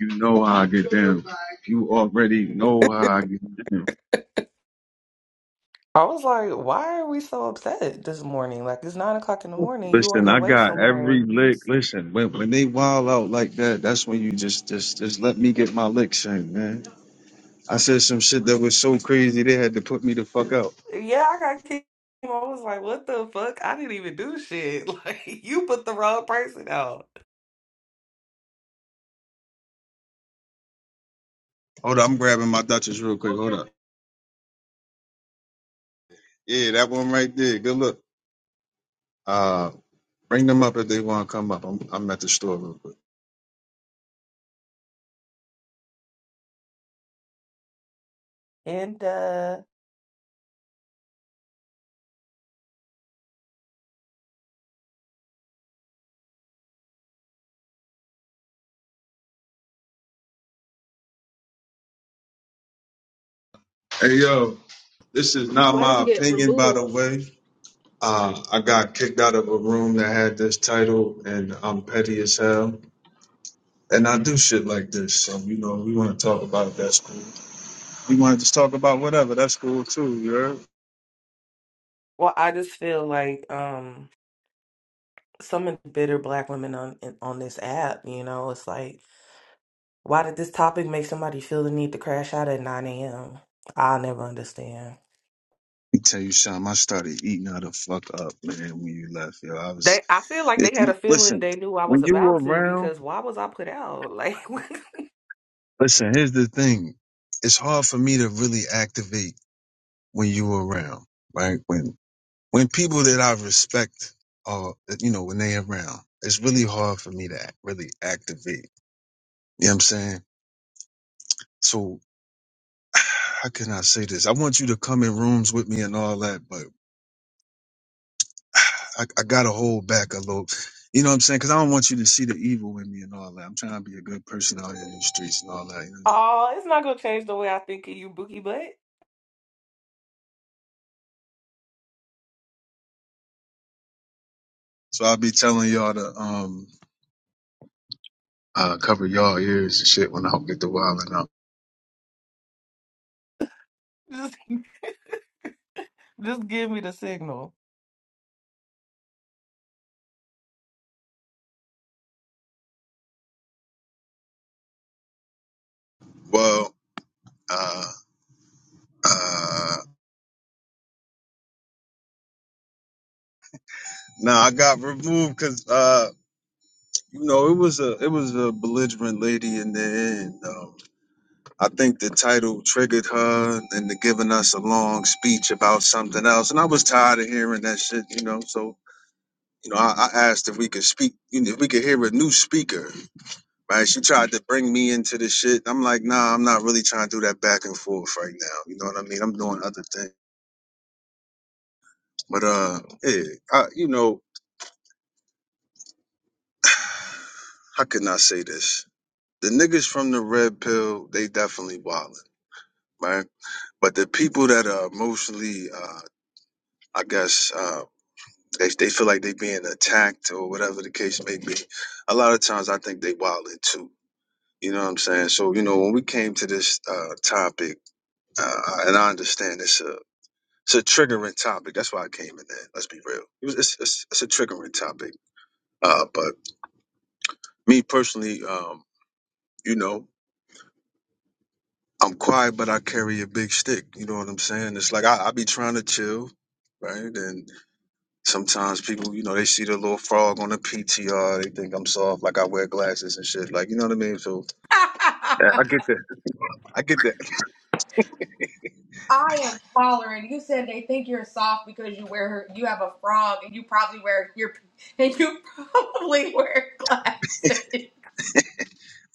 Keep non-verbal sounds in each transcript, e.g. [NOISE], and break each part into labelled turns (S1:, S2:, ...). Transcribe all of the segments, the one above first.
S1: You know how I get down. You already know how I get down.
S2: I was like, why are we so upset this morning? Like it's nine o'clock in the morning. You on
S1: Listen,
S2: your
S1: I
S2: way
S1: got
S2: somewhere?
S1: every
S2: You,
S1: lick.
S2: s-
S1: Listen, when when they wild out like that, that's when you just just just let me get my licks in, man. I said some shit that was so crazy they had to put me the fuck out.
S2: yeah, I got kicked. I was like, what the fuck? I didn't even do shit. [LAUGHS] Like you put the wrong person out.
S1: Hold up, I'm grabbing my Dutchess real quick. Hold up. Yeah, that one right there. Good look. Uh, bring them up if they want to come up. I'm I'm at the store real quick.
S2: And uh,
S1: Hey yo, this is not
S3: Why did
S1: my
S3: you get
S1: opinion, by the
S3: removed?
S1: way. Uh, I got kicked out of a room that had this title, and I'm petty as hell. And I do shit like this, so you know, we want to talk
S3: Oh.
S1: about it, that's cool. We want to talk about whatever, that's cool too, you heard? Let
S2: well, I just feel like um, some of the bitter black women on in- on this app. You know, it's like, why did this topic make somebody feel the need to crash out at nine a.m.? I'll never understand.
S1: me tell you something. I started eating her the fuck up, man, when you left, yo. I was,
S2: They, I feel like they
S1: it,
S2: had a
S1: you,
S2: feeling
S1: listen,
S2: they knew I was
S1: when you were
S2: about to
S1: around,
S2: because why was I put out? Like, [LAUGHS]
S1: listen, here's the thing. It's hard for me to really activate when you were around, right? When when people that I respect are, you know, when they around, it's really hard for me to act- really activate. You know what I'm saying? So how can I say this? I want you to come in rooms with me and all that, but [SIGHS] I, I gotta hold back a little. You know what I'm saying? Cause I don't want you to see the evil in me and all that. I'm trying to be a good person out here in the streets and all that. You know what I'm saying?
S2: oh, it's not gonna change the way I think of you, Bookie Butt.
S1: So I'll be telling y'all to, um, uh, cover y'all ears and shit when I get the wilding out.
S2: Just, [LAUGHS] just give me the signal.
S1: Well, uh, uh, nah, I got removed because uh. You know, it was a it was a belligerent lady in the end. Um, I think the title triggered her into giving us a long speech about something else, and I was tired of hearing that shit. You know, so you know, I, I asked if we could speak, you know, if we could hear a new speaker. Right? She tried to bring me into the shit. I'm like, nah, I'm not really trying to do that back and forth right now. You know what I mean? I'm doing other things. But uh, yeah, I, you know, how can I say this? The niggas from the red pill, they definitely wildin', right? But the people that are emotionally, uh, I guess, uh, they they feel like they being attacked or whatever the case may be. A lot of times, I think they wildin' too. You know what I'm saying? So you know, when we came to this uh, topic, uh, and I understand it's a it's a triggering topic. That's why I came in there. Let's be real. It was, it's, it's it's a triggering topic. Uh, but me personally, um, you know, I'm quiet, but I carry a big stick. You know what I'm saying? It's like I, I be trying to chill, right? And Sometimes people, you know, they see the little frog on the PTR, they think I'm soft, like I wear glasses and shit. Like, you know what I mean? So
S4: [LAUGHS]
S1: yeah, I get that. I get that. [LAUGHS]
S4: I am hollering. You said they think you're soft because you wear her, you have a frog and you probably wear your and you [LAUGHS] probably wear glasses.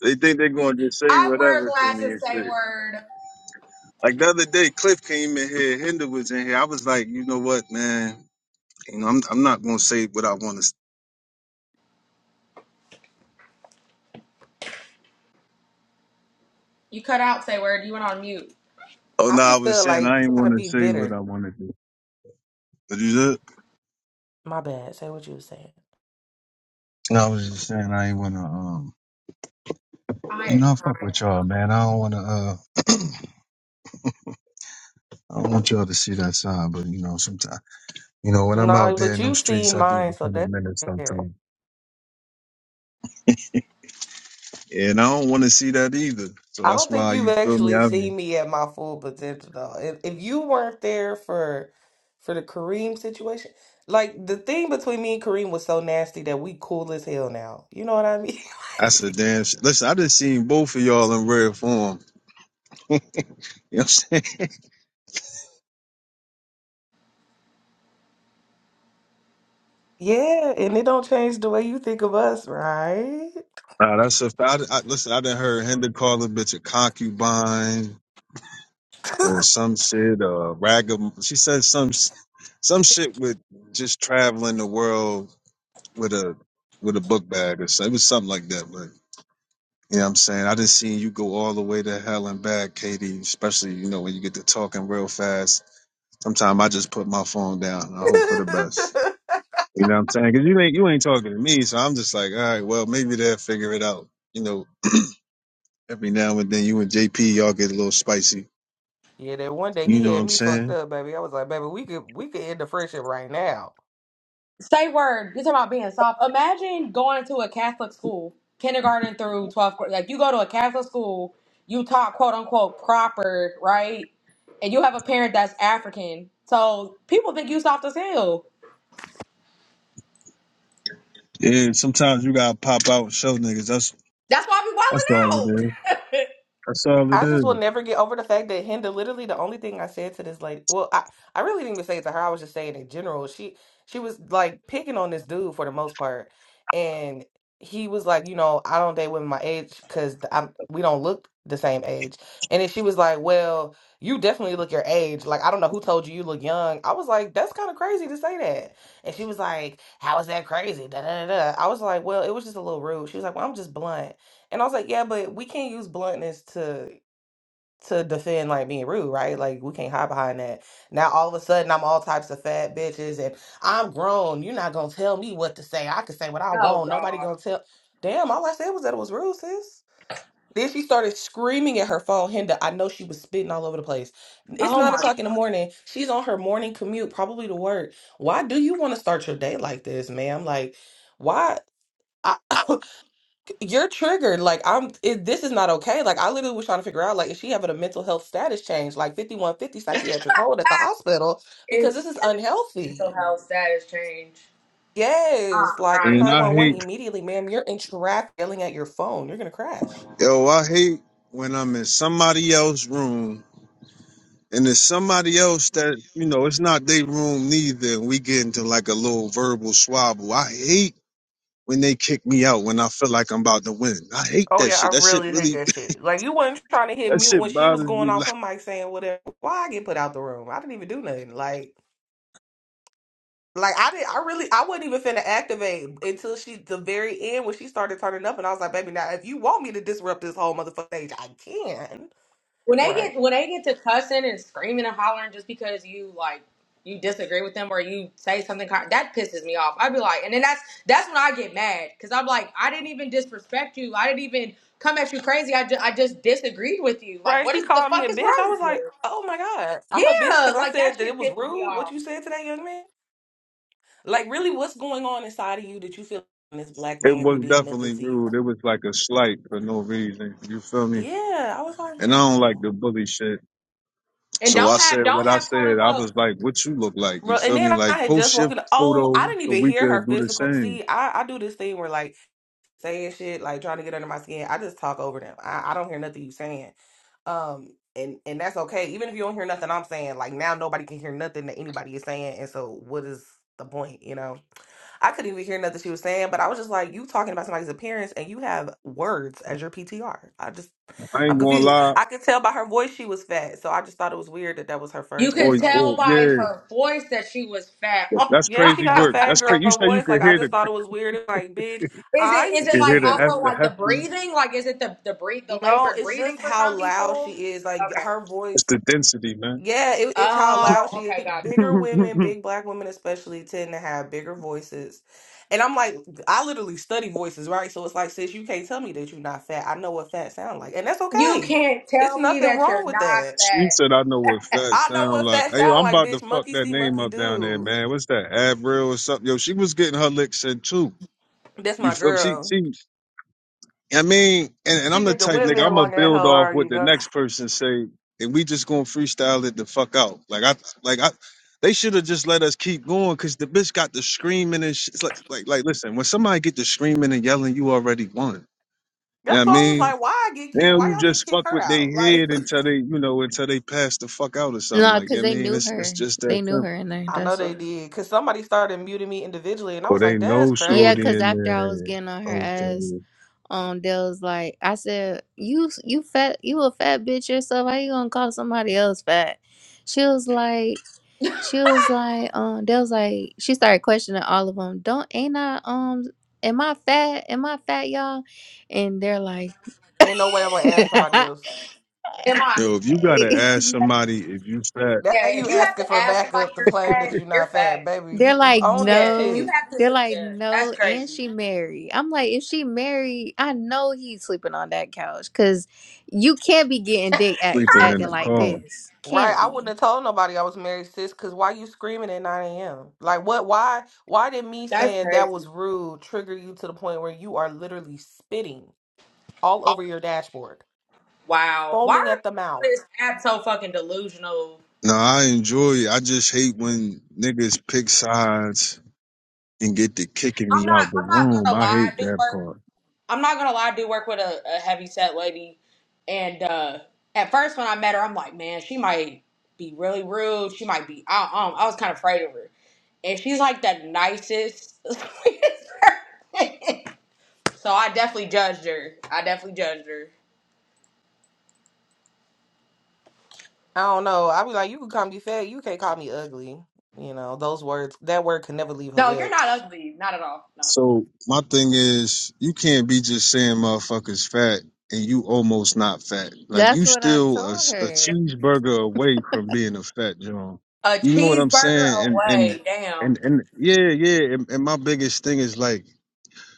S1: They think they're gonna just say
S4: I wear
S1: whatever to me and
S4: glasses. Say
S1: shit.
S4: word.
S1: Like the other day, Cliff came in here, Hinder was in here. I was like, you know what, man? You know, I'm I'm not gonna say what I want to.
S4: You cut out. Say word. You went on mute.
S1: Oh
S2: I
S1: no, I
S2: just
S1: was
S2: feel
S1: saying
S2: like
S1: I ain't
S2: gotta
S1: want to
S2: be
S1: say what
S2: bitter.
S1: I want to do. What you said?
S2: My bad. Say what you were saying.
S1: No, I was just saying I ain't want to. Um,
S4: I
S1: you
S4: am
S1: know, I fuck
S4: crying.
S1: with y'all, man. I don't want to. Uh, [CLEARS THROAT] I don't want y'all to see that side, but you know, sometimes. You know, when I'm
S2: No,
S1: out there
S2: but
S1: in them
S2: you've
S1: streets,
S2: seen
S1: I do
S2: mine, so
S1: become a
S2: that's
S1: menace
S2: fair.
S1: sometimes. And I don't want to see that either. So
S2: I
S1: that's
S2: don't think
S1: why
S2: you've
S1: you feel me.
S2: actually
S1: I mean,
S2: seen me at my full potential though. If if you weren't there for for the Kareem situation, like the thing between me and Kareem was so nasty that we cool as hell now. You know what I mean? [LAUGHS]
S1: that's a
S2: Like,
S1: damn. Sh- listen, I just seen both of y'all in rare form. [LAUGHS] You know what I'm saying? [LAUGHS]
S2: yeah, and it don't change the way you think of us, right?
S1: Nah, that's a. I, I, listen, I done heard Hinder call a bitch a concubine or some shit. Uh, ragam. She said some s- some shit with just traveling the world with a with a book bag or something. It was something like that. You know what I'm saying? I just seen you go all the way to hell and back, Katie, especially, you know, when you get to talking real fast. Sometimes I just put my phone down and I hope
S2: [LAUGHS]
S1: for the best. You know what I'm saying? Because you ain't, you ain't talking to me, so I'm just like, all right, well, maybe they'll figure it out. You know, every now and then you and JP, y'all get a little spicy.
S2: yeah, that one day
S1: You
S2: he
S1: know what
S2: had
S1: I'm
S2: me fucked
S1: saying?
S2: up, baby. I was like, baby, we could we could end the friendship right now.
S4: Say word. You're talking about being soft. Imagine going to a Catholic school, kindergarten through 12th grade. Like you go to a Catholic school, you talk quote unquote proper, right? And you have a parent that's African. So people think you soft as hell.
S1: Yeah, sometimes you gotta pop out and show niggas. That's,
S4: That's why I be
S1: that's all it
S4: wilding
S1: is.
S4: out. [LAUGHS]
S1: That's all it
S2: I just
S1: is.
S2: will never get over the fact that Hinda literally the only thing I said to this lady. Well, I, I really didn't even say it to her. I was just saying in general. She she was like picking on this dude for the most part, and he was like, you know, I don't date women my age because I'm we don't look the same age. And then she was like, well, you definitely look your age. Like I don't know who told you you look young. I was like, that's kind of crazy to say that. And she was like, how is that crazy? Da, da, da, da. I was like, well, it was just a little rude. She was like, well, I'm just blunt. And I was like, yeah, but we can't use bluntness to to defend like being rude, right? Like we can't hide behind that. Now all of a sudden I'm all types of fat bitches and I'm grown. You're not gonna tell me what to say. I can say what I
S4: Oh
S2: want. Nobody
S4: God.
S2: gonna tell. Damn, all I said was that it was rude, sis. Then she started screaming at her phone. Hinda, I know she was spitting all over the place. It's
S4: Oh
S2: nine
S4: my God.
S2: o'clock in the morning. She's on her morning commute, probably to work. Why do you want to start your day like this, ma'am? Like, why? I, [COUGHS] you're triggered. Like I'm, it, this is not okay. Like I literally was trying to figure out, like, is she having a mental health status change, like 5150 psychiatric hold at the hospital, because
S4: It's
S2: this is
S4: mental
S2: unhealthy.
S4: health status change. I'm
S2: Yes, like
S1: And
S4: crying.
S1: I
S2: 911
S1: hate,
S2: immediately, ma'am. You're in traffic, yelling at your phone. You're gonna crash.
S1: yo, I hate when I'm in somebody else's room and it's somebody else that, you know, it's not their room neither. And we get into like a little verbal swabble. I hate when they kick me out when I feel like I'm about to win. I hate
S2: Oh
S1: that
S2: yeah,
S1: shit.
S2: I
S1: That shit
S2: really hate
S1: really,
S2: that
S1: [LAUGHS]
S2: shit. Like you wasn't trying to hit
S1: that
S2: mute when
S1: shit
S2: she was
S1: bothers
S2: going
S1: me.
S2: off
S1: Like,
S2: her mic saying whatever. Why I get put out the room? I didn't even do nothing. Like Like I didn't, I really, I wasn't even finna activate until she, the very end when she started turning up, and I was like, "Baby, now if you want me to disrupt this whole motherfucking stage, I can."
S4: When they
S2: Right,
S4: get when they get to cussing and screaming and hollering just because you like you disagree with them or you say something kind that pisses me off. I'd be like, and then that's that's when I get mad because I'm like, I didn't even disrespect you. I didn't even come at you crazy. I just I just disagreed with you. Like,
S2: right.
S4: what
S2: She
S4: is the
S2: called me
S4: fuck
S2: a
S4: is
S2: bitch. I
S4: wrong
S2: was
S4: with
S2: like,
S4: you?
S2: "Oh my god, I'm a bitch"
S4: Yeah,
S2: because I
S4: like that
S2: said that it
S4: shit
S2: was
S4: pisses me
S2: rude what
S4: off.
S2: you said to that young man. Like, really, what's going on inside of you that you feel like this black
S1: it
S2: man who
S1: was
S2: did nothing
S1: definitely
S2: to you?
S1: rude. It was like a slight for no reason. You feel me?
S2: Yeah, I was like,
S1: And I don't like
S2: oh.
S1: the bully shit.
S4: And
S1: So I
S4: don't have
S1: said
S4: don't
S1: what I
S4: have quote
S1: said. I
S4: unquote
S1: was like, "What you look like?" You
S2: Bro, and
S1: feel
S2: then
S1: me?
S2: I
S1: Like
S2: had just
S1: post
S2: walked
S1: your
S2: in. Oh, I
S1: photo
S2: didn't
S1: so
S2: even
S1: we
S2: hear her
S1: could do the
S2: physical.
S1: same.
S2: See, I, I do this thing where like saying shit, like trying to get under my skin. I just talk over them. I, I don't hear nothing you saying. Um, and and that's okay. Even if you don't hear nothing I'm saying, like now nobody can hear nothing that anybody is saying. And so what is the point, you know? I couldn't even hear nothing she was saying, but I was just like, you talking about somebody's appearance and you have words as your PTR. I just,
S1: I
S2: I'm
S1: ain't gonna
S2: confused.
S1: lie.
S2: I could tell by her voice she was fat, so I just thought it was weird that that was her
S4: You
S2: first
S4: can
S1: Or,
S2: insult.
S4: tell
S1: or
S4: by
S1: yeah,
S4: her voice that she was fat. [LAUGHS]
S1: that's
S4: Oh
S2: Yeah,
S4: my
S2: she
S1: crazy
S2: got a
S4: god.
S1: work.
S2: fat
S1: That's
S2: girl
S1: crazy. You say you
S2: voice.
S1: could
S2: Like I
S1: hear the
S2: just thought it was weird. It's Like, bitch,
S4: Is it
S2: I
S4: is
S1: you
S4: it
S1: could
S2: see
S4: like
S1: hear the
S4: also
S1: hef- the
S2: you.
S4: like the
S1: hefty.
S4: breathing? Like is it the the breathe the
S2: No,
S4: labored
S2: it's
S4: breathing
S2: just
S4: for
S2: how
S4: some
S2: loud
S4: people?
S2: she is. Like
S4: Okay.
S2: her
S1: It's
S2: voice.
S1: the density, man.
S2: Yeah, it, it's how
S4: Oh,
S2: loud she
S4: okay,
S2: is.
S4: gotcha.
S2: Bigger women,
S1: [LAUGHS]
S2: big black women especially, tend to have bigger voices. And I'm like, I literally study voices, right? So it's like, sis, you can't tell me that you're not fat. I know what fat sound like, and that's
S4: you. You
S2: okay.
S4: can't
S2: It's
S4: tell me
S2: nothing
S4: that
S2: wrong
S4: you're
S2: with
S4: not
S2: that.
S1: she
S4: fat.
S1: said, "I know what fat
S2: I know
S1: sound
S2: what
S1: like."
S2: fat
S1: Hey, yo,
S2: sound
S1: I'm
S2: like,
S1: about to
S2: bitch.
S1: fuck
S2: Monkey
S1: that
S2: see,
S1: name
S2: monkey
S1: up down there,
S2: do.
S1: man. What's that? Avril or something? Yo, she was getting her licks in too.
S2: That's
S1: You
S2: my
S1: feel me? She
S2: girl.
S1: she I mean, and, and I'm
S2: She
S1: the
S2: get the
S1: type nigga. I'm
S2: windmill
S1: gonna
S2: on that
S1: build
S2: hoe
S1: off what
S2: already.
S1: the next person say, and we just gonna freestyle it the fuck out. Like I, like I, they should have just let us keep going because the bitch got the screaming and shit. It's like, like, like, listen, when somebody get the screaming and yelling, you already won. You know
S2: That's
S1: what I
S2: why I was
S1: mean?
S2: like, why I get kicked?
S1: Now
S2: Why
S1: you
S2: y'all didn't
S1: just
S2: kick
S1: fuck
S2: her
S1: with their
S2: out? Like,
S1: head until they, you know, until they pass the fuck out or something.
S5: No,
S1: Like,
S5: because
S1: I
S5: they
S1: mean,
S5: knew
S1: it's it's
S5: her.
S1: just that
S5: They knew
S1: simple.
S5: her in
S2: [LAUGHS]
S5: there.
S2: I know
S5: That's
S2: they
S5: why.
S2: did because somebody started muting me individually, and I
S1: Oh,
S2: was
S1: they
S2: like, that's
S1: know
S5: Yeah,
S2: crazy.
S1: shorty
S5: because
S1: in
S5: after I was
S1: there.
S5: getting on her ass,
S1: Okay.
S5: um, they was like, I said, "You, you fat, you a fat bitch yourself. How you gonna call somebody else fat?" She was like, she was like, um, they was like, she started questioning all of them. Don't ain't I um, am I fat? Am I fat, y'all? And they're like,
S2: Ain't no way I'm gonna ask somebody else.
S4: Am I?
S1: Yo, if you gotta ask
S5: [LAUGHS]
S1: somebody if you fat
S4: Yeah.
S2: That you
S4: If you have
S2: asking
S4: to
S2: for
S4: ask somebody
S2: backup to
S4: you're
S2: claim
S4: fat,
S2: that you're
S4: you're
S2: not fat,
S4: fat.
S2: baby.
S5: They're
S2: You
S5: like,
S2: own that
S4: Yeah. If you
S2: shit,
S5: no.
S4: have to,
S5: They're like,
S4: yeah,
S5: no,
S4: that's
S5: and
S4: crazy.
S5: she married. I'm like, if she married, I know he's sleeping on that couch because you can't be getting dick act,
S1: sleeping in
S5: acting
S1: a
S5: like
S1: car,
S5: this.
S2: right?
S5: Can't
S2: I wouldn't
S5: be.
S2: have told nobody I was married, sis. Because why you screaming at 9 a.m.? Like, what? Why? Why did me
S4: That's
S2: saying that
S4: crazy.
S2: was rude trigger you to the point where you are literally spitting all over your dashboard,
S4: Wow. Why
S2: foaming
S4: are
S2: at the
S4: people on
S2: mouth?
S4: this app so fucking delusional?
S1: No, I enjoy it. I just hate when niggas pick sides and get to kicking
S4: I'm
S1: me
S4: not.
S1: out the
S4: I'm not
S1: room.
S4: gonna
S1: I
S4: lie. I
S1: hate
S4: do
S1: that
S4: work.
S1: part.
S4: I'm not gonna lie, I do work with a, a heavy set lady, and uh, at first when I met her, I'm like, man, she might be really rude. She might be. I, um, I was kind of afraid of her, and she's like the nicest. [LAUGHS] sweetest person. so I definitely judged her. I definitely judged her.
S2: I don't know. I be like, you can call me fat, you can't call me ugly. You know, those words, that word could never leave her
S4: No, you're not
S2: lips.
S4: ugly, not at all. No,
S1: So my thing is, you can't be just saying motherfuckers fat and you almost not fat. Like you
S5: That's what I
S1: still a,
S5: told
S1: s- a
S5: her.
S1: cheeseburger away from being a fat John.
S4: a
S1: You know what I'm
S4: cheeseburger
S1: saying? And and
S4: away. Damn.
S1: and and yeah, yeah. And, and my biggest thing is like.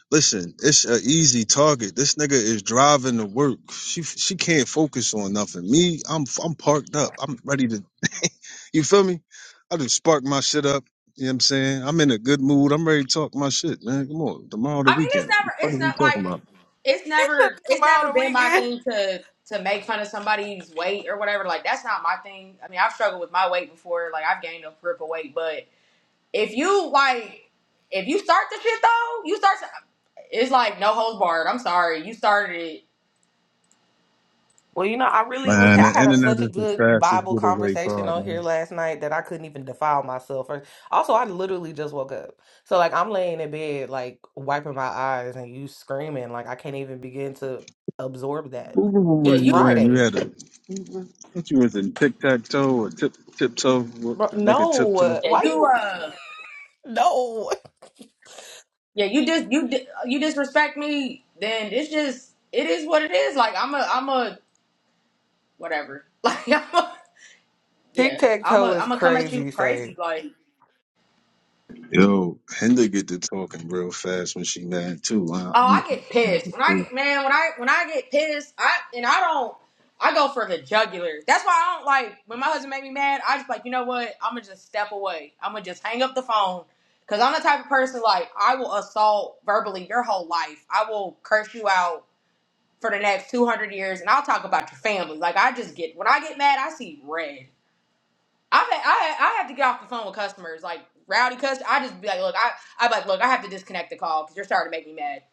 S1: Listen, it's an easy target. This nigga is driving to work. She she can't focus on nothing. Me, I'm I'm parked up. I'm ready to. You feel me? I just spark my shit up. You know what I'm saying? I'm in a good mood. I'm ready to talk my shit, man. Come on, tomorrow the
S4: I mean, it's
S1: weekend. What the
S4: never.
S1: fuck
S4: It's
S1: are we
S4: not
S1: talking
S4: like.
S1: about?
S4: It's
S2: [LAUGHS]
S4: never. It's
S2: Tomorrow on
S4: never
S2: the
S4: been my
S2: weekend.
S4: thing to to make fun of somebody's weight or whatever. Like that's not my thing. I mean, I've struggled with my weight before. Like I've gained a grip of weight, but if you like, if you start the shit though, you start. To, it's like no holds barred. I'm sorry, you started it.
S2: Well, you know, I really was,
S1: Man, the
S2: I had a,
S1: internet
S2: such a
S1: is the
S2: good
S1: fastest
S2: Bible
S1: getaway
S2: conversation
S1: car,
S2: on here
S1: man.
S2: last night that I couldn't even defile myself. Or, also, I literally just woke up. So, like, I'm laying in bed, like, wiping my eyes and you screaming. Like, I can't even begin to absorb that.
S1: Who room
S4: Yeah,
S1: was
S2: It's
S1: you
S4: you.
S1: in? You
S2: Friday.
S1: had a. I thought you was in tic tac toe or tip tiptoe. What
S2: Bro,
S1: the nigga tiptoe?
S2: no.
S4: Yeah,
S2: Why
S4: you.
S2: you,
S4: Uh.
S2: [LAUGHS] no.
S4: Yeah, you just you di- you disrespect me. Then it's just it is what it is. Like I'm a I'm a whatever. [LAUGHS] Like I'm a
S2: Tic
S4: yeah.
S2: tac
S4: I'm a
S2: toe is
S4: am a come at you
S2: crazy,
S4: crazy. like.
S1: Yo, Hinda get to talking real fast when she mad too. I,
S4: Oh,
S1: I'm,
S4: I
S1: I'm
S4: get
S1: from out
S4: pissed when I get man when I when I get pissed. I and I don't. I go for the jugular. That's why I don't like when my husband make me mad. I just like you know what? I'm gonna just step away. I'm gonna just hang up the phone because I'm the type of person like I will assault verbally your whole life. I will curse you out for the next 200 years, and I'll talk about your family. Like I just get when I get mad, I see red. I've had, I I have to get off the phone with customers like rowdy customers. I just be like, look, I I be like look, I have to disconnect the call because you're starting to make me mad.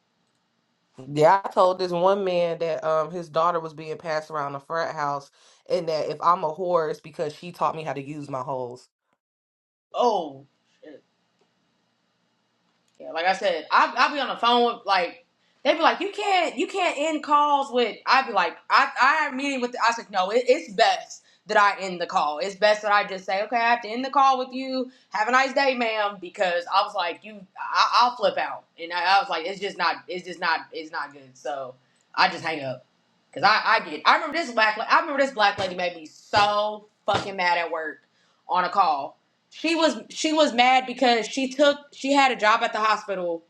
S2: Yeah, I told this one man that um his daughter was being passed around the frat house, and that if I'm a whore, it's because she taught me how to use my hoes.
S4: Oh. Yeah, like I said, I I'll be on the phone with like they be like, you can't you can't end calls with. I'd be like, I I had a meeting with. The, I was like, no, it, it's best that I end the call. It's best that I just say, okay, I have to end the call with you. Have a nice day, ma'am, because I was like, you, I, I'll flip out, and I, I was like, it's just not, it's just not, it's not good. So I just hang up because I I get. I remember this black. la- I remember this black lady made me so fucking mad at work on a call she was she was mad because she took she had a job at the hospital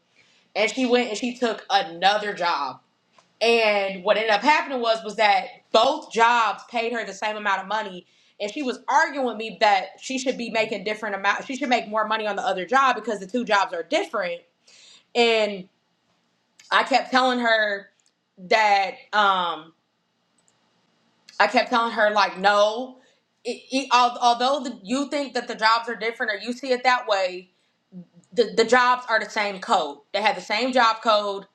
S4: and she went and she took another job and what ended up happening was was that both jobs paid her the same amount of money and she was arguing with me that she should be making different amount she should make more money on the other job because the two jobs are different and i kept telling her that um i kept telling her like no it, it, al- although the, you think that the jobs are different or you see it that way the, the jobs are the same code. They have the same job code.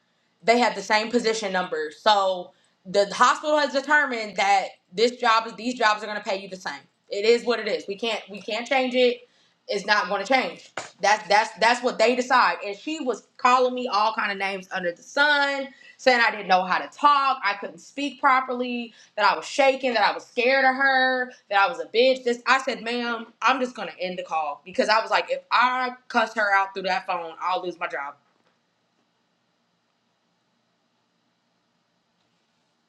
S4: They have the same position numbers. So the hospital has determined that this job is these jobs are going to pay you the same. It is what it is. We can't we can't change it. It's not going to change. That's that's that's what they decide. And she was calling me all kind of names under the sun, saying I didn't know how to talk, I couldn't speak properly that I was shaking, that I was scared of her, that I was a bitch. This I said, ma'am, I'm just gonna end the call because I was like, if I cuss her out through that phone, I'll lose my job.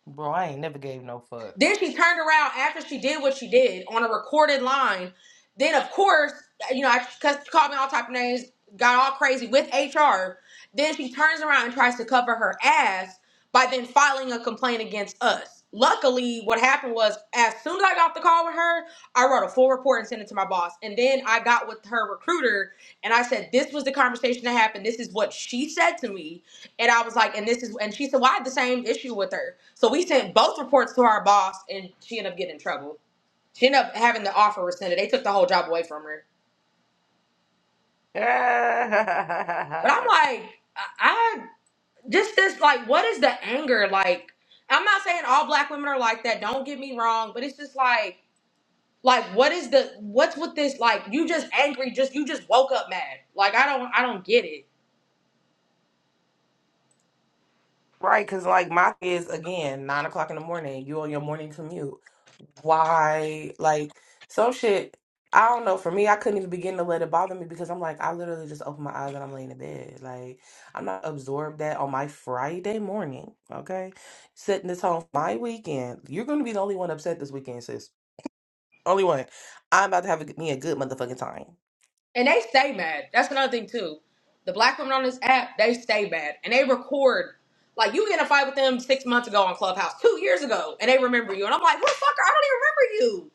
S2: Bro, I ain't never gave no fuck.
S4: Then she turned around after she did what she did on a recorded line. Then, of course, you know, I cause she called me all type of names, got all crazy with HR. Then she turns around and tries to cover her ass by then filing a complaint against us. Luckily, what happened was as soon as I got off the call with her, I wrote a full report and sent it to my boss. And then I got with her recruiter and I said, This was the conversation that happened. This is what she said to me and I was like, and this is, and she said, well, I had the same issue with her. So we sent both reports to our boss, and she ended up getting in trouble. She ended up having the offer rescinded. They took the whole job away from her. But I'm
S2: [LAUGHS]
S4: like, I, I just this like, what is the anger like? I'm not saying all black women are like that. Don't get me wrong, but it's just like, like, what is the what's with this? Like, you just angry, just you just woke up mad. Like, I don't, I don't get it
S2: Right, because like my thing is again nine o'clock in the morning. You on your morning commute? Why? Like some shit. I don't know. For me, I couldn't even begin to let it bother me because I'm like, I literally just open my eyes and I'm laying in bed. Like I'm not absorbed that on my Friday morning. Okay, sitting this home my weekend. You're gonna be the only one upset this weekend, sis. Only one. I'm about to have a, me a good motherfucking time.
S4: And they stay mad. That's another thing too. The black women on this app, they stay mad. And they record. Like you get in a fight with them six months ago on Clubhouse, two years ago, and they remember you. And I'm like, what the fuck? I don't even remember you.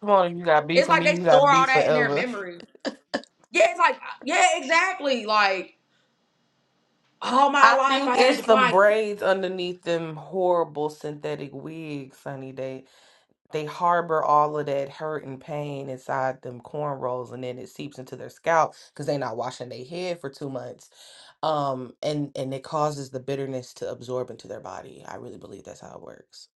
S2: Come on, you got beef
S4: It's
S2: for
S4: like
S2: me. You
S4: they
S2: got
S4: store all
S2: beef
S4: that in their
S2: forever.
S4: memory. Yeah, it's like yeah, exactly. Like all my
S2: I
S4: life
S2: think
S4: I had
S2: it's
S4: to
S2: some
S4: fight.
S2: braids underneath them horrible synthetic wigs, Sunny. They they harbor all of that hurt and pain inside them cornrows, and then it seeps into their scalp because they're not washing their head for two months. Um, and and it causes the bitterness to absorb into their body. I really believe that's how it works.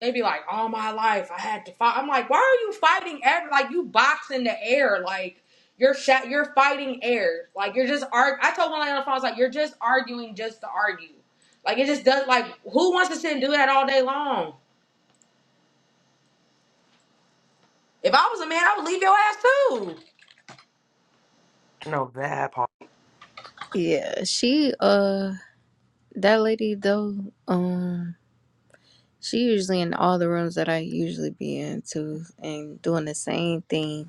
S4: They'd be like, all my life I had to fight. I'm like, why are you fighting air? Like you box in the air. Like you're sha- you're fighting air. Like you're just arg. I told one lady on the phone, I was like, you're just arguing just to argue. Like it just does. Like who wants to sit and do that all day long? If I was a man, I would leave your ass too.
S2: No, that part.
S5: Yeah, she, uh, that lady though, um, she usually in all the rooms that I usually be into and doing the same thing.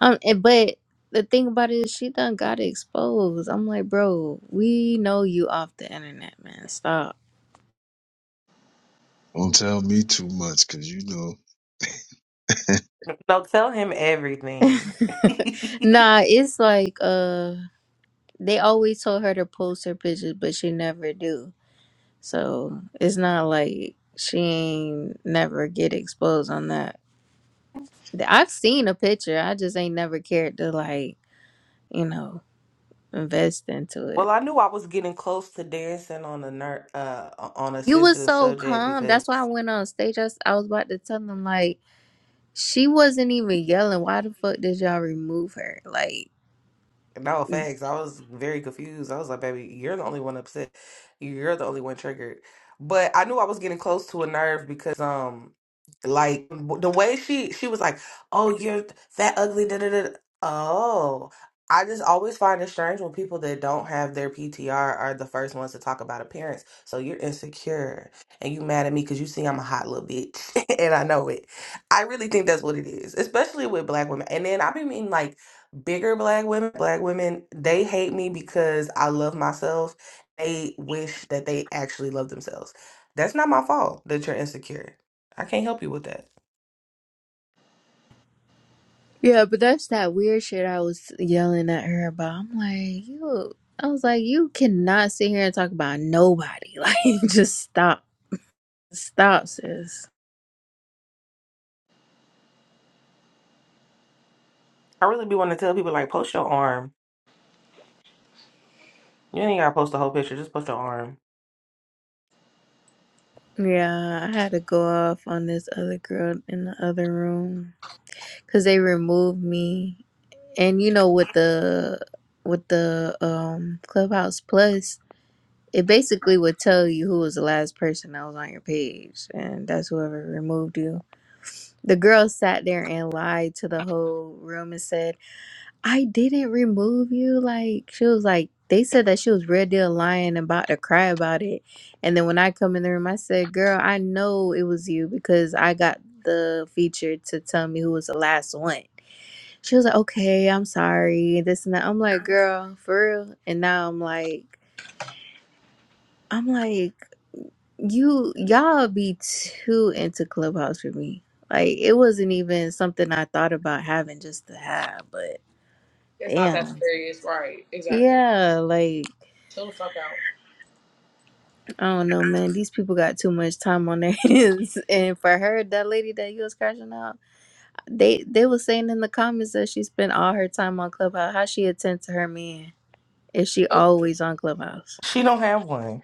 S5: Um, eh, but the thing about it is, she done got exposed. I'm like, bro, we know you off the internet, man. Stop.
S1: Don't tell me too much, cause you know [LAUGHS] I'm
S2: No, tell him everything. [LAUGHS]
S5: Nah, it's like uh, they always told her to post her pictures, but she never do. So it's not like she ain't never get exposed on that. Th- I've seen a picture. I just ain't never cared to like, you know, invest into
S2: well,
S5: it.
S2: I knew I was getting close to dancing on a ner- uh on a
S5: You was
S2: sensitive
S5: so
S2: subject
S5: calm. That's why
S2: because
S5: I went on stage. I, s- I was about to tell them like. She wasn't even yelling. Why the fuck did y'all remove her? Like,
S2: No, facts. I was very confused. I was like, baby, you're the only one upset. You're the only one triggered. But I knew I was getting close to a nerve because, um, like the way she she was like, "Oh, you're fat, ugly." Da, da, da. da." Oh, I just always find it strange when people that don't have their PTR are the first ones to talk about appearance. So you're insecure and you mad at me because you see I'm a hot little bitch [LAUGHS] and I know it. I really think that's what it is, especially with black women. And then I've been meaning like bigger black women black women they hate me because i love myself they wish that they actually love themselves that's not my fault that you're insecure i can't help you with that
S5: yeah, but that's that weird shit I was yelling at her about. I'm like, you, I was like, you cannot sit here and talk about nobody. [LAUGHS] Like, just stop. Stop, sis.
S2: i really be wanting to tell people like post your arm you ain't gotta post the whole picture just post your arm
S5: Yeah, I had to go off on this other girl in the other room because they removed me. And you know, with the with the um Clubhouse Plus, It basically would tell you who was the last person that was on your page, and that's whoever removed you. The girl sat there and lied to the whole room and said, I didn't remove you. Like, she was like, they said that she was real deal lying and about to cry about it. And then when I come in the room, I said, Girl, I know it was you because I got the feature to tell me who was the last one. She was like, Okay, I'm sorry, this and that. I'm like, Girl, for real. And now I'm like, I'm like, you y'all be too into clubhouse for me like it wasn't even something i thought about having just to have but
S4: It's not that
S5: damn
S4: serious, right? Exactly.
S5: yeah like
S4: Chill the fuck out.
S5: i don't know man these people got too much time on their [LAUGHS] hands and for her that lady that you was crashing out they they was saying in the comments that she spent all her time on clubhouse how she attend to her man if she
S4: Oh,
S5: always on clubhouse
S2: she don't have one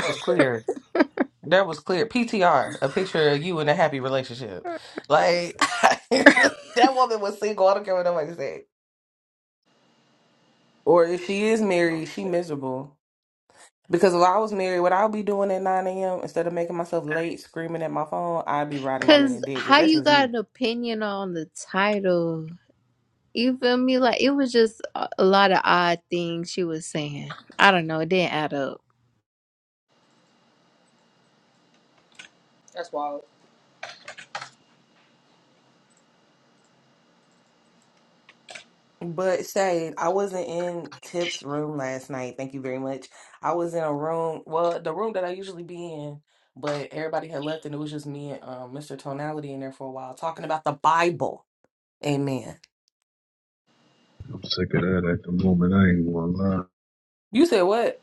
S4: oh
S2: was
S4: shit,
S2: clear that was clear ptr a picture of you in a happy relationship like [LAUGHS] that woman was single i don't care what nobody said or if she is married she miserable Because if I was married, what I would be doing at 9 a.m. instead of making myself late screaming at my phone, I'd be riding my man
S5: because
S2: dick. But
S5: how
S2: that's
S5: you
S2: just
S5: got
S2: me.
S5: an opinion on the title You feel me? Like it was just a a lot of odd things she was saying. I don't know. It didn't add up.
S4: that's wild.
S2: But Shade, I wasn't in Tip's room last night. Thank you very much. I was in a room, well, the room that I usually be in, but everybody had left and it was just me and um, Mr. Tonality in there for a while talking about the Bible. Amen.
S1: sick of that at the moment. I ain't gonna lie. I
S2: You said what?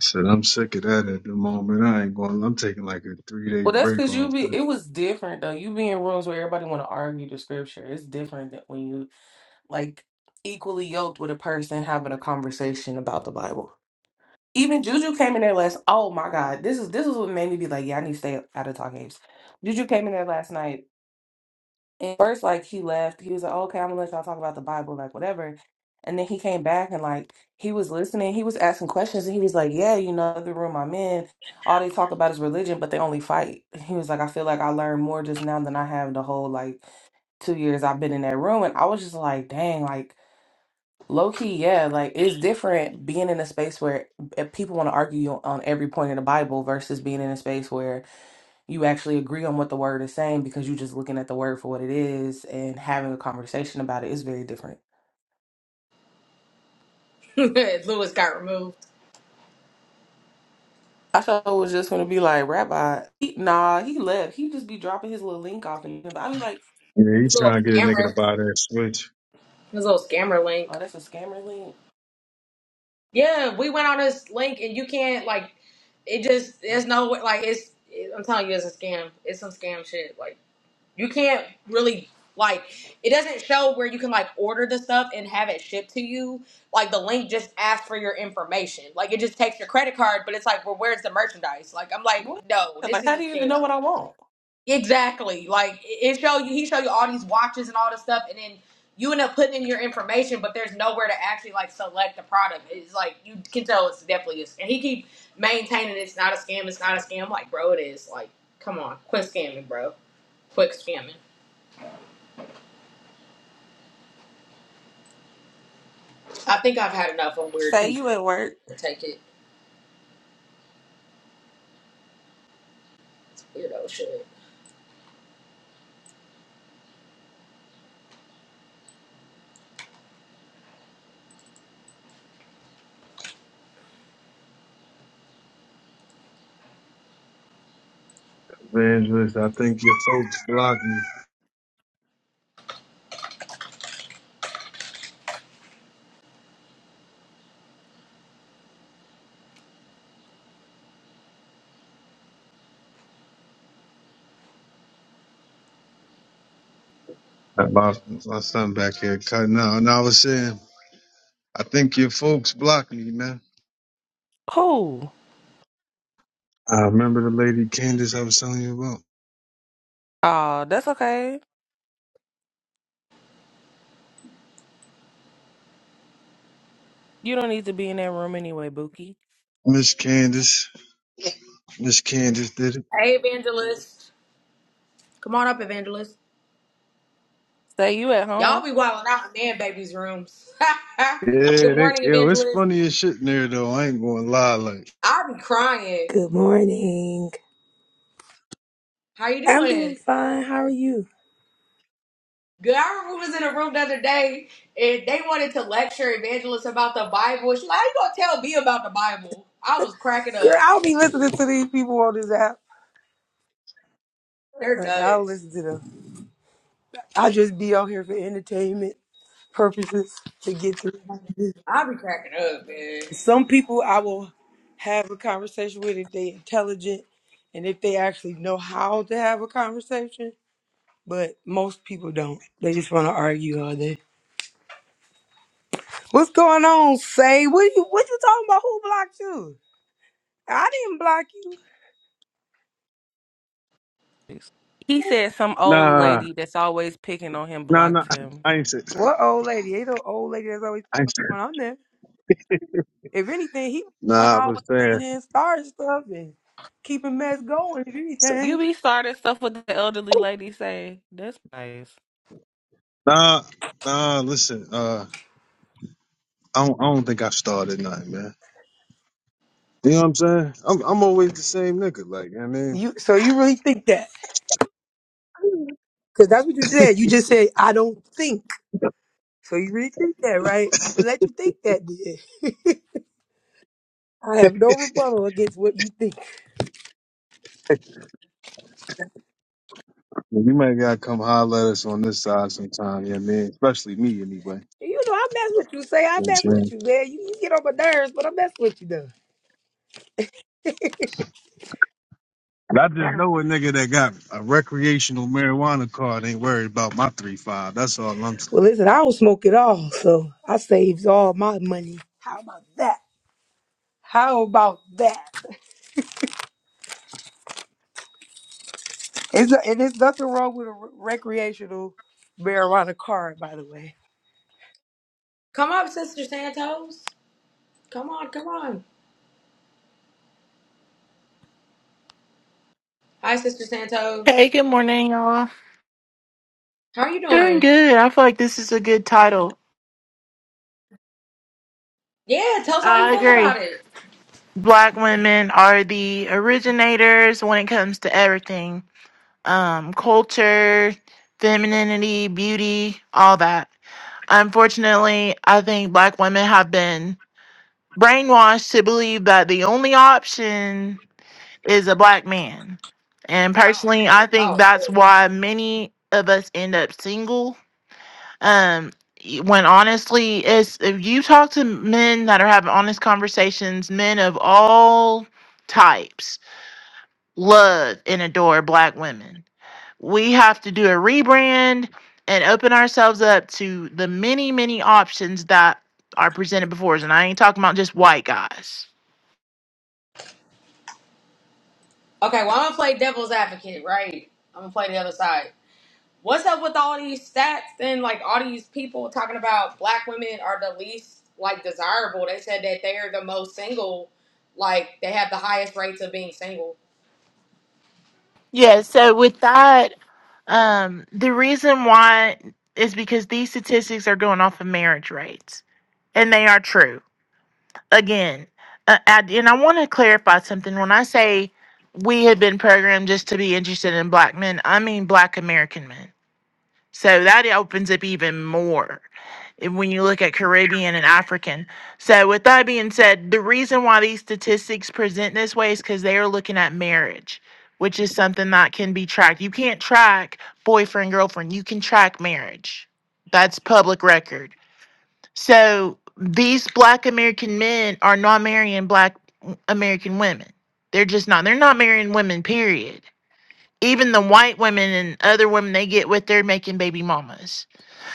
S1: said I'm sick of that at the moment. I ain't gonna. I'm taking like a three day
S2: Well, that's
S1: break
S2: because
S1: off.
S2: you be.
S1: That.
S2: It was different though. You be in rooms where everybody want to argue the scripture. It's different than when you like equally yoked with a person having a conversation about the Bible. Even Juju came in there last. Oh my God, this is this is what made me be like, yeah, I need to stay out of talk games. Juju came in there last night, and first like he left, he was like, okay, I'm gonna let y'all talk about the Bible, like whatever. And then he came back and like he was listening, he was asking questions, and he was like, yeah, you know, the room I'm in, all they talk about is religion, but they only fight. He was like, I feel like I learned more just now than I have the whole like two years I've been in that room, and I was just like, dang, like. Low key, yeah, like it's different being in a space where uh, people want to argue on every point in the Bible versus being in a space where you actually agree on what the word is saying because you're just looking at the word for what it is and having a conversation about it is very different.
S4: [LAUGHS] Lewis got removed.
S2: I thought it was just gonna be like Rabbi, he, nah, he left. He just be dropping his little link off, and i be like,
S1: Yeah, he
S4: His little
S1: trying to get a nigga
S4: scammer.
S1: to buy that switch.
S4: His little scammer link.
S2: oh, that's a scammer link.
S4: Yeah, we went on this link and you can't like it just there's no way like it's I'm telling you it's a scam. It's some scam shit. Like you can't really like it doesn't show where you can like order the stuff and have it shipped to you. Like the link just asks for your information. Like it just takes your credit card, but it's like, well, where's the merchandise? Like I'm like,
S2: What?
S4: no,
S2: Yeah,
S4: this
S2: Like,
S4: is
S2: how
S4: a
S2: do you even know
S4: scam.
S2: what I want?
S4: Exactly. Like it show you he show you all these watches and all this stuff and then you end up putting in your information but there's nowhere to actually like select the product. It's like you can tell it's definitely is and he keep maintaining it's not a scam, it's not a scam. Like, bro, it is. Like, come on, quit scamming, bro. Quit scamming. I think I've had enough on weird
S2: Say
S4: people
S2: you at work.
S4: to take it. Weirdo shit.
S1: Evangelist, I think your folks blocked me. I- My, my son back here cutting out, and I was saying, I think your folks blocked me, man.
S2: Who?
S1: I remember the lady Candace I was telling you about.
S2: Oh, that's okay. You don't need to be in that room anyway, Bookie.
S1: Miss Candace. Miss Candace did it.
S4: Hey evangelist. Come on up, evangelist.
S2: Say you at home.
S4: Y'all be wilding out in man babies' rooms. [LAUGHS]
S1: Yeah,
S4: Good
S1: they,
S4: morning,
S1: yo, it's
S4: evangelist.
S1: funny as shit in there though. I ain't gonna lie, like
S4: I'll be crying.
S6: Good morning.
S4: How you
S6: I'm doing
S4: doing?
S6: fine. How are you?
S4: Girl, I remember was in a room the other day and they wanted to lecture evangelists about the Bible. She's like, how you gonna tell me about the Bible? I was cracking
S6: Girl,
S4: up.
S6: I'll be listening to these people on this app.
S4: They're
S6: Uh-uh, I don't
S4: nuts.
S6: listen to them. I just be on here for entertainment purposes to get through.
S4: I be cracking up, man.
S6: Some people I will have a conversation with if they intelligent and if they actually know how to have a conversation. But most people don't. They just want to argue all day. What's going on, Say? What you what you talking about? Who blocked you? I didn't block you.
S2: He said some old
S1: nah,
S2: lady that's always picking on him
S1: nah, nah.
S2: blocked him.
S1: I ain't say,
S6: What old lady? Ain't no old lady that's always
S1: I ain't say.
S6: going on there. If anything, he one
S1: Nah, I was
S6: always
S1: saying,
S6: coming in, starting stuff and keeping mess going. If
S2: You
S6: anything,
S2: be starting stuff with the elderly lady say. That's nice.
S1: nah, nah. Listen, uh, I don't, I don't think I started nothing, man. You know what I'm saying? I'm, I'm always the same nigga. Like, you know what I mean,
S6: you so you really think that? Because that's what you said. You just said I don't think. So you really think that, right? I'm gonna let you think that. Then. [LAUGHS] I have no rebuttal against what you think.
S1: Well, you might gotta come holler at us on this side sometime. You know what I mean, especially me anyway. You know
S6: You know, I mess with you. Say I
S1: what I'm
S6: mess with
S1: saying?
S6: you, man. You, you get on my nerves, but I mess with you though.
S1: And I just know a nigga that got a recreational marijuana card ain't worried about my three five. That's all I'm saying.
S6: Well, listen, I don't smoke at all, so I saves all my money. How about that? How about that? It's and there's nothing wrong with a recreational marijuana card, by the way.
S4: Come up, Sister Santos. Come on, come on. Hi, Sister
S7: Hey,
S4: Santos.
S7: good morning, y'all.
S4: How are you
S7: Doing
S4: doing?
S7: good. I feel like this is a good title.
S4: Yeah, tell us how you
S7: I
S4: feel
S7: agree.
S4: about it.
S7: Black women are the originators when it comes to everything um, culture, femininity, beauty, all that. Unfortunately, I think black women have been brainwashed to believe that the only option is a black man. And personally, I
S4: Oh,
S7: think that's
S4: okay.
S7: why many of us end up single um y- when honestly it's if you talk to men that are having honest conversations men of all types love and adore black women we have to do a rebrand and open ourselves up to the many many options that are presented before us and i ain't talking about just white guys
S4: Okay, Well, I'm gonna play devil's advocate, right? I'm gonna play the other side. what's up with all these stats and like all these people talking about black women are the least like desirable? They said that they're the most single, like they have the highest rates of being single.
S7: yeah so with that um the reason why is because these statistics are going off of marriage rates and they are true again, uh, I, and I want to clarify something. When I say we had been programmed just to be interested in black men, I mean black American men. So that opens up even more if- when you look at Caribbean and African. So, with that being said, the reason why these statistics present this way is because they are looking at marriage, which is something that can be tracked. You can't track boyfriend, girlfriend, you can track marriage. That's public record so these black American men are not marrying black American women. They're just not. They're not marrying women, period. Even the white women and other women they get with, they're making baby mamas.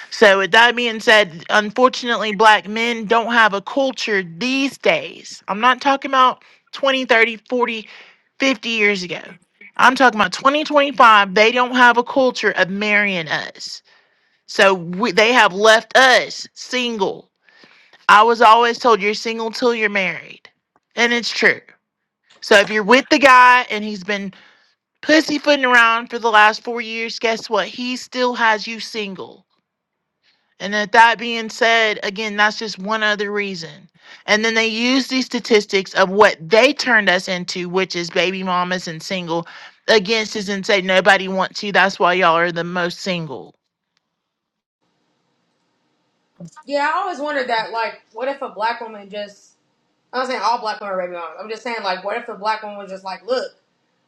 S7: So, with that being said, unfortunately, black men don't have a culture these days. I'm not talking about 20, 30, 40, fifty years ago. I'm talking about 2025. They don't have a culture of marrying us. So, we, they have left us single I was always told you're single till you're married. And it's true. So if you're with the guy and he's been pussyfooting around for the last four years, guess what? He still has you single. And that that being said, again, that's just one other reason. And then they use these statistics of what they turned us into, which is baby mamas and single, against us and say nobody wants you. That's why y'all are the most single.
S4: Yeah, I always wondered that. Like, what if a black woman just? I'm not saying all black women are baby moms. I'm just saying like, what if a black woman was just like, look.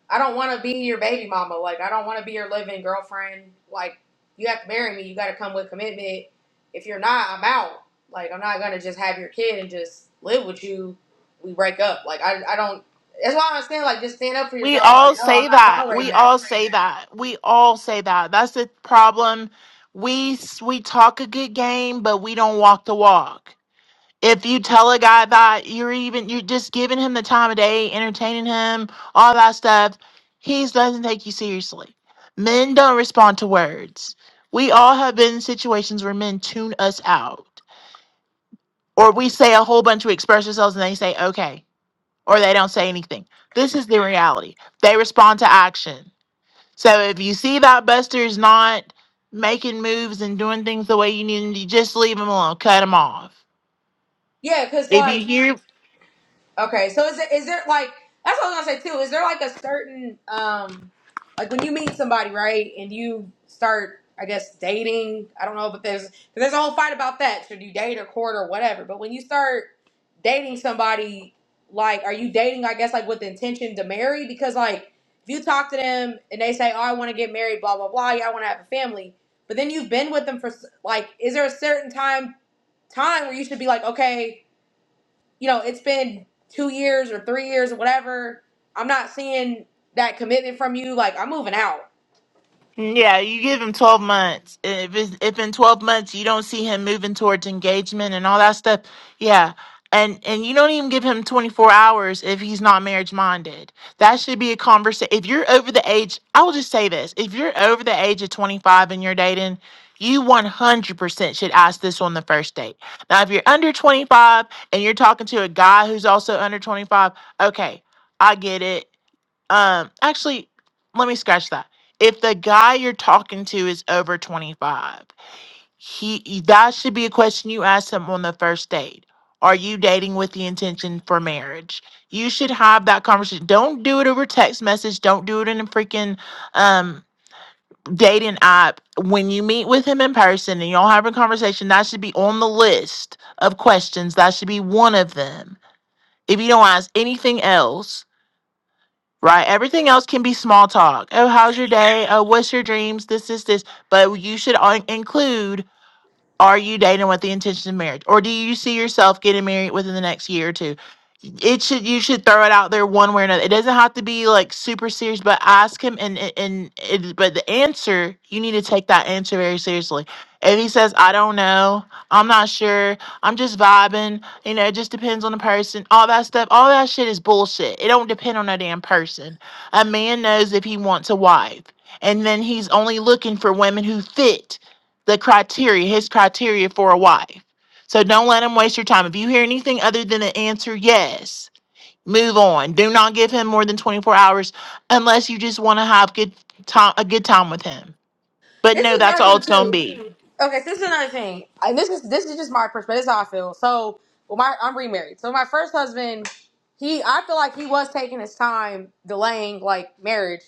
S4: I don't want to be your baby mama. Like, I don't want to be your living girlfriend. Like, you have to marry me. You got to come with commitment. If you're not, I'm out. Like, I'm not going to just have your kid and just live with you. We break up. Like, I, I don't. That's why I'm saying, like, just stand up for
S7: We
S4: yourself. Like,
S7: all
S4: no, I'm
S7: say
S4: not
S7: that.
S4: tolerating
S7: We
S4: that.
S7: all say that. We all say that. That's the problem. We s- we talk a good game, but we don't walk the walk. If you tell a guy that you're even you're just giving him the time of day, entertaining him, all that stuff, he doesn't take you seriously. Men don't respond to words. We all have been in situations where men tune us out, or we say a whole bunch, we express ourselves, and they say okay, or they don't say anything. This is the reality. They respond to action so if you see that Buster's not making moves and doing things the way you need him to, just leave him alone. Cut him off.
S4: Yeah, because,
S7: If
S4: like,
S7: you hear
S4: Okay, so is it is there like that's what I was gonna say too. Is there like a certain um like when you meet somebody right and you start I guess dating I don't know but there's 'cause there's a whole fight about that should you date or court or whatever but when you start dating somebody like are you dating I guess like with the intention to marry because like if you talk to them and they say oh I want to get married blah blah blah yeah I want to have a family but then you've been with them for s- like is there a certain time time where you should be like okay you know, it's been two years or three years or whatever. I'm not seeing that commitment from you. Like, I'm moving out.
S7: Yeah, you give him 12 months. If it's, if in 12 months you don't see him moving towards engagement and all that stuff, yeah. And and you don't even give him 24 hours if he's not marriage minded. That should be a conversation. If you're over the age, I will just say this. If you're over the age of 25 and you're dating, you 100% should ask this on the first date. Now, if you're under 25 and you're talking to a guy who's also under 25, okay, I get it. Um, actually, let me scratch that. If the guy you're talking to is over 25, he that should be a question you ask him on the first date. Are you dating with the intention for marriage? You should have that conversation. Don't do it over text message. Don't do it in a freaking um dating app. When you meet with him in person and y'all have a conversation, that should be on the list of questions. That should be one of them. If you don't ask anything else, Right. Everything else can be small talk. Oh, how's your day? Oh, what's your dreams? This, this, this. But you should on- include are you dating with the intention of marriage, or do you see yourself getting married within the next year or two? It should you should throw it out there one way or another. It doesn't have to be like super serious, but ask him and and and it, but the answer you need to take that answer very seriously. If he says I don't know, I'm not sure, I'm just vibing, you know, it just depends on the person, all that stuff, all that shit is bullshit. It don't depend on a damn person. A man knows if he wants a wife, and then he's only looking for women who fit the criteria, his criteria for a wife. So don't let him waste your time. If you hear anything other than the answer yes, move on. Do not give him more than 24 hours unless you just want to have good time a good time with him. But no,
S4: It's
S7: that's
S4: another
S7: all
S4: thing
S7: it's
S4: too.
S7: gonna be.
S4: Okay, so this is another thing. And this is this is just my perspective. This is how I feel. So well my I'm remarried. So my first husband, he I feel like he was taking his time delaying like marriage.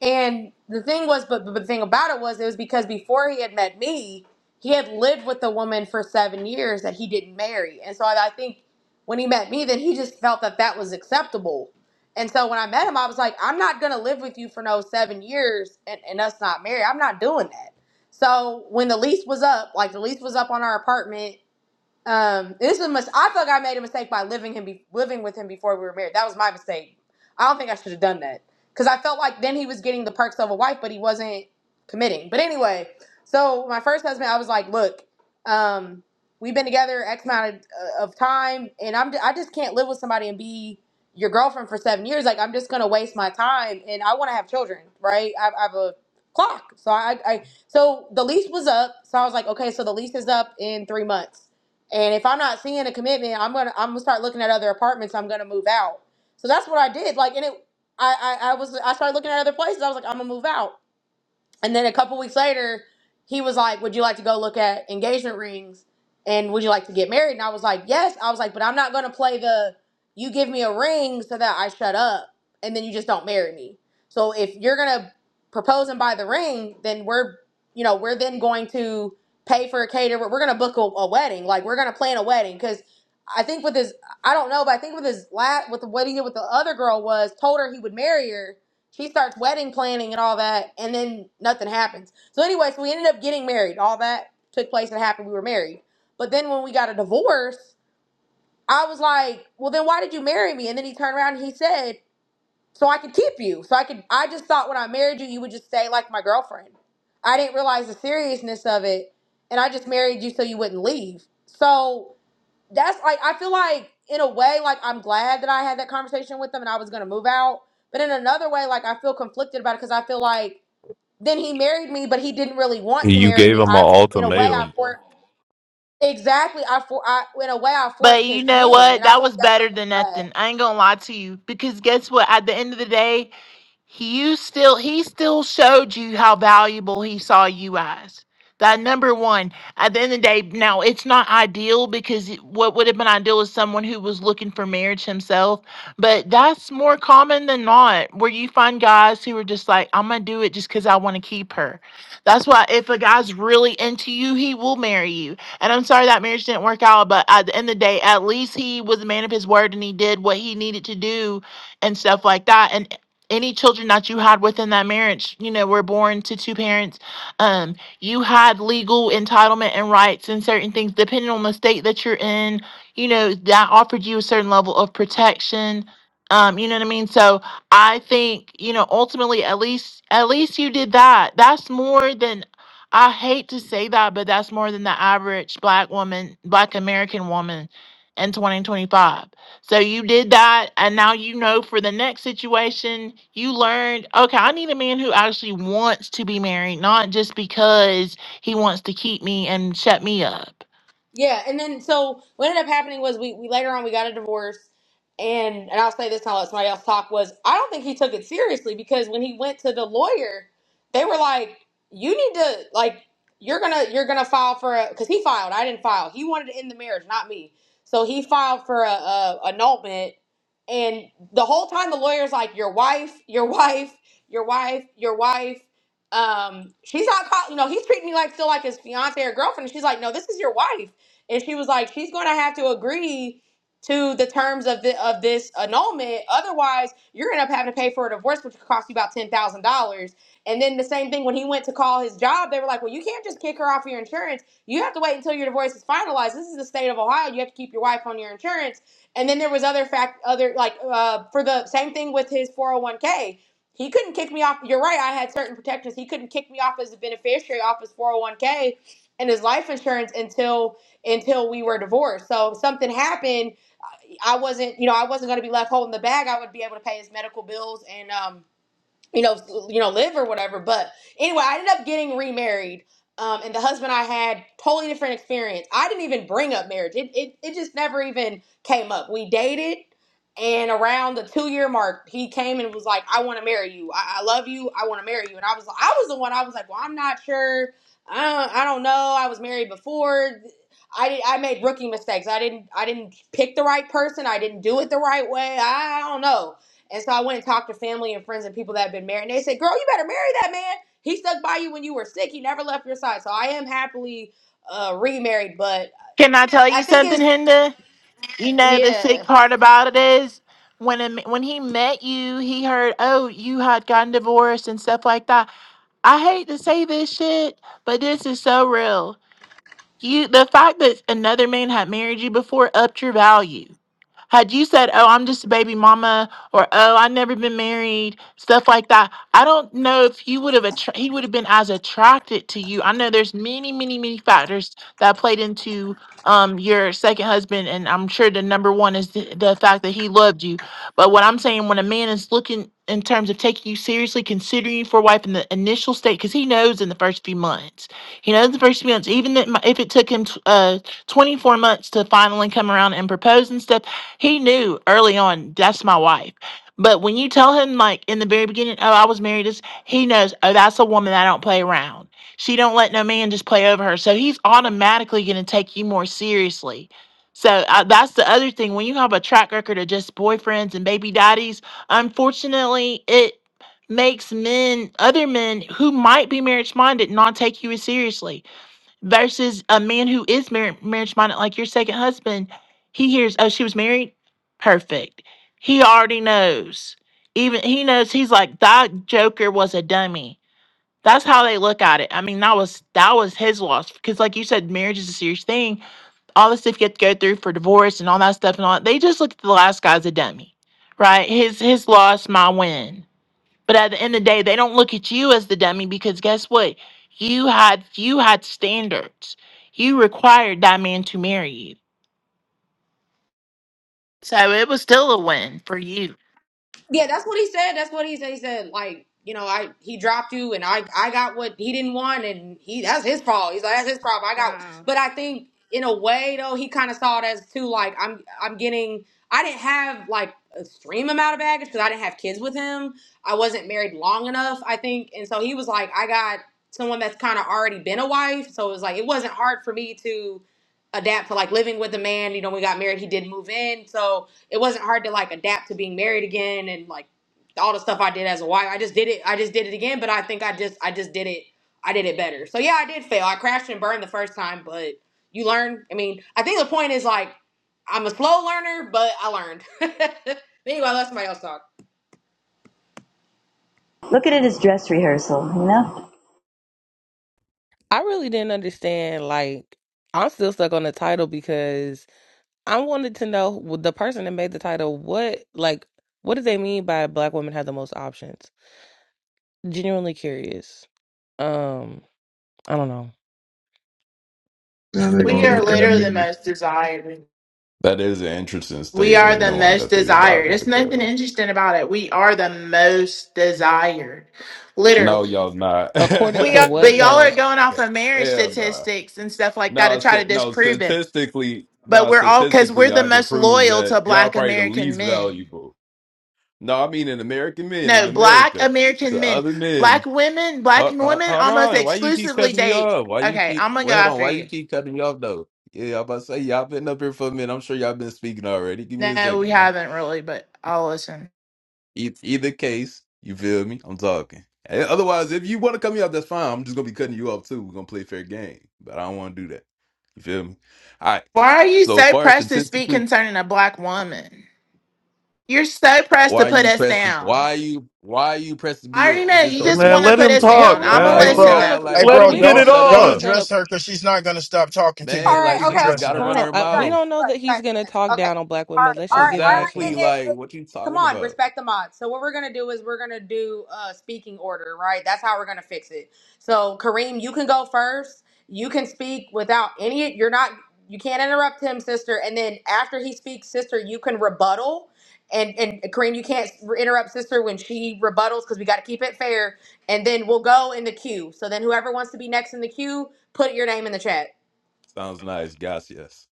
S4: And the thing was but, but the thing about it was it was because before he had met me, he had lived with a woman for seven years that he didn't marry. And so I, I think when he met me, then he just felt that that was acceptable. And so when I met him, I was like, I'm not gonna live with you for no seven years and, and us not married. I'm not doing that. So when the lease was up, like the lease was up on our apartment um, this was a mis- I feel like I made a mistake by living him, be- living with him before we were married. That was my mistake. I don't think I should have done that because I felt like then he was getting the perks of a wife, but he wasn't committing. But anyway, so my first husband, I was like, look, um, we've been together X amount of, uh, of time, and I'm I just can't live with somebody and be your girlfriend for seven years. Like I'm just gonna waste my time, and I want to have children, right? I, I have a clock, so I, I so the lease was up, so I was like, okay, so the lease is up in three months. And if I'm not seeing a commitment, I'm gonna I'm gonna start looking at other apartments. I'm gonna move out. So that's what I did. Like, and it, I, I, I was I started looking at other places. I was like, I'm gonna move out. And then a couple weeks later, he was like, Would you like to go look at engagement rings? And would you like to get married? And I was like, Yes. I was like, But I'm not going to play the you give me a ring so that I shut up and then you just don't marry me. So if you're going to propose and buy the ring, then we're, you know, we're then going to pay for a caterer. We're going to book a, a wedding. Like we're going to plan a wedding because. I think with his, I don't know, but I think with his last, with what he did with the other girl was told her he would marry her, she starts wedding planning and all that, and then nothing happens. So anyway, so we ended up getting married. All that took place and happened. We were married. But then when we got a divorce, I was like, "Well, then why did you marry me?" And then he turned around and he said, "So I could keep you. So I could." I just thought when I married you, you would just stay like my girlfriend. I didn't realize the seriousness of it, and I just married you so you wouldn't leave. So that's like I feel like in a way like I'm glad that I had that conversation with him and I was gonna move out, but in another way like I feel conflicted about it because I feel like then he married me, but he didn't really want to
S8: You
S4: marry
S8: gave
S4: me.
S8: him an
S4: I in a way I
S8: ultimatum.
S4: for exactly I for I in a way I forced
S7: But you
S4: his
S7: know
S4: hand, and
S7: what?
S4: I
S7: That
S4: feel like
S7: was
S4: that's a
S7: better
S4: red
S7: than
S4: flag.
S7: nothing. I ain't gonna lie to you. Because guess what? At the end of the day, He you still he still showed you how valuable he saw you as that number one at the end of the day now it's not ideal because it- what would have been ideal is someone who was looking for marriage himself but that's more common than not where you find guys who are just like i'm gonna do it just because i want to keep her that's why if a guy's really into you he will marry you and i'm sorry that marriage didn't work out but at the end of the day at least he was a man of his word and he did what he needed to do and stuff like that. And any children that you had within that marriage, you know, were born to two parents. Um, you had legal entitlement and rights and certain things, depending on the state that you're in, you know, that offered you a certain level of protection. Um, you know what I mean? So I think, you know, ultimately at least at least you did that. That's more than I hate to say that, but that's more than the average black woman, black American woman in 2025 so you did that, and now you know for the next situation, you learned, okay, I need a man who actually wants to be married, not just because he wants to keep me and shut me up.
S4: Yeah, and then so what ended up happening was we, we later on we got a divorce, and and I'll say this and I'll let somebody else talk was I don't think he took it seriously because when he went to the lawyer, they were like, "You need to like you're gonna you're gonna file for a because he filed I didn't file he wanted to end the marriage not me so he filed for a, a annulment and the whole time the lawyer's like your wife your wife your wife your wife um she's not call you know he's treating me like still like his fiance or girlfriend and she's like no this is your wife and she was like, she's going to have to agree to the terms of the, of this annulment. Otherwise, you're going to have to pay for a divorce, which could cost you about ten thousand dollars. And then the same thing when he went to call his job, they were like, well, you can't just kick her off of your insurance. You have to wait until your divorce is finalized. This is the state of Ohio. You have to keep your wife on your insurance. And then there was other fact, other like uh, for the same thing with his four hundred one k. He couldn't kick me off. You're right. I had certain protections. He couldn't kick me off as a beneficiary off his 401k and his life insurance until until we were divorced. So if something happened, I wasn't, you know, I wasn't going to be left holding the bag. I would be able to pay his medical bills and um you know, you know, live or whatever. But anyway, I ended up getting remarried. Um, and the husband I had totally different experience. I didn't even bring up marriage. It, it it just never even came up. We dated and around the two year mark, he came and was like, I want to marry you. I, I love you. I want to marry you. And I was I was the one I was like, Well, I'm not sure. I don't, I don't know. I was married before. I did I made rookie mistakes. I didn't I didn't pick the right person. I didn't do it the right way. I, I don't know and so I went and talked to family and friends and people that had been married. And they said, Girl, you better marry that man. He stuck by you when you were sick. He never left your side. So I am happily uh, remarried. But
S7: Can I tell
S4: I
S7: you
S4: think
S7: something,
S4: it's,
S7: Hinda? You know the
S4: yeah.
S7: sick part about it is when a m when he met you, he heard, oh, you had gotten divorced and stuff like that. I hate to say this shit, but this is so real. You, the fact that another man had married you before upped your value Had you said, "Oh, I'm just a baby mama," or "Oh, I've never been married," stuff like that, I don't know if you would have attra- he would have been as attracted to you. I know there's many, many, many factors that played into um your second husband, and I'm sure the number one is the, the fact that he loved you. But what I'm saying, when a man is looking in terms of taking you seriously, considering you for a wife in the initial state, because he knows in the first few months, he knows the first few months, even that m- if it took him t- uh 24 months to finally come around and propose and stuff he knew early on that's my wife. But when you tell him like in the very beginning, oh, I was married, this he knows, oh, that's a woman that I don't play around. She don't let no man just play over her. So he's automatically going to take you more seriously. So uh, that's the other thing. When you have a track record of just boyfriends and baby daddies, unfortunately, it makes men, other men who might be marriage minded, not take you as seriously versus a man who is mar- marriage minded, like your second husband, he hears, oh, she was married? Perfect. He already knows. Even he knows he's like, that joker was a dummy. That's how they look at it. I mean, that was that was his loss because, like you said, marriage is a serious thing. All the stuff you have to go through for divorce and all that stuff and all. They just look at the last guy as a dummy, right? His his loss, my win but at the end of the day, they don't look at you as the dummy because guess what? You had you had standards. You required that man to marry you. So it was still a win for you.
S4: Yeah, that's what he said. That's what he said. He said, like, you know, I he dropped you and I I got what he didn't want and he that's his fault. He's like, that's his problem. I got
S7: Wow.
S4: but I think in a way though, he kinda saw it as too like I'm I'm getting I didn't have like a extreme amount of baggage because I didn't have kids with him. I wasn't married long enough, I think. And so he was like, I got someone that's kinda already been a wife. So it was like it wasn't hard for me to adapt to like living with a man. You know, we got married, he did move in. So it wasn't hard to like adapt to being married again and like all the stuff I did as a wife. I just did it. I just did it again, but I think I just I just did it. I did it better. So yeah, I did fail. I crashed and burned the first time, but you learn. I mean, I think the point is like I'm a slow learner, but I learned. [LAUGHS] anyway, I'll let somebody else talk.
S9: Look at it as dress rehearsal, you know?
S2: I really didn't understand. Like, I'm still stuck on the title because I wanted to know w- the person that made the title. What, like, what do they mean by black women have the most options? Genuinely curious. Um, I don't know.
S1: Now they're
S2: [LAUGHS]
S7: We
S1: gonna
S7: are
S1: look at
S7: literally the
S1: me.
S7: most desired.
S10: That is an interesting
S7: We are
S10: statement,
S7: the
S10: knowing
S7: most
S10: that they did buy
S7: desired.
S10: another
S7: There's nothing
S10: barrel.
S7: interesting about it. We are the most desired.
S10: No,
S7: Literally.
S10: y'all not.
S2: According
S7: We
S2: to
S7: are
S10: [LAUGHS] no,
S7: but
S2: what
S7: y'all
S10: y'all
S7: are
S2: though?
S10: not.
S7: going off of marriage
S10: Hell no.
S7: statistics and stuff like that
S10: No,
S7: to try to
S10: st- no.
S7: disprove it.
S10: Statistically,
S7: But
S10: no.
S7: we're all because we're
S10: Statistically,
S7: the
S10: I can
S7: most
S10: prove
S7: loyal to
S10: that y'all
S7: black
S10: probably the
S7: American
S10: least
S7: men.
S10: valuable. No, I mean in American men in
S7: No, black
S10: America
S7: American
S10: to
S7: men,
S10: other
S7: black
S10: men.
S7: women, black
S10: Hold, hold
S7: women
S10: hold
S7: almost
S10: on. Why you keep
S7: exclusively
S10: cutting me
S7: date.
S10: off? Why you
S7: Okay,
S10: keep?
S7: I'm gonna go
S10: Wait, hold on.
S7: after
S10: Why you
S7: you.
S10: keep cutting me off though? Yeah, I'm about to say y'all been up here for a minute. I'm sure y'all been speaking already. Give me a
S7: No, we
S10: second. nah.
S7: haven't really, but I'll listen.
S10: Eith- Either case, you feel me? I'm talking. Eh, Otherwise, if you want to cut me off, that's fine. I'm just gonna be cutting you off too. We're gonna play fair game, but I don't want to do that. You feel me? All right.
S7: Why are you
S10: So
S7: so
S10: far as
S7: pressed to speak
S10: statistically,
S7: concerning a black woman? You're so pressed to
S10: why
S7: put
S10: you
S7: us
S10: pressing?
S7: down.
S10: Why you? Why you pressing to
S7: I
S10: be
S7: already
S10: uh,
S7: know you
S8: Uh,
S7: just
S8: Man,
S7: want to
S8: let
S10: disobedient
S7: put
S8: him
S10: to
S7: us
S10: another
S2: Wait,
S8: talk,
S7: down.
S2: we
S10: black
S7: I'm
S2: don't
S7: gonna
S10: man?
S2: know
S11: Hey,
S2: that
S10: Oh
S8: man.
S2: he's
S7: listen
S11: bro.
S2: gonna.
S7: though.
S10: God, like
S11: Hey,
S10: why
S8: Let
S11: bro.
S8: him
S2: We
S10: can't
S8: get
S10: she
S2: don't
S11: Don't
S8: it
S2: know
S10: shut
S2: that
S11: don't
S2: he's
S10: up,
S8: off.
S2: gonna
S11: address her because she's not gonna stop talking to you
S4: All
S10: man?
S11: if you
S4: right,
S10: Like
S11: keep
S4: okay, okay,
S10: she just
S11: addressing
S10: gotta
S4: okay,
S2: Hold
S11: her.
S10: run
S4: guys,
S2: on.
S10: her
S2: I, we
S4: guys,
S10: mouth.
S2: don't know
S4: guys,
S2: that he's
S4: guys,
S2: going to talk
S4: guys. Okay,
S2: down on black
S4: all
S2: women.
S4: right,
S2: Let's
S4: all
S2: just
S4: right,
S2: give
S4: all
S2: him a
S4: right.
S10: Exactly.
S4: eh,
S2: chance.
S4: eh,
S10: Like
S4: eh.
S10: what you
S4: Come
S10: talking
S4: on,
S10: about?
S4: respect the mods. So what we're gonna do is we're gonna do uh speaking order, right? That's how we're gonna fix it. So Kareem, you can go first. You can speak without any. You're not. You can't interrupt him, sister. And then after he speaks, sister, you can rebuttal. And and Kareem, you can't interrupt sister when she rebuttals because we got to keep it fair. And then we'll go in the queue. So then whoever wants to be next in the queue, put your name in the chat.
S10: Sounds nice, guys. Yes.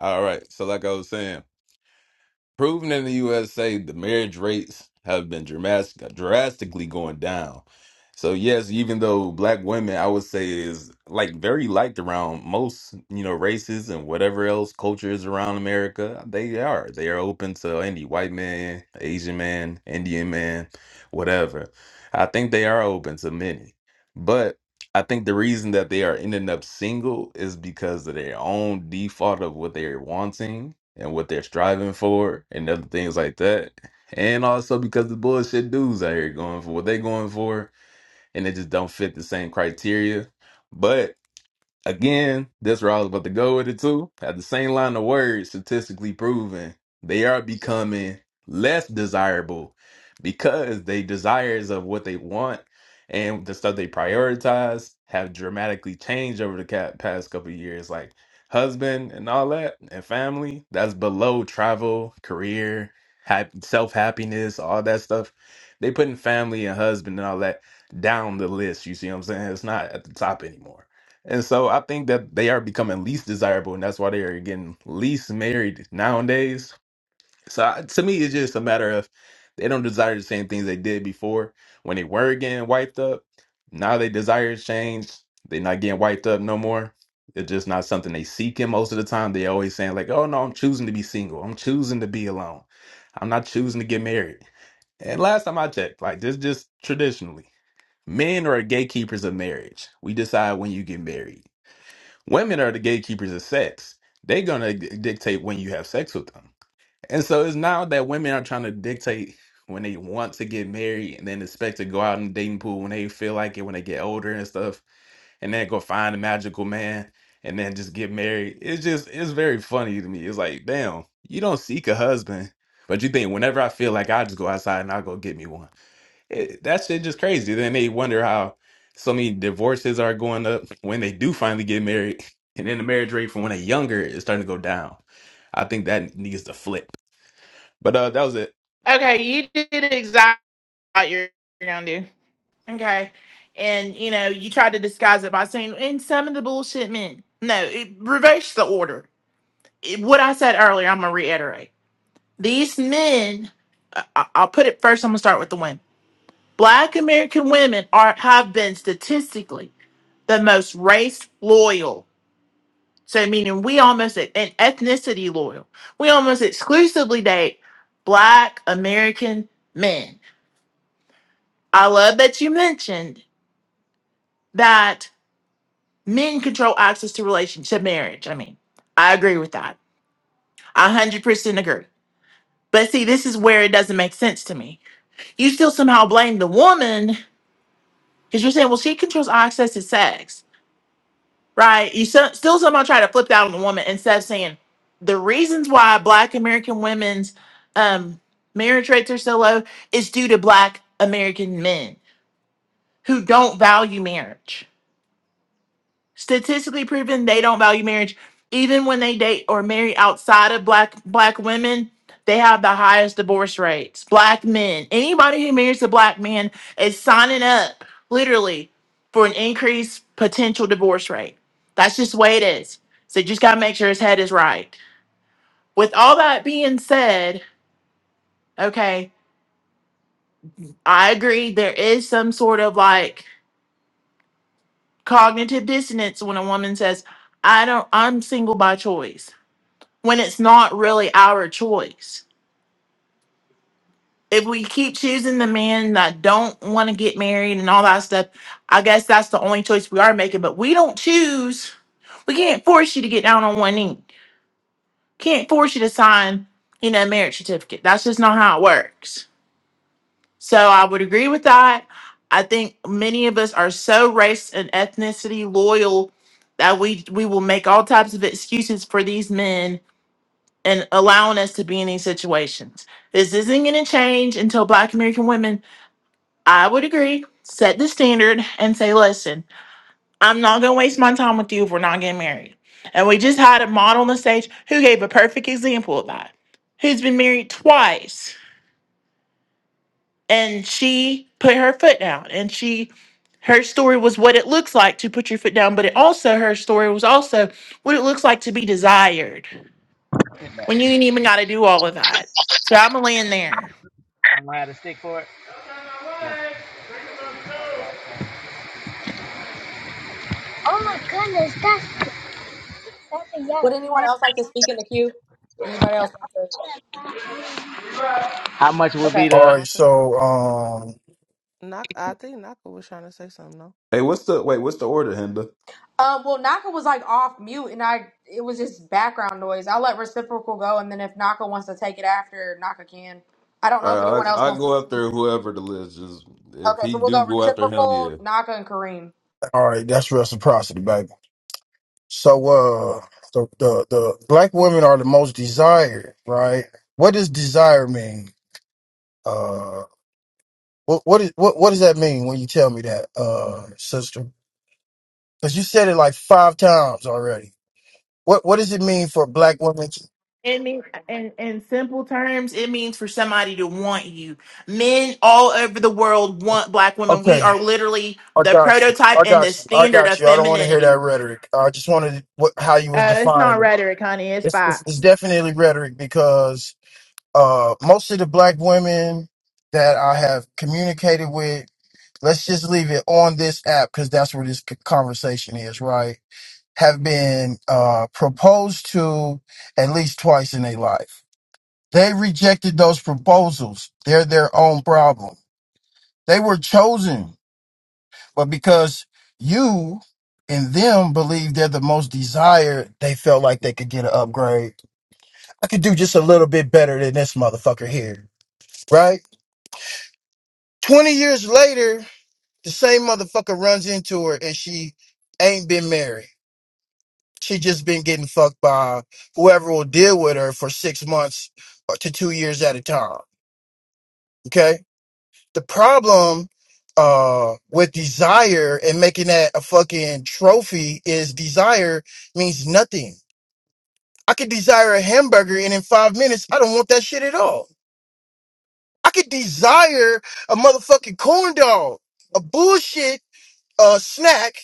S10: All right. So like I was saying. proven in the USA, the marriage rates have been dramatic, drastically going down. So yes, even though black women, I would say, is like very liked around most, you know, races and whatever else cultures around America, they are. They are open to any white man, Asian man, Indian man, whatever. I think they are open to many. But I think the reason that they are ending up single is because of their own default of what they're wanting and what they're striving for and other things like that. And also because the bullshit dudes out here going for what they are going for and they just don't fit the same criteria. But Again, that's where I was about to go with it too. At the same line of words, statistically proven, they are becoming less desirable because they desires of what they want and the stuff they prioritize have dramatically changed over the ca- past couple of years. Like husband and all that, and family, that's below travel, career, hap- self happiness, all that stuff. They putting family and husband and all that down the list. You see what I'm saying? It's not at the top anymore. And so I think that they are becoming least desirable, and that's why they are getting least married nowadays. So I- to me, it's just a matter of they don't desire the same things they did before when they were getting wiped up. Now they desire change. They're not getting wiped up no more. It's just not something they seek in most of the time. They always saying like, "Oh no, I'm choosing to be single. I'm choosing to be alone. I'm not choosing to get married." And last time I checked, like this, just traditionally, men are gatekeepers of marriage. We decide when you get married Women are the gatekeepers of sex. They're gonna d- dictate when you have sex with them. And so it's now that women are trying to dictate when they want to get married and then expect to go out in the dating pool when they feel like it when they get older and stuff, and then go find a magical man and then just get married. It's just it's very funny to me. It's like, damn, you don't seek a husband, but you think whenever I feel like I just go outside and I'll go get me one. It, that shit just crazy. Then they wonder how so many divorces are going up when they do finally get married, [LAUGHS] and then the marriage rate from when they're younger is starting to go down. I think that needs to flip. But uh, that was it.
S7: Okay, you did exactly what you're gonna do. Okay, and you know you tried to disguise it by saying and some of the bullshit men. No, it, reverse the order it- what I said earlier, I'm gonna reiterate. These men, I- I'll put it first. I'm gonna start with the women. Black American women are have been statistically the most race loyal. So meaning we almost and ethnicity loyal. We almost exclusively date Black American men. I love that you mentioned that men control access to relationship marriage. I mean, I agree with that. I one hundred percent agree. But see, this is where it doesn't make sense to me you still somehow blame the woman because you're saying, well, she controls access to sex, right? You so, still somehow try to flip that on the woman instead of saying the reasons why Black American women's um, marriage rates are so low is due to Black American men who don't value marriage statistically proven they don't value marriage even when they date or marry outside of black black women they have the highest divorce rates black men anybody who marries a black man is signing up literally for an increased potential divorce rate that's just the way it is so you just got to make sure his head is right with all that being said okay i agree there is some sort of like cognitive dissonance when a woman says i don't i'm single by choice when it's not really our choice. If we keep choosing the men that don't want to get married and all that stuff, I guess that's the only choice we are making. But we don't choose. We can't force you to get down on one knee. Can't force you to sign, you know, a marriage certificate. That's just not how it works. So I would agree with that. I think many of us are so race and ethnicity loyal that we we will make all types of excuses for these men and allowing us to be in these situations. This isn't going to change until Black American women, I would agree, set the standard and say, listen, I'm not going to waste my time with you if we're not getting married. And we just had a model on the stage who gave a perfect example of that, who's been married twice. And she put her foot down and she. Her story was what it looks like to put your foot down, but it also her story was also what it looks like to be desired
S12: Sit back.
S7: when you ain't even got to do all of that. So I'm gonna land there.
S12: I don't have to stick for it. Oh my goodness, that's that's a
S4: Would
S12: yes.
S4: anyone else like to speak in the queue? Anybody else? like to-
S12: How much would be
S4: Okay.
S11: All
S12: the?
S11: right.
S2: Naka?
S11: So, um,
S2: Naka, I think Naka was trying to say something, though.
S10: Hey, what's the wait? What's the order, Henda?
S4: Um, well, Naka was like off mute, and I it was just background noise. I'll let reciprocal go, and then if Naka wants to take it after, Naka can. I don't know if
S10: All right,
S4: anyone else
S10: I I
S4: wants to
S10: go
S4: speak.
S10: after whoever the list is. If
S4: Okay,
S10: he
S4: so we'll
S10: do
S4: go
S10: go after him,
S4: reciprocal,
S10: yeah.
S4: Naka, and Kareem.
S11: all right. That's reciprocity, baby. So, uh, the the, the black women are the most desired, right? What does desire mean? Uh, what what is what what does that mean when you tell me that, uh, sister? Because you said it like five times already. What what does it mean for black women? To,
S7: It means, in, in simple terms, it means for somebody to want you. Men all over the world want black women. We
S11: okay.
S7: are literally
S11: I
S7: the
S11: got you.
S7: prototype
S11: I
S7: and the
S11: got you. I
S7: standard
S11: got
S7: of
S11: you. I don't want to hear
S7: femininity.
S11: that rhetoric. I just wanted what, how you was
S7: Uh, it's not
S11: defining it.
S7: rhetoric, honey. It's
S11: It's, it's, it's
S7: facts.
S11: definitely rhetoric because uh, most of the black women that I have communicated with, let's just leave it on this app because that's where this c- conversation is, right? Have been uh, proposed to at least twice in their life. They rejected those proposals. They're their own problem. They were chosen but because you and them believe they're the most desired, they felt like they could get an upgrade. I could do just a little bit better than this motherfucker here, right? 20 years later, the same motherfucker runs into her and she ain't been married. She just been getting fucked by whoever will deal with her for six months or to two years at a time. Okay the problem uh with desire and making that a fucking trophy is desire means nothing. I could desire a hamburger and in five minutes I don't want that shit at all. I could desire a motherfucking corn dog, a bullshit uh snack,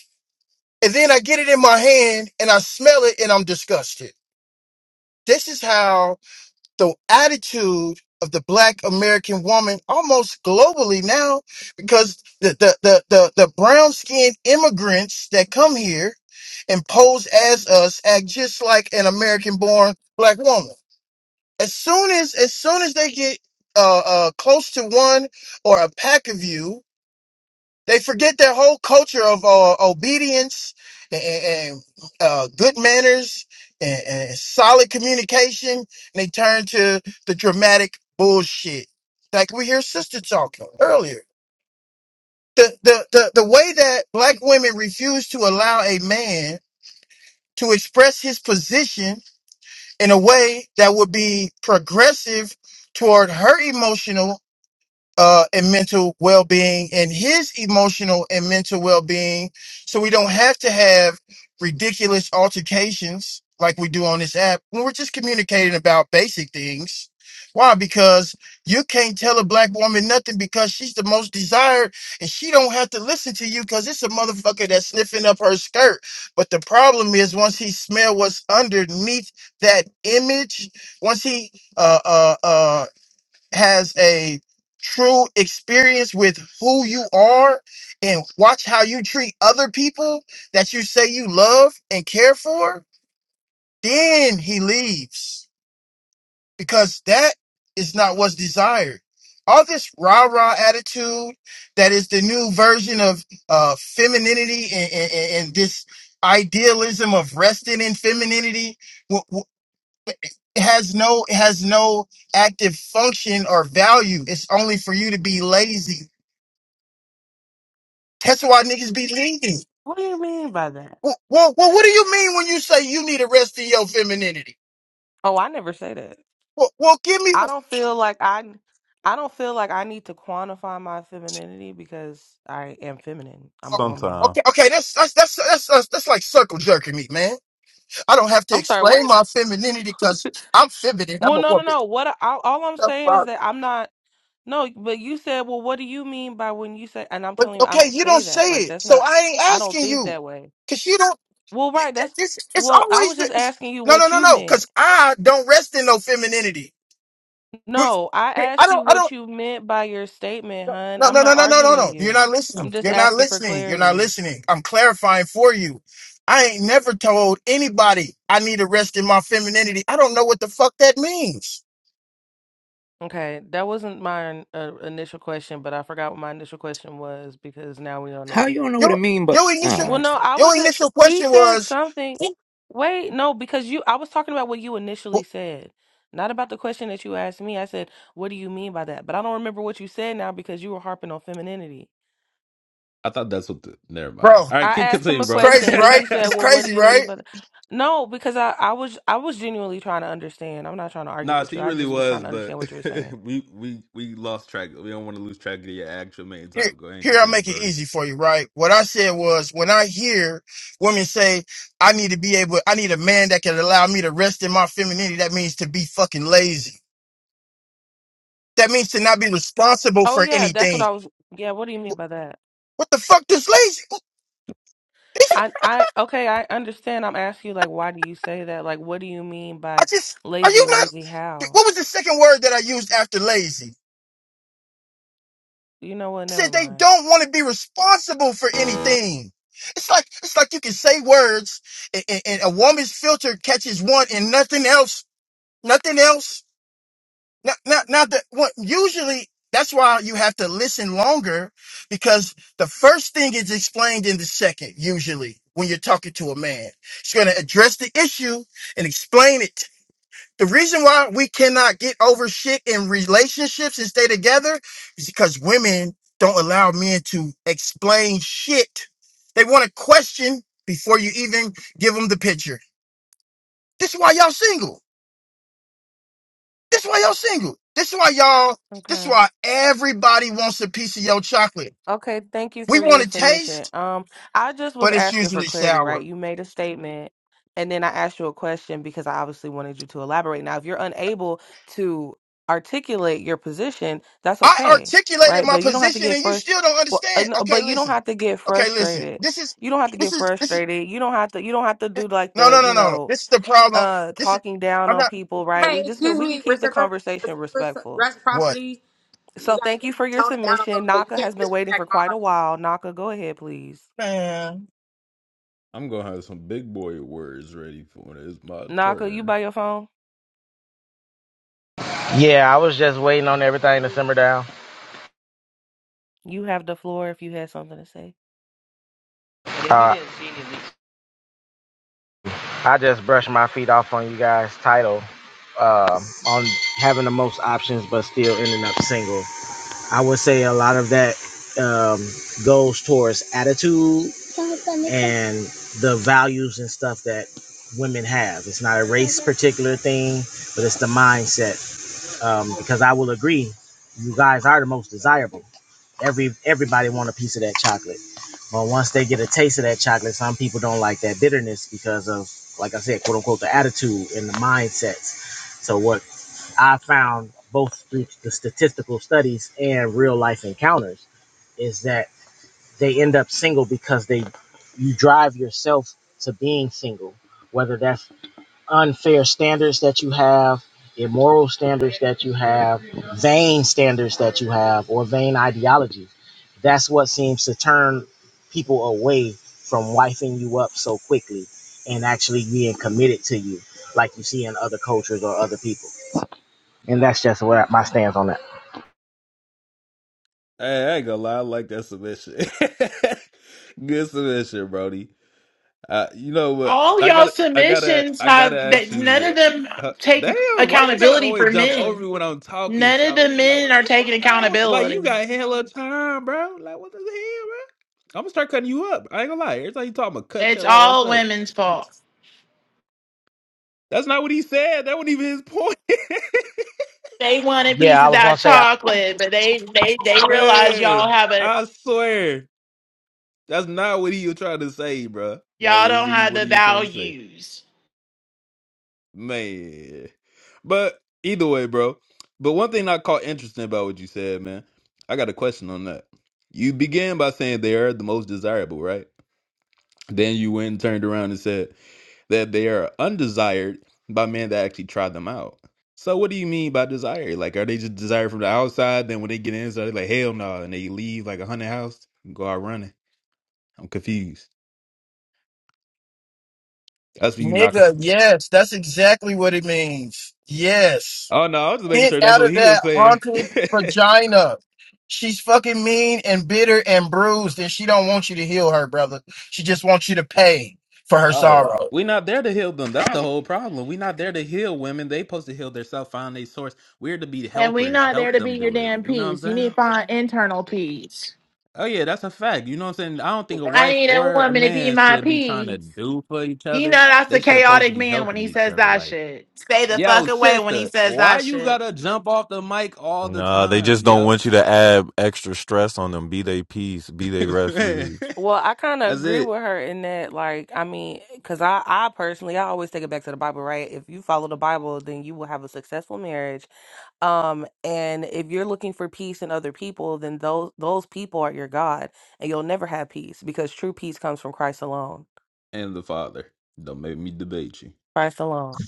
S11: and then I get it in my hand and I smell it and I'm disgusted. This is how the attitude of the black American woman almost globally now because the, the, the, the, the brown skinned immigrants that come here and pose as us act just like an American born black woman. As soon as, as soon as they get, uh, uh, close to one or a pack of you, they forget their whole culture of uh, obedience and, and uh, good manners and, and solid communication. And they turn to the dramatic bullshit. Like we hear sister talking earlier. The, the, the, the way that black women refuse to allow a man to express his position in a way that would be progressive toward her emotional uh, and mental well being and his emotional and mental well being. So we don't have to have ridiculous altercations like we do on this app when we're just communicating about basic things. Why? Because you can't tell a black woman nothing because she's the most desired and she don't have to listen to you because it's a motherfucker that's sniffing up her skirt. But the problem is once he smell what's underneath that image, once he uh uh uh has a true experience with who you are and watch how you treat other people that you say you love and care for, then he leaves because that is not what's desired. All this rah rah attitude that is the new version of uh, femininity and, and, and and this idealism of resting in femininity it has no it has no active function or value. It's only for you to be lazy. That's why niggas be leaving.
S2: What do you mean by that?
S11: Well, well, well what do you mean when you say you need to rest in your femininity?
S2: Oh, I never say that.
S11: Well, well, give me.
S2: I don't feel like I I don't feel like I need to quantify my femininity because I am feminine. I'm a woman.
S10: Sometime
S11: Okay, okay, that's that's that's that's that's, that's like circle jerking me, man. I don't have to
S2: I'm sorry,
S11: explain
S2: what?
S11: my femininity because I'm feminine. I'm
S2: Well,
S11: a
S2: no, no,
S11: woman.
S2: no. What I, all all I'm
S11: The
S2: saying is
S11: fuck?
S2: that I'm not No, but you said, "Well, what do you mean by when you say?" And I'm
S11: But
S2: telling you I
S11: okay,
S2: don't
S11: you don't
S2: say
S11: say
S2: that. Like
S11: it,
S2: that's
S11: so
S2: not
S11: I ain't
S2: I don't
S11: asking
S2: think
S11: you.
S2: that way.
S11: Cause you don't.
S2: Well, right. That's
S11: It's, it's
S2: well. I
S11: always
S2: was just
S11: this.
S2: asking you
S11: no, no,
S2: what
S11: no,
S2: you
S11: no.
S2: meant.
S11: Because I don't rest in no femininity. But
S2: No, I
S11: I
S2: asked you
S11: don't. I
S2: what
S11: don't.
S2: you meant by your statement, hun.
S11: No,
S2: I'm
S11: no, no,
S2: not
S11: no, no, no,
S2: arguing
S11: no. You're
S2: you.
S11: not
S2: I'm
S11: listening.
S2: just
S11: You're not
S2: asking for
S11: listening. You're not
S2: clarity.
S11: listening. I'm clarifying for you. I ain't never told anybody I need to rest in my femininity. I don't know what the fuck that means.
S2: Okay, that wasn't my uh, initial question, but I forgot what my initial question was because now we're on a
S13: How you don't
S2: different.
S13: know what it
S11: Your
S13: mean, but
S11: your initial
S2: Well,
S13: uh
S2: no, I
S11: your
S2: was at.
S11: initial
S2: He
S11: question
S2: said
S11: was,
S2: something. Wait, no, because you. I was talking about what you initially said, not about the question that you asked me. I said, "What do you mean by that?" But I don't remember what you said now because you were harping on femininity.
S10: I thought that's what. The, never mind.
S11: bro,
S10: All right,
S2: I
S10: kid,
S2: asked him
S10: continue,
S2: a
S11: it's
S10: bro.
S2: question
S11: crazy,
S2: and then he
S11: right?
S2: said,
S11: It's
S2: "Well, what do
S11: crazy,
S10: [LAUGHS]
S2: you mean?"
S11: right?
S2: But no, because I I was I was genuinely trying to understand. I'm not trying to argue
S10: Nah,
S2: with you.
S10: she
S2: I
S10: really
S2: just was trying
S10: was,
S2: to
S10: but
S2: understand what you were saying.
S10: [LAUGHS] we we we lost track. We don't want to lose track of your actual main
S11: here,
S10: topic. Go ahead and
S11: here I'll
S10: continue,
S11: make it
S10: Brody.
S11: easy for you, right? What I said was when I hear women say, I need to be able, I need a man that can allow me to rest in my femininity, that means to be fucking lazy. That means to not be responsible
S2: Oh
S11: for
S2: yeah, that's what
S11: anything.
S2: I was. Yeah, what do you mean by that?
S11: What the fuck does lazy?
S2: I I okay, I understand. I'm asking you like, why do you say that? Like, what do you mean
S11: I
S2: by
S11: just, are
S2: lazy,
S11: you
S2: lazy?
S11: not,
S2: How?
S11: what was the second word that I used after lazy?
S2: You know what?
S11: I
S2: Never
S11: said they
S2: mind.
S11: don't want to be responsible for anything. It's like it's like you can say words, and, and and a woman's filter catches one, and nothing else. Nothing else Now, now, now the, what, usually that's why you have to listen longer because the first thing is explained in the second, usually when you're talking to a man. She's going to address the issue and explain it. The reason why we cannot get over shit in relationships and stay together is because women don't allow men to explain shit. They want to question before you even give them the picture. This is why y'all single. This why y'all single. This why y'all. This
S2: Okay.
S11: why everybody wants a piece of your chocolate.
S2: Okay, thank you
S11: We
S2: for
S11: want
S2: your
S11: to
S2: submission.
S11: taste,
S2: Um, I just was
S11: but it's
S2: asking for
S11: usually
S2: clarity, right?
S11: sour.
S2: You made a statement and then I asked you a question because I obviously wanted you to elaborate. Now, if you're unable to articulate your position, that's
S11: I
S2: okay,
S11: articulated
S2: right?
S11: my
S2: But you don't have to
S11: position,
S2: get
S11: and you
S2: first
S11: still don't
S2: well, uh,
S11: understand.
S2: no,
S11: Okay,
S2: but you don't
S11: listen.
S2: have to get
S11: Okay, listen.
S2: frustrated.
S11: This is.
S2: You don't have to
S11: This
S2: get
S11: is. This is.
S2: frustrated. You don't have to you don't have to do like
S11: No,
S2: the,
S11: no,
S2: you
S11: no, no, no.
S2: know,
S11: This is the problem.
S2: uh
S11: This is.
S2: talking down
S11: I'm
S2: on
S11: not.
S2: people, right?
S4: Hey,
S2: We just go
S4: excuse
S2: we can
S4: me,
S2: keep the
S4: reciprocal,
S2: conversation
S4: recipro-
S2: respectful
S11: What?
S4: reciprocity.
S2: so
S4: You gotta
S2: thank you for your
S4: tone it down a
S2: submission.
S4: little bit. You
S2: Naka has
S4: can't
S2: been waiting for
S4: disrespect
S2: quite a while.
S4: Naka.
S2: Naka, go ahead, please.
S11: Man.
S10: I'm gonna have some big boy words ready for when it's my
S2: Naka, you
S10: turn.
S2: by your phone?
S12: Yeah, I was just waiting on everything to simmer down.
S2: You have the floor if you had something to say.
S12: Yes, Uh, I just brushed my feet off on you guys' title um, on having the most options but still ending up single. I would say a lot of that um, goes towards attitude and the values and stuff that women have. It's not a race particular thing, but it's the mindset um, because I will agree, you guys are the most desirable. Every everybody want a piece of that chocolate, but once they get a taste of that chocolate, some people don't like that bitterness because of, like I said, quote unquote, the attitude and the mindsets. So what I found both through the statistical studies and real life encounters is that they end up single because they you drive yourself to being single, whether that's unfair standards that you have, immoral standards that you have, vain standards that you have, or vain ideology. That's what seems to turn people away from wifing you up so quickly and actually being committed to you, like you see in other cultures or other people. And that's just what my stance on that.
S10: Hey, I ain't gonna lie, I like that submission. [LAUGHS] Good submission, Brody. Uh, you know what?
S7: All
S10: I
S7: y'all
S10: gotta, I gotta,
S7: submissions
S10: I gotta
S7: have that.
S10: ask you.
S7: None of
S10: What?
S7: them
S10: Uh,
S7: take
S10: damn, why you gotta
S7: accountability
S10: always
S7: for
S10: jump over me
S7: men.
S10: when I'm talking,
S7: None of the
S10: Shawty? Like,
S7: men
S10: what
S7: are
S10: the fuck?
S7: taking
S10: Bro? Like, you
S7: accountability.
S10: got hella time, bro. Like, what the hell, bro? I'm gonna start cutting you up. I ain't gonna lie. Every time you talk, I'm gonna cut
S7: It's
S10: your ass
S7: all
S10: up.
S7: women's fault.
S10: That's not what he said. That wasn't even his point, [LAUGHS]
S7: They want a piece
S12: Yeah, I
S7: of
S12: was gonna
S7: that
S12: say, I,
S7: chocolate, but they they they realize y'all
S10: man.
S7: have a
S10: I swear, that's not what he was trying to say, bro. That
S7: Y'all
S10: was
S7: don't have
S10: what
S7: the
S10: he was trying to say.
S7: values.
S10: Man. But either way, bro. But one thing I caught interesting about what you said, man, I got a question on that. You began by saying they are the most desirable, right? Then you went and turned around and said that they are undesired by men that actually try them out. So what do you mean by desire? Like are they just desired from the outside? Then when they get inside, they're like, hell no, and they leave like a hundred house and go out running. I'm confused. That's what you knocking.
S11: Nigga. Yes, that's exactly what it means. Yes.
S10: Oh no, I was just making
S11: Get
S10: sure that's
S11: out
S10: what
S11: of
S10: he was
S11: that
S10: saying.
S11: haunted
S10: [LAUGHS]
S11: vagina. She's fucking mean and bitter and bruised, and she don't want you to heal her, brother. She just wants you to pay for her
S10: Oh,
S11: sorrow.
S10: we not there to heal them. That's the whole problem. we not there to heal women. They supposed to heal themselves, find their source. We're to be
S7: And we
S10: helpers,
S7: not
S10: help
S7: there to be
S10: them
S7: your
S10: do it.
S7: damn
S10: You know what I'm
S7: peace. You need
S10: saying?
S7: to find internal peace.
S10: Oh yeah, that's a fact. You know what I'm saying? I don't think a
S7: I
S10: wife
S7: need a
S10: or a
S7: woman to be
S10: man
S7: my
S10: should be trying to
S7: peace.
S10: do for each
S7: You know
S10: other.
S7: that's a
S10: They should supposed to
S7: chaotic
S10: be
S7: man when
S10: helping
S7: he
S10: each
S7: says
S10: other.
S7: that
S10: Like,
S7: shit. Stay the
S10: yo,
S7: fuck away when he
S10: sister,
S7: says
S10: why
S7: that
S10: you
S7: shit.
S10: gotta jump off the mic all the
S8: Nah, they
S10: time,
S8: just don't
S10: yo?
S8: want you to add extra stress on them, be they peace, be they
S10: [LAUGHS] Man,
S8: refuge.
S2: Well, I kind of
S10: that's
S2: agree
S10: it.
S2: with her in that, like, I mean, because I, I personally, I always take it back to the Bible, right? If you follow the Bible, then you will have a successful marriage. Um, and if you're looking for peace in other people, then those those people are your God, and you'll never have peace because true peace comes from Christ alone.
S10: And the father. Don't make me debate you.
S2: Christ alone.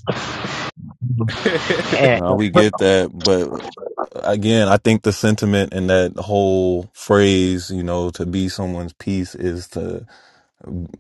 S10: [LAUGHS]
S12: and,
S8: Nah, we get that. But uh, again, I think the sentiment in that whole phrase, you know, to be someone's peace is to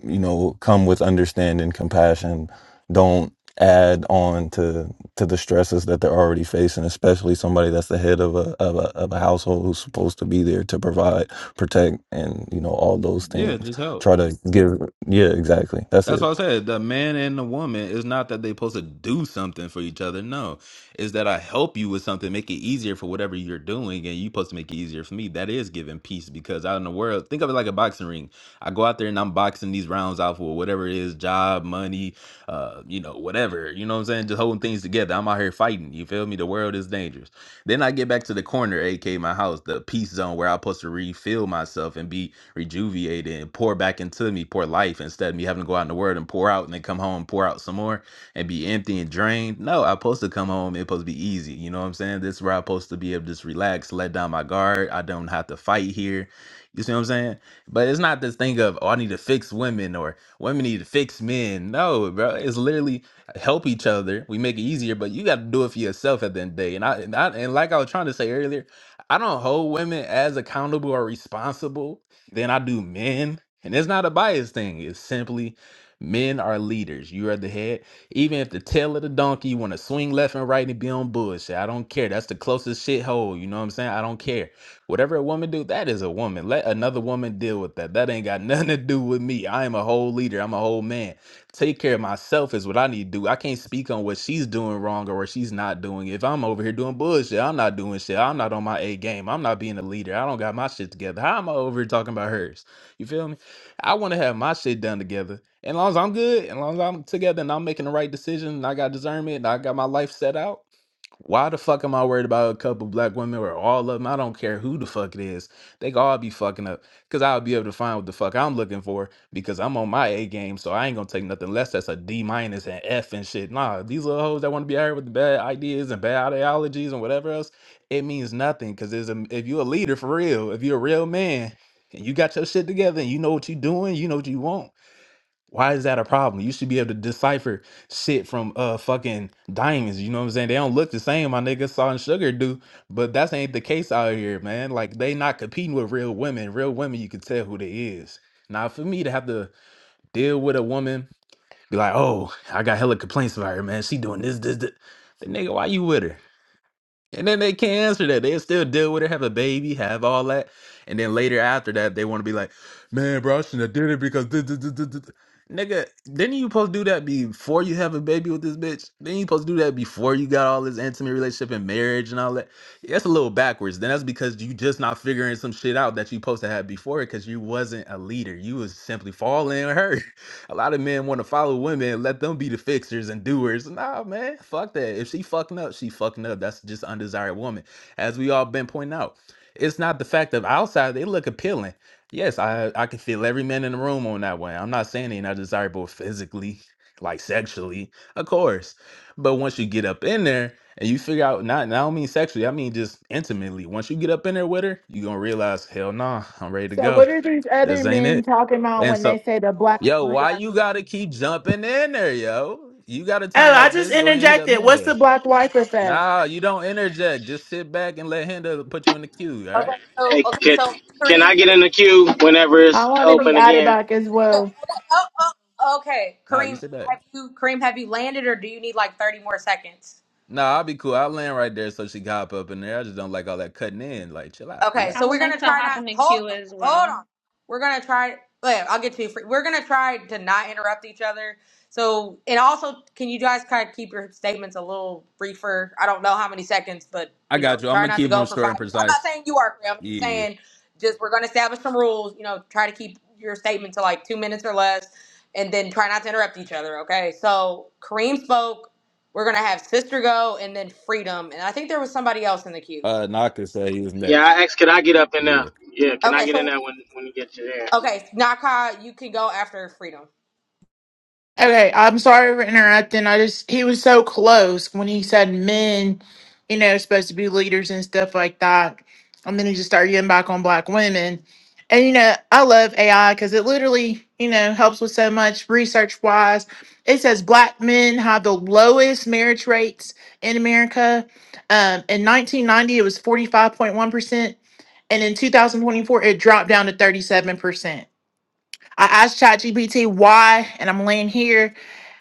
S8: you know come with understanding compassion don't add on to to the stresses that they're already facing especially somebody that's the head of a of a, of a household who's supposed to be there to provide protect and you know all those
S10: yeah,
S8: things
S10: just help.
S8: try to give yeah exactly that's
S10: That's
S8: it
S10: why I said the man and the woman is not that they're supposed to do something for each other. No, is that I help you with something, make it easier for whatever you're doing, and you supposed to make it easier for me. That is giving peace because out in the world, think of it like a boxing ring. I go out there and I'm boxing these rounds out for whatever it is, job, money, uh, you know, whatever. You know what I'm saying? Just holding things together. I'm out here fighting. You feel me? The world is dangerous. Then I get back to the corner, aka my house, the peace zone where I'm supposed to refill myself and be rejuvenated and pour back into me, pour life instead of me having to go out in the world and pour out and then come home and pour out some more and be empty and drained. No, I'm supposed to come home. It's supposed to be easy. You know what I'm saying? This is where I'm supposed to be able to just relax, let down my guard. I don't have to fight here. You see what I'm saying? But it's not this thing of, oh, I need to fix women or women need to fix men. No, bro. It's literally help each other. We make it easier, but you got to do it for yourself at the end of the day. And I, and I and like I was trying to say earlier, I don't hold women as accountable or responsible then I do men, and it's not a bias thing. It's simply men are leaders. You are the head. Even if the tail of the donkey want to swing left and right and be on bullshit, I don't care. That's the closest shithole. You know what I'm saying? I don't care. Whatever a woman do, that is a woman. Let another woman deal with that. That ain't got [LAUGHS] nothing to do with me. I am a whole leader. I'm a whole man take care of myself is what I need to do. I can't speak on what she's doing wrong or what she's not doing. If I'm over here doing bullshit, I'm not doing shit. I'm not on my A game. I'm not being a leader. I don't got my shit together. How am I over here talking about hers? You feel me? I want to have my shit done together. And as long as I'm good, and as long as I'm together and I'm making the right decision and I got discernment and I got my life set out, why the fuck am I worried about a couple black women or all of them? I don't care who the fuck it is. They could all be fucking up because I'll be able to find what the fuck I'm looking for because I'm on my A game. So I ain't going to take nothing less. That's a D minus and F and shit. Nah, these little hoes that want to be out here with the bad ideas and bad ideologies and whatever else, it means nothing because if you're a leader for real, if you're a real man and you got your shit together and you know what you're doing, you know what you want why is that a problem? You should be able to decipher shit from uh fucking diamonds. You know what I'm saying? They don't look the same, my nigga. Salt and sugar do, but that's ain't the case out here, man. Like they not competing with real women. Real women, you can tell who they is. Now, for me to have to deal with a woman, be like, oh, I got hella complaints about her, man. She doing this, this, this. The nigga, why you with her? And then they can't answer that. they still deal with it, have a baby, have all that. And then later after that, they want to be like, man, bro, I shouldn't have did it because. duh, duh, duh, duh, duh, Nigga, didn't you supposed to do that before you have a baby with this bitch? Then you supposed to do that before you got all this intimate relationship and marriage and all that? That's a little backwards. Then that's because you just not figuring some shit out that you supposed to have before it because you wasn't a leader. You was simply following her a lot of men want to follow women, and let them be the fixers and doers. Nah, man, fuck that. If she fucking up, she fucking up. That's just undesired woman. As we all been pointing out, it's not the fact of outside they look appealing. Yes, I I can feel every man in the room on that one. I'm not saying they're not desirable physically, like sexually, of course. But once you get up in there and you figure out not and I don't mean sexually, I mean just intimately. Once you get up in there with her, you're gonna realize, hell nah, I'm ready to
S7: So
S10: go.
S7: what are these
S10: This
S7: other
S10: ain't it.
S7: men talking about
S10: And
S7: when
S10: so.
S7: they say the black?
S10: Yo,
S7: Oh,
S10: why you gotta keep jumping in there, yo? You gotta turn
S7: I
S10: up
S7: just
S10: this, go ahead and hit up
S7: interjected. What's the
S10: Henda.
S7: black wife effect?
S10: Nah, you don't interject. Just sit back and let Henda put you in the queue, all right?
S4: Okay, so
S12: Hey,
S4: okay,
S12: can,
S4: so
S12: can
S4: Kareem,
S12: I get in the queue whenever
S7: I
S12: it's
S7: want to be
S12: open
S4: Kareem.
S7: added
S12: again?
S7: back as
S4: Oh,
S7: well.
S4: oh, oh, okay,
S10: Nah, you
S4: Kareem,
S10: sit back.
S4: have you Kareem? Have you landed, or do you need like thirty more seconds?
S10: Nah, I'll be cool. I'll land right there so she can hop up in there. I just don't like all that cutting in. Like, chill out,
S4: Okay,
S14: I
S4: so
S14: would
S4: we're
S10: relax.
S14: like
S4: gonna
S14: to
S4: try
S14: hop
S4: not
S14: in the
S4: hold
S14: queue as
S4: hold
S14: well.
S4: on. We're gonna try. Wait, I'll get to you. fir- We're gonna try to not interrupt each other. So, and also, can you guys kind of keep your statements a little briefer? I don't know how many seconds, but
S10: I
S4: you know,
S10: got you. I'm
S4: try
S10: gonna
S4: not to
S10: keep
S4: go
S10: them
S4: for
S10: short
S4: five
S10: and
S4: minutes. I'm not
S10: precise.
S4: saying you are, Priya. I'm just
S10: Yeah.
S4: saying, just we're gonna establish some rules. You know, try to keep your statement to like two minutes or less, and then try not to interrupt each other. Okay. So Kareem spoke. We're gonna have Sister go, and then Freedom, and I think there was somebody else in the queue.
S10: Uh Naka said he was
S12: Yeah,
S10: next.
S12: I asked, can I get up in there?
S10: Yeah.
S12: Yeah, can
S4: Okay,
S12: I get in
S4: so
S12: there when, when you get to there?
S4: Okay, Naka, you can go after Freedom.
S7: Okay, I'm sorry for interrupting. I just he was so close when he said men, you know, supposed to be leaders and stuff like that. And then he just started getting back on black women. And you know, I love AI because it literally, you know, helps with so much research wise. It says black men have the lowest marriage rates in America. Um, in 1990, it was 45.1%. And in 2024, it dropped down to 37%. I asked ChatGPT why, and I'm laying here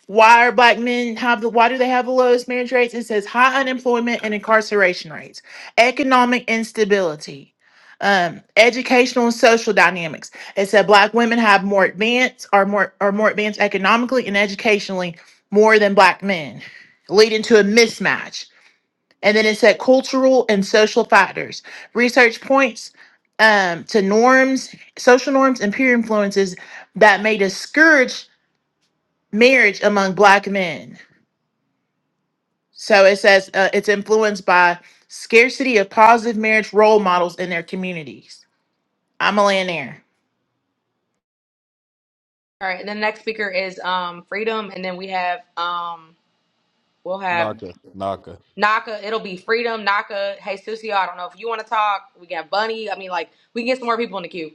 S7: why are black men have the why do they have the lowest marriage rates? It says high unemployment and incarceration rates, economic instability, um, educational and social dynamics. It said black women have more advanced are more are more advanced economically and educationally more than black men, leading to a mismatch. And then it said cultural and social factors. Research points um, to norms, social norms, and peer influences that may discourage marriage among black men so it says uh, it's influenced by scarcity of positive marriage role models in their communities. I'm a land there.
S4: All right, and the next speaker is um Freedom, and then we have um we'll have
S10: Naka, Naka.
S4: Naka. It'll be Freedom, Naka. Hey, Susie, I don't know if you want to talk. We got Bunny. I mean, like we can get some more people in the queue.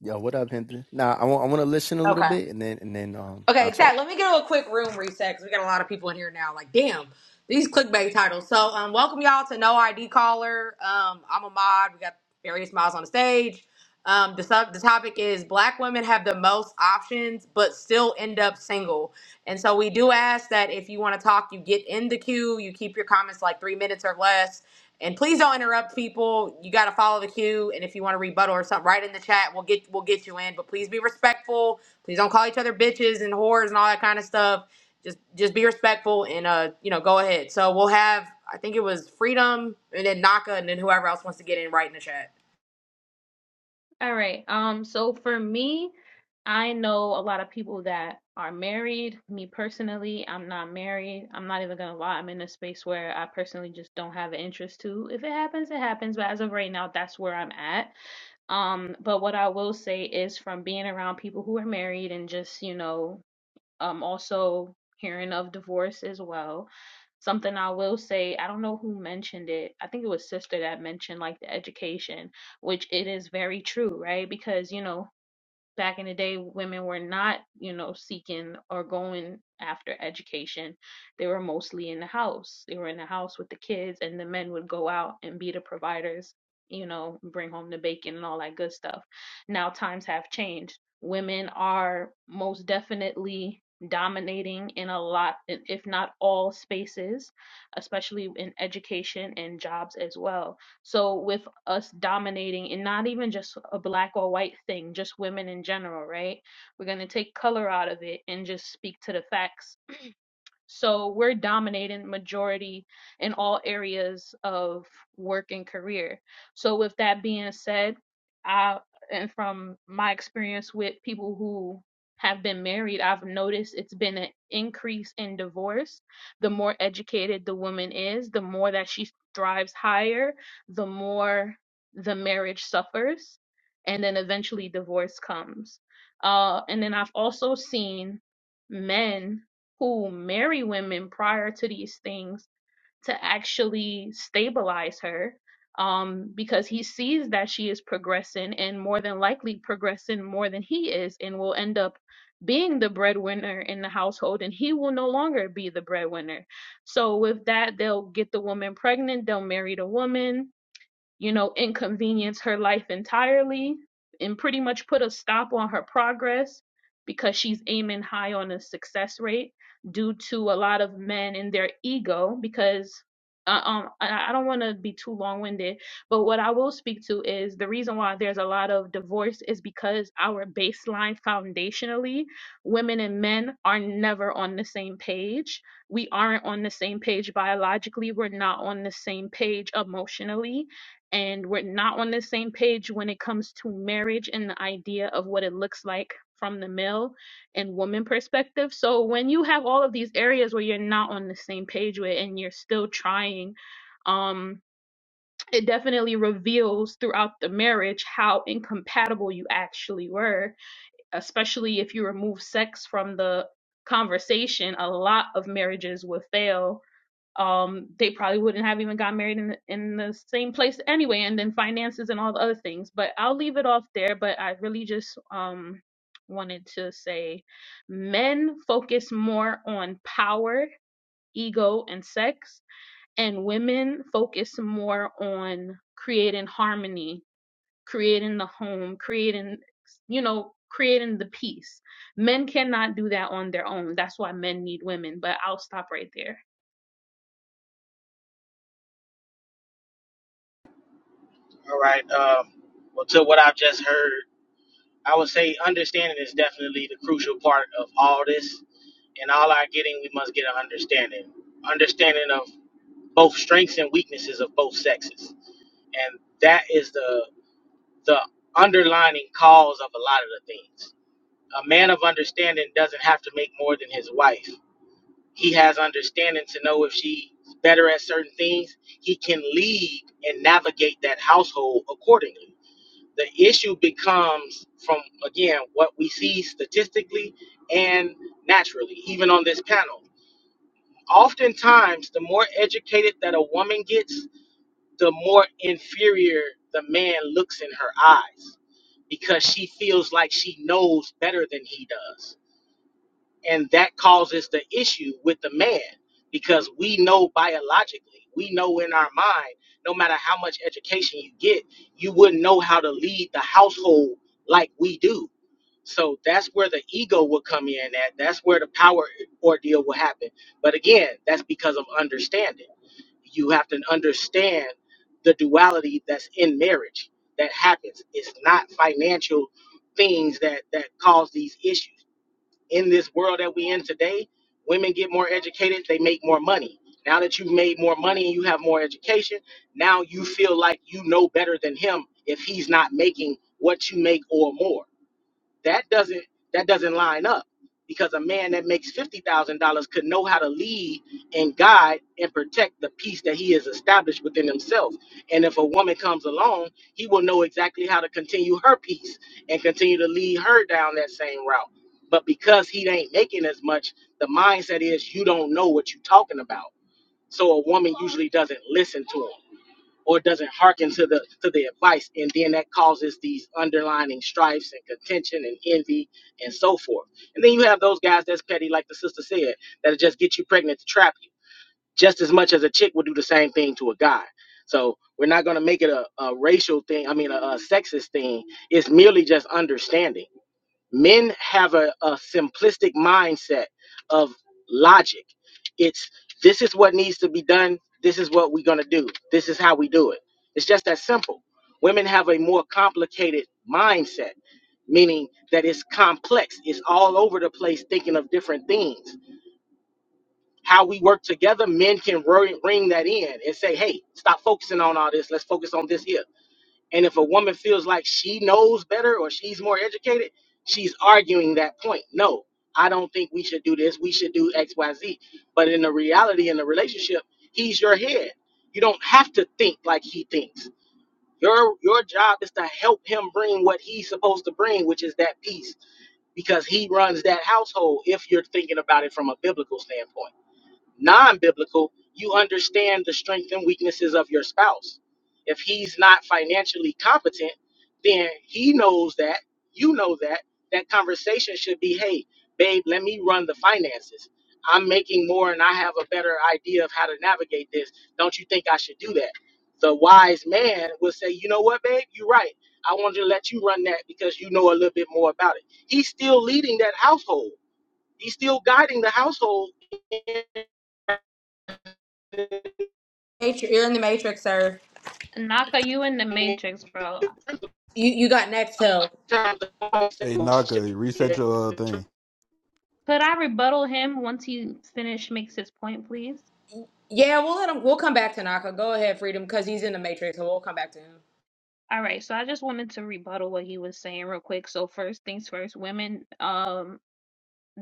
S15: Yo, what up, Hinton? Nah, I want I want to listen a little
S4: Okay.
S15: bit and then and then um
S4: Okay,
S15: I'll talk.
S4: exactly. Let me give a quick room reset because we got a lot of people in here now. Like, damn, these clickbait titles. So, um, welcome y'all to No ID Caller. Um, I'm a mod. We got various mods on the stage. Um, the, sub- the topic is Black women have the most options, but still end up single. And so, we do ask that if you want to talk, you get in the queue. You keep your comments like three minutes or less. And please don't interrupt people. You got to follow the queue. And if you want to rebuttal or something, write in the chat. We'll get we'll get you in. But please be respectful Please don't call each other bitches and whores and all that kind of stuff. Just just be respectful and uh, you know, go ahead. So we'll have I think it was Freedom and then Naka and then whoever else wants to get in right in the chat.
S14: All right. Um, so for me, I know a lot of people that are married. Me personally, I'm not married. I'm not even gonna lie. I'm in a space where I personally just don't have an interest to. If it happens, it happens. But as of right now, that's where I'm at. Um, but what I will say is from being around people who are married and just, you know, um also hearing of divorce as well something i will say i don't know who mentioned it i think it was sister that mentioned like the education which it is very true right because you know back in the day women were not you know seeking or going after education they were mostly in the house they were in the house with the kids and the men would go out and be the providers you know bring home the bacon and all that good stuff now times have changed women are most definitely dominating in a lot if not all spaces especially in education and jobs as well so with us dominating and not even just a black or white thing, just women in general, right? We're going to take color out of it and just speak to the facts so we're dominating majority in all areas of work and career. So with that being said, I and from my experience with people who have been married, I've noticed it's been an increase in divorce. The more educated the woman is, the more that she thrives higher, the more the marriage suffers, and then eventually divorce comes. Uh, and then I've also seen men who marry women prior to these things to actually stabilize her um, because he sees that she is progressing and more than likely progressing more than he is and will end up being the breadwinner in the household and he will no longer be the breadwinner. So, with that, they'll get the woman pregnant, they'll marry the woman you know, inconvenience her life entirely and pretty much put a stop on her progress because she's aiming high on a success rate due to a lot of men and their ego because uh, um I I don't want to be too long-winded, but what I will speak to is the reason why there's a lot of divorce is because our baseline foundationally, women and men are never on the same page we aren't on the same page biologically. We're not on the same page emotionally and we're not on the same page when it comes to marriage and the idea of what it looks like from the male and woman perspective. So when you have all of these areas where you're not on the same page with and you're still trying, um, it definitely reveals throughout the marriage how incompatible you actually were, especially if you remove sex from the conversation. A lot of marriages will fail um, they probably wouldn't have even got married in the, in the same place anyway, and then finances and all the other things. But I'll leave it off there. But I really just um, wanted to say, men focus more on power, ego, and sex, and women focus more on creating harmony, creating the home, creating you know creating the peace. Men cannot do that on their own. That's why men need women. But I'll stop right there.
S12: All right. Um, well, to what I've just heard, I would say understanding is definitely the crucial part of all this. In all our getting, we must get an understanding. Understanding of both strengths and weaknesses of both sexes. And that is the the underlining cause of a lot of the things. A man of understanding doesn't have to make more than his wife. He has understanding to know if she's better at certain things. He can lead and navigate that household accordingly the issue becomes from again what we see statistically and naturally even on this panel oftentimes the more educated that a woman gets the more inferior the man looks in her eyes because she feels like she knows better than he does and that causes the issue with the man because we know biologically we know in our mind no matter how much education you get you wouldn't know how to lead the household like we do so that's where the ego will come in at. That's where the power ordeal will happen. But again, that's because of understanding. You have to understand the duality that's in marriage that happens. It's not financial things that that cause these issues. In this world that we are in today, women get more educated, they make more money. Now that you've made more money and you have more education, now you feel like you know better than him if he's not making what you make or more that doesn't that doesn't line up because a man that makes fifty thousand dollars could know how to lead and guide and protect the peace that he has established within himself. And if a woman comes along, he will know exactly how to continue her peace and continue to lead her down that same route. But because he ain't making as much, the mindset is you don't know what you're talking about. So a woman usually doesn't listen to him or doesn't hearken to the to the advice and then that causes these underlining strifes and contention and envy and so forth and then you have those guys that's petty like the sister said that'll just get you pregnant to trap you just as much as a chick would do the same thing to a guy so we're not going to make it a, a racial thing i mean a, a sexist thing it's merely just understanding men have a, a simplistic mindset of logic it's this is what needs to be done this is what we're going to do this is how we do it it's just that simple women have a more complicated mindset meaning that it's complex it's all over the place thinking of different things how we work together men can ro- ring that in and say hey stop focusing on all this let's focus on this here and if a woman feels like she knows better or she's more educated, she's arguing that point. No, I don't think we should do this. We should do XYZ. But in the reality in the relationship, he's your head. You don't have to think like he thinks. Your your job is to help him bring what he's supposed to bring, which is that peace, because he runs that household if you're thinking about it from a biblical standpoint non biblical, you understand the strengths and weaknesses of your spouse. If he's not financially competent, then he knows that, you know that. That conversation should be hey, babe, let me run the finances. I'm making more and I have a better idea of how to navigate this. Don't you think I should do that? The wise man will say, you know what, babe, you're right. I wanted to let you run that because you know a little bit more about it. He's still leading that household, he's still guiding the household.
S4: Matri- You're in the Matrix, sir.
S14: Naka, you in the Matrix, bro.
S4: You you got next Till.
S10: Hey, Naka, reset your uh, thing.
S14: Could I rebuttal him once he finished makes his point, please?
S4: Yeah, we'll let him we'll come back to Naka. Go ahead, Freedom, because he's in the Matrix, so we'll come back to him.
S14: All right, so I just wanted to rebuttal what he was saying real quick. So first things first, women. Um,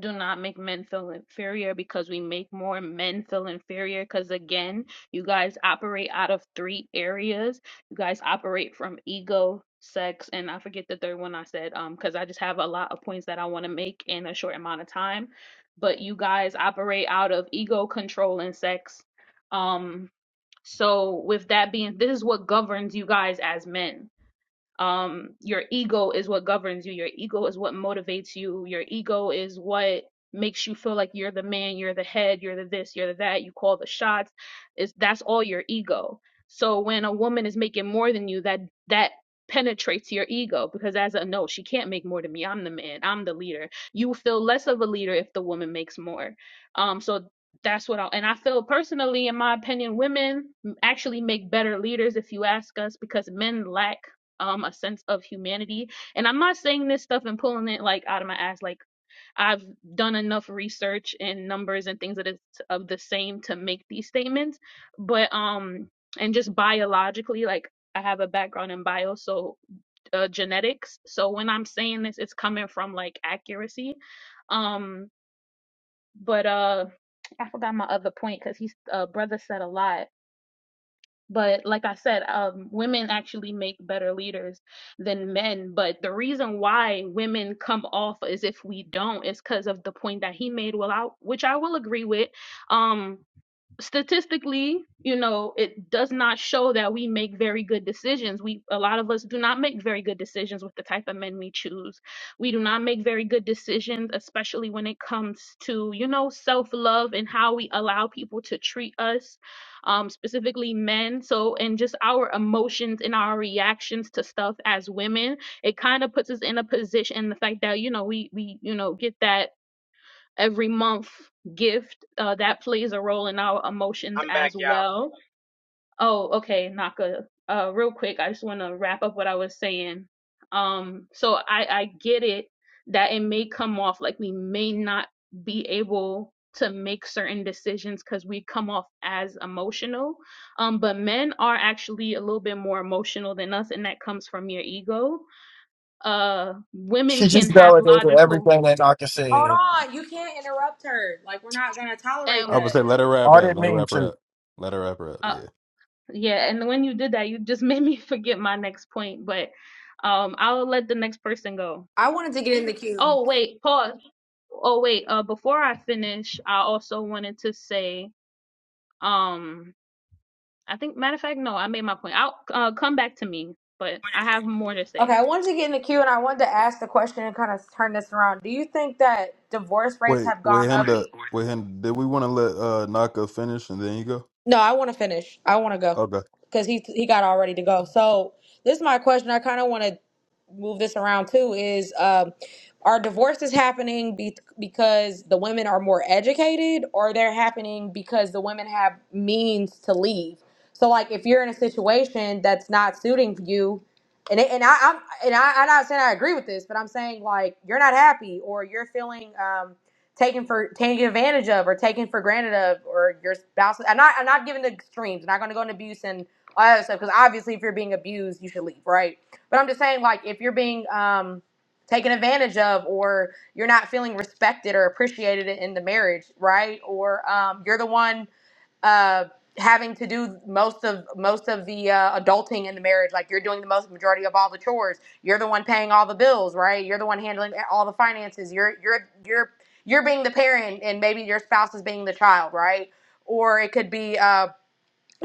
S14: do not make men feel inferior because we make more men feel inferior because again you guys operate out of three areas you guys operate from ego sex and i forget the third one i said um because i just have a lot of points that i want to make in a short amount of time but you guys operate out of ego control and sex um so with that being this is what governs you guys as men um your ego is what governs you your ego is what motivates you your ego is what makes you feel like you're the man you're the head you're the this you're the that you call the shots is that's all your ego so when a woman is making more than you that that penetrates your ego because as a no she can't make more than me i'm the man i'm the leader you feel less of a leader if the woman makes more um so that's what I and I feel personally in my opinion women actually make better leaders if you ask us because men lack um a sense of humanity and i'm not saying this stuff and pulling it like out of my ass like i've done enough research and numbers and things that is of the same to make these statements but um and just biologically like i have a background in bio so uh, genetics so when i'm saying this it's coming from like accuracy um but uh i forgot my other point because he's uh brother said a lot but like I said, um, women actually make better leaders than men. But the reason why women come off as if we don't is because of the point that he made, well, I, which I will agree with. Um, statistically, you know, it does not show that we make very good decisions. We a lot of us do not make very good decisions with the type of men we choose. We do not make very good decisions, especially when it comes to, you know, self-love and how we allow people to treat us, um, specifically men. So and just our emotions and our reactions to stuff as women, it kind of puts us in a position the fact that, you know, we we, you know, get that every month gift uh, that plays a role in our emotions
S12: I'm
S14: as
S12: bound.
S14: well oh okay naka uh, real quick i just want to wrap up what i was saying um so i i get it that it may come off like we may not be able to make certain decisions because we come off as emotional um but men are actually a little bit more emotional than us and that comes from your ego uh women
S11: She
S14: can
S11: just
S14: have
S11: validated
S14: logical
S11: everything that Naka
S4: Hold
S11: said.
S4: on, you can't interrupt her. Like we're not gonna tolerate
S14: and
S10: I would
S4: that.
S10: say let her wrap
S11: I
S10: up.
S11: didn't
S10: Let her
S11: mean
S10: wrap her
S11: to.
S10: up. Let her wrap her up.
S14: uh,
S10: Yeah.
S14: Yeah, and when you did that, you just [LAUGHS] made me forget my next point, but um I'll let the next person go.
S4: I wanted to get in the queue.
S14: Oh, wait, pause. Oh, wait, uh before I finish, I also wanted to say um I think matter of fact, no, I made my point. I'll uh, come back to me, but I have more to say.
S4: Okay, I wanted to get in the queue and I wanted to ask the question and kind of turn this around. Do you think that divorce rates
S10: Wait,
S4: have
S10: wait,
S4: gone up?
S10: Henda, wait, Henda, did we want to let uh Naka finish and then you go?
S4: No, I want to finish. I want to go
S10: Okay.
S4: because he he got all ready to go. So this is my question. I kind of want to move this around too is um are divorces happening be- because the women are more educated or they're happening because the women have means to leave so like if you're in a situation that's not suiting you and, it, and I, I'm and I, I'm not saying I agree with this, but I'm saying like you're not happy or you're feeling um, taken for taken advantage of or taken for granted of or your spouse. I'm not I'm not giving the extremes. I'm not going to go into abuse and all that other stuff because obviously if you're being abused, you should leave, right? But I'm just saying, like, if you're being um, taken advantage of, or you're not feeling respected or appreciated in the marriage, right? Or um, you're the one uh, having to do most of most of the uh, adulting in the marriage, like you're doing the most majority of all the chores. You're the one paying all the bills, right? You're the one handling all the finances. You're you're you're you're being the parent, and maybe your spouse is being the child, right? Or it could be. Uh,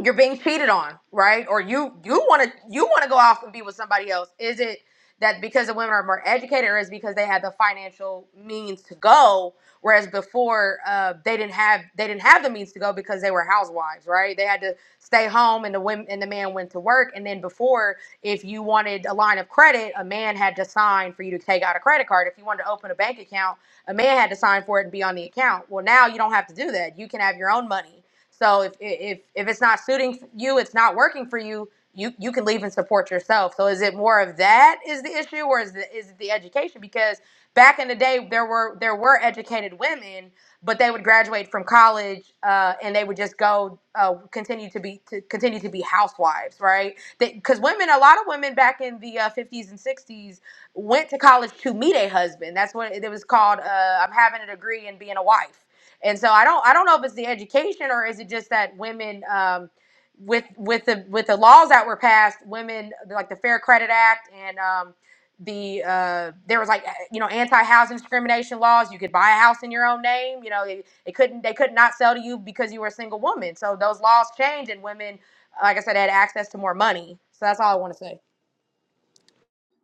S4: you're being cheated on, right? Or you you want to you want to go off and be with somebody else. Is it that because the women are more educated, or is it because they had the financial means to go, whereas before uh, they didn't have they didn't have the means to go because they were housewives, right? They had to stay home, and the women and the man went to work. And then before, if you wanted a line of credit, a man had to sign for you to take out a credit card. If you wanted to open a bank account, a man had to sign for it and be on the account. Well, now you don't have to do that. You can have your own money so if if if it's not suiting you, it's not working for you. You you can leave and support yourself. So is it more of that is the issue, or is the, is it the education? Because back in the day, there were there were educated women, but they would graduate from college uh, and they would just go uh, continue to be to continue to be housewives, right? Because women, a lot of women back in the uh, 50s and 60s went to college to meet a husband. That's what it was called. Uh, I'm having a degree and being a wife and so I don't I don't know if it's the education or is it just that women um, with with the with the laws that were passed, women like the Fair Credit Act and um, the uh, there was like uh, you know anti housing discrimination laws. You could buy a house in your own name. You know they, they couldn't they could not sell to you because you were a single woman. So those laws changed and women, like I said, had access to more money. So that's all I want to say.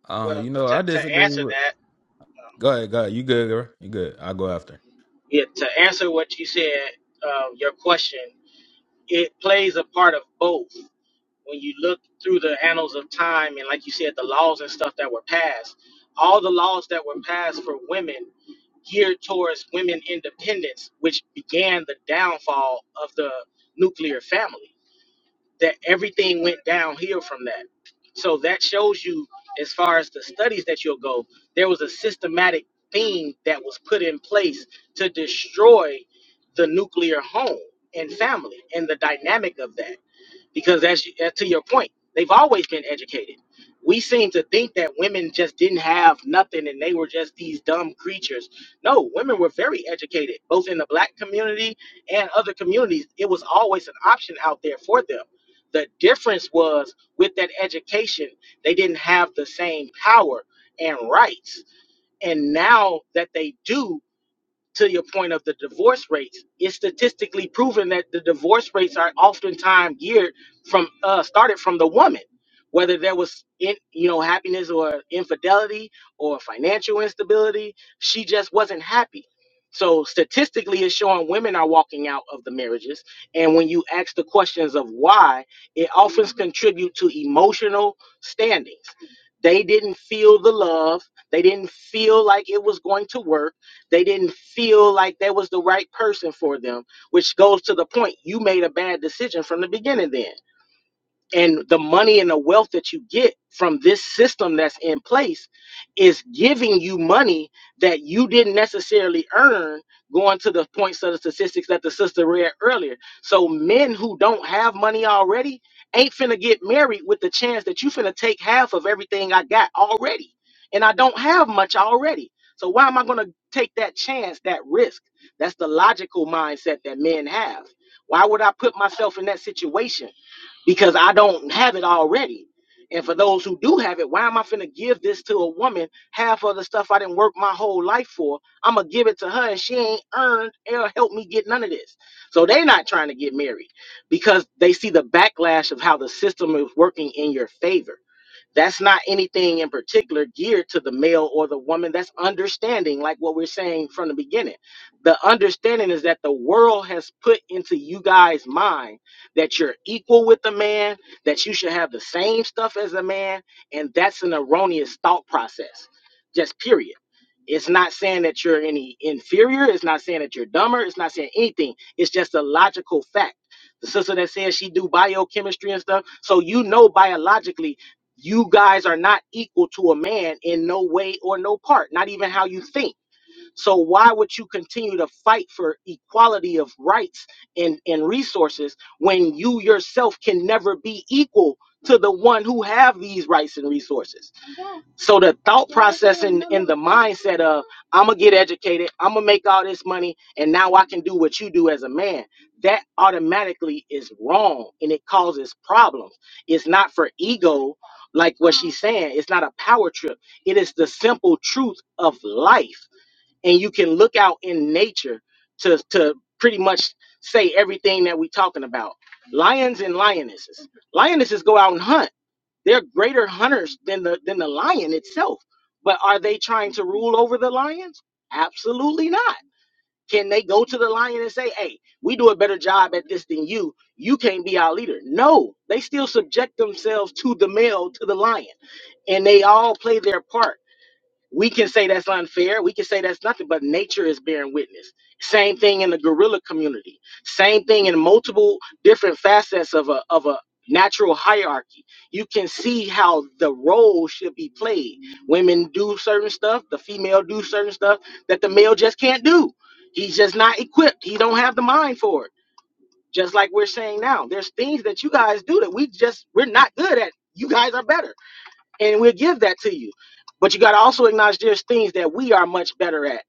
S10: Uh, you know, I disagree with. Go ahead, go ahead. You good, girl? You good? I'll go after.
S12: all of the nuclear family. That everything went downhill from that. So that shows you, as far as the studies that you'll go, there was a systematic thing that was put in place to destroy the nuclear home and family and the dynamic of that because as, you- as to your point they've always been educated we seem to think that women just didn't have nothing and they were just these dumb creatures no women were very educated both in the black community and other communities it was always an option out there for them the difference was with that education they didn't have the same power and rights and now that they do to your point of the divorce rates, it's statistically proven that the divorce rates are oftentimes geared from uh, started from the woman, whether there was in, you know happiness or infidelity or financial instability, she just wasn't happy. So statistically, it's showing women are walking out of the marriages, and when you ask the questions of why, it often contribute to emotional standings. They didn't feel the love. They didn't feel like it was going to work they didn't feel like that was the right person for them, which goes to the point you made a bad decision from the beginning then and the money and the wealth that you get from this system that's in place is giving you money that you didn't necessarily earn going to the points of the statistics that the sister read earlier so men who don't have money already ain't finna get married with the chance that you finna take half of everything i got already and i don't have much already so why am i gonna take that chance that risk that's the logical mindset that men have why would i put myself in that situation because I don't have it already. And for those who do have it, why am I finna give this to a woman? Half of the stuff I didn't work my whole life for, I'm gonna give it to her, and she ain't earned or helped me get none of this. So they're not trying to get married because they see the backlash of how the system is working in your favor. That's not anything in particular geared to the male or the woman. That's understanding, like what we're saying from the beginning. The understanding is that the world has put into you guys' mind that you're equal with the man, that you should have the same stuff as a man, and that's an erroneous thought process. Just period. It's not saying that you're any inferior. It's not saying that you're dumber. It's not saying anything. It's just a logical fact. The sister that says she do biochemistry and stuff, so you know biologically you guys are not equal to a man in no way or no part, not even how you think so why would you continue to fight for equality of rights and, and resources when you yourself can never be equal to the one who have these rights and resources? So the thought process and, and the mindset of I'm gonna get educated, I'm gonna make all this money, and now I can do what you do as a man, that automatically is wrong and it causes problems. It's not for ego, like what she's saying, it's not a power trip. It is the simple truth of life and you can look out in nature to to pretty much say everything that we're talking about. Lions and lionesses. Lionesses go out and hunt. They're greater hunters than the than the lion itself. But are they trying to rule over the lions? Absolutely not. Can they go to the lion and say, "Hey, we do a better job at this than you. You can't be our leader." No, they still subject themselves to the male, to the lion, and they all play their part we can say that's unfair. We can say that's nothing, but nature is bearing witness. Same thing in the gorilla community. Same thing in multiple different facets of a of a natural hierarchy. You can see how the role should be played. Women do certain stuff, the female do certain stuff that the male just can't do. He's just not equipped. He don't have the mind for it. Just like we're saying now, there's things that you guys do that we just we're not good at. You guys are better and we'll give that to you. But you got to also acknowledge there's things that we are much better at,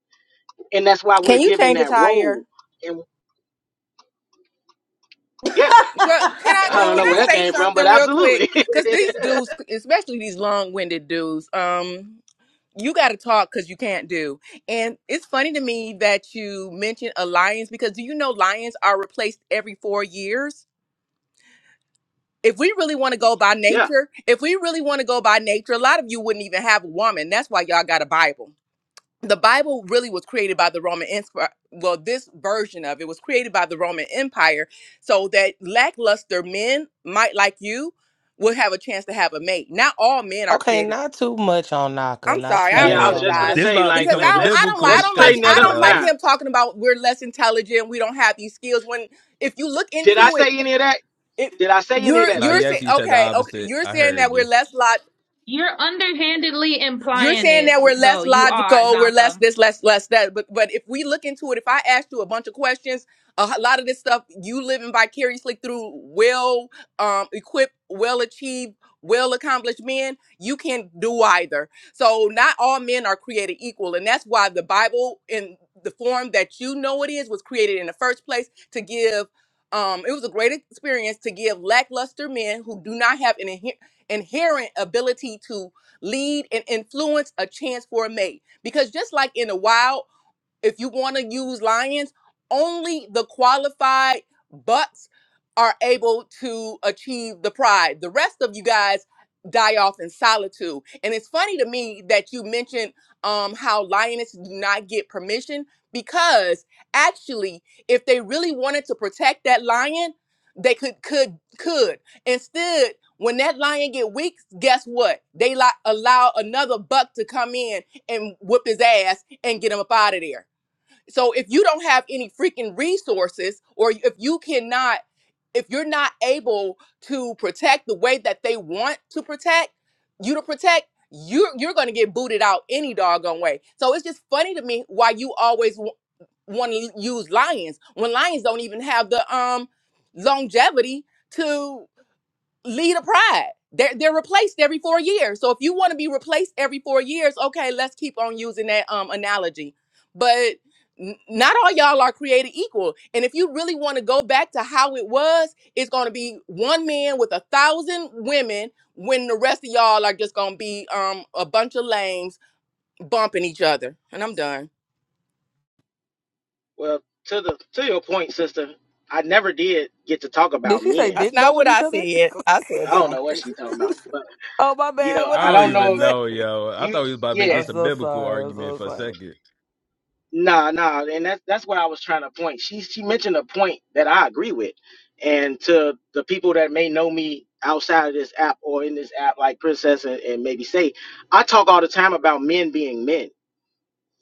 S12: and that's why we're
S16: Can you
S12: giving
S16: change a
S12: that
S16: tire?
S12: role. And yeah,
S16: Girl, can I
S4: [LAUGHS]
S12: I
S16: can,
S12: don't
S4: Hell
S16: can
S12: know
S16: I
S12: where that
S4: no.
S16: say
S12: came from, but
S16: something real quick?
S12: absolutely, [LAUGHS]
S16: Cause these dudes, especially these long winded dudes, um, you got to talk because you can't do. And it's funny to me that you mentioned a lions because do you know lions are replaced every four years? If we really want to go by
S12: yeah,
S16: nature, if we really want to go by nature, a lot of you wouldn't even have a woman. That's why y'all got a Bible. the Bible really was created by the Roman Empire. Well, this version of it was created by the Roman Empire so that lackluster men might like you would have a chance to have a mate. Not all men are
S2: Okay,
S16: created.
S2: not too much on Naka.
S16: I'm
S2: Not
S16: sorry,
S2: too
S16: I
S12: yeah. I
S2: much
S12: was
S10: Hey,
S2: on
S12: just
S2: Naka.
S12: gonna
S16: apologize.
S10: this
S12: say,
S10: about to
S12: like,
S16: Because
S10: become
S12: let,
S10: a
S16: I don't
S12: let's
S16: I don't like
S10: biblical
S16: I
S12: let's
S16: don't like
S12: straighten
S10: discussion,
S12: that
S16: I
S12: up
S16: don't like
S10: yo.
S12: now.
S16: him talking about we're less intelligent, we don't have these skills. When if you look
S12: Did I
S16: into it,
S12: say any of that?
S16: it
S12: Did I say any of
S16: you're
S12: that,
S10: No,
S16: you're
S10: you
S12: sister?
S16: saying
S10: actually said the
S16: okay, okay,
S10: opposite.
S16: you're
S10: I
S16: saying that
S10: heard you.
S16: we're less lo-
S14: You're underhandedly
S16: You're
S14: implying
S16: saying
S14: it
S16: that we're less
S14: though. You are,
S16: logical, we're
S14: Naka.
S16: less this, less less that. But but if we look into it, if I asked you a bunch of questions, a h- lot of this stuff you living vicariously through well um, equipped, well achieved, well accomplished men, you can do either. So not all men are created equal, and that's why the Bible in the form that you know it is was created in the first place to give. Um, it was a great experience to give lackluster men who do not have an inhe- inherent ability to lead and influence a chance for a mate because just like in the wild if you want to use lions, only the qualified bucks are able to achieve the pride. The rest of you guys die off in solitude. And it's funny to me that you mentioned um, how lionesses do not get permission because actually, if they really wanted to protect that lion, they could could could. Instead, when that lion get weak, guess what? They like allow another buck to come in and whoop his ass and get him up out of there. So if you don't have any freaking resources, or if you cannot, if you're not able to protect the way that they want to protect you to protect, you're you're gonna get booted out any doggone way. So it's just funny to me why you always w- want to use lions when lions don't even have the um longevity to lead a pride. They're they're replaced every four years. So if you want to be replaced every four years, okay, let's keep on using that um analogy. But n- not all y'all are created equal. And if you really want to go back to how it was, it's going to be one man with a thousand women when the rest of y'all are just going to be um a bunch of lames bumping each other. And I'm done.
S12: Well, to the to your point, sister, I never did get to talk
S2: Did
S12: about
S2: she say
S12: men.
S16: That's
S2: dick
S16: not what
S2: bumping each
S16: I
S2: other?
S16: said. I
S12: I
S16: said
S12: don't
S16: bump.
S12: know what she's talking about,
S16: [LAUGHS]
S12: but
S2: [LAUGHS] oh my
S12: you
S2: man,
S12: know,
S2: what
S10: I
S12: I
S2: did
S10: don't
S12: don't
S2: you
S10: even
S12: know
S2: say?
S10: know,
S2: [LAUGHS]
S10: yo. I
S12: you.
S10: thought he was about to make
S12: Yeah.
S2: I'm
S10: this a
S2: so
S10: biblical
S2: sorry. I'm
S10: argument
S2: so
S10: for a
S2: sorry.
S10: second.
S12: Nah, nah, and that's that's where I was trying to point. She she mentioned a point that I agree with, and to the people that may know me outside of this app or in this app, like Princess and, and maybe say, I talk all the time about men being men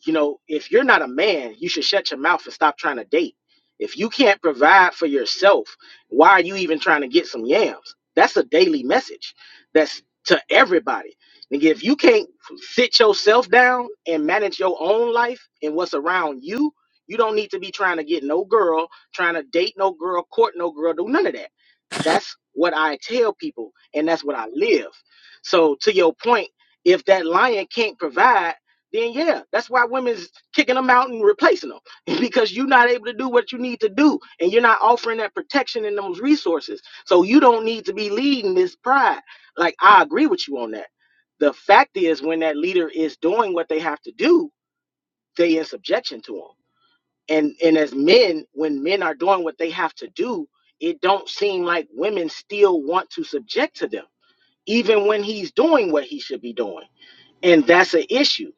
S12: you know, if you're not a man, you should shut your mouth and stop trying to date. If you can't provide for yourself, why are you even trying to get some yams? That's a daily message. That's to everybody. Nigga, if you can't sit yourself down and manage your own life and what's around you, you don't need to be trying to get no girl, trying to date no girl, court no girl, do none of that. That's what I tell people, and that's what I live. So to your point, if that lion can't provide, then yeah, that's why women's kicking them out and replacing them [LAUGHS] because you're not able to do what you need to do and you're not offering that protection and those resources. So you don't need to be leading this pride. Like I agree with you on that. The fact is, when that leader is doing what they have to do, they in subjection to them. And and as men, when men are doing what they have to do, it don't seem like women still want to subject to them, even when he's doing what he should be doing. And that's an issue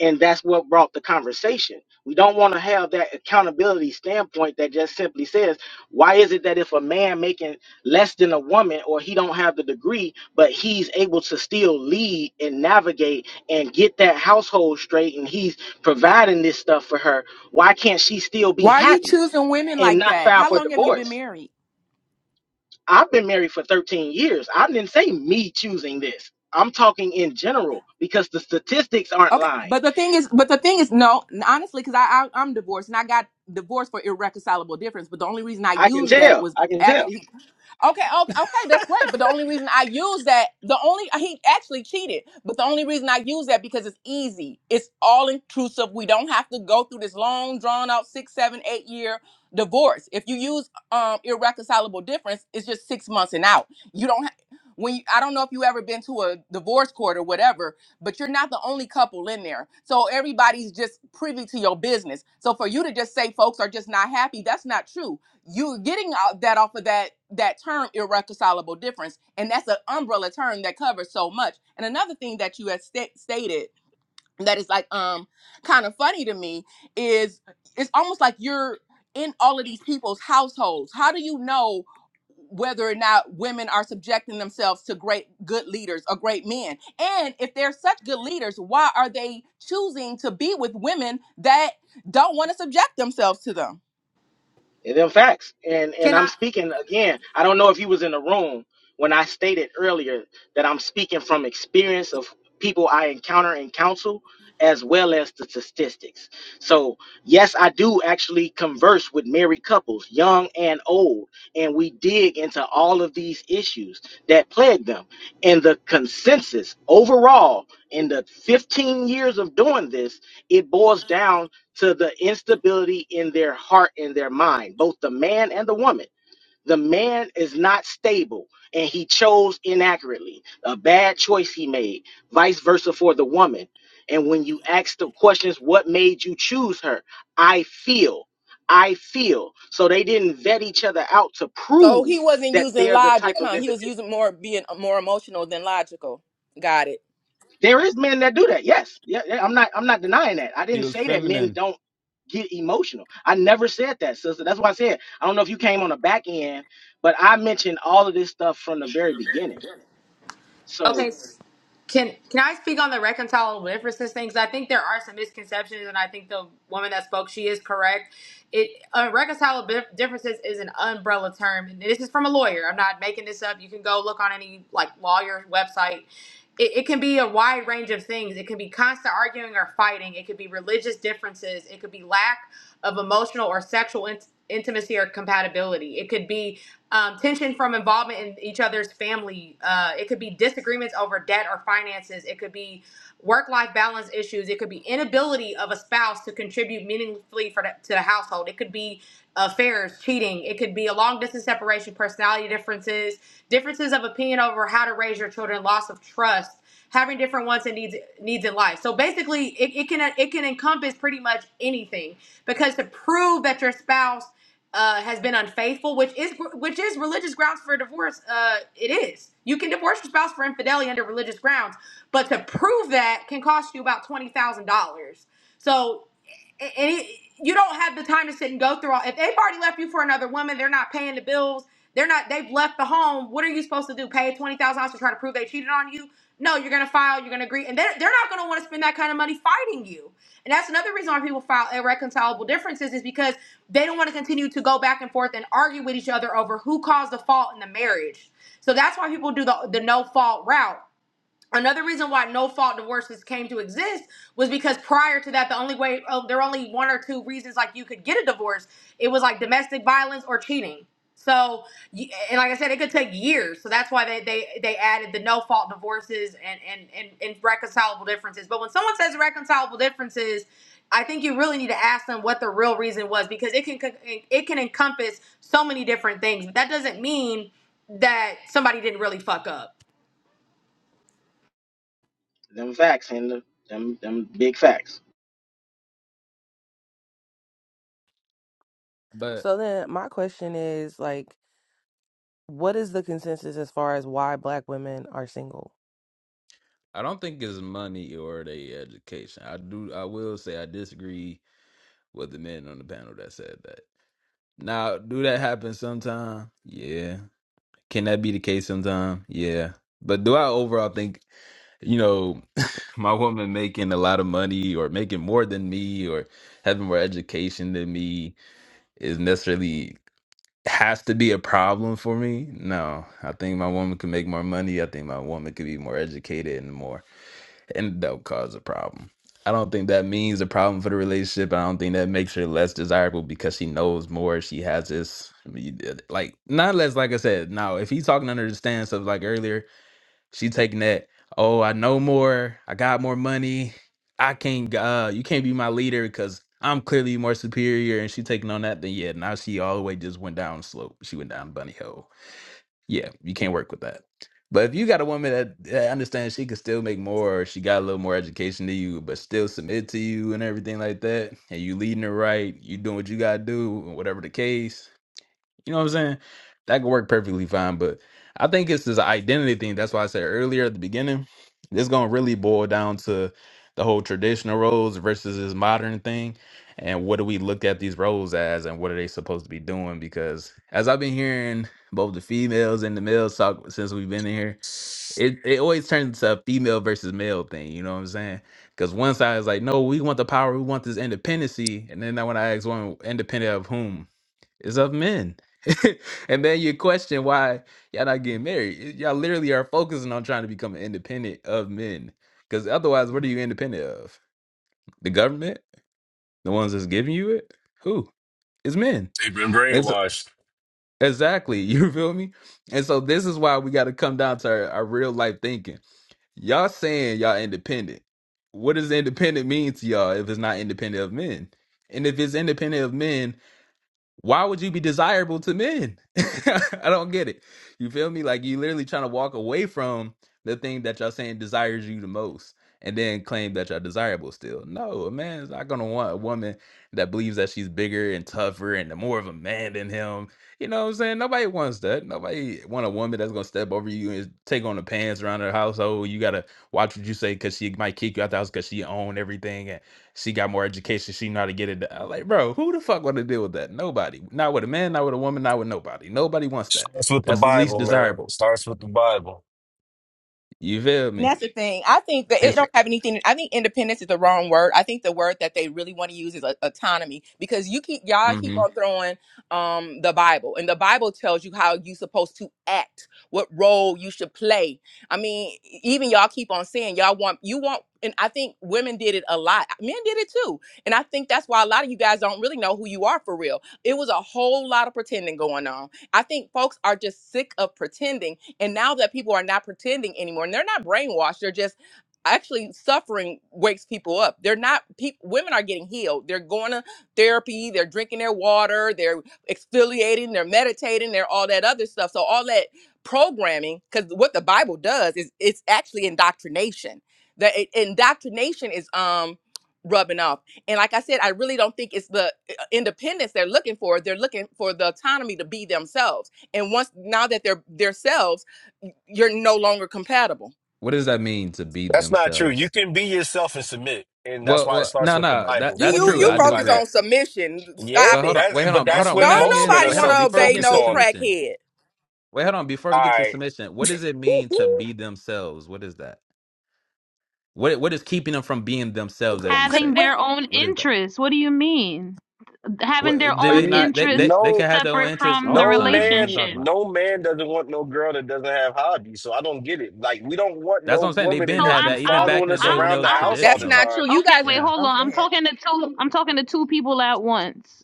S12: and that's what brought the conversation. We don't want to have that accountability standpoint that just simply says, why is it that if a man making less than a woman or he don't have the degree, but he's able to still lead and navigate and get that household straight and he's providing this stuff for her, why can't she still be
S16: Why are you
S12: happy
S16: choosing women
S12: and
S16: like
S12: not
S16: that?
S12: filed
S16: How
S12: for
S16: long have you been
S12: divorce?
S16: married?
S12: I've been married for 13 years. I didn't say me choosing this. I'm talking in general because the statistics aren't
S16: Okay,
S12: lying.
S16: but the thing is, but the thing is, no, honestly, because I, I I'm divorced and I got divorced for irreconcilable difference. But the only reason I
S12: I can
S16: used that
S12: tell.
S16: was
S12: I can tell.
S16: actually Okay, okay, okay, that's great. But the only reason I use that, the only he actually cheated, but the only reason I use that because it's easy. It's all intrusive. We don't have to go through this long, drawn out six, seven, eight year divorce. If you use um irreconcilable difference, it's just six months and out. You don't ha- when you, I don't know if you ever been to a divorce court or whatever, but you're not the only couple in there. So everybody's just privy to your business. So for you to just say folks are just not happy, that's not true you are getting out that off of that that term irreconcilable difference and that's an umbrella term that covers so much and another thing that you had sta- stated that is like um kind of funny to me is it's almost like you're in all of these people's households how do you know whether or not women are subjecting themselves to great good leaders or great men and if they're such good leaders why are they choosing to be with women that don't want to subject themselves to them
S12: And Them facts. And and
S4: Can
S12: I'm
S4: I?
S12: speaking again. I don't know if you was in the room when I stated earlier that I'm speaking from experience of people I encounter in council as well as the statistics. So yes, I do actually converse with married couples, young and old, and we dig into all of these issues that plague them. And the consensus overall in the 15 years of doing this, it boils down to the instability in their heart and their mind, both the man and the woman. The man is not stable and he chose inaccurately, a bad choice he made, vice versa for the woman. And when you ask the questions, what made you choose her? I feel. I feel. So they didn't vet each other out to
S16: So he
S12: prove
S16: wasn't
S12: that
S16: using
S12: they're the type
S16: logic,
S12: of
S16: huh? He
S12: individual.
S16: was using more being more emotional than logical. Got it.
S12: There is men that do that. Yes. Yeah, yeah, I'm not I'm not denying that. I
S10: He
S12: didn't
S10: was
S12: say that men
S10: feminine,
S12: don't get emotional. I never said that, sister. That's why I said I don't know if you came on the back end, but I mentioned all of this stuff from the very beginning. So
S4: Okay. Can can I speak on the reconcilable differences thing? 'Cause I think there are some misconceptions, and I think the woman that spoke, she is correct. It uh, reconcilable dif- differences is an umbrella term, and this is from a lawyer. I'm not making this up. You can go look on any like lawyer website. It, it can be a wide range of things. It can be constant arguing or fighting. It could be religious differences. It could be lack of emotional or sexual int- intimacy or compatibility. It could be um, tension from involvement in each other's family. Uh, it could be disagreements over debt or finances. It could be work life balance issues. It could be inability of a spouse to contribute meaningfully for the, to the household. It could be affairs, cheating. It could be a long distance separation, personality differences, differences of opinion over how to raise your children, loss of trust, having different wants and needs needs in life. So basically, it, it can it can encompass pretty much anything because to prove that your spouse uh, has been unfaithful, which is which is religious grounds for divorce. Uh, it is. You can divorce your spouse for infidelity under religious grounds, but to prove that can cost you about twenty thousand dollars. So and it, you don't have the time to sit and go through all. If they've already left you for another woman, they're not paying the bills. They're not. They've left the home. What are you supposed to do? Pay twenty thousand dollars to try to prove they cheated on you? No, you're gonna file. You're gonna agree, and they're they're not gonna want to spend that kind of money fighting you. And that's another reason why people file irreconcilable differences is because they don't want to continue to go back and forth and argue with each other over who caused the fault in the marriage. So that's why people do the the no fault route another reason why no fault divorces came to exist was because prior to that the only way oh, there were only one or two reasons like you could get a divorce it was like domestic violence or cheating so y- and like i said it could take years so that's why they they, they added the no fault divorces and, and and and reconcilable differences but when someone says reconcilable differences i think you really need to ask them what the real reason was because it can it can encompass so many different things that doesn't mean that somebody didn't really fuck up
S12: them facts and the, them them big facts.
S10: but
S2: So then my question is like, what is the consensus as far as why black women are single?
S10: I don't think it's money or the education. I do. I will say I disagree with the men on the panel that said that. Now, do that happen sometime? Yeah. Can that be the case sometime? Yeah. But do I overall think, you know, my woman making a lot of money or making more than me or having more education than me is necessarily has to be a problem for me? No. I think my woman can make more money. I think my woman could be more educated and more and that'll cause a problem. I don't think that means a problem for the relationship. I don't think that makes her less desirable because she knows more. She has this, uh, like, not less, like I said, now, if he's talking under the stance of like earlier, she taking that, oh, I know more, I got more money, I can't, uh, you can't be my leader because I'm clearly more superior, and she taking on that, then yeah, now she all the way just went down slope. She went down bunny hole yeah, you can't work with that. But if you got a woman that, that understands she can still make more, or she got a little more education than you, but still submit to you and everything like that, and you leading her right, you doing what you gotta do, whatever the case, you know what I'm saying? That could work perfectly fine, but I think it's this identity thing. That's why I said earlier at the beginning, it's gonna really boil down to the whole traditional roles versus this modern thing. And what do we look at these roles as and what are they supposed to be doing? Because as I've been hearing both the females and the males talk since we've been in here, it, it always turns into a female versus male thing, you know what I'm saying? Because one side is like, no, we want the power, we want this independency. And then when I ask one independent of whom, it's of men. [LAUGHS] and then you question why y'all not getting married. Y'all literally are focusing on trying to become independent of men. Because otherwise, what are you independent of? The government? The ones that's giving you it? Who? It's men.
S17: They've been
S10: It's
S17: brainwashed.
S10: exactly. [LAUGHS] You feel me? And so this is why we got to come down to our, our real life thinking. Y'all saying y'all independent. What does independent mean to y'all if it's not independent of men? And if it's independent of men, why would you be desirable to men? [LAUGHS] I don't get it. You feel me? Like you literally trying to walk away from the thing that y'all saying desires you the most and then claim that y'all desirable still. No, a man is not gonna want a woman that believes that she's bigger and tougher and more of a man than him. You know what I'm saying? Nobody wants that. Nobody want a woman that's gonna step over you and take on the pants around her household. You gotta watch what you say because she might kick you out the house because she own everything. She got more education. She know how to get it. done. I'm like, bro, who the fuck want to deal with that? Nobody. Not with a man. Not with a woman. Not with nobody. Nobody wants
S17: It
S10: that.
S17: starts with the
S10: That's the least
S17: Bible, man. It
S10: desirable.
S17: starts with the Bible.
S10: You feel
S16: And
S10: me?
S16: that's the thing. I think that it
S10: It's
S16: don't have anything. I think independence is the wrong word. I think the word that they really want to use is a, autonomy because you keep y'all keep
S10: hmm
S16: on throwing um the Bible and the Bible tells you how you supposed to act, what role you should play. I mean, e, even y'all keep on saying y'all want you want, and I think women did it a lot. Men did it too, and I think that's why a lot of you guys don't really know who you are for real. It was a whole lot of pretending going on. I think folks are just sick of pretending and now that people are not pretending anymore and they're not brainwashed, they're just actually suffering wakes people up. They're not peop women are getting healed. They're going to therapy, they're drinking their water, they're exfoliating, they're meditating, they're all that other stuff. So all that programming cuz what the Bible does is it's actually indoctrination. That it, indoctrination is um rubbing off. And like I said, I really don't think it's the uh, independence they're looking for. They're looking for the autonomy to be themselves. And once now that they're themselves you're no longer compatible.
S10: what does that mean to be
S17: That's not true. You
S10: themselves?
S17: can be yourself and submit, and that's
S10: Well,
S17: why it
S10: well,
S17: starts
S10: no,
S17: with the
S10: no, that
S17: Bible.
S16: You
S17: What
S10: that's
S17: do
S16: you
S17: you
S10: true.
S16: you
S10: I
S17: mean
S10: do
S17: by
S16: focus
S10: agree.
S16: on
S17: that?
S16: submission.
S17: Yeah,
S16: Stop
S10: But hold
S16: it.
S10: on, wait,
S17: that's
S10: hold
S17: but
S10: on, hold
S17: that's
S10: on. We're
S17: what
S10: not
S16: Don't
S10: even
S17: most
S10: getting.
S17: men are
S16: nobody
S10: Wait, hold
S16: want
S17: so-
S10: on.
S16: to
S10: Before we
S16: obey
S10: get
S17: focused
S10: into
S16: no
S17: on.
S10: submission,
S16: crackhead.
S10: wait, hold on. Before
S17: All
S10: we get to
S17: right.
S10: submission, what does it mean
S17: [LAUGHS]
S10: to be themselves? What is that? What what is keeping them from being themselves, as you
S16: 'Cause
S10: say?
S14: Having
S16: when-
S14: their own
S10: What is that?
S14: interests. What do you mean? Having
S10: What
S14: their
S10: did
S17: Are
S14: own
S10: they
S17: you
S10: not? They they
S14: interests
S10: they
S17: no
S10: can have their own
S14: separate
S10: interests
S14: from
S10: all
S14: the
S10: the
S17: no
S10: time. What are you
S17: man
S10: talking
S14: relationship.
S10: about?
S17: no man doesn't want no girl that doesn't have hobbies, so I don't get it. Like we don't want
S10: That's
S17: no
S10: what I'm saying. They've
S17: woman to
S10: been
S14: So
S17: just
S10: had
S17: be
S14: I'm
S10: that even
S14: I'm
S10: back
S17: following
S10: in the
S17: us
S10: day
S14: I'm
S10: when it
S17: around the
S10: was
S17: house
S14: I'm
S17: all
S16: That's
S17: the
S10: traditional.
S16: not
S17: time
S16: true. You
S14: okay.
S16: guys,
S14: Wait,
S10: Yeah.
S14: hold
S16: I'm
S14: on.
S16: go
S14: I'm
S16: ahead.
S14: talking to two. I'm talking to two people at once.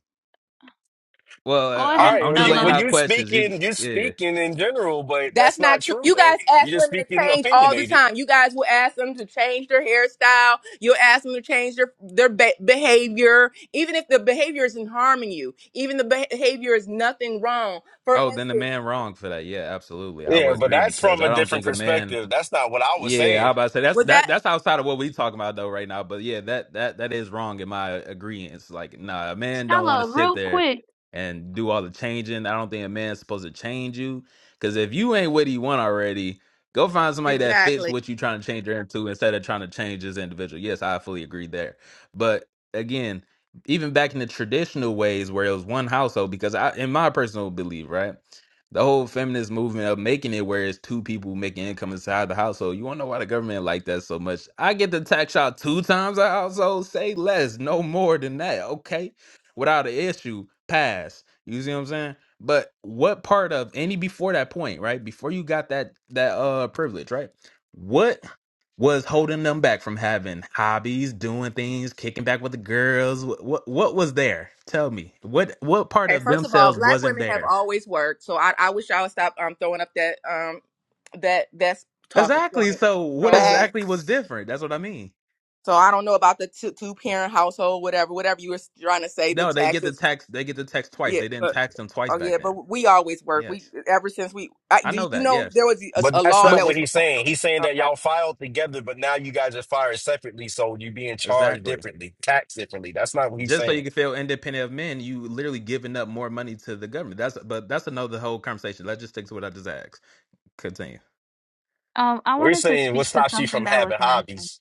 S10: Well,
S14: Go
S17: All
S10: uh,
S14: ahead,
S10: I,
S17: right,
S10: I'm
S17: well
S10: just
S17: you
S10: laying
S17: well
S14: Stella.
S10: out
S17: you
S10: questions. You,
S17: speaking you
S10: yeah.
S17: speaking in general, but
S16: That's
S17: that's
S16: not
S17: not
S16: true.
S17: true
S16: You
S17: though.
S16: guys
S17: You
S16: ask
S17: just
S16: women to
S17: speaking
S16: change all the
S17: opinionated.
S16: time. You guys will ask them to change their hairstyle. You'll ask them to change their their be- behavior, even if the behavior isn't harming you. Even the behavior is nothing wrong. For
S10: Oh, then the
S16: instance,
S10: man wrong for that. Yeah, absolutely. I
S17: Yeah,
S10: would
S17: but
S10: agree
S17: that's
S10: because
S17: from a
S10: I don't
S17: different
S10: think a man
S17: perspective. That's not what I was
S10: Yeah, I
S17: saying.
S10: about to say that's
S16: with
S10: that
S16: that,
S10: that's outside of what we talking about though right now. But yeah, that that that is wrong in my agreement. Like, nah, a man don't want to
S14: Stella,
S10: sit
S14: real
S10: there
S14: quick.
S10: and do all the changing. I don't think a man's supposed to change you. Cause if you ain't what he want already, go find somebody that fits
S16: exactly.
S10: what you trying to change her into instead of trying to change this individual. Yes, I fully agree there. But again, even back in the traditional ways where it was one household, because I in my personal belief, right? The whole feminist movement of making it where it's two people making income inside the household. You wanna know why the government like that so much? I get to tax y'all two times a household. Say less, no more than that, okay? Without an issue, pass. You see what I'm saying? But what part of any before that point, right? Before you got that that uh privilege, right? What was holding them back from having hobbies, doing things, kicking back with the girls. What what, what was there? Tell me. What what part
S16: Okay,
S10: of
S16: first of all,
S10: themselves
S16: black
S10: wasn't
S16: women have
S10: there?
S16: always worked, so I, I wish y'all would stop um throwing up that um that that's talking
S10: Exactly.
S16: point.
S10: So what
S16: So
S10: exactly was
S2: Facts.
S10: different? That's what I mean.
S16: so I don't know about the two, two parent household, whatever, whatever you were trying to say, the
S10: No, they get the
S16: taxes.
S10: tax. They get the tax twice.
S16: Yeah,
S10: They didn't
S16: but
S10: tax them twice
S16: oh
S10: back
S16: yeah, but
S10: then.
S16: we always work. We
S10: Yes,
S16: ever since we I,
S10: I
S16: do
S10: know
S16: you
S10: that.
S16: know there
S10: Yes,
S16: was a,
S17: But
S16: a
S17: that's
S16: law
S17: not
S16: that
S2: But
S17: what
S16: was
S17: he's saying. He's saying that
S16: okay.
S17: y'all filed together, but now you guys are fired separately, so you being charged
S10: exactly.
S17: differently, taxed differently. That's not what he's
S10: Just so
S17: saying.
S10: you can feel independent of men, you literally giving up more money to the government. That's but that's another whole conversation. Let's just stick to what I just asked. Continue.
S14: Um, I
S17: We're
S14: wanted to
S17: saying what
S14: speak to
S17: stops you from
S14: something that was
S17: having
S14: mentioned.
S17: hobbies.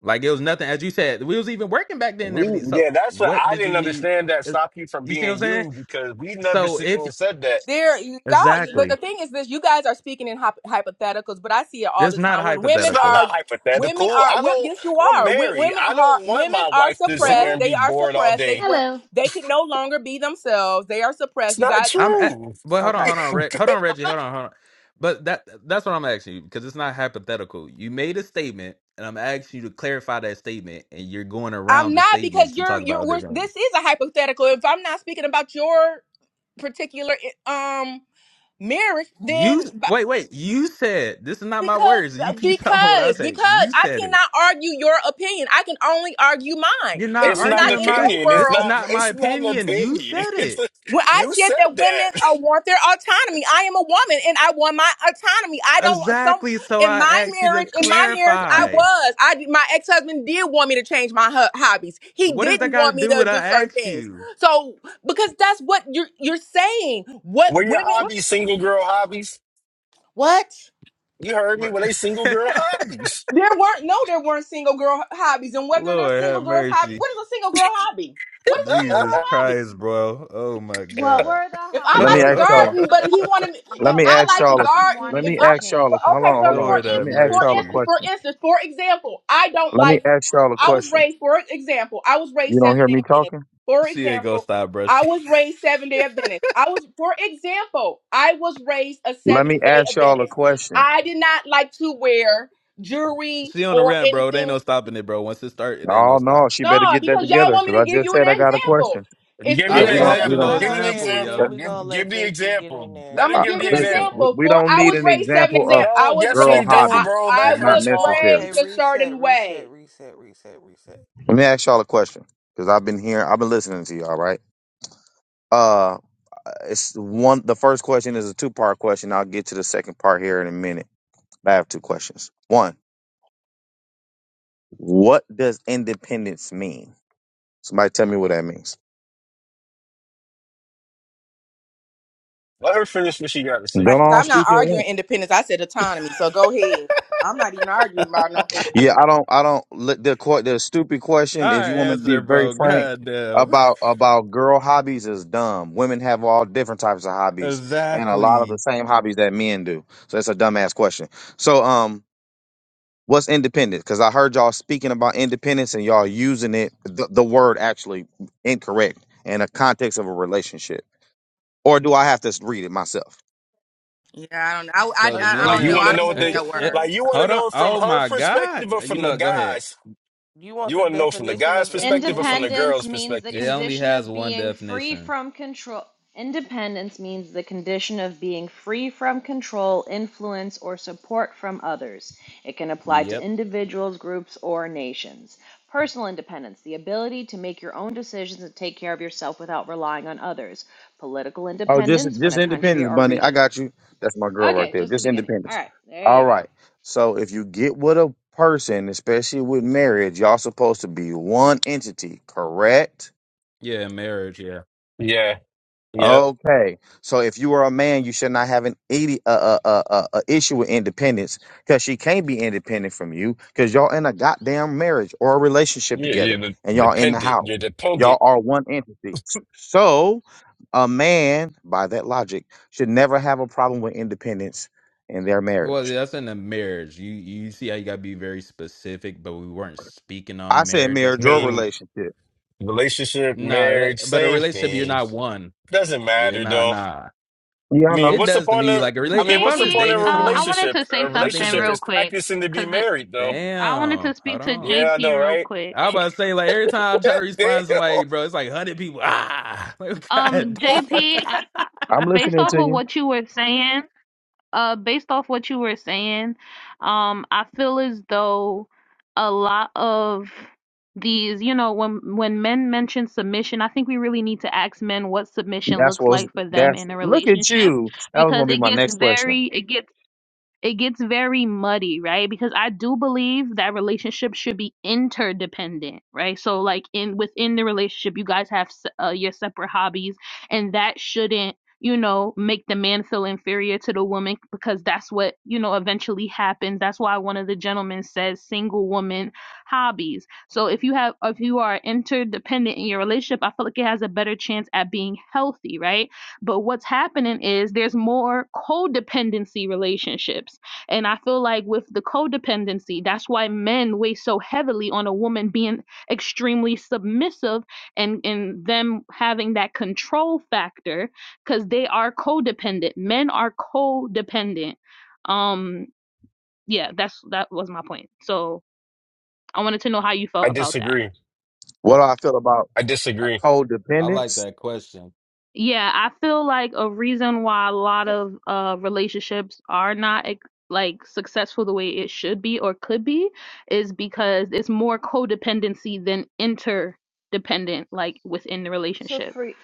S10: Like it was nothing, as you said. We was even working back then and
S17: We
S10: everything. So
S17: yeah, that's what
S10: what
S17: I
S10: did you
S17: didn't
S10: need?
S17: understand that
S10: Is-
S17: stop you from
S10: You see what I'm
S17: being
S10: saying?
S17: you because we never
S10: So
S17: sit
S10: if
S17: there and said that.
S16: There, y'all. But the
S10: exactly,
S16: thing is, this: you guys are speaking in hyp- hypotheticals, but I see it all
S10: that's
S16: the
S10: not a
S16: time when
S17: It's
S16: women
S17: not a
S10: hypothetical.
S16: are, women
S17: hypothetical.
S16: are.
S17: I
S16: wo-
S17: don't.
S16: yes, you
S17: I'm
S16: are. Wo-
S17: married.
S16: women
S17: I
S16: are.
S17: don't want
S16: Women
S17: my
S16: are
S17: wife to sit there
S10: What?
S16: suppressed.
S17: and
S16: They
S17: be
S16: are
S17: bored all
S16: suppressed. They
S17: day.
S16: went.
S18: Hello.
S16: They can no longer be themselves. They are
S17: It's
S16: suppressed. You
S17: not
S16: guys.
S10: I'm at,
S17: true.
S10: but hold on,
S16: Okay.
S10: hold on, Reg, hold on, Reggie, hold on, hold on. But that that's what I'm asking you because it's not hypothetical. You made a statement, and I'm asking you to clarify that statement, and you're going
S16: I'm
S10: around the
S16: not because
S10: statement to
S16: you're
S10: talk about
S16: you're.
S10: other
S16: We're,
S10: guns.
S16: this is a hypothetical. If I'm not speaking about your particular um marriage,
S10: You
S16: then
S10: wait, wait. You said this is not my
S16: Because,
S10: words.
S16: uh,
S10: You keep [LAUGHS] talking about what I
S16: because,
S10: say.
S16: because
S10: You
S16: I
S10: said it.
S16: cannot argue your opinion. I can only argue mine.
S10: You're
S16: If
S10: not
S17: It's
S16: it's
S17: not an
S16: not
S10: arguing
S16: in
S10: my.
S16: your
S17: opinion.
S10: This
S17: It's
S10: is
S16: world,
S17: not.
S10: not my
S17: It's not an
S10: opinion. You
S17: opinion.
S10: said
S17: [LAUGHS] It's
S10: it
S17: a,
S16: when I
S17: you
S16: said
S17: said
S16: that women
S17: that. [LAUGHS]
S16: uh, want their autonomy, I am a woman and I want my autonomy. I don't want some
S10: exactly. So
S16: in
S10: I
S16: my
S10: asked you to
S16: marriage. In my marriage, I
S10: clarify.
S16: was. I did- my ex husband did want me to change my ho- hobbies. He
S10: What does that
S16: didn't
S10: got to
S16: want me
S10: do
S16: to
S10: with I
S16: do certain
S10: asked
S16: things.
S10: you?
S16: So because that's what you're you're saying. What
S17: What are your
S16: women?
S10: What?
S17: hobbies? Single girl hobbies.
S16: What?
S17: You heard me.
S10: Bruh.
S17: Were they single girl
S10: [LAUGHS]
S17: hobbies?
S16: There weren't no, there weren't single girl hobbies, and whether there's
S10: Lord have
S16: single girls hobby,
S10: mercy.
S16: what is a single girl hobby? What is a single girl
S10: Jesus
S16: hobby?
S10: Christ, bro. Oh my
S18: What
S10: God.
S18: were the
S16: If
S18: ho-
S16: I
S19: Let
S18: how
S19: me
S16: like
S18: about
S16: to
S19: ask
S10: [LAUGHS]
S18: this?
S19: y'all.
S18: Hold on,
S16: garden,
S19: a-
S18: hold
S16: but
S18: on.
S16: he wanted me,
S19: Let
S16: if
S18: What
S19: me
S18: were
S16: I
S18: the
S19: ask
S16: like to
S19: y'all. a-
S18: hobbies he
S16: garden,
S19: Let
S18: wanted
S16: if
S19: me
S18: you to
S16: I
S19: ask y'all.
S16: for-
S19: a-
S18: change?
S19: Hold
S16: okay
S19: on, hold
S16: for for
S19: on.
S10: Lord
S19: Let
S10: have
S19: me
S16: instance,
S19: ask
S16: for
S19: y'all a
S16: instance,
S10: mercy.
S16: for
S19: question.
S16: instance, for example, I don't
S19: Let me
S16: like.
S19: ask y'all a
S16: I was
S19: question.
S16: raised for example, I was
S19: You
S16: raised
S19: don't
S16: seven
S19: hear me
S16: day Adventist.
S19: talking?
S16: For
S10: She ain't gonna
S16: example,
S10: stop, bro.
S16: I
S10: She,
S16: was raised seven day Adventist. I was for example, I was raised a
S19: Let me
S16: seven day
S19: ask y'all a
S16: Adventist.
S19: question.
S16: I did not like to wear jewelry
S10: she on the
S16: or
S10: rant, bro. There ain't
S16: anything
S10: no stopping it, bro. Once it start, it ain't no
S19: Oh no,
S10: stop.
S19: she better
S16: No,
S19: get that
S16: because y'all
S19: together
S16: want
S19: because
S16: me to
S19: I
S16: give
S19: just
S16: you an
S19: said I got a
S16: example.
S19: question.
S16: It's
S17: Give
S2: you-
S16: still.
S17: me
S10: I
S19: Yeah,
S17: an
S2: Just
S19: we
S10: didn't
S2: let
S19: don't.
S10: ask
S19: We
S10: for
S2: her,
S17: example.
S10: no
S19: don't.
S2: let
S17: Give
S2: her
S17: me an
S2: land,
S10: example,
S2: and
S19: uh,
S2: then
S17: example.
S10: yo.
S2: we're gonna
S17: Give give
S2: let
S17: the
S2: JP get
S17: example.
S2: in there.
S17: Let
S16: I'm
S17: her
S19: uh,
S16: gonna
S17: give
S16: give you
S17: the
S16: an
S19: listen, we,
S17: example.
S16: example.
S19: we
S16: For
S19: don't
S16: I
S19: need
S16: was
S19: an
S16: raised seven
S19: example
S16: exam.
S19: of
S16: I
S17: No.
S16: was
S17: Yes,
S19: girl
S17: we
S16: raised. Se-
S17: do,
S16: I
S19: hobbies.
S17: bro.
S19: It's
S16: I
S17: Let her
S19: not
S16: was
S17: talk.
S19: necessary.
S2: Okay,
S16: raised a
S2: reset,
S16: certain
S2: reset,
S16: way.
S2: reset, reset, reset.
S19: Let me ask y'all a question because I've been here. I've been listening to y'all. Right? Uh, it's one. The first question is a two part question. I'll get to the second part here in a minute. I have two questions. One, what does independence mean? Somebody tell me what that means.
S17: Let her finish what she got to say
S16: Right.
S19: Don't
S16: 'Cause
S19: all
S16: I'm
S17: first.
S16: not
S19: speak at
S16: arguing
S19: once.
S16: independence. I said autonomy. So go ahead. I'm not even arguing about no
S19: Yeah, I
S16: independence.
S19: don't. I don't. let The que- the stupid question. If
S10: I
S19: you want me to be
S10: answered,
S19: very
S10: bro.
S19: frank
S10: God damn.
S19: about about girl hobbies, is dumb. Women have all different types of
S10: [LAUGHS]
S19: hobbies, and a lot of the
S10: exactly.
S19: same hobbies that men do. So that's a dumbass question. So um, what's independence? Because I heard y'all speaking about independence and y'all using it the, the word actually incorrect in a context of a relationship. Or do I have to read it myself?
S16: Yeah, I don't. I I
S10: So
S2: Oh,
S10: the
S2: you
S16: I I
S17: Like
S16: don't
S2: want
S17: you
S2: the
S10: millionaire.
S16: know.
S17: want
S16: I
S17: to
S16: don't
S17: know
S16: use
S17: what they
S10: Okay,
S16: that
S10: it,
S16: word.
S17: like.
S2: definition?
S17: You want to
S10: hold on.
S17: know it from
S10: Oh
S17: her
S10: my
S17: perspective
S10: God.
S17: or
S10: You
S17: from
S10: know,
S17: the
S10: what? go ahead.
S17: guys.
S2: You want
S17: You
S2: the
S17: want to know from the
S2: definition
S17: guy's
S2: of
S17: perspective or from the
S2: independence?
S18: Independence
S17: girl's
S18: means the
S17: perspective.
S10: It only
S18: condition
S10: has
S18: of
S10: one
S18: being free
S10: definition.
S18: from control. Independence means the condition of being free from control, influence, or support from others. It can apply to
S10: Yep.
S18: individuals, groups, or nations. Personal independence, the ability to make your own decisions and take care of yourself without relying on others. Political
S19: Oh, just
S18: independence, when
S19: just
S18: a country
S19: independence,
S18: or
S19: bunny. I
S18: region.
S19: got you. That's my girl right
S18: Okay,
S19: there.
S18: just the
S19: Just
S18: beginning. All
S19: independence.
S18: right, there
S19: All
S18: you go.
S19: right. So if you get with a person, especially with marriage, y'all supposed to be one entity, correct?
S10: Yeah, marriage. Yeah.
S17: Yeah. Yep.
S19: Okay, so if you are a man, you should not have an idi- uh, uh, uh, uh, uh, issue with independence because she can't be independent from you because y'all in a goddamn marriage or a relationship
S17: Yeah. You're
S19: together
S17: the
S19: and y'all in the
S17: dependent.
S19: house.
S17: You're dependent.
S19: Y'all are one entity. So a man, by that logic, should never have a problem with independence in their
S10: Well,
S19: marriage.
S10: that's in a marriage. You you see how you gotta be very specific, but we weren't speaking
S19: I
S10: on
S19: said
S10: marriage at the
S17: I
S19: marriage or
S10: time.
S17: mean,
S19: relationship.
S17: relationship,
S10: Nah, that
S17: marriage,
S10: but a
S17: same
S10: relationship you're
S17: thing.
S10: not one.
S17: Doesn't
S10: Yeah,
S17: matter
S10: nah,
S17: though.
S10: nah.
S19: Yeah,
S17: I
S19: I know.
S17: mean,
S10: It
S17: what's the
S10: does to
S17: point
S10: me
S17: of?
S10: like a
S17: I
S10: relate.
S17: mean,
S10: If
S17: what's
S10: I'm
S17: the
S10: just
S17: point
S14: JP,
S17: of
S10: dating
S17: a
S14: uh, I
S10: someone,
S14: wanted
S17: relationship?
S14: to
S17: A
S14: say
S10: I think
S14: something
S17: relationship
S10: that
S14: real
S17: is
S14: quick
S17: practicing to be
S14: because
S17: married though.
S14: I wanted
S10: damn.
S14: to
S10: Hold
S14: speak to
S10: on.
S17: Yeah,
S14: JP
S17: I know,
S14: real
S17: right?
S14: quick.
S10: I about to say like every time I
S17: [LAUGHS]
S10: try to respond to somebody,
S17: Damn.
S10: bro, it's like hundred people. Ah, [LAUGHS] like
S14: Um,
S10: god damn.
S14: JP,
S19: I'm
S10: [LAUGHS]
S14: based
S19: listening
S14: off
S19: to
S14: of
S19: you.
S14: what you were saying, uh based off what you were saying, um, I feel as though a lot of these, you know, when when men mention submission, I think we really need to ask men what submission
S19: That's
S14: looks
S19: what's
S14: like for them
S19: that's
S14: in a
S19: look at
S14: relationship
S19: you. That was gonna
S14: because
S19: be
S14: it
S19: my
S14: gets
S19: next question.
S14: very it gets it gets very muddy, right? Because I do believe that relationships should be interdependent, right? So like in within the relationship, you guys have se- uh, your separate hobbies, and that shouldn't you know make the man feel inferior to the woman because that's what you know eventually happens that's why one of the gentlemen says single woman hobbies so if you have if you are interdependent in your relationship i feel like it has a better chance at being healthy right but what's happening is there's more codependency relationships. And I feel like with the codependency, that's why men weigh so heavily on a woman being extremely submissive and, and them having that control factor because they are codependent. Men are codependent. Um, yeah, that's that was my point. So I wanted to know how you
S17: [LAUGHS]
S14: felt
S17: I
S14: about that.
S17: disagree.
S19: What do I feel about?
S17: I
S10: I,
S17: disagree.
S10: I like
S19: Codependence.
S10: that question.
S14: Yeah, I feel like a reason why a lot
S18: If
S14: of uh relationships are not ex- like successful the way it should be or could be is because it's more codependency than interdependent like within the
S18: so,
S14: relationship.
S18: free,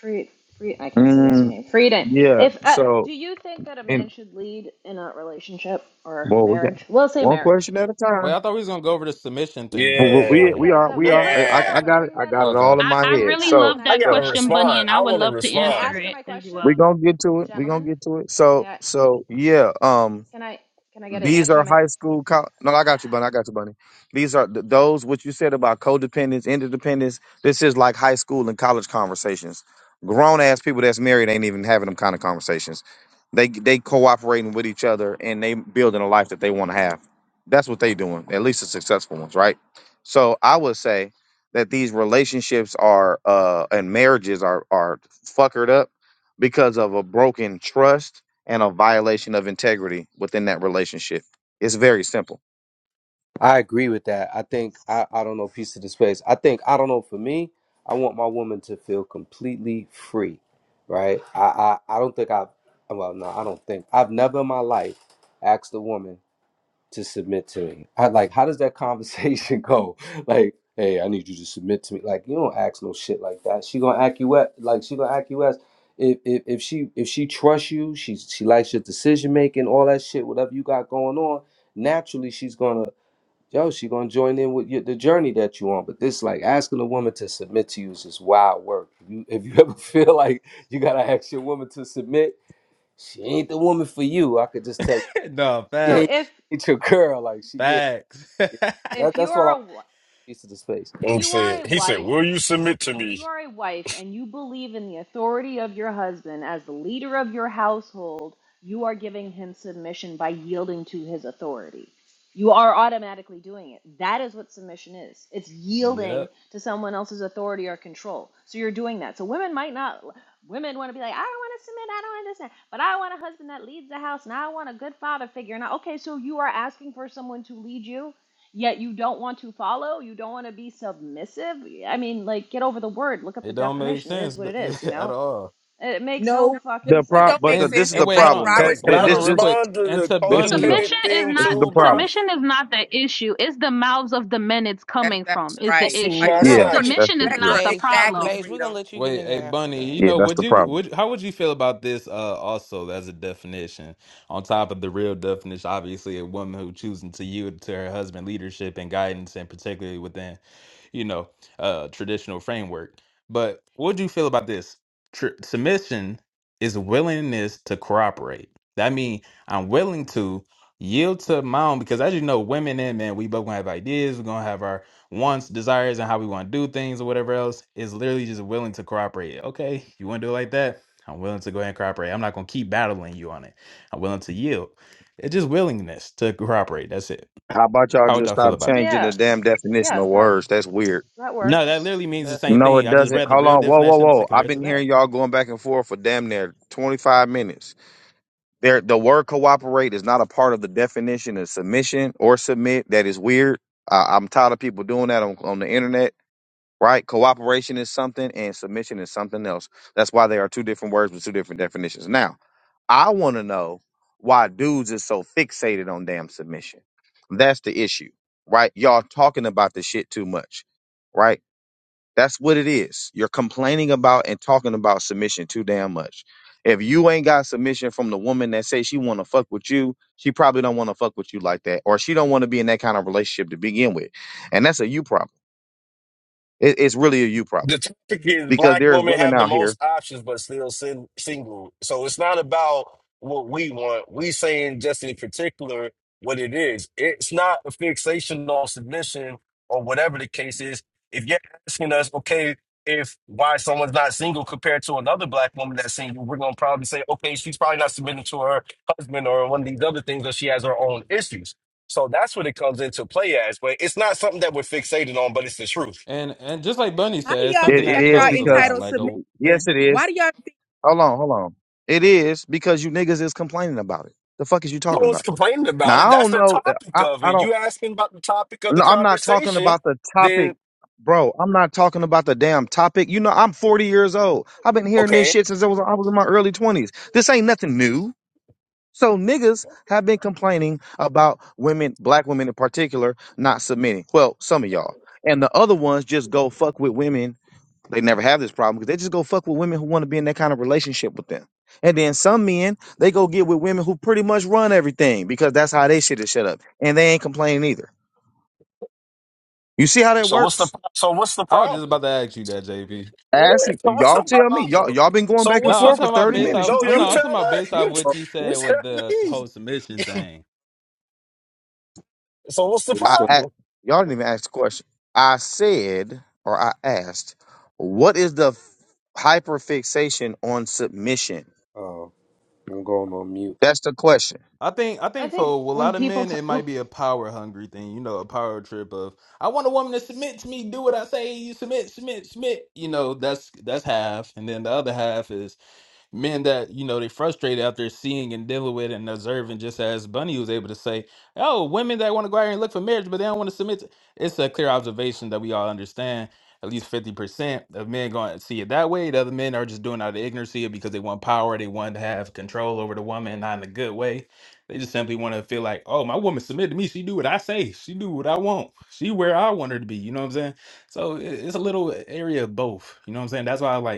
S18: free, free. I can't see the rest of
S19: Mm,
S18: your name. Frieden.
S19: yeah.
S18: If uh,
S19: So,
S18: do you think that a
S19: and
S18: man should lead in a relationship or
S19: well, we got
S18: marriage? We'll say
S19: one
S18: marriage.
S19: question at a
S10: Wait,
S19: time.
S10: I thought we was gonna go over the submission thing
S19: Well, well,
S18: H-
S10: first.
S19: we
S18: h-
S17: Yeah.
S19: we
S18: Yeah, that's
S19: are
S18: what I'm,
S19: we
S18: I'm
S19: are.
S18: bringing
S19: I
S18: that up.
S17: Yeah.
S19: I
S18: I'm
S19: got it.
S18: bringing
S19: I
S18: that
S19: got
S18: up.
S19: it
S10: Okay.
S19: all in
S14: I
S19: my
S18: I'm
S14: I
S18: bringing it
S19: head.
S14: really
S18: up. Can
S19: So
S14: love
S17: I
S18: I?
S14: that
S18: Can
S17: gotta
S19: so
S18: I ask
S14: question,
S18: my?
S14: Bunny,
S17: respond.
S14: and I
S17: I
S14: would
S17: want to
S14: love to
S18: Can I
S17: respond.
S14: answer
S18: ask her
S14: it
S18: my
S14: as
S18: question,
S19: we
S14: well.
S19: gonna get to it. We gonna
S18: gentlemen?
S19: get to it.
S18: May
S19: So
S18: I?
S19: so yeah. Um.
S18: Can I? Can I get an
S19: These
S18: answer
S19: are
S18: to my?
S19: high school. col no, I got you, Bunny. I got you, Bunny. These are th- those what you said about codependence, interdependence. This is like high school and college conversations. Grown ass people that's married ain't even having them kind of conversations. They they cooperating with each other and they building a life that they want to have. That's what they doing. At least the successful ones, right? So I would say that these relationships are uh and marriages are are fuckered up because of a broken trust and a violation of integrity within that relationship. It's very simple.
S20: I agree with that. I think I, I don't know piece of the space. I think I don't know for me, I want my woman to feel completely free, right? I I, I don't think I've well no I don't think I've never in my life asked a woman to submit to me. I like how does that conversation [LAUGHS] go? Like hey I need you to submit to me. Like you don't ask no shit like that. She gonna act you up like she gonna act you as if, if if she if she trusts you she she likes your decision making all that shit whatever you got going on naturally she's gonna yo, she gonna join in with your, the journey that you on. But this, like, asking a woman to submit to you is just wild work. If you if you ever [LAUGHS] feel like you gotta ask your woman to submit, she ain't the woman for you. I could just tell you,
S10: [LAUGHS] no
S20: [LAUGHS] she
S18: So
S20: ain't,
S10: facts.
S18: if
S20: ain't your girl. Like, she yeah.
S10: Facts. [LAUGHS]
S20: yeah. That,
S18: if you
S20: that's what I
S18: are
S20: want
S18: a wi-
S20: to to the space.
S18: if
S17: Ink
S18: you are
S17: said,
S18: a
S17: he said,
S18: wife
S17: will you submit to
S18: If
S17: me?
S18: you are a wife and you believe in the authority of your husband as the leader of your household, you are giving him submission by yielding to his authority. You are automatically doing it. That is what submission is. It's yielding
S10: Yep.
S18: to someone else's authority or control. So you're doing that. So women might not, women want to be like, I don't want to submit, I don't want this, and that, but I want a husband that leads the house, and I want a good father figure. Now, okay, so you are asking for someone to lead you yet you don't want to follow, you don't want to be submissive. I mean, like, get over the word, look up the
S10: It don't make
S18: definition. It is
S10: sense
S18: what
S10: but,
S18: it is,
S10: [LAUGHS]
S18: you
S10: at
S18: know?
S10: all.
S18: It makes no
S16: No.
S19: The
S18: fucking
S16: What
S19: pro,
S16: don't
S18: sense.
S19: but
S16: make
S19: the,
S10: And
S19: this
S16: sense?
S19: is
S10: and
S16: It's
S19: the
S10: wait, hold
S16: like
S10: on.
S19: problem though.
S17: Can,
S16: Robert's.
S17: can
S19: Thi-
S10: Wait,
S17: I
S10: hold
S19: This
S10: on real
S19: this
S10: quick.
S17: respond to
S10: And
S17: the
S10: to
S19: this is
S10: Bunny
S19: the
S17: codependent
S14: Submission is
S17: thing
S19: this is
S14: not
S19: the
S17: too, bro?
S19: problem.
S14: submission is not the issue. It's the mouths of the men it's
S16: That's
S14: coming
S16: that's
S14: from is the
S16: right.
S17: That's,
S16: We like.
S14: issue.
S16: Ugh,
S17: that's
S19: Yeah,
S18: Well,
S16: we don't
S17: not
S16: even
S19: that's
S14: Submission is
S19: it.
S16: respect
S19: Yeah,
S16: or
S14: not the
S2: Beige,
S16: exactly
S14: problem.
S2: beige. We're gonna
S16: freedom.
S2: let you get
S10: Wait,
S2: in
S10: hey
S2: there after
S10: Bunny,
S2: that.
S10: you
S19: yeah,
S10: know,
S19: that's
S10: would
S19: the
S10: you
S19: problem.
S10: would how would you feel about this uh also as a definition on top of the real definition, obviously a woman who choosing to yield to her husband leadership and guidance and particularly within, you know, uh traditional framework. But what do you feel about this? Tr submission is willingness to cooperate. That means I'm willing to yield to my own because as you know, women and men, we both gonna have ideas, we're gonna have our wants, desires, and how we want to do things or whatever else is literally just willing to cooperate. Okay, you want to do it like that? I'm willing to go ahead and cooperate. I'm not going to keep battling you on it. I'm willing to yield. It's just willingness to cooperate. That's it.
S19: How about y'all
S10: How would
S19: just
S10: y'all feel
S19: stop
S10: about that?
S19: changing the
S18: yeah,
S19: damn definition
S18: yeah,
S19: of
S18: that
S19: words? That's weird.
S18: that
S10: No, that
S18: works.
S10: literally means the
S2: That's a
S10: same
S19: No,
S2: big
S10: thing.
S19: it
S10: I
S2: one.
S10: just
S19: doesn't.
S10: read the
S18: Well,
S19: Hold
S10: real
S19: on. Whoa, whoa,
S10: definition to
S19: whoa.
S10: compare
S19: I've
S10: it to
S19: been
S10: that.
S19: hearing y'all going back and forth for damn near twenty five minutes. There, the word cooperate is not a part of the definition of submission or submit. That is weird. I, I'm tired of people doing that on, on the internet. right? Cooperation is something and submission is something else. That's why they are two different words with two different definitions. Now, I want to know why dudes is so fixated on damn submission. That's the issue, right? Y'all talking about the shit too much, right? That's what it is. You're complaining about and talking about submission too damn much. If you ain't got submission from the woman that says she want to fuck with you, she probably don't want to fuck with you like that, or she don't want to be in that kind of relationship to begin with, and that's a you problem. It- it's really a you problem
S17: the topic is
S19: because
S17: black
S19: there's
S17: women
S19: women
S17: have the
S19: out here.
S17: most options but still sin- single. So it's not about what we want. We saying just in particular what it is. It's not a fixation on submission or whatever the case is. If you're asking us, okay, if why someone's not single compared to another black woman that's single, we're gonna probably say, okay, she's probably not submitting to her husband or one of these other things, or she has her own issues. So that's what it comes into play as. But it's not something that we're fixated on, but it's the truth.
S10: And and just like Bunny
S16: How do
S10: said, it's
S16: y'all
S19: It,
S10: something
S16: think
S10: that
S16: that
S19: it is
S16: y'all
S10: shows a
S19: because,
S10: lot.
S16: entitled
S10: Like a,
S19: yes,
S16: submission?
S19: it
S16: Why
S19: is.
S16: do y'all?
S19: Hold on, hold on. It is because you niggas is complaining about it. The fuck is you
S17: No
S19: talking
S17: one's
S19: about?
S17: complaining about
S19: Now
S17: it.
S19: I
S17: That's
S19: don't
S17: the
S19: know. uh,
S17: topic
S19: I
S17: of
S19: I
S17: it.
S19: don't.
S17: You asking about the topic of the
S19: No, I'm not talking
S17: conversation,
S19: about the topic,
S17: then
S19: bro. I'm not talking about the damn topic. You know, I'm 40 years old. I've been hearing this
S17: okay.
S19: shit since I was I was in my early 20s. This ain't nothing new. So niggas have been complaining about women, black women in particular, not submitting. Well, some of y'all and the other ones just go fuck with women They never have this problem because they just go fuck with women who want to be in that kind of relationship with them. And then some men, they go get with women who pretty much run everything because that's how they shit is set up. And they ain't complaining either. You see how that
S17: So what's the
S19: works?
S17: so what's the
S10: I was just
S17: problem?
S10: about to ask you that, JP.
S17: Yeah.
S19: Ask
S17: So what's
S19: y'all
S17: the
S19: tell me. Y'all
S17: problem?
S19: y'all been going
S17: So
S19: back
S10: No,
S19: and
S17: what's the
S10: I'm
S19: forth for
S10: talking about
S19: 30
S10: based
S17: problem?
S19: minutes.
S10: off.
S19: You
S17: No,
S10: I'm
S19: tell
S10: no,
S17: you
S10: I'm
S19: me.
S17: tell
S10: talking about
S17: us. [LAUGHS]
S10: based off
S17: You t-
S10: what
S20: So,
S10: you
S17: you
S10: said with
S17: tell
S10: the
S17: me.
S10: whole submission thing.
S17: So what's the
S20: you
S19: I,
S20: still,
S19: I
S17: problem?
S19: y'all didn't even ask the question. I said or I asked, what is the f- hyperfixation on submission?
S20: oh, I'm going on mute.
S19: That's the question.
S10: I think I
S18: I
S10: think for a
S18: think
S10: lot
S18: when
S10: of
S18: people
S10: men
S18: t-
S10: it might
S18: oop,
S10: be a power hungry thing, you know, a power trip of I want a woman to submit to me, do what I say, you submit, submit, submit. You know, that's that's half, and then the other half is men that you know they frustrated after seeing and dealing with and observing just as bunny was able to say oh women that want to go out here and look for marriage but they don't want to submit to-" it's a clear observation that we all understand at least 50% of men going to see it that way the other men are just doing it out of ignorance, ignorancy because they want power they want to have control over the woman not in a good way they just simply want to feel like oh my woman submitted to me she do what i say she do what i want she where i want her to be you know what i'm saying so it- it's a little area of both you know what i'm saying that's why i like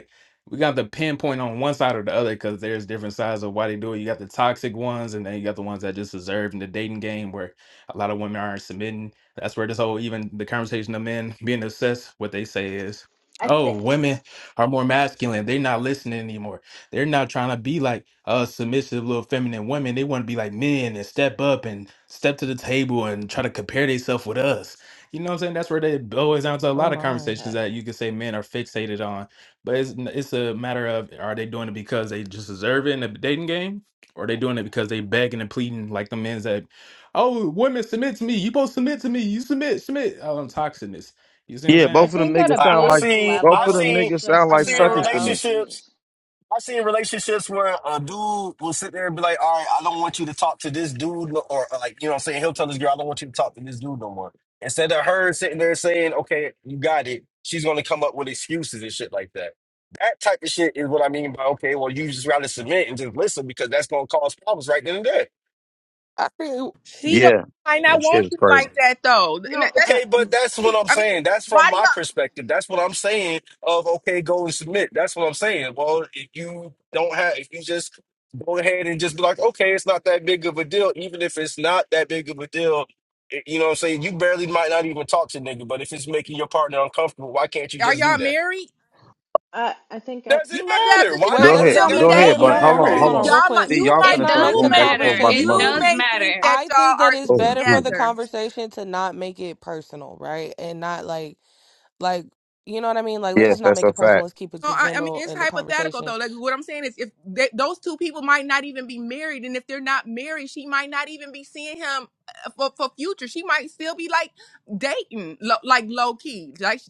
S10: we got the pinpoint on one side or the other because there's different sides of why they do it. You got the toxic ones, and then you got the ones that just deserve in the dating game where a lot of women aren't submitting. That's where this whole even the conversation of men [LAUGHS] being obsessed, what they say is,
S18: I
S10: oh,
S18: think
S10: women are more masculine. They're not listening anymore. They're not trying to be like uh submissive little feminine women. They want to be like men and step up and step to the table and try to compare themselves with us. You know what I'm saying? That's where they boils down to a
S2: Oh
S10: lot of
S2: my.
S18: uh,
S10: conversations that you could say men are fixated on but it's it's a matter of are they doing it because they just deserve it in the dating game, or are they doing it because they begging and pleading like the men's that, oh women submit to me, you both submit to me, you submit submit. Oh, I'm toxicness. You see what I'm
S19: Yeah,
S18: I
S10: saying?
S19: both of them
S18: think at a
S19: niggas
S17: I
S19: sound
S17: I've
S19: like
S18: base
S17: seen
S19: both
S17: I've
S19: of
S18: level,
S19: them
S17: seen
S18: it's
S19: niggas sound
S18: just
S17: I've
S18: a
S19: like
S17: seen
S19: suckers
S18: matter.
S19: to me.
S18: Oh
S17: relationships
S18: Jesus!
S17: I've seen relationships where a dude will sit there and be like, all right, I don't want you to talk to this dude, no- or or, like, you know what I'm saying? He'll tell this girl, I don't want you to talk to this dude no more. Instead of her sitting there saying, okay, you got it, she's going to come up with excuses and shit like that. That type of shit is what I mean by, okay, well, you just rather submit and just listen because that's going to cause problems right then and there.
S2: I think
S16: She don't
S19: Yeah,
S16: might not
S19: that shit
S16: want
S19: is
S16: you
S19: crazy.
S16: like that though. And that,
S18: No,
S16: that
S18: I
S17: Okay, but
S18: mm,
S17: that's what
S16: she,
S17: I'm
S16: I mean,
S17: saying. That's
S16: why
S17: from
S16: do
S17: my perspective. That's what I'm saying. Of okay, go and submit. That's what I'm saying. Well, if you don't have, if you just go ahead and just be like, okay, it's not that big of a deal. Even if it's not that big of a deal, i- you know what I'm saying. You barely might not even talk to nigga, but if it's making your partner uncomfortable, why can't you
S16: y'all are
S17: just do
S16: y'all
S17: that?
S16: married?
S18: I, I think at
S16: Yeah,
S17: Doesn't
S16: it does
S17: matter.
S16: because she
S17: Why?
S2: wait,
S17: Did,
S19: Go
S16: might
S17: what
S2: let's
S17: does
S19: ahead,
S17: that
S16: still
S2: not
S17: got
S16: be
S17: to
S19: go
S2: make
S17: do
S2: it
S19: ahead,
S17: with
S19: but
S2: hold
S16: dating.
S2: on,
S19: hold
S2: hold
S19: on,
S2: on,
S16: She
S19: hold
S2: hold on,
S19: on.
S17: marriage?
S2: real
S16: y'all might
S2: quick.
S19: See,
S16: you
S19: y'all
S2: Let's
S16: might
S14: It
S19: finna
S2: not
S19: start
S2: make
S14: does
S16: you
S2: the
S19: going back
S16: may
S19: and forth
S14: matter.
S16: think
S19: about some
S14: It
S19: other
S16: you
S19: shit.
S14: does
S2: conversations
S16: may think
S14: matter.
S16: that
S2: I
S16: y'all
S2: think that
S16: are
S2: it's
S19: Oh,
S2: better for the
S19: Jesus.
S16: together.
S2: conversation to not make it personal, right? And not like like you know what I mean? Like let's
S19: yes,
S2: just not
S19: that's
S2: make
S19: a
S2: it personal.
S19: fact.
S2: Let's keep it
S16: No,
S2: to
S16: I, I mean
S2: general
S16: it's
S2: in the
S16: hypothetical
S2: conversation.
S16: though. Like what I'm saying is, if they, those two people might not even be married, and if they're not married, she might not even be seeing him uh, for for future. She might still be like dating, lo, like low key, like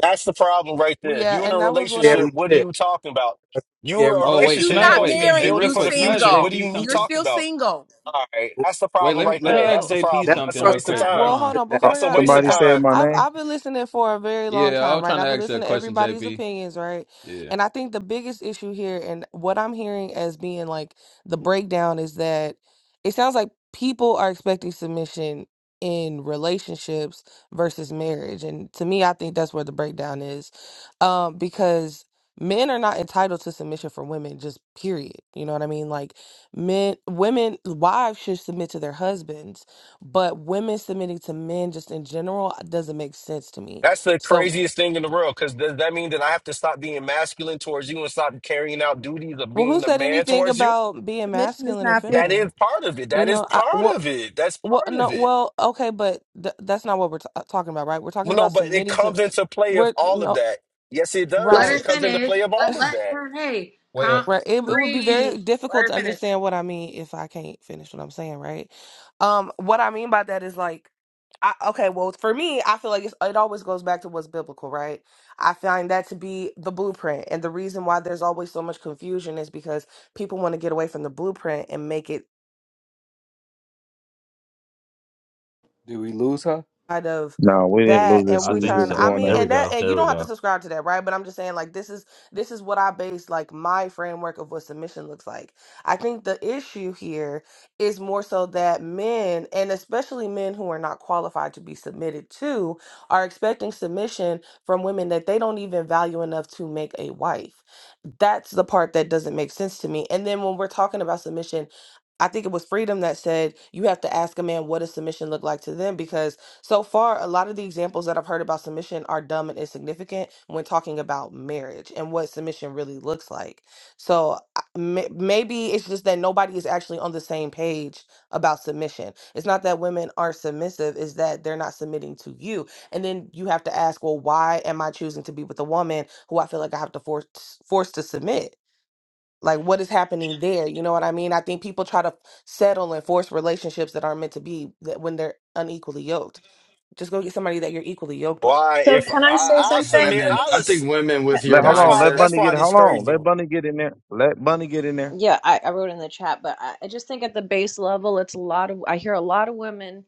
S17: That's the problem right there. If
S2: Yeah,
S17: you're in a
S2: and that was what I
S17: relationship,
S20: Scary
S17: what are
S20: shit.
S17: you talking about?
S20: That's
S17: You
S20: scary
S17: a
S10: Oh
S16: If
S10: wait,
S16: you're
S10: can
S17: relationship? You're
S10: I
S16: not
S17: supposed to
S10: wait?
S20: shit.
S17: be
S10: Hey,
S16: married,
S10: real
S17: building
S16: you
S17: for the
S10: quick, can I ask
S17: future. What
S16: single.
S17: do
S10: JP
S17: you me
S16: You're
S10: something?
S17: talking
S16: still
S17: about?
S16: single.
S17: All right, that's the
S10: Wait,
S17: problem
S10: let me
S17: right
S10: let me
S17: there.
S10: ask
S17: That's
S18: so
S17: the
S10: JP
S20: Never
S17: problem. That's
S10: something
S17: a
S20: trust
S10: real
S17: waste of
S18: uh,
S10: quick. Hold
S17: time.
S2: Well, hold
S10: on.
S20: her with
S2: on.
S20: that.
S19: Oh,
S2: Before
S17: That's a
S2: y'all
S17: waste of
S2: get,
S19: somebody
S2: I,
S19: said
S17: time.
S19: my
S2: I've
S19: name.
S2: I've been listening for a very long
S10: Yeah, I
S2: time,
S10: was
S2: right?
S10: trying to
S2: I've been
S10: ask you a
S2: listening to
S10: question,
S2: everybody's
S10: JP.
S2: opinions, right?
S10: Yeah.
S2: And I think the biggest issue here, and what I'm hearing as being like the breakdown, is that it sounds like people are expecting submission in relationships versus marriage, and to me, I think that's where the breakdown is, um, because men are not entitled to submission from women, just period. You know what I mean? Like men, women, wives should submit to their husbands but women submitting to men just in general doesn't make sense to me.
S17: That's the
S2: So,
S17: craziest thing in the world. Because does that mean that I have to stop being masculine towards you and stop carrying out duties of
S2: well, who
S17: being a
S2: said
S17: man
S2: anything
S17: towards you?
S2: about being
S16: Submission is
S2: masculine or
S16: not fair.
S17: That is
S2: feminine?
S17: part of it.
S2: You
S17: That is
S2: know, I
S17: part
S2: well,
S17: of it. That's
S2: well,
S17: part of
S2: no,
S17: it.
S2: well, okay, but th- that's not what we're t- talking about, right? We're talking
S17: Well, no,
S2: about
S17: but it
S2: submitting to.
S17: comes into play of
S2: We're
S17: all of
S2: no
S17: that. Yes, it
S4: Let
S17: does.
S2: right.
S4: her
S17: It comes into
S4: finish.
S17: play of
S4: Let
S17: all of
S4: let
S17: that.
S4: her. Hey,
S10: Wait.
S4: calm,
S2: Right. It, it would be
S4: breathe.
S2: very
S4: Let
S2: difficult
S4: her
S2: to
S4: finish.
S2: understand what I mean if I can't finish what I'm saying, right? Um, what I mean by that is like, I, okay, well, for me, I feel like it's, it always goes back to what's biblical, right? I find that to be the blueprint. And the reason why there's always so much confusion is because people want to get away from the blueprint and make it
S20: Do we lose her?
S2: side of
S19: No, we didn't
S2: that
S19: lose
S2: and
S19: this. She
S10: I
S2: we
S19: was
S10: think
S2: trying
S19: just
S2: i
S10: so.
S19: going
S2: mean
S10: There we
S19: out.
S2: and that
S10: go.
S2: and you
S10: There we
S2: don't have to
S10: go.
S2: subscribe to that right but i'm just saying like this is this is what i base like my framework of what submission looks like i think the issue here is more so that men and especially men who are not qualified to be submitted to are expecting submission from women that they don't even value enough to make a wife that's the part that doesn't make sense to me and then when we're talking about submission I think it was Freedom that said you have to ask a man what does submission look like to them because so far, a lot of the examples that I've heard about submission are dumb and insignificant when talking about marriage and what submission really looks like. So I- may- maybe it's just that nobody is actually on the same page about submission. It's not that women are submissive, it's that they're not submitting to you. And then you have to ask, well, why am I choosing to be with a woman who I feel like I have to force force to submit? Like what is happening there? You know what I mean? I think people try to settle and force relationships that aren't meant to be that when they're unequally yoked just go get somebody that you're equally yoked with.
S17: Why?
S18: So,
S17: If I,
S18: can I say
S17: I'll
S18: something,
S17: submit,
S21: Women,
S17: I'll.
S21: I
S18: please?
S17: ass-
S21: think women
S18: Ca-
S21: with
S18: uh,
S21: your
S19: Let hold
S17: That's
S18: Never
S19: on,
S18: mind.
S17: why.
S19: let
S21: mindset
S17: That's
S19: Bunny
S17: why
S19: get
S17: this
S19: hold on,
S17: crazy.
S19: let Bunny get in there. Let Bunny get in there.
S18: yeah I, I wrote in the chat but I, I just think at the base level it's a lot of i hear a lot of women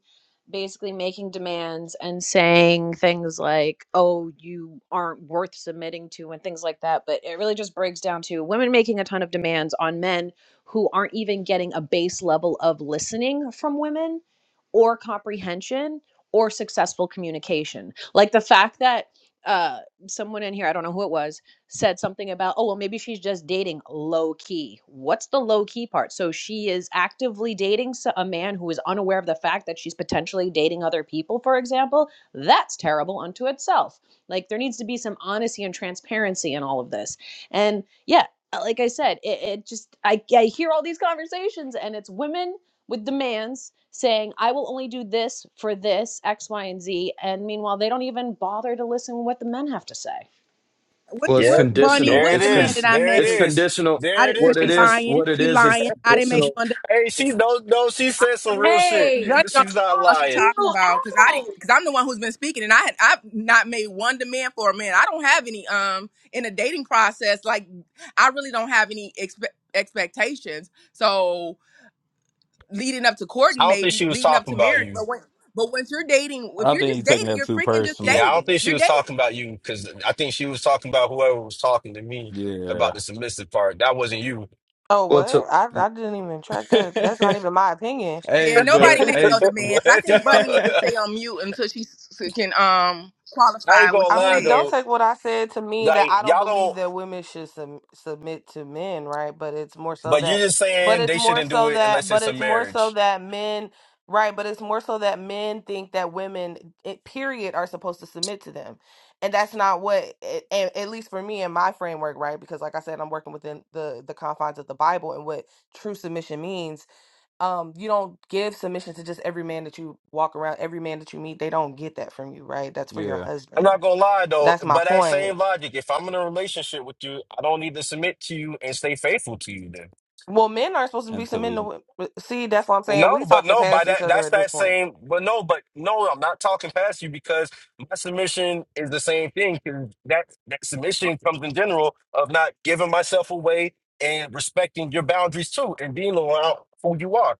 S18: basically making demands and saying things like oh you aren't worth submitting to and things like that but it really just breaks down to women making a ton of demands on men who aren't even getting a base level of listening from women or comprehension or successful communication like the fact that uh someone in here i don't know who it was said something about, oh, well, maybe she's just dating low key. What's the low key part? So she is actively dating a man who is unaware of the fact that she's potentially dating other people, for example. That's terrible unto itself. Like there needs to be some honesty and transparency in all of this. And yeah, uh, like I said, it, it just, I, I hear all these conversations and it's women with demands saying, I will only do this for this, X, Y, and Z. And meanwhile, they don't even bother to listen to what the men have to say.
S16: What
S21: was
S17: Yep.
S16: what Bunny?
S17: There
S21: conditional.
S17: it
S16: What
S21: It's
S16: demand
S21: con,
S17: is.
S16: did I
S17: There it
S21: it's
S16: make?
S17: is.
S21: conditional.
S16: I
S17: There it
S16: didn't because
S21: What it
S16: she
S17: is. [LAUGHS]
S21: is,
S16: lying.
S21: what it
S16: She
S21: is, is
S16: lying. I didn't make
S21: conditional.
S16: one. de-
S17: Hey, she
S21: It's,
S17: no no, she
S16: I
S17: said some
S16: never
S17: real shit.
S4: Hey,
S16: Bunny don't know
S17: She's not
S16: what she's
S17: lying.
S4: chill
S16: talking about because I
S4: out.
S16: didn't because I'm the one who's been speaking and I had I've not made one demand for a man. I don't have any um in a dating process like I really don't have any expe- expectations. So leading up to courting,
S17: I don't think she
S16: maybe
S17: was
S16: leading up
S17: talking
S16: to
S17: about
S16: marriage.
S17: you.
S16: But when but once you're dating, if
S10: I
S16: you're
S10: think
S16: just
S10: you're taking
S16: dating,
S10: that
S16: you're
S10: too
S16: freaking just
S10: personal.
S17: Yeah, I don't
S16: dating.
S17: think she
S16: You're
S17: was
S16: dating.
S17: talking about you because I think she was talking about whoever was talking to me
S10: Yeah.
S17: about the submissive part. That wasn't you. [LAUGHS]
S2: Oh,
S21: well,
S2: what?
S21: to,
S2: I, I didn't even track that. That's
S10: [LAUGHS]
S2: not even my opinion.
S16: Yeah,
S10: Hey,
S17: Yeah,
S16: nobody
S10: but
S2: [LAUGHS]
S16: made no
S10: hey,
S16: demands. I
S17: But,
S10: [LAUGHS]
S16: think Bunny needs to
S17: uh,
S16: stay on mute until she s- s- can um
S17: I ain't
S16: qualify
S17: gonna
S16: what
S2: I
S16: she
S17: lie
S2: mean, don't
S17: though.
S16: says.
S2: take what I said to mean that
S17: Like
S2: I don't
S17: y'all
S2: believe
S17: don't
S2: that women should sub- submit to men, right? But it's more so
S17: but you're
S2: that,
S17: just
S2: but
S17: saying
S2: it's
S17: they
S2: more
S17: shouldn't do
S2: so
S17: it
S2: that,
S17: unless
S2: but
S17: it's a
S2: it's more so
S17: marriage.
S2: that men, right? But it's more so that men think that women, it, period, are supposed to submit to them. And that's not what, it, and at least for me in my framework, right? Because like I said, I'm working within the, the confines of the Bible and what true submission means um you don't give submission to just every man that you walk around every man that you meet they don't get that from you right that's for your
S10: yeah.
S17: I'm
S2: husband
S17: not gonna lie though,
S2: that's my
S17: but that
S2: point
S17: same logic, if I'm in a relationship with you, I don't need to submit to you and stay faithful to you then.
S2: well men aren't supposed to be
S10: Until
S2: submitting
S10: we
S2: to wo- see that's what i'm saying
S17: No,
S2: we
S17: but
S2: talking
S17: no, by
S2: past each
S17: that
S2: other
S17: that's
S2: at this
S17: that
S2: point
S17: same but no, but no, I'm not talking past you because my submission is the same thing. 'cause That that submission comes in general of not giving myself away and respecting your boundaries too and being around who you are.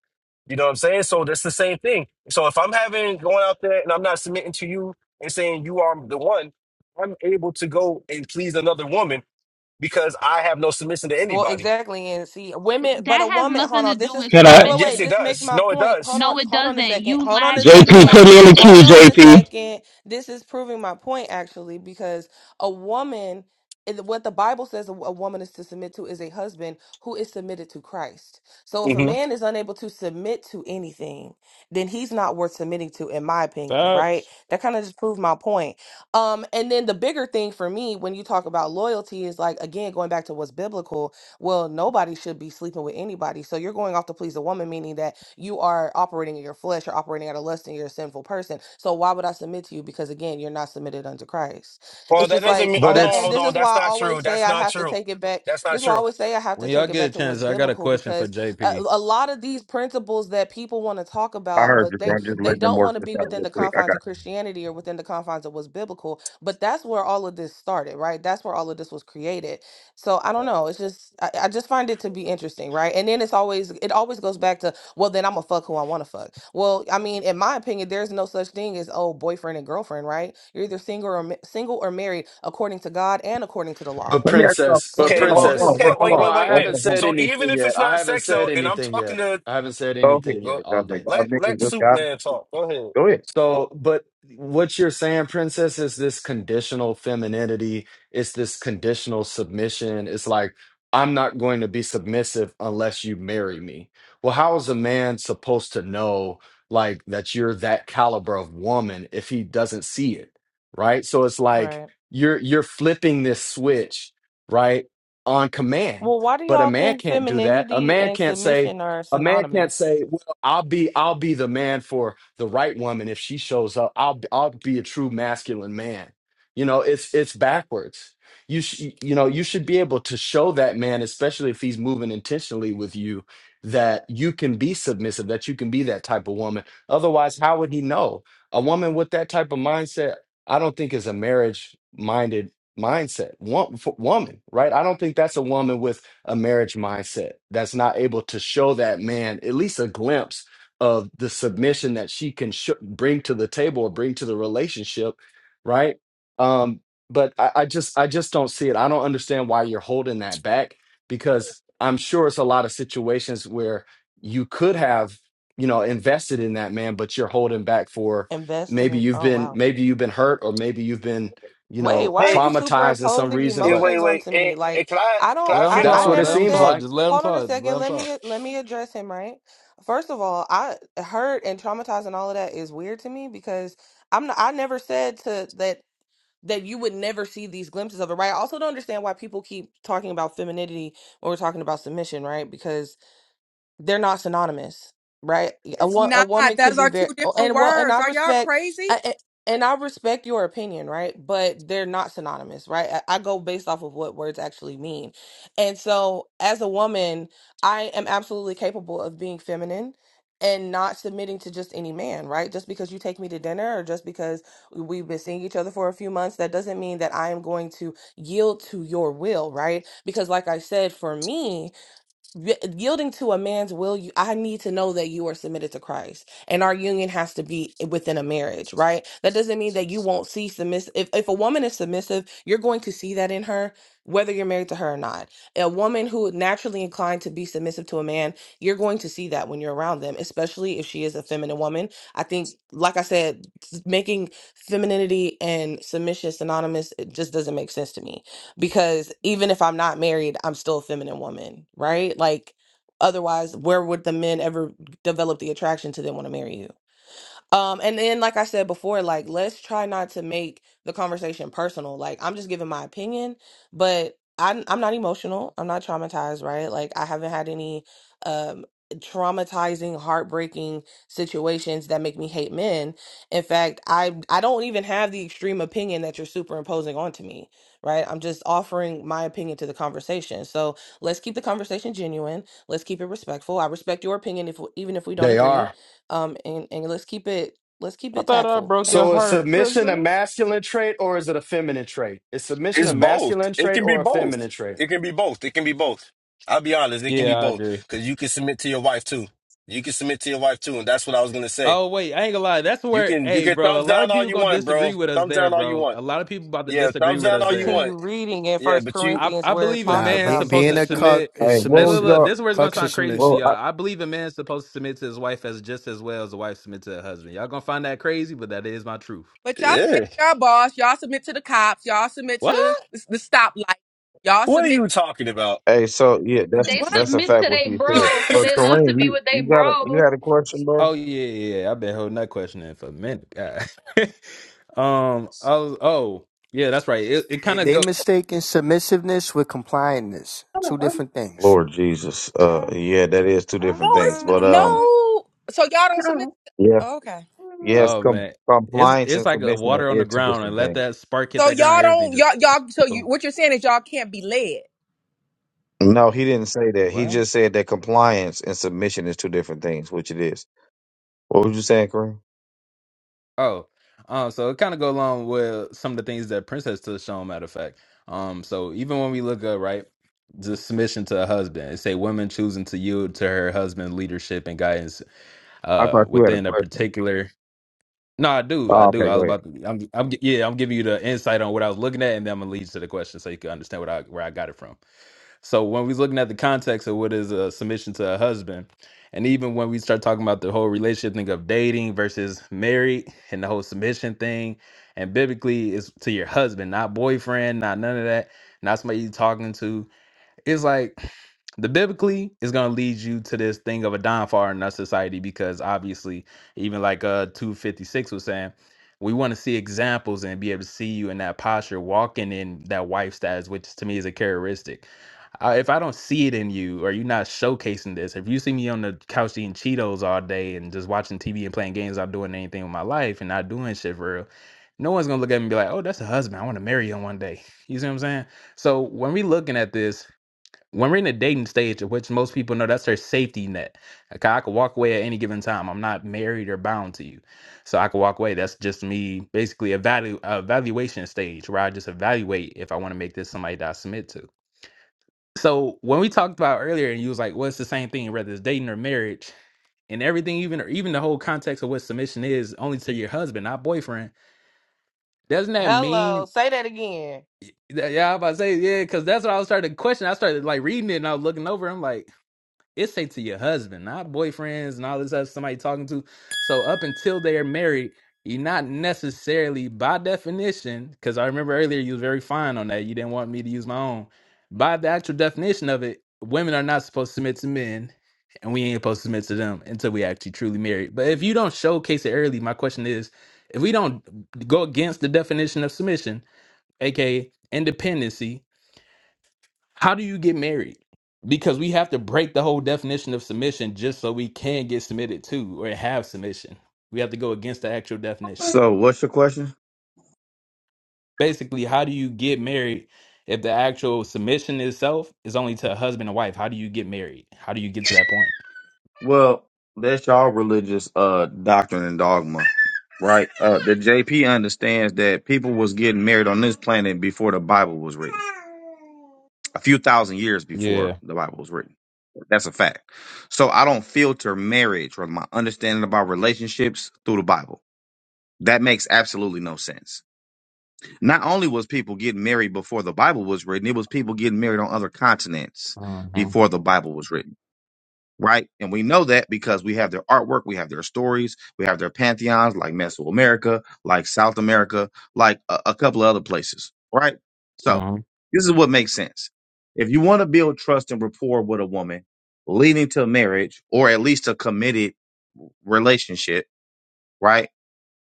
S17: You know what I'm saying? So that's the same thing. So if I'm having going out there and I'm not submitting to you and saying you are the one, I'm able to go and please another woman because I have no submission to
S2: Well,
S17: anybody.
S2: exactly. And see, women, but a
S14: That has
S2: woman, hold
S14: nothing to
S2: on.
S14: do
S2: This is,
S14: with
S22: Can I?
S2: wait, wait,
S17: Yes,
S2: wait.
S14: submission.
S17: it
S2: This makes
S17: does.
S2: my
S17: No, it
S2: point. Hold
S17: does.
S2: on,
S14: No, it
S2: hold on a
S14: doesn't.
S2: second.
S14: You
S2: Hold on
S14: lack
S2: a
S14: you
S22: JP,
S2: second.
S22: put
S14: lack
S22: me in the queue,
S2: Hold on
S14: discipline.
S2: a
S22: JP.
S2: second. This is proving my point, actually, because a woman, and what the Bible says a a woman is to submit to is a husband who is submitted to Christ. So if a
S17: Mm-hmm.
S2: man is unable to submit to anything, then he's not worth submitting to, in my opinion, right?
S10: facts.
S2: That kind of just proved my point. Um, and then the bigger thing for me when you talk about loyalty is like, again, going back to what's biblical well, nobody should be sleeping with anybody. So you're going off to please a woman, meaning that you are operating in your flesh, you're operating out of lust, and you're a sinful person. So why would I submit to you? Because again, you're not submitted unto Christ.
S17: Well,
S2: It's
S17: that
S2: just
S17: doesn't
S2: like
S17: mean.
S21: but
S17: Hold
S2: that.
S17: on,
S2: And
S21: it's
S17: hold
S2: this
S17: on.
S2: is
S17: That's
S2: why I
S17: not true.
S2: always say
S17: That's
S2: I
S17: not
S2: have to
S17: true.
S2: take it back.
S17: That's
S2: This
S17: not
S2: is why I
S17: true.
S2: always say I have to
S10: When y'all
S2: take it
S10: get a
S2: back to what's
S10: chance, I got a
S2: biblical
S10: question for
S2: because a,
S10: JP.
S2: a lot of these principles that people want to talk
S19: I
S2: about,
S19: heard
S2: but
S19: you,
S2: they
S19: bro. I'm just
S2: they
S19: letting them
S2: don't
S19: work
S2: want to
S19: this
S2: be
S19: out
S2: within
S19: real
S2: the
S19: quick. I
S2: confines
S19: got.
S2: of
S19: You.
S2: Christianity or within the confines of what's biblical. But that's where all of this started, right? That's where all of this was created so I don't know. It's just I, I just find it to be interesting, right? And then it's always it always goes back to well, then I'm gonna fuck who I want to fuck. Well, I mean, in my opinion, there's no such thing as oh boyfriend and girlfriend, right? You're either single or ma- single or married according to God and according to the
S21: a
S2: law.
S19: Let me ask y'all.
S21: princess.
S2: So
S21: But
S2: do
S17: Okay,
S19: Hold
S2: what
S19: on,
S2: you
S17: well,
S19: hold on,
S21: princess,
S2: do,
S17: okay,
S19: bro, hold
S17: wait,
S21: hold
S19: on,
S17: wait,
S21: on. I
S17: wait.
S19: hold
S17: Then,
S21: haven't
S19: on, hold on.
S21: said
S17: so even
S21: anything
S17: if
S21: yet.
S17: it's
S21: I
S17: not
S21: haven't
S17: sex
S21: said
S17: though, and I'm
S21: anything
S17: talking
S21: yet.
S17: to
S21: I haven't said
S19: Go ahead.
S21: anything yet
S17: go,
S21: all day.
S19: Y'all
S17: let
S19: niggas
S17: let
S19: just
S17: Soup
S19: got. it.
S17: Man talk. Go ahead.
S19: Go ahead.
S21: So, but what you're saying, princess, is this conditional femininity, it's this conditional submission. It's like, I'm not going to be submissive unless you marry me. Well, how is a man supposed to know like that you're that caliber of woman if he doesn't see it? Right? So it's like
S2: right?
S21: you're you're flipping this switch, right? On command.
S2: Well, why do
S21: But a
S2: y'all
S21: man
S2: think
S21: can't do that. A
S2: femininity
S21: man
S2: and
S21: can't say,
S2: submission are
S21: a man can't
S2: synonymous?
S21: say, "Well, I'll be I'll be the man for the right woman if she shows up. I'll be- I'll be a true masculine man." You know, it's it's backwards. You sh- you know, you should be able to show that man, especially if he's moving intentionally with you, that you can be submissive, that you can be that type of woman. Otherwise, how would he know? A woman with that type of mindset, I don't think is a marriage minded mindset. Wo- f- woman, right? I don't think that's a woman with a marriage mindset that's not able to show that man at least a glimpse of the submission that she can sh- bring to the table or bring to the relationship right um but I, I just i just don't see it i don't understand why you're holding that back because i'm sure it's a lot of situations where you could have you know invested in that man but you're holding back for
S2: Invested
S21: maybe
S2: in
S21: you've
S2: oh
S21: been
S2: wow.
S21: maybe you've been hurt or maybe you've been you
S2: Wait,
S21: know
S2: why are
S17: Hey,
S2: you
S21: traumatized in some
S2: superimposing
S21: reason
S17: and
S21: but
S17: wait,
S2: emotions
S17: wait,
S2: onto
S17: and,
S2: me? Like,
S17: and can I
S2: I
S17: can
S2: don't,
S17: I
S10: Let him
S2: I,
S17: finish?
S2: I
S21: that's what
S10: talk.
S21: it
S2: never
S10: Let him
S21: seems
S2: said,
S10: talk.
S21: like
S10: Just let him
S2: hold on a
S10: talk. Just let
S2: second,
S10: him
S2: let
S10: talk.
S2: me, let me address him, right? First of all, I hurt and traumatized and all of that is weird to me because I'm not, I never said to that, that you would never see these glimpses of it, right? I also don't understand why people keep talking about femininity when we're talking about submission, right? Because they're not synonymous, right? A,
S16: It's
S2: wo- a
S16: not.
S2: woman can
S16: Those
S2: be
S16: are two
S2: very
S16: different
S2: and well, and
S16: words.
S2: I
S16: Are y'all
S2: respect,
S16: crazy?
S2: I, I- and I respect your opinion, right? But they're not synonymous, right? I, I go based off of what words actually mean, and so as a woman, I am absolutely capable of being feminine and not submitting to just any man, right? Just because you take me to dinner or just because we've been seeing each other for a few months, that doesn't mean that I am going to yield to your will, right? Because like I said, for me, y- yielding to a man's will you i need to know that you are submitted to christ and our union has to be within a marriage right that doesn't mean that you won't see submissive if, if a woman is submissive you're going to see that in her whether you're married to her or not a woman who is naturally inclined to be submissive to a man you're going to see that when you're around them especially if she is a feminine woman i think like i said s- making femininity and submission synonymous it just doesn't make sense to me because even if I'm not married, I'm still a feminine woman, right? Like otherwise, where would the men ever develop the attraction to them want to marry you? Um, and then, like I said before, like let's try not to make the conversation personal. Like I'm just giving my opinion, but I'm I'm not emotional. I'm not traumatized, right? Like I haven't had any um traumatizing, heartbreaking situations that make me hate men. In fact, I I don't even have the extreme opinion that you're superimposing onto me, right? I'm just offering my opinion to the conversation. So let's keep the conversation genuine. Let's keep it respectful. I respect your opinion if even if we don't
S21: they
S2: agree
S21: are
S2: um and and let's keep it let's keep
S10: I
S2: it
S10: thought I
S2: tactful
S10: broke your
S2: thank
S21: So is
S2: you
S10: heart,
S21: submission a
S10: princess.
S21: masculine trait or is it a feminine trait? Is submission
S17: It's
S21: a
S17: both.
S21: masculine
S17: It
S21: trait
S17: can be
S21: or a
S17: both.
S21: feminine trait?
S17: It can be both. It can be both. I'll be honest. It can be
S10: Yeah, I
S17: both
S10: agree.
S17: because you can submit to your wife too. You can submit to your wife too, and that's what I was gonna say.
S10: Oh wait, I ain't gonna lie. That's
S17: You
S10: where,
S17: can you
S10: hey,
S17: can
S10: bro.
S17: thumbs
S10: A lot of
S17: down all
S10: people
S17: you
S10: gonna
S17: want, bro.
S10: disagree with us
S17: Thumbs down
S10: there,
S17: all you
S10: bro.
S17: want.
S10: A lot of people about to
S17: Yeah,
S10: disagree
S17: thumbs
S10: with
S17: down
S10: us
S17: all you
S10: there.
S2: continue
S17: want.
S2: reading in
S17: Yeah,
S2: first
S17: but you
S10: I,
S2: corinthians
S10: I
S2: where it
S10: believe a
S2: talks
S15: Nah,
S10: man's
S2: about
S15: being
S10: supposed
S15: being
S10: to
S15: a
S2: submission
S15: cuck
S10: submit.
S15: is
S19: Hey, what
S10: Hey,
S19: was
S10: look, look,
S19: y'all?
S15: submissive.
S10: this is where it's gonna
S15: Cucks are
S10: sound crazy to
S19: Well,
S15: submissive.
S10: y'all.
S19: I.
S10: I believe a man's supposed to submit to his wife as just as well as a wife submit to her husband. Y'all gonna find that crazy, but that is my truth.
S16: But y'all submit
S17: Yeah.
S16: to y'all boss. Y'all submit to the cops. Y'all submit
S10: What?
S16: to the, the stoplight. Y'all
S17: What are
S16: submit.
S17: you talking about?
S19: Hey, so yeah, that's
S14: They
S16: What?
S19: that's a
S14: submit
S19: fact
S14: to
S19: what
S14: their
S19: you
S17: [LAUGHS]
S19: said.
S14: bros because
S19: But
S17: I
S14: they love
S19: Kareem,
S14: to be
S19: you
S14: with
S19: you
S14: their
S19: got a you
S14: bros.
S19: had a question, bro?
S10: Oh yeah, yeah. yeah. I've been holding that question in for a minute. God. [LAUGHS] um. I was, oh yeah, that's right. It it
S15: They
S10: kind of
S15: they
S10: go.
S15: mistaken submissiveness with compliantness. Two different things.
S19: Lord Jesus, uh, yeah, that is two
S16: No,
S19: different
S16: it's
S19: things.
S16: not.
S19: But um,
S16: No. So y'all don't submit.
S19: yes,
S16: okay.
S19: yes,
S10: Oh
S19: com-
S10: man, it's
S19: compliance
S10: it's
S19: and
S10: like a
S19: submission are
S10: water on the
S19: is two
S10: ground, and
S19: different
S10: let
S19: things.
S10: that spark hit
S16: So
S10: that ground.
S16: y'all
S10: Everything
S16: don't y'all
S10: just
S16: y'all. So
S10: [TSK]
S16: you, what you're saying is y'all can't be led.
S19: No, he didn't say that. He
S10: boom.
S19: just said that compliance and submission is two different things, which it is. What was you saying, Kareem?
S10: Oh, um, so it kind of go along with some of the things that Princess touched on. Matter of fact, um, so even when we look up, right, the submission to a husband, it say women choosing to yield to her husband leadership and guidance,
S19: I
S10: uh,
S19: thought you had a
S10: within a
S19: question.
S10: particular. No, I do, I
S19: Oh,
S10: do.
S19: okay,
S10: I was
S19: go ahead.
S10: about to. I'm, I'm, yeah, I'm giving you the insight on what I was looking at, and then I'm gonna lead you to the question so you can understand what I where I got it from. So when we are looking at the context of what is a submission to a husband, and even when we start talking about the whole relationship thing of dating versus married and the whole submission thing, and biblically it's to your husband, not boyfriend, not none of that, not somebody you talking to it's like the biblically is going to lead you to this thing of a downfall in our society because obviously even like uh 256 was saying we want to see examples and be able to see you in that posture walking in that wife status which to me is a characteristic I, if i don't see it in you or you're not showcasing this if you see me on the couch eating cheetos all day and just watching tv and playing games not doing anything with my life and not doing shit for real no one's gonna look at me and be like oh that's a husband i want to marry him one day [LAUGHS] you see what i'm saying so when we looking at this when we're in a dating stage, which most people know, that's their safety net. Okay, I could walk away at any given time. I'm not married or bound to you, so I could walk away. That's just me, basically a value evaluation stage where I just evaluate if I want to make this somebody that I submit to. So when we talked about earlier, and you was like, "Well, it's the same thing, whether it's dating or marriage." And everything, even even the whole context of what submission is, only to your husband, not boyfriend. Doesn't that
S2: hello
S10: mean?
S2: say that again
S10: Yeah, I was about to say yeah, because that's what I was starting to question. I started like reading it and I was looking over. I'm like, It say to your husband, not boyfriends and all this other somebody talking to. So up until they are married, you're not necessarily by definition, because I remember earlier you was very fine on that. You didn't want me to use my own. By the actual definition of it, women are not supposed to submit to men, and we ain't supposed to submit to them until we actually truly married. But if you don't showcase it early, my question is, if we don't go against the definition of submission, aka independency, how do you get married? Because we have to break the whole definition of submission just so we can get submitted to or have submission. We have to go against the actual definition.
S19: So, what's your question?
S10: Basically, how do you get married if the actual submission itself is only to a husband and wife? How do you get married? How do you get to that point?
S19: Well, that's y'all religious uh doctrine and dogma. right? Uh, the JP understands that people was getting married on this planet before the Bible was written, a few thousand years before
S10: Yeah.
S19: the Bible was written. That's a fact. So I don't filter marriage or my understanding about relationships through the Bible. That makes absolutely no sense. Not only was people getting married before the Bible was written, it was people getting married on other continents
S10: hmm
S19: before the Bible was written. right? And we know that because we have their artwork, we have their stories, we have their pantheons like Mesoamerica, like South America, like a, a couple of other places, right? So
S10: hmm
S19: this is what makes sense. If you want to build trust and rapport with a woman leading to marriage or at least a committed relationship, right?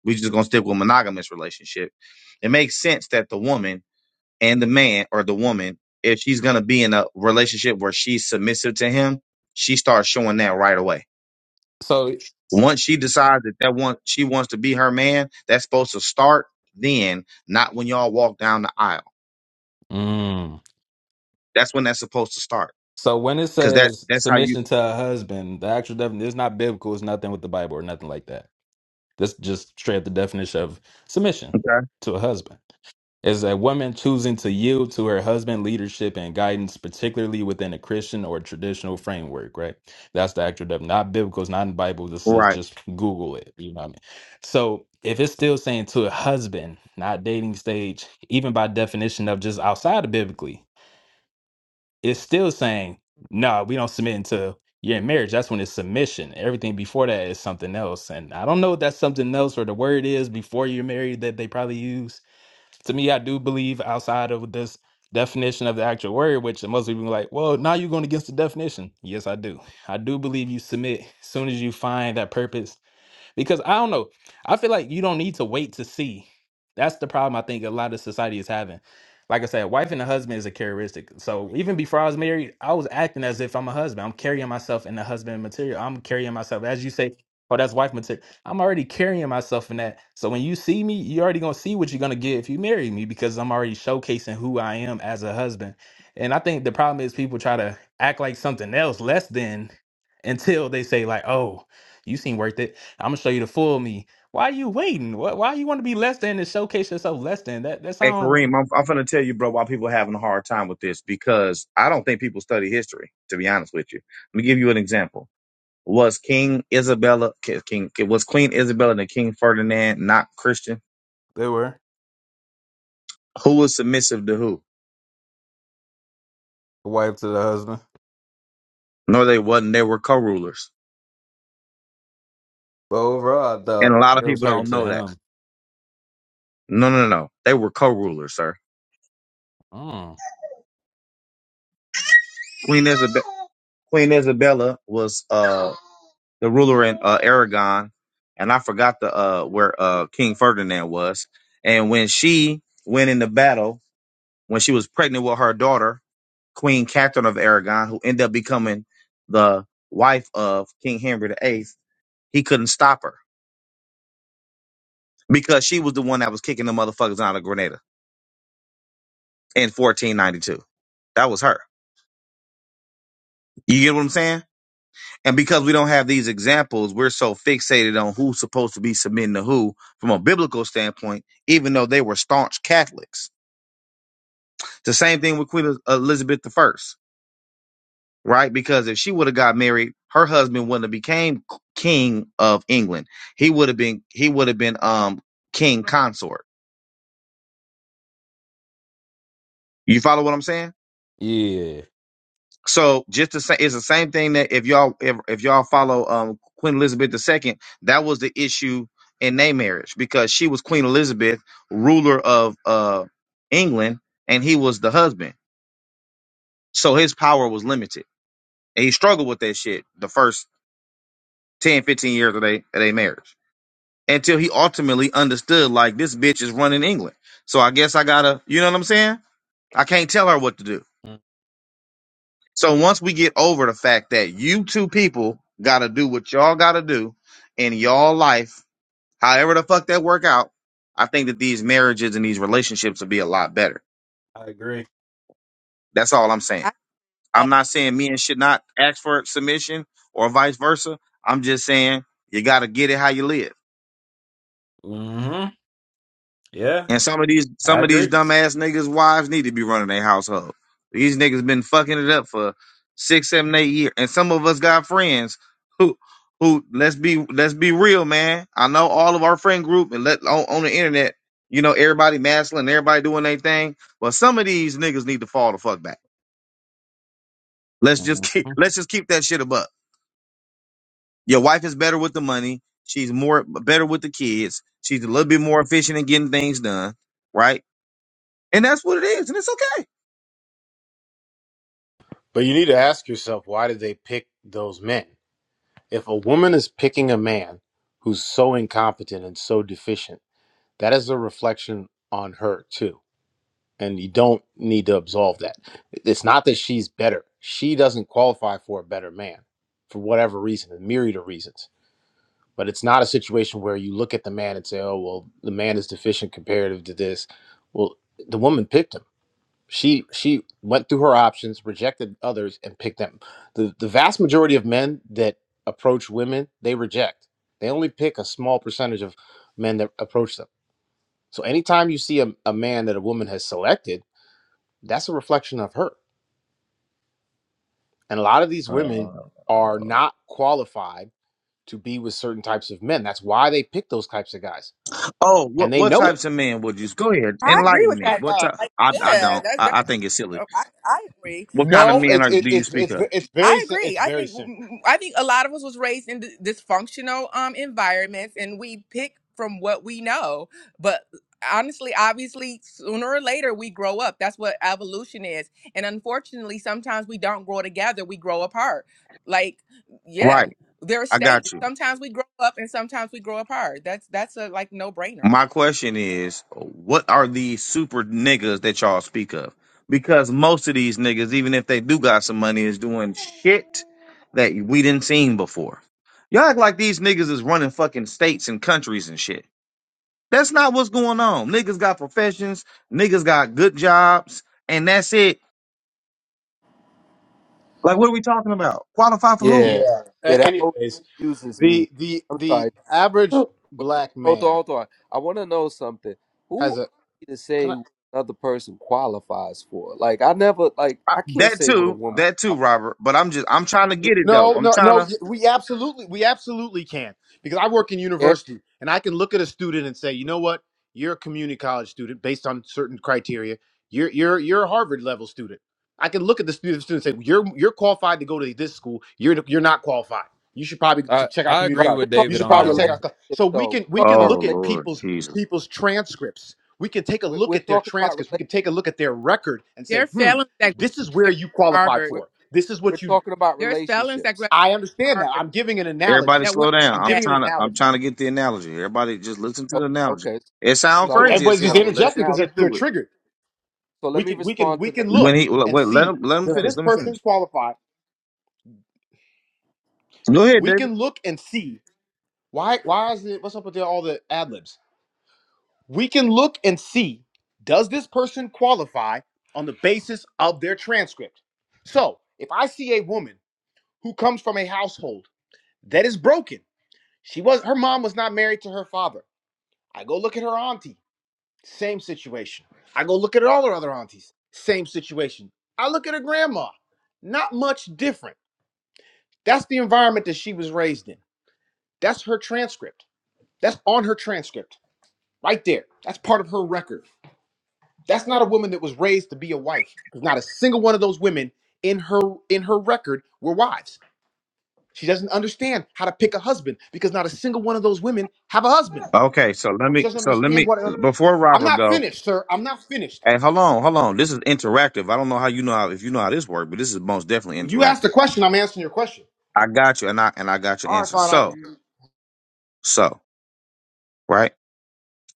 S19: We just gonna stick with monogamous relationship. It makes sense that the woman and the man or the woman, if she's gonna be in a relationship where she's submissive to him, she starts showing that right away
S10: So,
S19: once she decides that that one she wants to be her man, that's supposed to start then, not when y'all walk down the aisle.
S10: mm.
S19: That's when that's supposed to start,
S10: so when it
S19: because that
S10: says
S19: that's how you.
S10: submission to a husband, the actual definition is not biblical. It's nothing with the Bible or nothing like that. That's just straight up the definition of submission
S19: Okay.
S10: to a husband. Is a woman choosing to yield to her husband leadership and guidance, particularly within a Christian or traditional framework, right? That's the actual def- Not biblical, it's not in the Bible. This is
S19: Right.
S10: just Google it. You know what I mean? So if it's still saying to a husband, not dating stage, even by definition of just outside of biblically, it's still saying, no, we don't submit until you're in marriage. That's when it's submission. Everything before that is something else. And I don't know if that's something else or the word is before you're married that they probably use to me, I do believe outside of this definition of the actual word, which most people be like, well, now you're going against the definition. Yes, I do. I do believe you submit as soon as you find that purpose because I don't know. I feel like you don't need to wait to see. That's the problem I think a lot of society is having. Like I said, wife and a husband is a characteristic. So even before I was married, I was acting as if I'm a husband. I'm carrying myself in the husband material. I'm carrying myself, as you say, oh, that's wife material. I'm already carrying myself in that. So when you see me, you're already gonna see what you're gonna get if you marry me because I'm already showcasing who I am as a husband. And I think the problem is people try to act like something else less than until they say like, oh, you seem worth it I'm gonna show you the full me. Why are you waiting? Why, why you want to be less than and showcase yourself less than? That that
S19: Hey
S10: sound.
S19: Kareem, I'm I'm gonna tell you, bro, why people are having a hard time with this because I don't think people study history. To be honest with you, let me give you an example. Was King Isabella King was Queen Isabella and King Ferdinand not Christian?
S10: They were
S19: Who was submissive to who?
S10: the wife to the husband,
S19: No, they wasn't. They were co-rulers,
S10: but overall, I
S19: and a
S10: thought
S19: lot of
S10: it was
S19: people
S10: her
S19: don't
S10: to
S19: know that.
S10: him.
S19: No, no, no. no. They were co-rulers, sir.
S10: Mm.
S19: Queen Isabel, Queen Isabella was uh the ruler in uh, Aragon, and I forgot the uh where uh King Ferdinand was. And when she went into battle, when she was pregnant with her daughter, Queen Catherine of Aragon, who ended up becoming the wife of King Henry the Eighth, he couldn't stop her because she was the one that was kicking the motherfuckers out of Grenada in 1492. That was her. You get what I'm saying? And because we don't have these examples, we're so fixated on who's supposed to be submitting to who from a biblical standpoint, even though they were staunch Catholics. The same thing with Queen Elizabeth the First, right? Because if she would have got married, her husband wouldn't have became king of England. He would have been he would have been um king consort. You follow what I'm saying?
S10: Yeah,
S19: So just the same, it's the same thing that if y'all if, if y'all follow um Queen Elizabeth II, that was the issue in their marriage because she was Queen Elizabeth, ruler of uh England, and he was the husband. So his power was limited. And he struggled with that shit the first 10, 15 years of their of their marriage. Until he ultimately understood like this bitch is running England. So I guess I gotta you know what I'm saying? I can't tell her what to do.
S10: Mm,
S19: So once we get over the fact that you two people gotta do what y'all gotta do in y'all life, however the fuck that work out, I think that these marriages and these relationships will be a lot better.
S10: I agree.
S19: That's all I'm saying. I'm
S16: I,
S19: not saying men should not ask for submission or vice versa. I'm just saying you gotta get it how you live.
S10: hmm Yeah,
S19: And some of these
S10: I
S19: some of these
S10: agree.
S19: dumbass niggas' wives need to be running their household. These niggas been fucking it up for six, seven, eight years. And some of us got friends who who let's be let's be real, man. I know all of our friend group and let on, on the internet, you know, everybody masculine, everybody doing their thing. But some of these niggas need to fall the fuck back. Let's just keep [LAUGHS]
S10: Mhm.
S19: let's just keep that shit above. Your wife is better with the money. She's more better with the kids. She's a little bit more efficient in getting things done, right? And that's what it is, and it's okay.
S23: But you need to ask yourself, why did they pick those men? If a woman is picking a man who's so incompetent and so deficient, that is a reflection on her too. And you don't need to absolve that. It's not that she's better. She doesn't qualify for a better man for whatever reason, a myriad of reasons. But it's not a situation where you look at the man and say, oh, well, the man is deficient comparative to this. Well, the woman picked him she she went through her options, rejected others, and picked them. The the vast majority of men that approach women, they reject. They only pick a small percentage of men that approach them. So anytime you see a, a man that a woman has selected, that's a reflection of her. And a lot of these
S19: Uh,
S23: women are not qualified to be with certain types of men. That's why they pick those types of guys.
S19: Oh,
S23: And
S19: what
S23: they
S19: what
S23: know it.
S19: types of men would you? Go ahead,
S16: I agree
S19: enlighten
S16: with
S19: me.
S16: that
S19: What
S16: though.
S19: type?
S16: Like,
S19: I I
S16: yeah,
S19: don't.
S16: that's that's.
S19: I, I think it's silly.
S16: I I agree.
S19: What
S16: I
S19: kind of
S23: No,
S16: think
S19: men
S23: it's
S19: are
S23: it,
S19: do you
S23: it's
S19: speak
S23: it's
S19: of?
S23: it's very
S16: I
S23: si-
S16: agree.
S23: it's
S16: I
S23: very
S16: think
S23: simple.
S16: I think a lot of us was raised in d- dysfunctional um environments, and we pick from what we know. But honestly, obviously, sooner or later we grow up. That's what evolution is. And unfortunately, sometimes we don't grow together; we grow apart. Like, yeah,
S19: Right,
S16: there are
S19: I
S16: stages.
S19: got you.
S16: Sometimes we grow up, and sometimes we grow apart. That's that's a like no brainer.
S19: My question is, what are these super niggas that y'all speak of? Because most of these niggas, even if they do got some money, is doing shit that we didn't seen before. Y'all act like these niggas is running fucking states and countries and shit. That's not what's going on. Niggas got professions. Niggas got good jobs, and that's it Like, what are we talking about? Qualify for who?
S20: Yeah,
S23: Yeah.
S20: yeah.
S23: A-
S20: That always
S23: anyways,
S20: confuses me.
S23: The the
S20: I'm
S23: the
S20: sorry.
S23: average
S20: Wait,
S23: black
S20: Hold on,
S23: man
S20: hold on. I want to know something. Who
S23: has
S20: are
S23: a
S20: we to
S23: can I
S20: say what another person qualifies for? Like, I never, like,
S19: I,
S20: I can't
S19: that
S20: say what a
S19: too,
S20: woman.
S19: that too,
S20: qualifies.
S19: Robert. But I'm just, I'm trying to get it though.
S23: No,
S19: I'm
S23: no,
S19: trying
S23: no.
S19: to.
S23: We absolutely, we absolutely can because I work in
S20: Yeah,
S23: university and I can look at a student and say, you know what, you're a community college student based on certain criteria. You're you're you're a Harvard level student. I can look at the student, student and say, you're you're qualified to go to this school. You're you're not qualified. You should probably
S10: I
S23: ch- check out
S10: I
S23: community
S20: right.
S10: agree
S23: college.
S10: with
S20: We're talking
S23: You
S10: David
S23: should
S10: on
S20: about
S23: probably
S10: that
S23: check
S10: one.
S23: out. co-"
S20: relationships,
S23: So we
S20: though.
S23: can we
S20: We're talking
S23: can
S20: about
S19: Oh
S23: look
S20: relate.
S23: at
S19: Lord,
S23: people's
S19: Jesus!
S23: people's transcripts. We can take a
S20: We're,
S23: look
S20: we're
S23: at their
S20: talking about
S23: transcripts. We
S20: relate.
S23: can take a look at their record and
S16: There
S23: say,
S16: are
S23: hmm,
S16: felons that graduated
S23: this is where
S16: from
S23: you qualify
S16: Harvard.
S20: We're,
S23: for. This is
S20: we're
S23: what you
S20: talking about
S16: There's felons that
S20: relationships.
S16: graduated
S23: I
S16: from
S23: understand that.
S16: Harvard
S23: I'm giving an
S19: Everybody,
S23: analogy.
S16: that were
S19: slow down.
S23: I'm
S19: I'm
S23: giving an
S19: trying to, I'm
S23: analogy.
S19: trying to get the analogy. Everybody, just listen to the
S20: O-
S19: analogy.
S20: Okay.
S19: It sounds
S20: So I want
S19: crazy
S20: to
S19: as
S23: Everybody's just
S19: hell,
S20: respond to
S19: but
S20: the
S19: let's
S23: interjecting
S19: just
S23: because
S20: analogy.
S23: they're,
S19: get
S23: they're
S19: through it.
S23: triggered.
S20: So
S23: We
S20: let me
S23: can we can
S20: respond
S23: we
S20: to the.
S23: can
S19: When
S23: look
S19: he,
S23: and
S19: wait, let
S23: see
S19: him, let him
S23: does
S20: Okay.
S19: finish.
S23: this
S19: Let me finish.
S23: person qualify?
S19: Go ahead,
S23: We
S19: David.
S23: can look and see why why is it what's up with the, all the ad libs? We can look and see does this person qualify on the basis of their transcript. So if I see a woman who comes from a household that is broken, she was her mom was not married to her father. I go look at her auntie. Same situation. I go look at all her other aunties. Same situation. I look at her grandma. Not much different. That's the environment that she was raised in. That's her transcript. That's on her transcript right there. That's part of her record. That's not a woman that was raised to be a wife. There's not a single one of those women in her in her record were wives. She doesn't understand how to pick a husband because not a single one of those women have a husband.
S19: Okay, so let me,
S23: She doesn't
S19: so let
S23: understand
S19: me,
S23: what.
S19: before
S23: I'm
S19: Robert
S23: not
S19: go.
S23: finished, sir. I'm not finished.
S19: Hey, hold on, hold on. This is interactive. I don't know how you know how, if you know how this works, but this is most definitely
S23: Well, you asked the
S19: interactive.
S23: question. I'm answering your question.
S19: I got you, and I, and I got your
S23: All right,
S19: answer. So,
S23: fine.
S19: so. right?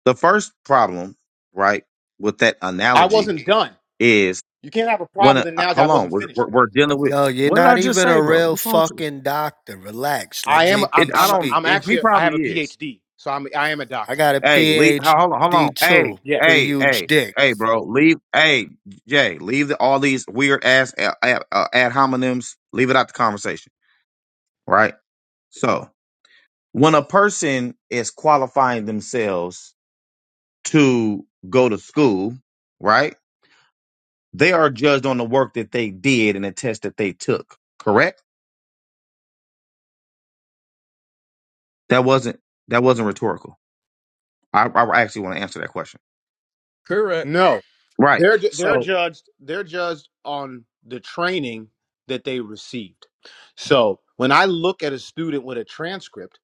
S19: The first problem, right, with that
S23: I, I
S19: analogy
S23: wasn't done.
S19: is
S23: You can't have a
S19: when
S23: problem
S19: a,
S23: with the
S19: uh,
S23: analogy. I
S19: hold on,
S23: wasn't
S19: we're,
S23: finished.
S19: we're, we're dealing with
S15: Yo, you're
S19: what did
S15: not
S19: I just
S15: even
S19: say,
S15: a
S19: bro?
S15: real
S19: What's wrong with you?
S15: fucking doctor. Relax. Let
S23: I am.
S15: J
S19: It,
S23: I'm.
S19: I
S15: Peach
S23: I'm.
S19: don't.
S15: speak.
S23: I'm
S19: It, he
S23: actually. I have
S19: probably
S23: a
S19: is.
S23: PhD, so I'm. I am a
S15: I
S23: doctor.
S15: got a
S19: Hey, leave. Hold on, hold on.
S15: PhD
S19: Hey,
S15: too.
S23: Yeah.
S15: Pretty
S19: hey,
S15: huge
S19: hey,
S15: dick.
S19: hey, bro. Leave. Hey, Jay. Leave the, all these weird ass ad, ad, uh, ad hominems. Leave it out the conversation, right? So when a person is qualifying themselves to go to school, right? They are judged on the work that they did and the test that they took. Correct? That wasn't that wasn't rhetorical. I, I actually want to answer that question.
S10: Correct.
S23: No,
S19: Right.
S23: they're ju- they're
S19: So
S23: judged. They're judged on the training that they received. So when I look at a student with a transcript,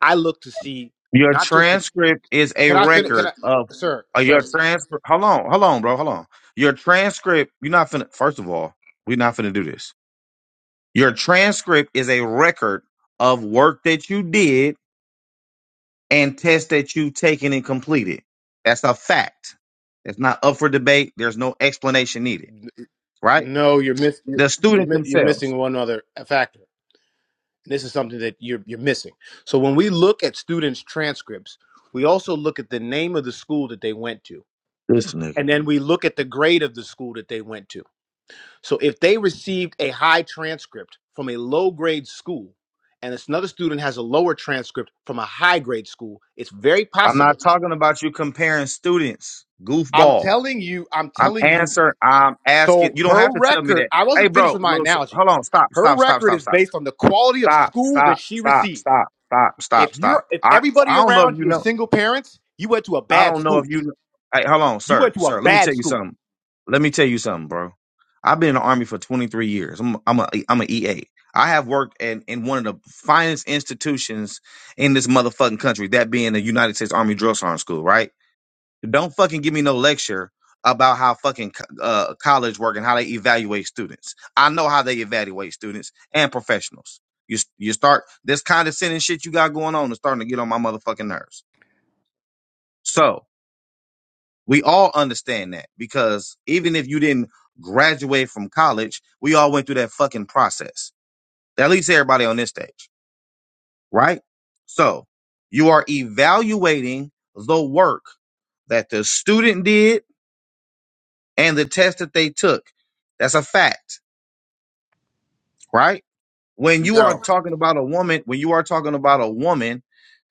S23: I look to see
S19: your
S23: not just. The,
S19: transcript is a
S23: can I finish? Can
S19: record
S23: I,
S19: of
S23: sir?
S19: uh,
S23: Sir?
S19: your transcript. Hold on, hold on, bro, hold on. Your transcript. You're not finna. First of all, we're not finna do this. Your transcript is a record of work that you did and tests that you taken and completed. That's a fact. It's not up for debate. There's no explanation needed, right?
S23: No, you're miss. You're
S19: the
S23: you're
S19: student
S23: mi- you're
S19: themselves.
S23: missing one other factor. This is something that you're you're missing. So when we look at students' transcripts, we also look at the name of the school that they went to.
S19: This
S23: And
S19: nigga,
S23: then
S19: man.
S23: we look at the grade of the school that they went to. So if they received a high transcript from a low grade school and it's another student has a lower transcript from a high grade school, it's very
S19: I'm
S23: possible.
S19: not talking about you comparing students,
S23: I'm
S19: goofball.
S23: telling you, I'm
S19: I'm
S23: telling you.
S19: answer. I'm
S23: So
S19: asking. You don't have
S23: her
S19: to tell me
S23: record,
S19: that.
S23: I
S19: Hey,
S23: wasn't finished
S19: bro,
S23: with my
S19: lo- so-
S23: analogy.
S19: hold on. Stop.
S23: Her
S19: Stop. Stop.
S23: record
S19: Stop.
S23: is
S19: Stop.
S23: based on the quality of
S19: Stop.
S23: school
S19: Stop.
S23: that she
S19: Stop.
S23: received.
S19: Stop. Stop. Stop.
S23: If you're
S19: Stop.
S23: if
S19: I
S23: everybody
S19: I don't know if
S23: around
S19: you
S23: you
S19: know.
S23: is single parents, you went to a
S19: I
S23: bad
S19: don't know if
S23: school.
S19: you. Hey, hold on,
S23: You
S19: sir,
S23: went to a
S19: sir. Let me
S23: bad
S19: tell you
S23: school.
S19: something. Let me tell you something, bro. I've been in the army for 23 years. I'm I'm a I'm an EA. I have worked in, in one of the finest institutions in this motherfucking country, that being the United States Army Drill Sergeant School, right? Don't fucking give me no lecture about how fucking co- uh, college work and how they evaluate students. I know how they evaluate students and professionals. You s- you start this condescending shit you got going on is starting to get on my motherfucking nerves. So we all understand that because even if you didn't graduate from college, we all went through that fucking process. At least everybody on this stage, right? So you are evaluating the work that the student did and the test that they took. That's a fact. right? When you are
S23: No,
S19: talking about a woman, when you are talking about a woman,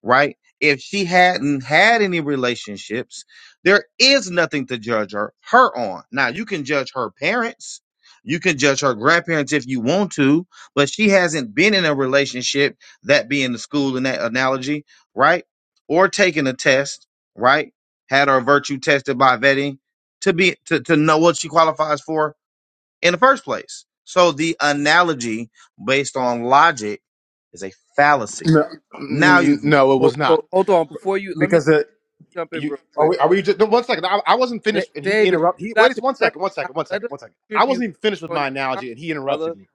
S19: right? If she hadn't had any relationships, there is nothing to judge her, her on. Now, you can judge her parents, you can judge her grandparents if you want to, but she hasn't been in a relationship, that being the school in that analogy, right? Or taken a test, right? Had her virtue tested by vetting to be to, to know what she qualifies for in the first place. So the analogy based on logic is a fallacy.
S23: no,
S19: Now
S20: Okay.
S19: you
S23: n-
S19: can go.
S23: no, it
S20: So,
S23: was not
S20: so hold on. Before you, let me
S23: because uh
S20: jump in
S23: you
S20: real
S23: are
S20: quick,
S23: we are we just no, one second. I, I wasn't
S20: Da-
S23: finished, and he
S20: David. But
S23: interrupt.
S20: you
S23: He wait,
S20: got the
S23: just one
S20: premise.
S23: second, one
S20: out.
S23: second, one
S20: Let
S23: second,
S20: us
S23: one second. I
S20: contribute
S23: wasn't
S20: based
S23: even finished with
S20: on your
S23: my
S20: comment,
S23: analogy, and he
S20: brother.
S23: interrupted me.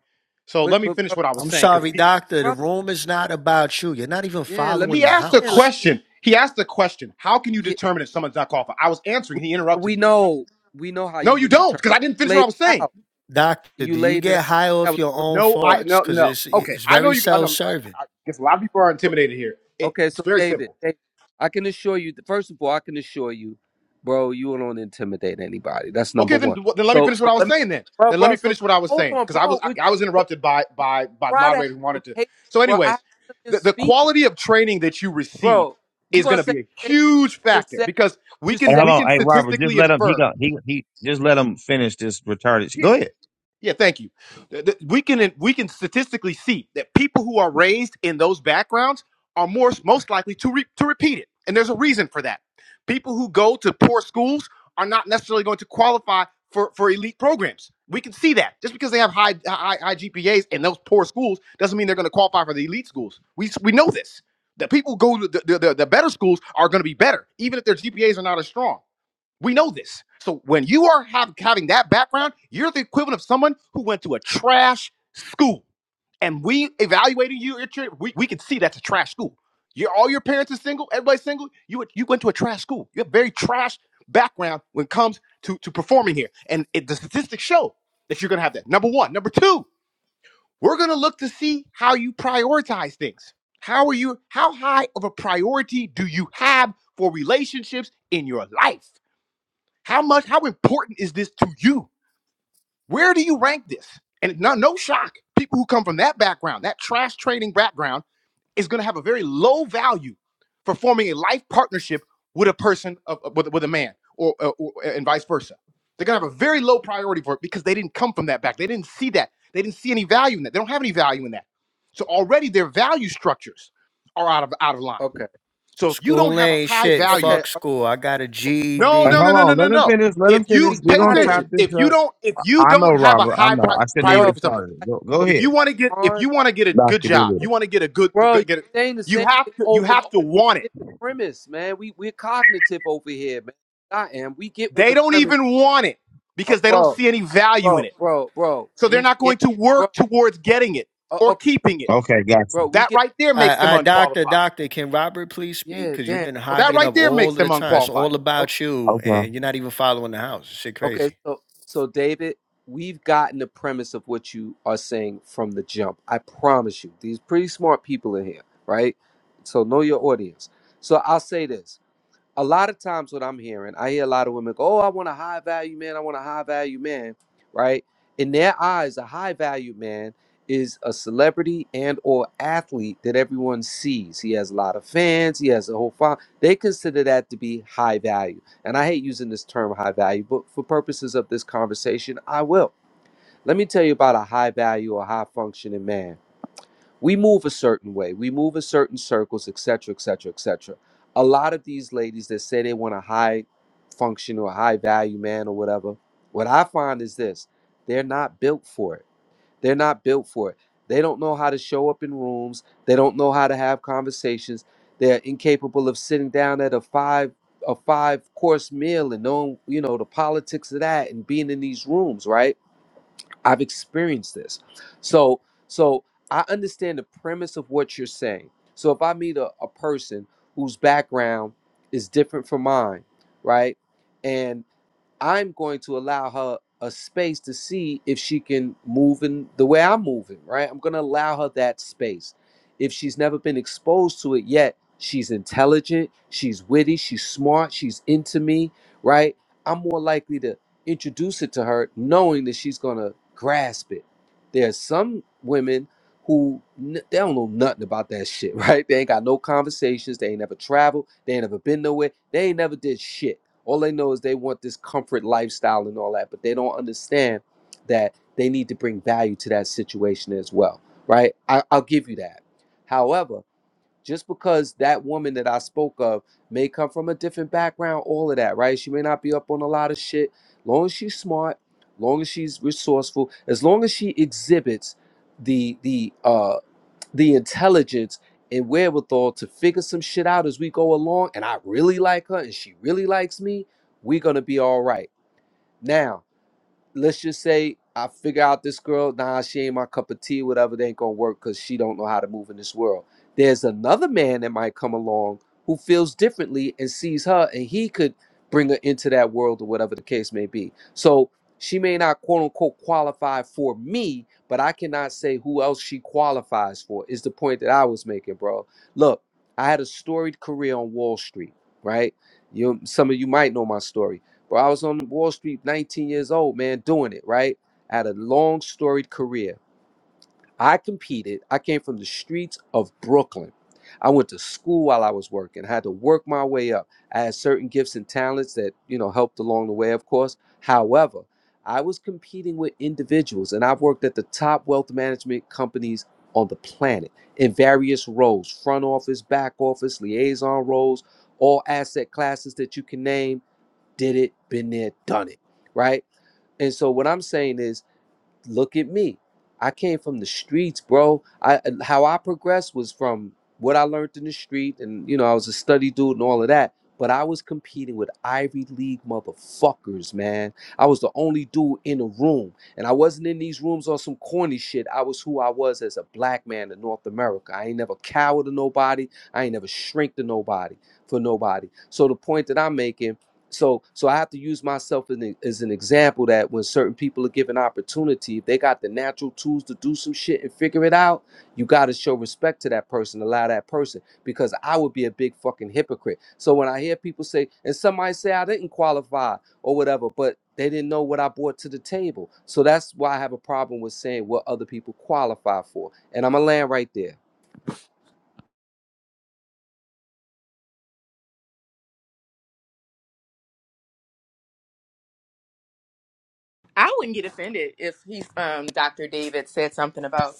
S23: So
S20: But
S23: let me
S20: but
S23: finish
S20: bro,
S23: what I was
S15: I'm
S23: saying because
S15: sorry,
S23: he
S15: doctor. The
S20: bro,
S15: room is not about you. You're not even
S20: yeah, let me
S15: following
S23: he
S15: the
S23: asked a
S20: yeah, let,
S15: house.
S23: question. He asked a question. How can you
S20: yeah
S23: determine if someone's not qualified? I was
S20: we,
S23: answering. He interrupted
S20: we
S23: me.
S20: know we know how
S23: No,
S20: you
S23: you
S20: would
S23: don't,
S20: determine.
S23: because I didn't
S20: You
S23: finish what I
S20: laid
S23: was
S20: it
S23: saying.
S20: out.
S15: Doctor,
S20: You
S15: do you
S20: laid it out.
S15: get high
S20: That
S15: off
S20: was
S15: your
S20: a little
S15: own
S23: No, I
S20: rhetorical.
S15: farts?
S23: no
S15: Cause
S23: no.
S15: it's
S23: Okay,
S15: it's
S23: I know
S15: very
S23: you. I know. I,
S15: self-serving.
S23: I guess a lot of people are
S20: So-
S23: intimidated here. It,
S20: Okay,
S23: it's
S20: so
S23: very
S20: David,
S23: simple.
S20: David, I can assure you. First of all, I can assure you, bro, you don't intimidate anybody. That's number
S23: Okay, then
S20: one.
S23: then let me
S20: So
S23: finish what
S20: so
S23: I was
S20: let me,
S23: saying. Then
S20: bro,
S23: then let
S20: bro.
S23: me
S20: So
S23: finish what I was
S20: hold
S23: saying
S20: on,
S23: because I
S20: bro.
S23: was I,
S20: Would
S23: I was
S20: bro
S23: interrupted by
S20: would you
S23: by by the
S20: try to have
S23: moderator who
S20: some
S23: wanted to.
S20: patience,
S23: So,
S20: bro? I haven't
S23: anyways,
S20: been
S23: the, the
S20: speaking,
S23: quality of training that you receive
S20: bro. You
S23: is going
S20: gonna
S23: to
S20: say
S23: be a
S20: the thing
S23: huge
S20: you just
S23: factor
S20: said?
S23: because we
S20: You
S19: Hey,
S23: can
S20: said
S19: hold
S23: we
S19: on.
S23: can
S19: Hey, Robert, just
S23: statistically
S19: let him. He
S23: infer.
S19: got. He he. Just let him finish this retarded. Shit. Go ahead.
S23: Yeah, thank you. Th- th- We can we can statistically see that people who are raised in those backgrounds are more most likely to re, to repeat it, and there's a reason for that. People who go to poor schools are not necessarily going to qualify for for elite programs. We can see that just because they have high high, high GPAs in those poor schools doesn't mean they're going to qualify for the elite schools. We s- we know this. The people who go to the, the, the the better schools are going to be better, even if their GPAs are not as strong. We know this. So when you are have, having that background, you're the equivalent of someone who went to a trash school. And we evaluating you, at your- we, we can see that's a trash school. Your all your parents are single, everybody's single. You you went to a trash school. You have very trash background when it comes to, to performing here. And it, the statistics show that you're gonna have that. Number one. Number two, we're gonna look to see how you prioritize things. How are you, how high of a priority do you have for relationships in your life? How much, how important is this to you? Where do you rank this? And no, no shock, people who come from that background, that trash trading background, is going to have a very low value for forming a life partnership with a person, of, with, with a man, or, or or- and vice versa. They're going to have a very low priority for it because they didn't come from that back. They didn't see that. They didn't see any value in that. They don't have any value in that. So already their value structures are out of out of line.
S20: okay,
S23: So if you don't
S15: School
S23: have a
S15: ain't
S23: high
S15: shit.
S23: value
S20: okay.
S15: Fuck
S20: All right,
S15: school. I got a
S23: no,
S19: Hey,
S23: no,
S15: GED.
S23: no,
S19: hold
S23: no, no,
S20: bro,
S19: on.
S23: no,
S19: Let him
S23: no.
S19: finish. Let him
S23: If you
S19: finish.
S20: we
S19: we
S23: pay
S19: going
S20: got
S19: to
S20: it.
S19: chop
S23: attention,
S19: this
S23: if you
S19: up.
S23: don't, if you
S19: I know,
S23: don't have a
S19: Robert. I
S23: high
S19: know.
S23: pri-
S19: I shouldn't
S23: priority
S19: even
S20: Bro,
S23: for something,
S19: started it. Go, Go
S20: so
S23: if
S19: ahead.
S23: you want to get, if you
S20: hard.
S23: want to get a good
S19: Dr.
S23: job, you
S19: Doolittle.
S23: want to get a good,
S20: Bro, you
S23: good get, a,
S20: saying the
S23: you
S20: same
S23: have
S20: thing
S23: to, you
S20: over and
S23: have
S20: over.
S23: to
S20: We
S23: want it.
S20: get the premise, man. We we're cognitive over here, man. I am. We get what
S23: They
S20: the
S23: don't
S20: premise,
S23: even want it
S20: uh,
S23: because they don't
S20: bro,
S23: see any value
S20: bro,
S23: in it,
S20: bro, bro.
S23: so they're
S20: We
S23: not going
S20: get,
S23: to
S20: bro.
S23: work towards getting it
S20: Uh,
S23: or
S20: okay,
S23: keeping it.
S19: Okay, gotcha.
S20: bro. We
S23: That
S20: get.
S23: right there makes them
S15: I, I, doctor,
S23: unqualified.
S15: doctor, can Robert please speak?
S20: Yeah,
S15: Cause you've
S20: damn.
S15: been
S23: That
S20: Okay,
S15: hogging
S23: right
S15: up
S23: there
S15: all
S23: makes
S15: of the
S23: them
S15: time. It's
S23: unqualified.
S15: all
S20: okay,
S15: about you, and
S19: Okay.
S15: you're not even following the house. Shit,
S20: okay.
S15: crazy.
S20: So, so David, we've gotten the premise of what you are saying from the jump. I promise you, these pretty smart people in here, right? So know your audience. So I'll say this. a lot of times what I'm hearing, I hear a lot of women go, Oh, I want a high value man. I want a high value man. Right. In their eyes, a high value man is a celebrity and or athlete that everyone sees. He has a lot of fans. He has a whole file. They consider that to be high value. And I hate using this term high value, but for purposes of this conversation, I will. Let me tell you about a high value or high functioning man we move a certain way we move in certain circles etc etc etc a lot of these ladies that say they want a high function or a high value man or whatever what i find is this they're not built for it they're not built for it they don't know how to show up in rooms they don't know how to have conversations they're incapable of sitting down at a five a five course meal and knowing you know the politics of that and being in these rooms right I've experienced this. So so I understand the premise of what you're saying. So if I meet a, a person whose background is different from mine, right? and. I'm going to allow her a space to see if she can move in the way I'm moving, right? I'm going to allow her that space. If she's never been exposed to it yet, she's intelligent, she's witty, she's smart, she's into me, right? I'm more likely to introduce it to her knowing that she's going to grasp it. There's some women who n- they don't know nothing about that shit, [LAUGHS] right? They ain't got no conversations, they ain't never traveled, they ain't never been nowhere, they ain't never did shit all they know is they want this comfort lifestyle and all that, but they don't understand that they need to bring value to that situation as well, right? I, I'll give you that. However, just because that woman that I spoke of may come from a different background, all of that, right? She may not be up on a lot of shit. Long as she's smart, long as she's resourceful, as long as she exhibits the the uh the intelligence and wherewithal to figure some shit out as we go along and I really like her and she really likes me, we're going to be all right. Now, let's just say I figure out this girl, nah, she ain't my cup of tea, whatever, they ain't gonna work because she don't know how to move in this world. There's another man that might come along who feels differently and sees her and he could bring her into that world or whatever the case may be. So she may not quote unquote qualify for me, but I cannot say who else she qualifies for, is the point that I was making, bro. Look, I had a storied career on Wall Street, right? You some of you might know my story. Bro, I was on Wall Street 19 years old, man, doing it, right? I had a long storied career. I competed. I came from the streets of Brooklyn. I went to school while I was working. I had to work my way up. I had certain gifts and talents that, you know, helped along the way, of course. However, I was competing with individuals and I've worked at the top wealth management companies on the planet in various roles, front office, back office, liaison roles, all asset classes that you can name did it, been there, done it, right? And so what I'm saying is, look at me. I came from the streets, bro. I how I progressed was from what I learned in the street, and you know, I was a study dude and all of that. But I was competing with Ivy League motherfuckers, man. I was the only dude in a room. And I wasn't in these rooms on some corny shit. I was who I was as a black man in North America. I ain't never cower to nobody. I ain't never shrink to nobody for nobody. So the point that I'm making so so i have to use myself as an, as an example that when certain people are given opportunity if they got the natural tools to do some shit and figure it out you got to show respect to that person allow that person because i would be a big fucking hypocrite so when i hear people say and somebody say i didn't qualify or whatever but they didn't know what i brought to the table so that's why i have a problem with saying what other people qualify for and i'm gonna land right there
S16: I wouldn't get offended if he's um Dr. David said something about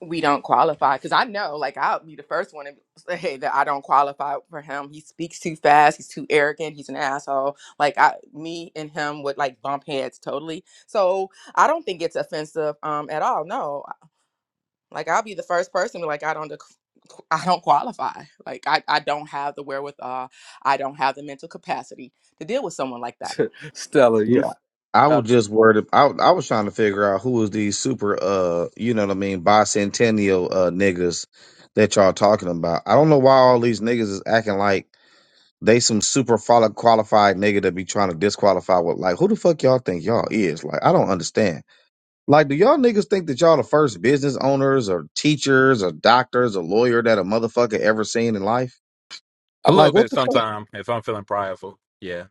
S16: we don't qualify because I know like I'll be the first one to say [LAUGHS] hey, that I don't qualify for him. He speaks too fast. He's too arrogant. He's an asshole. Like I, me and him would like bump heads totally. So I don't think it's offensive um at all. No, like I'll be the first person to be like I don't dec- I don't qualify. Like I I don't have the wherewithal. I don't have the mental capacity to deal with someone like that.
S20: [LAUGHS] stella you f-
S19: I was
S20: up
S19: just worried. I I was trying to figure out who was these super, uh, you know what I mean, bicentennial uh niggas that y'all talking about. I don't know why all these niggas is acting like they some super follow qualified nigga that be trying to disqualify with like who the fuck y'all think y'all is? Like I don't understand. Like do y'all niggas think that y'all the first business owners or teachers or doctors or lawyer that a motherfucker ever seen in life?
S10: A little
S19: Like what
S10: bit
S19: the fuck?
S10: sometime if I'm feeling prideful. Yeah,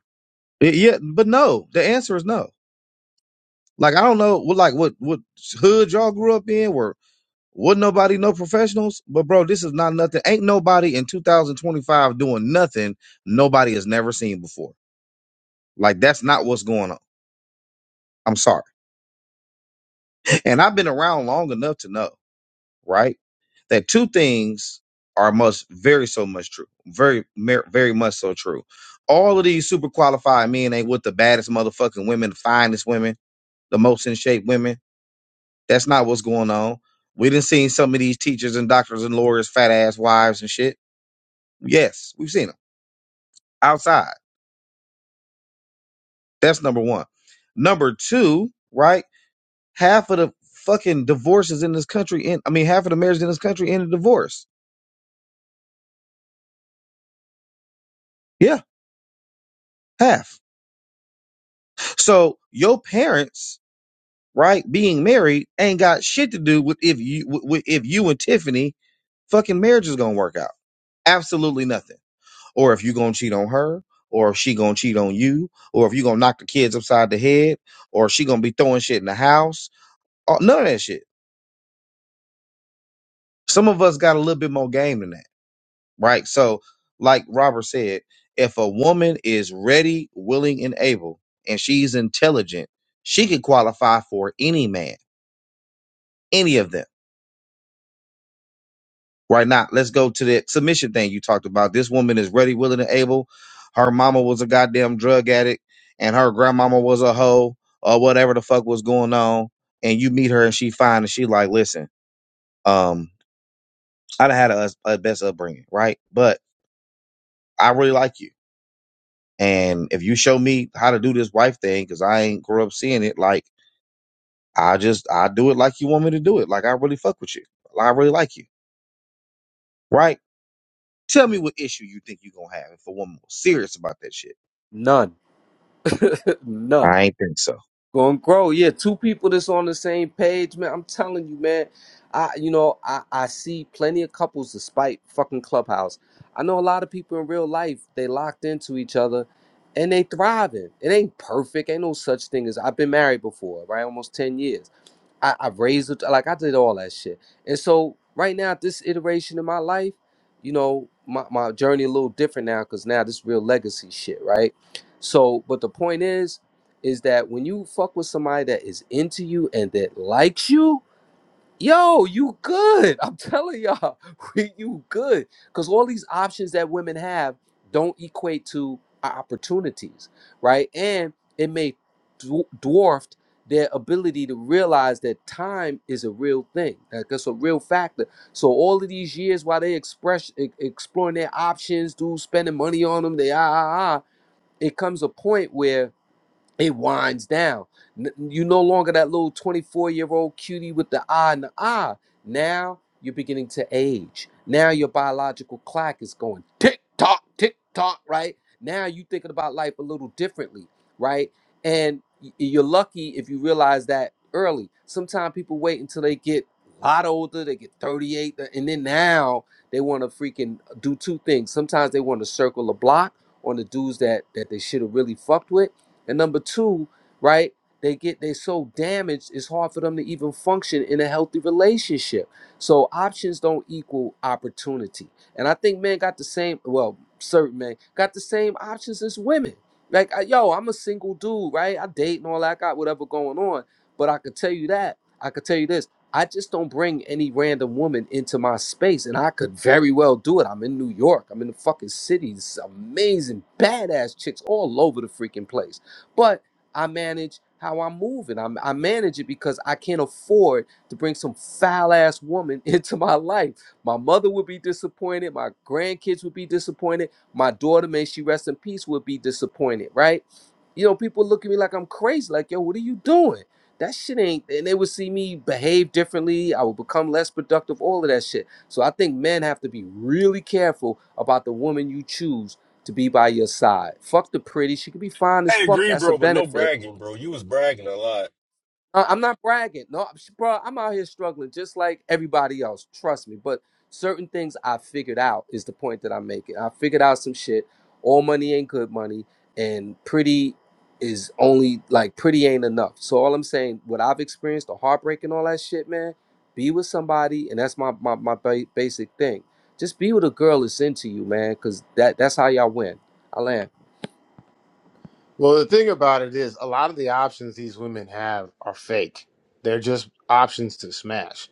S19: Yeah, but no. The answer is no. Like I don't know what like what what hood y'all grew up in, where Wouldn't nobody know professionals? But bro, this is not nothing. Ain't nobody in 2025 doing nothing nobody has never seen before. Like that's not what's going on. I'm sorry. And I've been around long enough to know, right? That two things are must very so much true. Very mer- very much so true. All of these super qualified men ain't with the baddest motherfucking women, the finest women, the most in shape women. That's not what's going on. We didn't seen some of these teachers and doctors and lawyers, fat ass wives and shit. Yes, we've seen 'em outside. That's number one. Number two, right? Half of the fucking divorces in this country, in I mean, half of the marriages in this country end in divorce. Yeah, half. So your parents, right, being married ain't got shit to do with if you with, if you and Tiffany fucking marriage is gonna work out. Absolutely nothing. Or if you gonna cheat on her, or if she gonna cheat on you, or if you gonna knock the kids upside the head, or she gonna be throwing shit in the house. Oh, None of that shit. Some of us got a little bit more game than that right? So, like Robert said, if a woman is ready, willing, and able, and she's intelligent, she could qualify for any man, any of them. Right now, let's go to that submission thing you talked about. This woman is ready, willing, and able. Her mama was a goddamn drug addict, and her grandmama was a hoe, or whatever the fuck was going on. And you meet her, and she fine, and she like, listen, um, I done had a, a best upbringing, right? But I really like you. And if you show me how to do this wife thing, because I ain't grew up seeing it, like I just I do it like you want me to do it. Like I really fuck with you. I really like you. Right? Tell me what issue you think you gonna have if a woman was serious about that shit.
S20: none [LAUGHS]
S19: I
S20: none
S19: ain't think so.
S20: Gonna grow. Yeah, two people that's on the same page, man. I'm telling you, man. I you know, I, I see plenty of couples despite fucking Clubhouse. I know a lot of people in real life, they locked into each other and they thriving. It ain't perfect. Ain't no such thing as I've been married before, right? Almost 10 years. I, I raised it like I did all that shit. And so right now, at this iteration in my life, you know, my, my journey a little different now because now this real legacy shit, right? So, but the point is, is that when you fuck with somebody that is into you and that likes you, Yo, you good. I'm telling y'all, [LAUGHS] we- you good. Because all these options that women have don't equate to o- opportunities, right? And it may dw- dwarfed their ability to realize that time is a real thing. Like that's a real factor. So all of these years while they express e- exploring their options, dudes spending money on them, they ah ah ah, it comes a point where it winds down. N- You no longer that little 24 year old cutie with the eye and the eye. Now you're beginning to age. Now your biological clock is going tick tock, tick tock, right? Now you're thinking about life a little differently, right? And y- you're lucky if you realize that early. Sometimes people wait until they get a lot older, they get 38, and then now they want to freaking do two things. Sometimes they want to circle the block on the dudes that, that they should have really fucked with and number two, right? They get they so damaged, it's hard for them to even function in a healthy relationship. So options don't equal opportunity. And I think men got the same, well, certain men got the same options as women. Like, I, yo, I'm a single dude, right? I date and all that. I got whatever going on. But I could tell you that. I could tell you this. I just don't bring any random woman into my space, and I could very well do it. I'm in New York. I'm in the fucking city. It's amazing, badass chicks all over the freaking place but I manage how I'm moving. I'm, I manage it because I can't afford to bring some foul ass woman [LAUGHS] into my life. My mother would be disappointed. My grandkids would be disappointed. My daughter, may she rest in peace, would be disappointed, right? You know, people look at me like I'm crazy, like, yo, what are you doing? That shit ain't, and they would see me behave differently. I would become less productive, all of that shit. So I think men have to be really careful about the woman you choose to be by your side. Fuck the pretty. She could be fine as fuck.
S17: agree,
S20: That's a
S17: bro, but no
S20: benefit.
S17: bragging, bro. You was bragging a lot.
S20: I- I'm not bragging. No, bro, I'm out here struggling just like everybody else. Trust me. But certain things I figured out is the point that I'm making. I figured out some shit. All money ain't good money, and pretty is only like pretty ain't enough. So all I'm saying, what I've experienced, the heartbreak and all that shit, man. Be with somebody, and that's my my, my ba- basic thing. Just be with a girl that's into you, man, because that that's how y'all win. I land
S23: Well, the thing about it is, a lot of the options these women have are fake. They're just options to smash,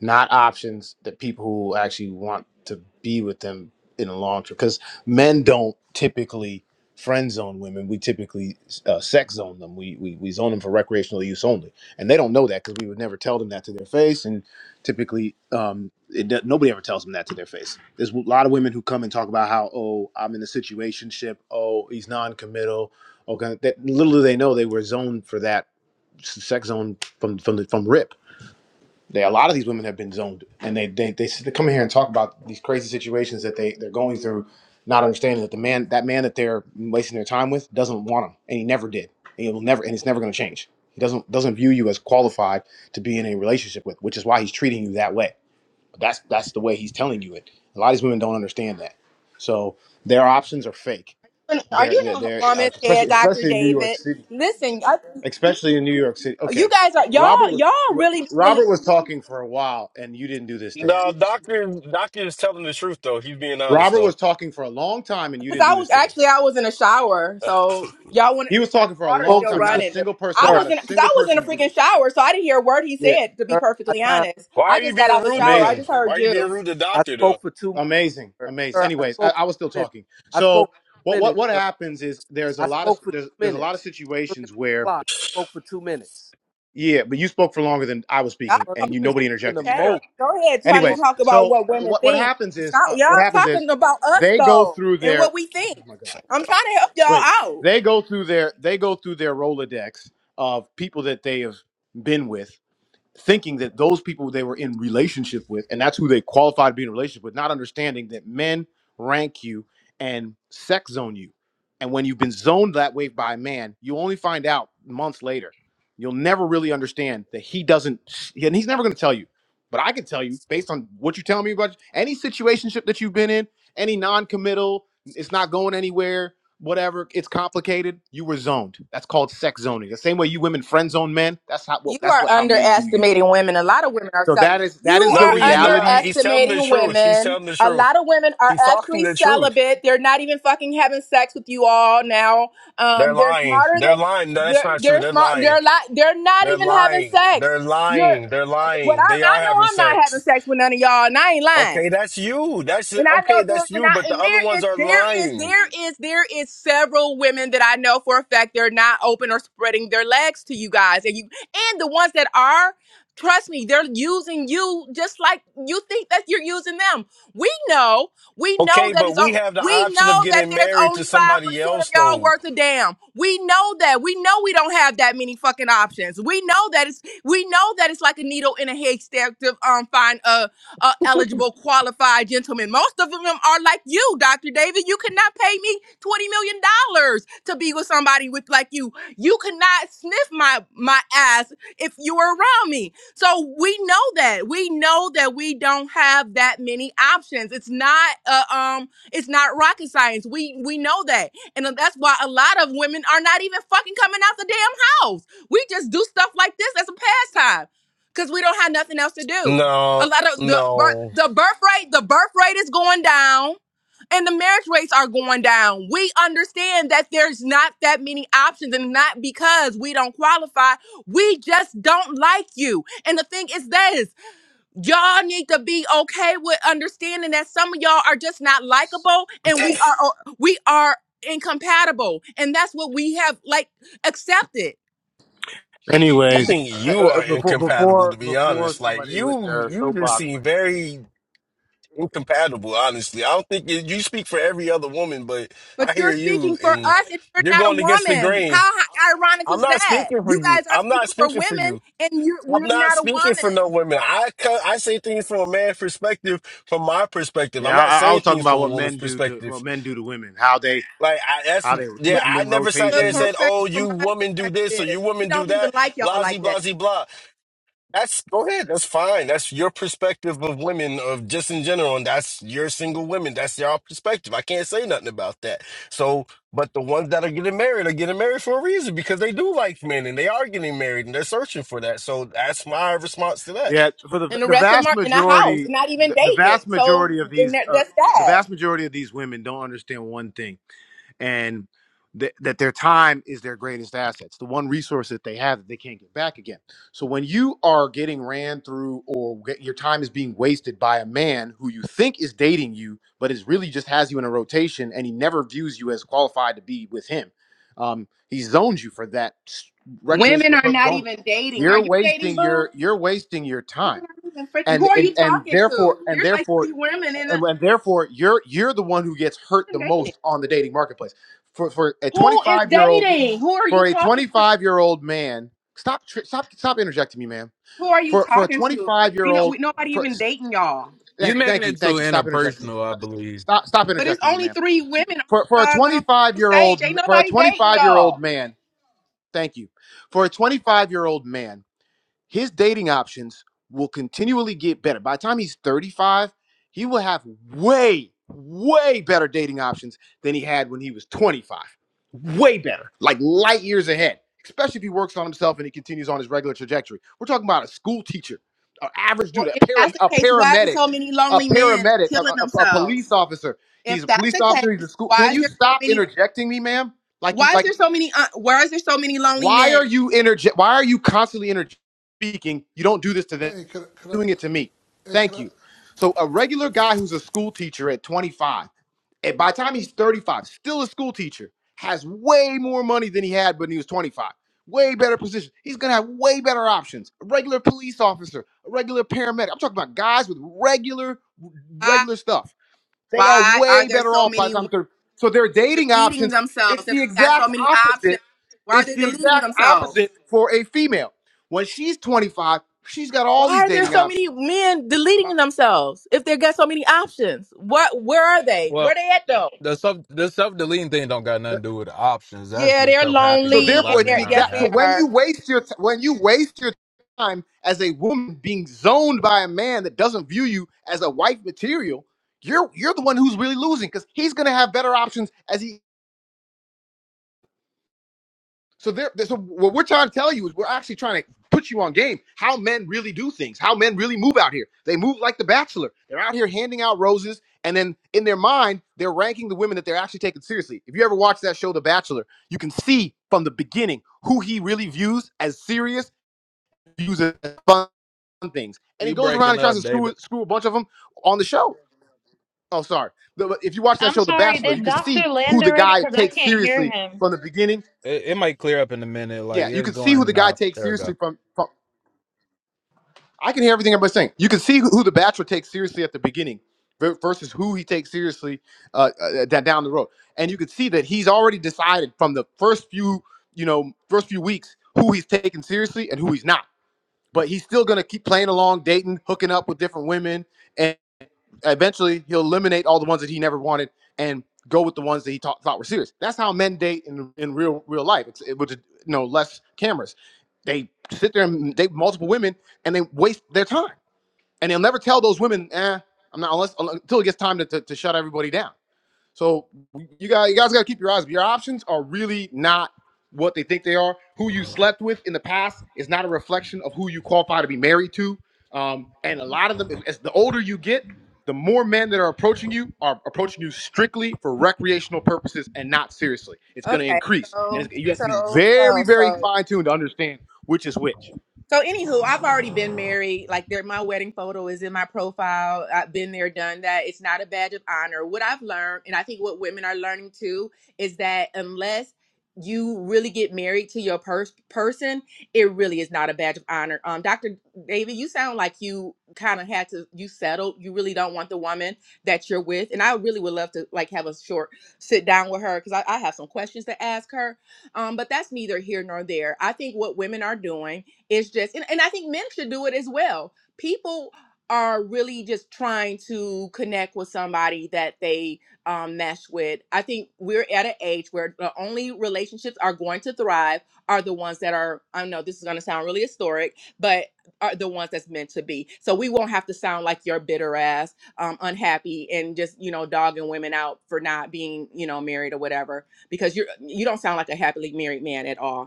S23: not options that people who actually want to be with them in the long term. Because men don't typically friend zone women. We typically uh, sex zone them. We, we we zone them for recreational use only, and they don't know that because we would never tell them that to their face. And typically, um, it, do- nobody ever tells them that to their face. There's a lot of women who come and talk about how, oh, I'm in a situationship. Oh, he's non-committal Okay, that little do they know they were zoned for that sex zone from from the, from RIP. They, a lot of these women have been zoned, and they they they, sit- they come here and talk about these crazy situations that they they're going through, not understanding that the man that man that they're wasting their time with doesn't want them, and he never did, and he will never, and it's never going to change. He doesn't doesn't view you as qualified to be in a relationship with, which is why he's treating you that way. But that's that's the way he's telling you it. A lot of these women don't understand that, so their options are fake.
S16: And Are
S23: They're
S16: you
S23: they're,
S16: not
S23: they're uh,
S16: woman
S23: especially
S16: scared, Doctor
S23: especially in New York
S16: David?
S23: City
S16: Listen, I,
S23: especially in New York City.
S16: you
S23: Okay,
S16: guys are y'all
S23: Robert was
S16: y'all
S23: Ro-
S16: really do believe.
S23: Robert was talking for a while, and you didn't do this to
S17: No,
S23: him.
S17: doctor doctor is telling the truth though. He's being honest
S23: Robert
S17: though.
S23: was talking for a long time, and you
S16: Cause
S23: didn't
S16: I
S23: do this
S16: was
S23: to him.
S16: actually I was in a shower,
S17: [SIGHS]
S16: so y'all want
S23: He was
S16: the
S23: talking for a
S16: water's
S23: long
S20: spoke
S16: still
S20: for
S23: time. Not
S20: two
S23: a
S16: running.
S23: single
S20: minutes,
S23: person,
S16: I
S20: sir.
S23: not
S16: was
S23: a
S16: in because I
S23: single
S16: was in a
S23: person did
S16: freaking
S23: this. to him.
S16: shower, so I didn't hear a word he
S20: Yeah,
S16: said. To be
S20: sir. I
S16: perfectly
S20: time.
S16: honest,
S17: Why
S16: I
S17: are you
S16: just got out
S17: being
S16: the
S17: rude
S16: shower.
S17: to
S16: I
S17: him?
S23: Amazing,
S16: just
S17: Why
S16: heard
S17: are you
S16: you.
S17: being rude to
S20: I
S17: doctor though?
S20: spoke for two minutes,
S23: amazing,
S20: sir.
S23: amazing.
S20: Sir, I
S23: Anyways, I,
S20: spoke for
S23: I was still
S20: two minutes.
S23: talking.
S20: I spoke for
S23: So
S20: two
S23: what what
S20: minutes,
S23: what
S20: sir.
S23: happens is there's a
S20: I
S23: lot of
S20: spoke for two
S23: there's there's a lot of
S20: minutes. Looking at
S23: situations
S20: the
S23: where
S20: clock, I spoke for two minutes.
S23: yeah, but you spoke for longer than I was
S16: Y'all
S23: speaking,
S20: Sir,
S16: are
S23: and
S20: you've
S23: you
S20: been
S23: nobody
S20: speaking the
S23: interjected you at
S16: chattering.
S23: all.
S20: most.
S16: Go ahead, trying to
S23: Anyways,
S16: talk about
S23: so
S16: what
S23: uh,
S16: women
S23: what what
S16: think.
S23: happens is
S16: Stop,
S23: uh, what
S16: y'all
S23: happens is
S16: talking about us
S23: they go
S16: though,
S23: through
S16: and
S23: their
S16: what we think.
S23: oh my god
S16: I'm trying to help y'all
S23: great
S16: out.
S23: they go through their they go through their rolodex of people that they have been with thinking that those people they were in relationship with and that's who they qualified to be in a relationship with not understanding that men rank you and sex zone you and when you've been zoned that way by a man you only find out months later you'll never really understand that he doesn't and he's never going to tell you but i can tell you based on what you're telling me about any situationship that you've been in any non-committal it's not going anywhere whatever. It's complicated. You were zoned. That's called sex zoning. The same way you women friend zone men. That's how. Well,
S16: You
S23: that's
S16: are
S23: what how men do you.
S16: underestimating women. A lot of women are
S23: So that
S16: celibate.
S23: is that is
S16: You
S23: the
S16: are
S17: No, he's not.
S23: reality.
S17: He's telling the
S16: underestimating
S17: truth. He's
S16: women.
S17: telling the
S16: A
S17: truth.
S16: lot of women are
S17: He's talking
S16: actually
S17: the truth.
S16: celibate. They're not even fucking having sex with you all now.
S17: They're
S16: Um, they're
S17: lying.
S16: smarter
S17: They're
S16: than
S17: lying. No, that's
S16: they're
S17: not true.
S16: they're
S17: They're
S16: smart. They're
S17: lying.
S16: a lot. They're not
S17: They're
S16: even having
S17: lying.
S16: sex.
S17: They're
S16: You're
S17: lying. They're
S16: what I
S17: lying. They are
S16: I know.
S17: having
S16: I'm not having
S17: sex.
S16: sex with none of y'all, and I ain't lying.
S17: Okay, that's you. That's
S16: And I know
S17: okay.
S16: there
S17: That's
S16: and
S17: you. But
S16: I
S17: the
S16: and
S17: other
S16: there
S17: ones
S16: is
S17: are
S16: there is
S17: lying.
S16: there is there is several women that I know for a fact they're not open or spreading their legs to you guys. And you and the ones that are, trust me, they're using you just like you think that you're using them. We know, we know
S17: Okay,
S16: that
S17: but
S16: it's on
S17: we have the
S16: we
S17: option of
S16: know that
S17: getting
S16: there's
S17: married
S16: only
S17: to
S16: five
S17: somebody
S16: percent of
S17: else,
S16: y'all
S17: though.
S16: worth a damn. We know that. We know we don't have that many fucking options. We know that it's we know that it's like a needle in a haystack to um find uh, eligible, qualified gentlemen. Most of them are like you, Dr. David. You cannot pay me $20 million dollars to be with somebody with like you. You cannot sniff my, my ass if you were around me. So we know that. We know that we don't have that many options. It's not uh, um it's not rocket science. We we know that. And that's why a lot of women are not even fucking coming out the damn house. We just do stuff like this as a pastime cuz we don't have nothing else to do. A
S17: No,
S16: lot of the bir-
S17: no.
S16: the birth rate, the birth rate is going down and the marriage rates are going down. We understand that there's not that many options and not because we don't qualify. We just don't like you. And the thing is this, y'all need to be okay with understanding that some of y'all are just not likable
S17: [LAUGHS]
S16: and we
S17: I
S16: are we are incompatible. And that's what we have like accepted.
S23: Anyways,
S17: think
S23: Uh, uh,
S17: you
S23: uh,
S17: are
S23: before
S17: incompatible,
S23: before
S17: to be
S23: before
S17: honest. Like
S23: somebody with
S17: you,
S23: their
S17: you just
S23: soapbox
S17: seem
S23: rant.
S17: very incompatible. Honestly, I don't think you, you speak for every other woman, but
S16: But
S17: I
S16: you're
S17: hear
S16: speaking
S17: you,
S16: for
S17: and
S16: us and you're
S17: you're
S16: not a
S17: going against the
S16: woman.
S17: grain.
S16: How h- ironic
S17: I'm
S16: is
S17: not
S16: that?
S17: speaking for
S16: You
S17: you.
S16: guys are
S17: I'm not
S16: speaking for
S17: speaking for
S16: women
S17: you.
S16: and you're
S17: I'm
S16: we're
S17: not
S16: not a
S17: speaking for no
S16: woman.
S17: women. I co- I say things from a man's perspective, from my perspective. I'm
S23: Yeah,
S17: not
S23: I, I was
S17: saying
S23: talking
S17: things
S23: about
S17: from a
S23: what
S17: woman's
S23: men do to
S17: perspective.
S23: what men do to women, how they
S17: Like I, that's
S23: how they keep
S17: yeah.
S16: But
S23: them
S17: I
S23: in
S17: never sat
S16: the
S17: there and
S23: rotation.
S17: said,
S16: perspective
S17: "Oh,
S16: from
S17: you
S16: my
S17: women do this
S16: perspective
S17: or
S16: is
S17: you
S16: we
S17: women do
S16: don't even
S17: that."
S16: like y'all
S17: Blasey,
S16: like that.
S17: blasey, blah. That's go ahead. That's fine. That's your perspective of women, of just in general, and that's your single women. That's your perspective. I can't say nothing about that. So, but the ones that are getting married are getting married for a reason because they do like men and they are getting married and they're searching for that. So that's my response to that.
S23: Yeah, for the
S16: And the
S23: the
S16: rest of them
S23: vast
S16: are in a house,
S23: majority,
S16: not even
S23: the, the
S16: dating.
S23: vast
S16: So
S23: majority of
S16: and
S23: these,
S16: that,
S23: uh,
S16: that's
S23: the
S16: that.
S23: vast majority of these women don't understand one thing. and th- that their time is their greatest assets, the one resource that they have that they can't get back again. So when you are getting ran through or get, your time is being wasted by a man who you think is dating you, but is really just has you in a rotation and he never views you as qualified to be with him, um, he zones you for that s-
S16: Women
S23: recreational
S16: are
S23: purpose
S16: not
S23: only.
S16: even dating. Are
S23: You're
S16: you
S23: wasting
S16: dating, boo?
S23: your you're wasting your time.
S16: Women aren't even freaking.
S23: And,
S16: Who are
S23: and
S16: you
S23: and
S16: talking
S23: therefore
S16: to?
S23: and
S16: There's like
S23: therefore
S16: three women in
S23: and,
S16: the
S23: and therefore you're you're the one who gets hurt the
S16: even dating.
S23: most on the dating marketplace. For for a
S16: Who is
S23: 25 year old
S16: dating? Who are
S23: for
S16: you
S23: a
S16: talking to?
S23: 25 year old man, stop tr- stop stop interjecting me, ma'am.
S16: Who are you
S23: For for a
S16: talking to?
S23: 25 year
S16: Ain't no, we,
S23: old
S16: nobody
S23: for
S16: even dating y'all.
S10: you
S23: thank you
S10: making
S23: thank you
S10: it too
S23: thank you stop interjecting
S10: interpersonal. I believe.
S23: stop stop
S16: But it's
S23: interjecting me,
S16: only
S23: ma'am.
S16: three women
S23: For for a
S16: on the doggone
S23: 25 year
S16: stage.
S23: old
S16: Ain't
S23: for a
S16: nobody dating
S23: 25 year old
S16: y'all.
S23: man, thank you. For a 25 year old man. his dating options will continually get better. By the time he's 35, he will have way, way better dating options than he had when he was 25. Way better, like light years ahead, especially if he works on himself and he continues on his regular trajectory. We're talking about a school teacher, an average
S16: Well,
S23: dude, a,
S16: if
S23: para,
S16: that's the
S23: a
S16: case, why is there
S23: paramedic,
S16: so many
S23: a
S16: lonely men
S23: paramedic, a,
S16: killing
S23: a, a police
S16: themselves?
S23: officer. He's
S16: If
S23: a
S16: that's
S23: police
S16: the
S23: officer. He's a
S16: case,
S23: school. Can
S16: why is
S23: you
S16: there so
S23: stop
S16: many?
S23: interjecting me, ma'am? Like, you-
S16: Why is
S23: like
S16: there so many? Uh, why is there so many lonely
S23: why
S16: men?
S23: are you energe- Why are you constantly energetic speaking? You don't do this to them.
S24: Hey, could I, could
S23: You're doing it to
S24: I,
S23: me.
S24: hey, could
S23: Thank
S24: I,
S23: you. So a regular guy who's a school teacher at 25, and by the time he's 35, still a school teacher, has way more money than he had when he was 25. Way better position. He's gonna have way better options. A regular police officer, a regular paramedic. I'm talking about guys with regular,
S16: Why,
S23: regular stuff they are
S16: why are
S23: way
S16: there
S23: better
S16: so
S23: off by the
S16: many women
S23: time they're so their dating
S16: deleting
S23: options. It's
S16: themselves if
S23: the
S16: they got so
S23: exact
S16: many options?
S23: opposite.
S16: Why are
S23: It's
S16: they
S23: the
S16: deleting
S23: exact
S16: themselves?
S23: opposite for a female. When she's 25, she's got all
S16: Why
S23: these
S16: are there
S23: dating
S16: so
S23: options.
S16: many men deleting themselves if they got so many options? What? Where are they? Where
S10: Well,
S16: they at though?
S10: The self the self deleting thing don't got nothing to do with the options. That's
S16: Yeah,
S10: just
S16: they're
S10: self
S23: So
S10: happiness. A
S16: lonely,
S10: lot
S16: and
S23: therefore,
S10: of
S23: it's the
S16: they're
S10: men
S16: yes,
S10: aren't
S23: exact. So
S16: they
S10: happy.
S23: when
S16: are.
S23: you waste your t- when you waste your time as a woman being zoned by a man that doesn't view you as a wife material, you're you're the one who's really losing because he's gonna have better options as he So there, so what we're trying to tell you is we're actually trying to put you on game. How men really do things. How men really move out here. They move like the Bachelor. They're out here handing out roses, and then in their mind, they're ranking the women that they're actually taking seriously. If you ever watch that show, The Bachelor, you can see from the beginning who he really views as serious, views as fun things, and he
S10: You
S23: goes around
S10: breaking
S23: and tries to
S10: up, David?
S23: screw screw a bunch of them on the show. Oh, sorry. The- if you watch that
S14: I'm
S23: show, The
S14: sorry,
S23: Bachelor, you
S14: did
S23: can
S14: Doctor
S23: see who
S14: land
S23: the
S14: already?
S23: guy
S14: Because I
S23: takes
S14: can't hear
S23: seriously
S14: him.
S23: from the beginning
S10: It, it might clear up in a minute. Like
S23: Yeah, you
S10: it's
S23: can see who the
S10: going
S23: guy
S10: out.
S23: takes
S10: There we go.
S23: seriously from. from I can hear everything everybody's saying. You can see who who the bachelor takes seriously at the beginning ver- versus who he takes seriously uh, uh, da- down the road, and you can see that he's already decided from the first few you know first few weeks who he's taking seriously and who he's not. But he's still gonna keep playing along, dating, hooking up with different women, eventually he'll eliminate all the ones that he never wanted and go with the ones that he thought, thought were serious. That's how men date in, in real real life. It's it, with you know less cameras. They sit there and date multiple women and they waste their time. And they'll never tell those women, eh, I'm not unless until it gets time to, to, to shut everybody down. So you guys, you guys got to keep your eyes. Your options are really not what they think they are. Who you slept with in the past is not a reflection of who you qualify to be married to. Um, and a lot of them, as the older you get, the more men that are approaching you are approaching you strictly for recreational purposes and not seriously. It's going to
S16: Okay,
S23: increase, and
S16: so
S23: it's, you have to be
S16: so
S23: very,
S16: so
S23: very
S16: so.
S23: fine tuned to understand which is which.
S16: So, anywho, I've already been married. Like, there, my wedding photo is in my profile. I've been there, done that. It's not a badge of honor. What I've learned, and I think what women are learning too, is that unless you really get married to your pers- person, it really is not a badge of honor. Um, Dr. David, you sound like you kind of had to, you settled. You really don't want the woman that you're with. And I really would love to, like, have a short sit down with her because I, I have some questions to ask her. Um, but that's neither here nor there. I think what women are doing it's just, and, and I think men should do it as well. People are really just trying to connect with somebody that they um, mesh with. I think we're at an age where the only relationships are going to thrive are the ones that are, I know this is going to sound really historic, but are the ones that's meant to be. So we won't have to sound like your bitter ass, um, unhappy, and just, you know, dogging women out for not being, you know, married or whatever, because you're, you don't sound like a happily married man at all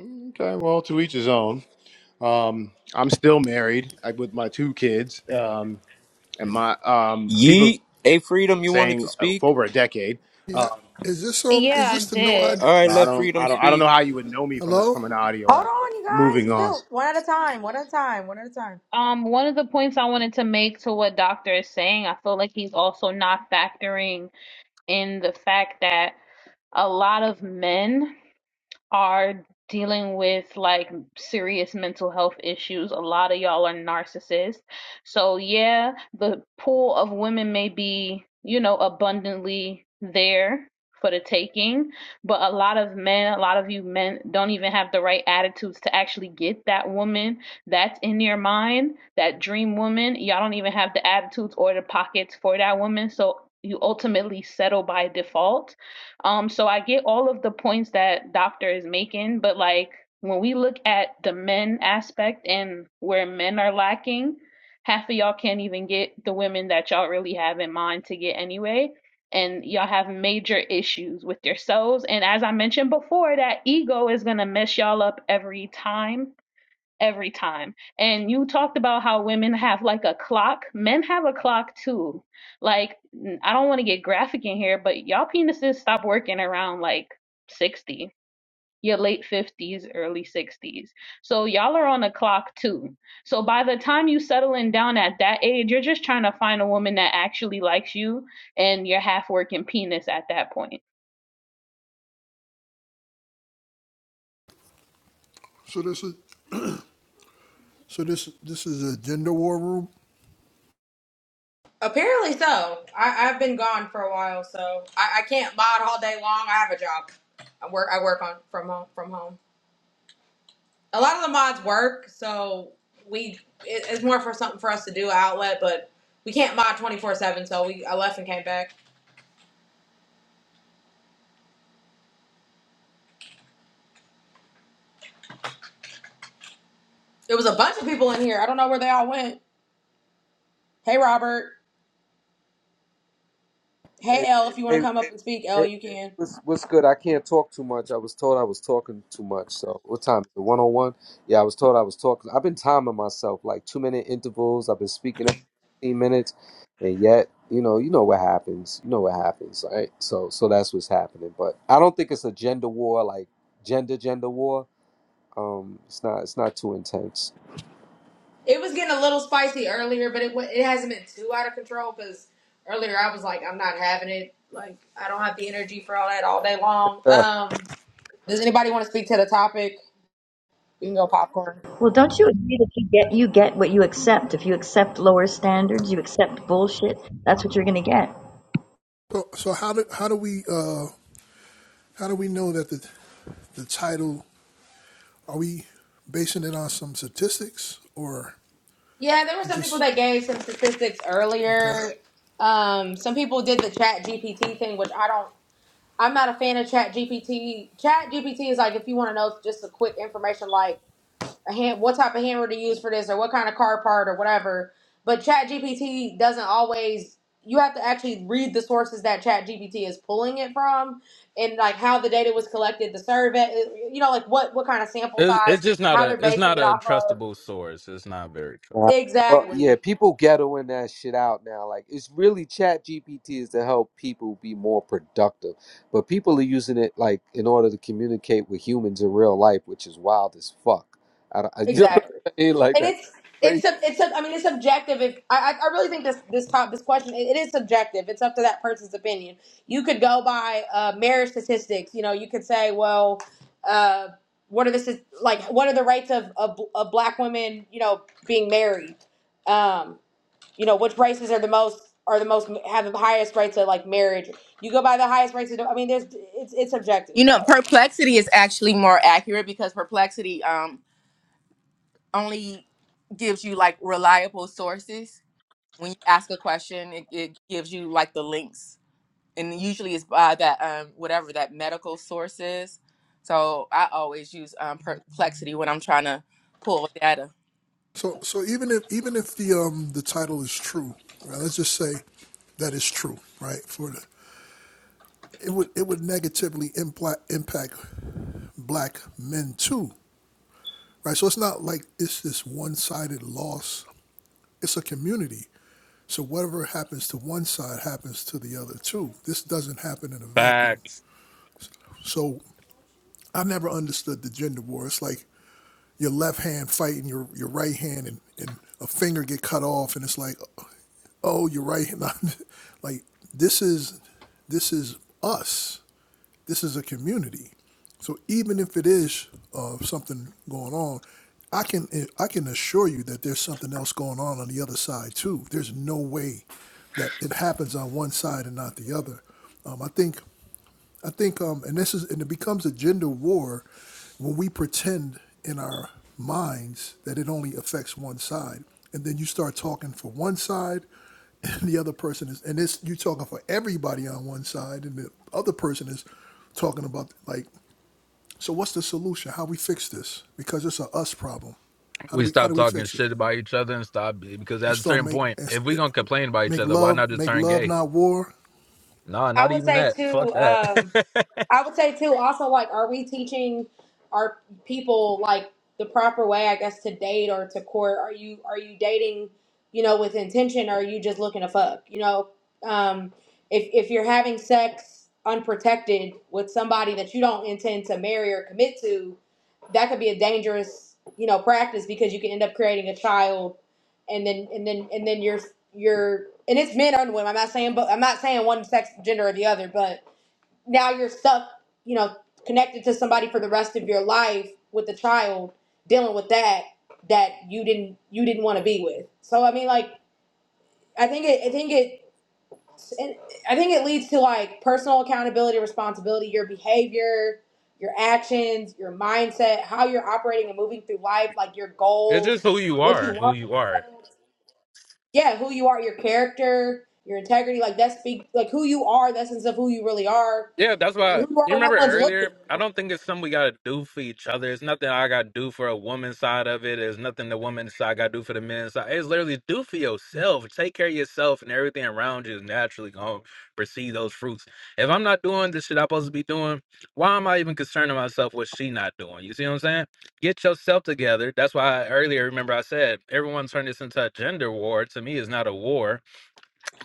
S23: Okay, well, to each his own. Um, I'm still married I, with my two kids. Um, and my um people
S13: Yeet. Hey Freedom, you wanted
S23: saying
S13: to
S23: uh, for
S13: speak?
S23: over a decade.
S24: yeah,
S23: Uh,
S24: is this, um,
S14: Yeah,
S24: is
S14: I
S24: this the no I,
S14: did.
S23: so
S13: Alright,
S23: I
S13: let
S23: don't,
S13: Freedom
S23: I don't, I don't
S13: speak.
S23: know how you would know me from a,
S24: hello?
S23: from an audio
S4: Hold
S23: app.
S4: on, you
S23: Moving
S4: guys.
S23: on.
S4: Chill. One at a time. One at a time. One at a time.
S14: Um, one of the points I wanted to make to what Doctor is saying, I feel like he's also not factoring in the fact that a lot of men are dealing with like serious mental health issues. A lot of y'all are narcissists. So, yeah, the pool of women may be, you know, abundantly there for the taking, but a lot of men, a lot of you men don't even have the right attitudes to actually get that woman that's in your mind, that dream woman. Y'all don't even have the attitudes or the pockets for that woman. So, you ultimately settle by default um, so I get all of the points that Doctor is making, but like when we look at the men aspect and where men are lacking, half of y'all can't even get the women that y'all really have in mind to get anyway. And y'all have major issues with yourselves. And as I mentioned before, that ego is gonna mess y'all up every time every time. And you talked about how women have like a clock. Men have a clock too. Like, I I don't want to get graphic in here, but y'all penises stop working around like 60, your late 50s, early 60s. So y'all are on a clock too. So by the time you settling down at that age, you're just trying to find a woman that actually likes you and your half working penis at that point.
S24: So this is, so this, this is a gender war room?
S4: Apparently so. I, I've been gone for a while, so I, I can't mod all day long. I have a job. I work. I work on from home. From home. A lot of the mods work, so we it, it's more for something for us to do outlet, but we can't mod twenty four seven. So we I left and came back. There was a bunch of people in here. I don't know where they all went. Hey, Robert. Hey,
S20: Hey,
S4: Elle, if you want to
S20: hey,
S4: come up and speak,
S20: Hey,
S4: Elle, you can.
S20: what's what's good? I can't talk too much. I was told I was talking too much. So what time? The one on one? Yeah, I was told I was talking. I've been timing myself like two minute intervals. I've been speaking every fifteen minutes, and yet you know you know what happens. You know what happens, right? So so that's what's happening. But I don't think it's a gender war like gender gender war. Um, it's not it's not too intense.
S4: It was getting a little spicy earlier, but it wa- it hasn't been too out of control because earlier I was like, I'm not having it. Like, I don't have the energy for all that all day long.
S20: [LAUGHS]
S4: Um, does anybody want to speak to the topic? We can go popcorn.
S9: Well, don't you agree that you get you get what you accept? If you accept lower standards, you accept bullshit. That's what you're going to get.
S24: So, so how do, how do we, uh, how do we know that the, the title, are we basing it on some statistics or
S4: Yeah, there were
S24: we
S4: some people
S24: just,
S4: that gave some statistics earlier.
S24: okay.
S4: Um, some people did the Chat GPT thing, which I don't. I'm not a fan of Chat GPT. Chat GPT is like if you want to know just a quick information, like a hand, what type of hammer to use for this or what kind of car part or whatever. But ChatGPT doesn't always. You have to actually read the sources that ChatGPT is pulling it from, and like how the data was collected, the survey, you know, like what what kind of sample
S10: It's,
S4: size,
S10: it's just not
S4: how
S10: a
S4: they're
S10: it's
S4: basing
S10: not
S4: it
S10: a
S4: off of.
S10: trustable source. It's not very
S20: Nah.
S10: trustable.
S20: Well, yeah,
S4: Exactly.
S20: people ghettoing that shit out now. Like, it's really Chat GPT is to help people be more productive, but people are using it like in order to communicate with humans in real life, which is wild as fuck. I don't, [LAUGHS] I- you know what
S4: Exactly.
S20: I'm saying? Like
S4: And
S20: that's
S4: it's it's
S20: crazy.
S4: sub- it's sub- I mean it's subjective. If I I I really think this this top this question it it is subjective. It's up to that person's opinion. You could go by uh, marriage statistics. You know, you could say, well, uh, what are the st- like what are the rates of, of of black women you know being married? Um, you know, which races are the most are the most have the highest rates of like marriage? You go by the highest rates of. I mean, there's it's it's subjective.
S16: You know,
S4: So.
S16: perplexity is actually more accurate because perplexity um only gives you like reliable sources. When you ask a question, it, it gives you like the links, and usually it's by that um whatever that medical source is. So I always use um, perplexity when I'm trying to pull data.
S24: So, so even if, even if the, um, the title is true, right, let's just say that it's true, right, for the, it would, it would negatively impact, impact black men too, right? So it's not like it's this one-sided loss. It's a community. So whatever happens to one side happens to the other too. This doesn't happen in a vacuum.
S10: Facts.
S24: So I never understood the gender war. It's like your left hand fighting your, your right hand and, and a finger get cut off and it's like oh your right hand [LAUGHS] like this is this is us this is a community so even if it is uh, something going on i can i can assure you that there's something else going on on the other side too there's no way that it happens on one side and not the other um, i think I think, um, and this is, and it becomes a gender war when we pretend in our minds that it only affects one side, and then you start talking for one side, [LAUGHS] and the other person is, and this you talking for everybody on one side, and the other person is talking about like, so what's the solution? How we fix this? Because it's a us problem. How do
S10: We
S24: we how
S10: stop
S24: do we
S10: talking
S24: fix it?
S10: shit about each other and stop because
S24: And
S10: at a
S24: start
S10: certain
S24: make
S10: point, if we gonna complain about each
S24: make
S10: other, why not
S24: love
S10: just
S24: make
S10: turn
S24: love
S10: gay?
S24: not war.
S10: Nah,
S4: I
S10: not
S4: would
S10: even
S4: say
S10: that. Fuck
S4: too.
S10: that.
S4: Um, I would say too. Also, like, are we teaching our people like the proper way? I guess to date or to court. Are you are you dating? You know, with intention, or are you just looking to fuck? You know, um, if if you're having sex unprotected with somebody that you don't intend to marry or commit to, that could be a dangerous you know practice because you can end up creating a child and then and then and then you're you're and it's men and women. I'm not saying but I'm not saying one sex gender or the other, but now you're stuck, you know, connected to somebody for the rest of your life with a child dealing with that that you didn't you didn't want to be with. So I mean, like I think it I think it and I think it leads to like personal accountability, responsibility, your behavior, your actions, your mindset, how you're operating and moving through life, like your
S10: [LAUGHS] it's
S4: goals,
S10: just who you
S4: what you
S10: are. Who
S4: want for
S10: you are.
S4: yourself yeah, who you are, your character, your integrity, like that's big. like who you are, that sense of who you really are.
S10: Yeah, that's
S4: Who
S10: why
S4: you are
S10: you
S4: when no
S10: remember
S4: one's looking.
S10: earlier. I don't think it's something we gotta do for each other. It's nothing I gotta do for a woman's side of it. It's nothing the woman's side gotta do for the men's side. It's literally do for yourself. Take care of yourself, and everything around you is naturally gonna receive those fruits. If I'm not doing the shit I'm supposed to be doing, why am I even concerning myself with she not doing? You see what I'm saying? Get yourself together. That's why I, earlier, remember I said everyone turned this into a gender war. To me, it's not a war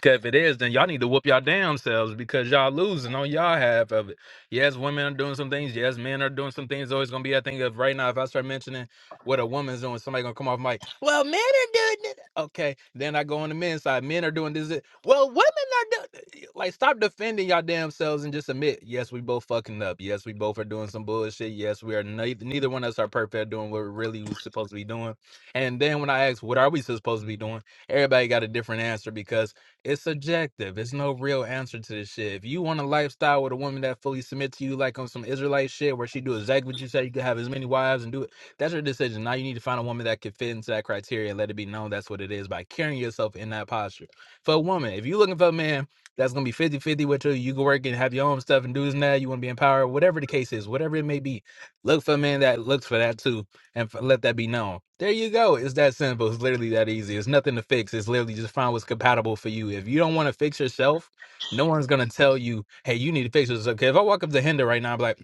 S10: Cause if it is, then y'all need to whoop y'all damn selves because y'all losing on y'all half of it. Yes, women are doing some things. Yes, men are doing some things. Always gonna be a thing of right now. If I start mentioning what a woman's doing, somebody gonna come off mic. Well, men are doing it. Okay, then I go on the men's side. Men are doing this. that." Well, women are doing. Like, stop defending y'all damn selves and just admit. Yes, we both fucking up. Yes, we both are doing some bullshit. Yes, we are. Neither, neither one of us are perfect at doing what we're really was supposed to be doing. And then when I ask, what are we supposed to be doing? Everybody got a different answer because it's subjective. It's no real answer to this shit. If you want a lifestyle with a woman that fully submits to you, like on some Israelite shit, where she do exactly what you say, you could have as many wives and do it. That's your decision. Now you need to find a woman that can fit into that criteria and let it be known that's what it is by carrying yourself in that posture. For a woman, if you looking for a man that's gonna be fifty-fifty with you, you can work and have your own stuff and do this and that, you wanna be empowered, whatever the case is, whatever it may be, look for a man that looks for that too and f- let that be known. There you go. It's that simple. It's literally that easy. It's nothing to fix. It's literally just find what's compatible for you. If you don't want to fix yourself, no one's gonna tell you, "Hey, you need to fix this." Okay, if I walk up to Hinder right now, I'm like.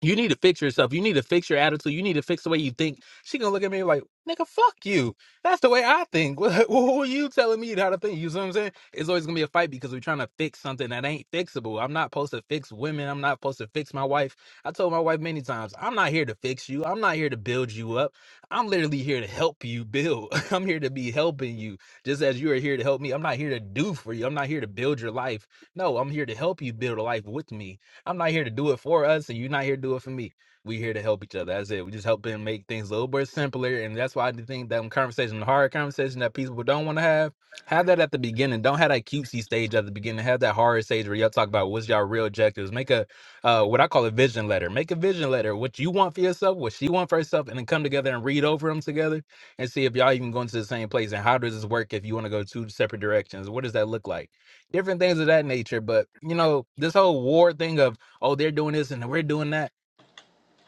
S10: You need to fix yourself. You need to fix your attitude. You need to fix the way you think. She gonna look at me like, nigga, fuck you. That's the way I think. [LAUGHS] what are you telling me how to think? You see what I'm saying? It's always gonna be a fight because we're trying to fix something that ain't fixable. I'm not supposed to fix women. I'm not supposed to fix my wife. I told my wife many times, I'm not here to fix you. I'm not here to build you up. I'm literally here to help you build. [LAUGHS] I'm here to be helping you, just as you are here to help me. I'm not here to do for you. I'm not here to build your life. No, I'm here to help you build a life with me. I'm not here to do it for us, and you're not here to do it for me. We here to help each other. That's it. We just helping make things a little bit simpler, and that's why I do think that conversation, the hard conversation that people don't want to have, have that at the beginning. Don't have that cutesy stage at the beginning. Have that hard stage where y'all talk about what's y'all real objectives. Make a uh, what I call a vision letter. Make a vision letter. What you want for yourself, what she want for herself, and then come together and read over them together and see if y'all even going to the same place. And how does this work if you want to go two separate directions? What does that look like? Different things of that nature. But you know, this whole war thing of oh, they're doing this and we're doing that.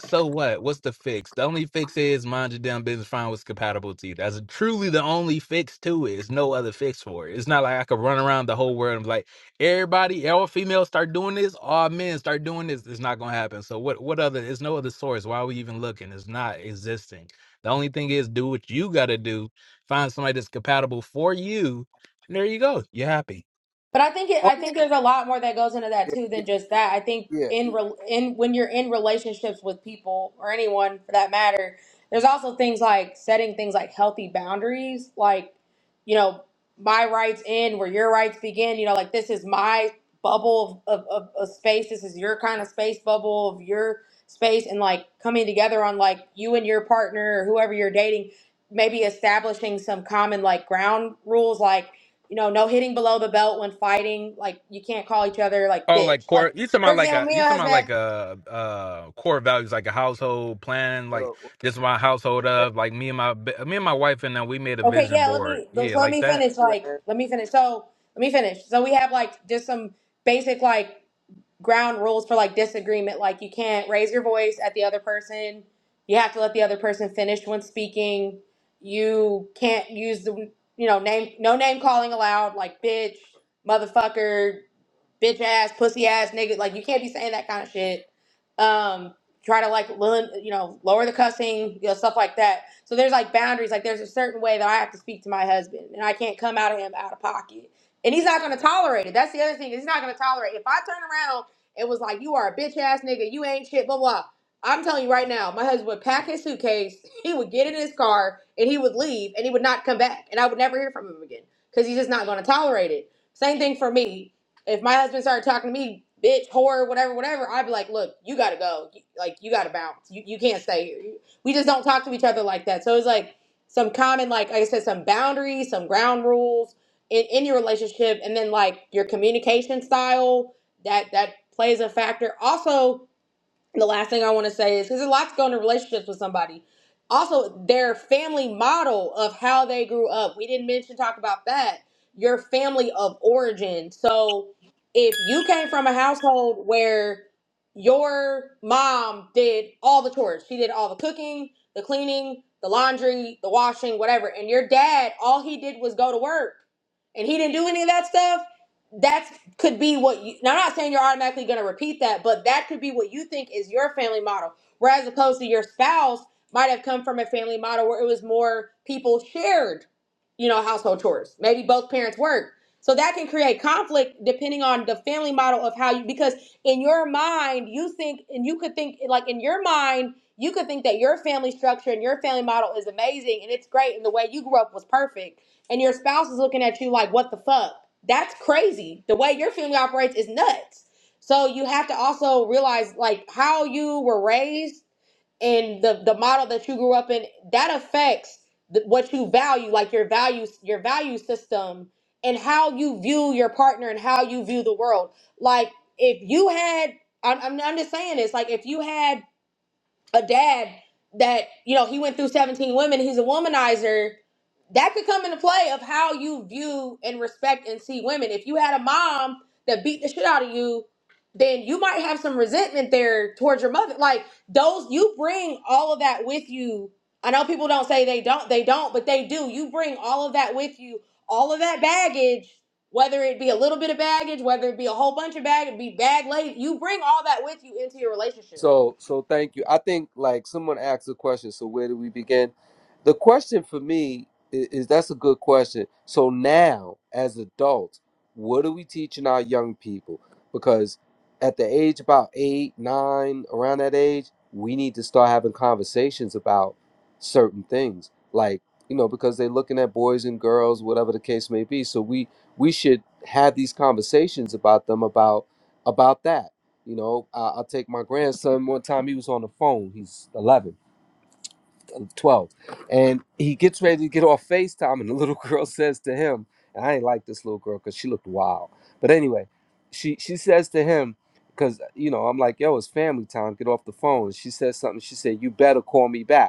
S10: So what? What's the fix? The only fix is mind your damn business, find what's compatible to you. That's truly the only fix to it. There's no other fix for it. It's not like I could run around the whole world and be like, everybody, all females start doing this, all men start doing this. It's not gonna happen. So what what other there's no other source. Why are we even looking? It's not existing. The only thing is do what you gotta do, find somebody that's compatible for you, and there you go. You're happy.
S4: But I think it,
S20: What-
S4: I think there's a lot more that goes into that
S20: Yeah,
S4: too
S20: yeah,
S4: than just that. I think
S20: yeah.
S4: in re, in when you're in relationships with people or anyone for that matter, there's also things like setting things like healthy boundaries, like you know my rights end where your rights begin. You know, like this is my bubble of of, of, of space. This is your kind of space bubble of your space, and like coming together on like you and your partner or whoever you're dating, maybe establishing some common like ground rules, like you know, no hitting below the belt when fighting. Like you can't call each other like
S10: Oh, like
S4: bitch.
S10: core.
S4: Like
S10: You talking
S4: for
S10: about like
S4: example,
S10: a you
S4: Mio
S10: talking
S4: has
S10: about like
S4: been
S10: a uh core values, like a household plan. Like this is my household of like me and my me and my wife and then we made a
S4: okay.
S10: vision
S4: Yeah, let
S10: board.
S4: me so
S10: Yeah,
S4: let
S10: like
S4: me
S10: that.
S4: finish. Like
S20: Yo,
S4: let me finish. So let me finish. So we have like just some basic like ground rules for like disagreement. Like you can't raise your voice at the other person. You have to let the other person finish when speaking. You can't use the you know name no name calling allowed. Like bitch, motherfucker. bitch ass, pussy ass nigga. Like you can't be saying that kind of shit. Um, try to like, lil- you know, lower the cussing, you know, stuff like that. So there's like boundaries. Like there's a certain way that I have to speak to my husband, and I can't come out of him out of pocket. And he's not gonna tolerate it. That's the other thing. He's not gonna tolerate. it. If I turn around, it was like you are a bitch ass nigga. You ain't shit. Blah blah. I'm telling you right now, my husband would pack his suitcase, [LAUGHS] he would get in his car, and he would leave, and he would not come back, and I would never hear from him again because he's just not going to tolerate it. Same thing for me. If my husband started talking to me, bitch, whore, whatever, whatever, I'd be like, look, you gotta go. Like, you gotta bounce. You, you can't stay here. We just don't talk to each other like that. So it's like some common, like, like I said, some boundaries, some ground rules in, in your relationship. And then like your communication style, that, that plays a factor. Also, the last thing I want to say is because there's a lot to go into relationships with somebody. Also, their family model of how they grew up. We didn't mention talk about that. Your family of origin. So if you came from a household where your mom did all the chores, she did all the cooking, the cleaning, the laundry, the washing, whatever, and your dad, all he did was go to work and he didn't do any of that stuff. That's could be what you now I'm not saying you're automatically gonna repeat that, but that could be what you think is your family model. Whereas opposed to your spouse might have come from a family model where it was more people shared, you know, household chores. Maybe both parents work. So that can create conflict depending on the family model of how you because in your mind you think and you could think like in your mind you could think that your family structure and your family model is amazing and it's great and the way you grew up was perfect and your spouse is looking at you like, what the fuck? That's crazy. The way your family operates is nuts. So you have to also realize like how you were raised and the, the model that you grew up in, that affects the, what you value, like your values, your value system and how you view your partner and how you view the world. Like if you had, I'm, I'm I'm just saying this, like if you had a dad that you know he went through 17 women he's a womanizer that could come into play of how you view and respect and see women if you had a mom that beat the shit out of you then you might have some resentment there towards your mother like those you bring all of that with you i know people don't say they don't they don't but they do you bring all of that with you all of that baggage whether it be a little bit of baggage whether it be a whole bunch of baggage be bag laden you bring all that with you into your relationship
S20: So, so thank you. I think like someone asked a question. So where do we begin? The question for me is, is that's a good question. So now, as adults, what are we teaching our young people? Because at the age about eight, nine, around that age, we need to start having conversations about certain things, like you know, because they're looking at boys and girls, whatever the case may be. So we we should have these conversations about them about about that you know, I, I take my grandson one time, he was on the phone. He's 11, 12, And he gets ready to get off FaceTime, and the little [LAUGHS] girl says to him, and I ain't like this little girl because she looked wild. But anyway, she, she says to him, because, you know, I'm like, yo, it's family time, get off the phone. She says something. She said, you better call me back.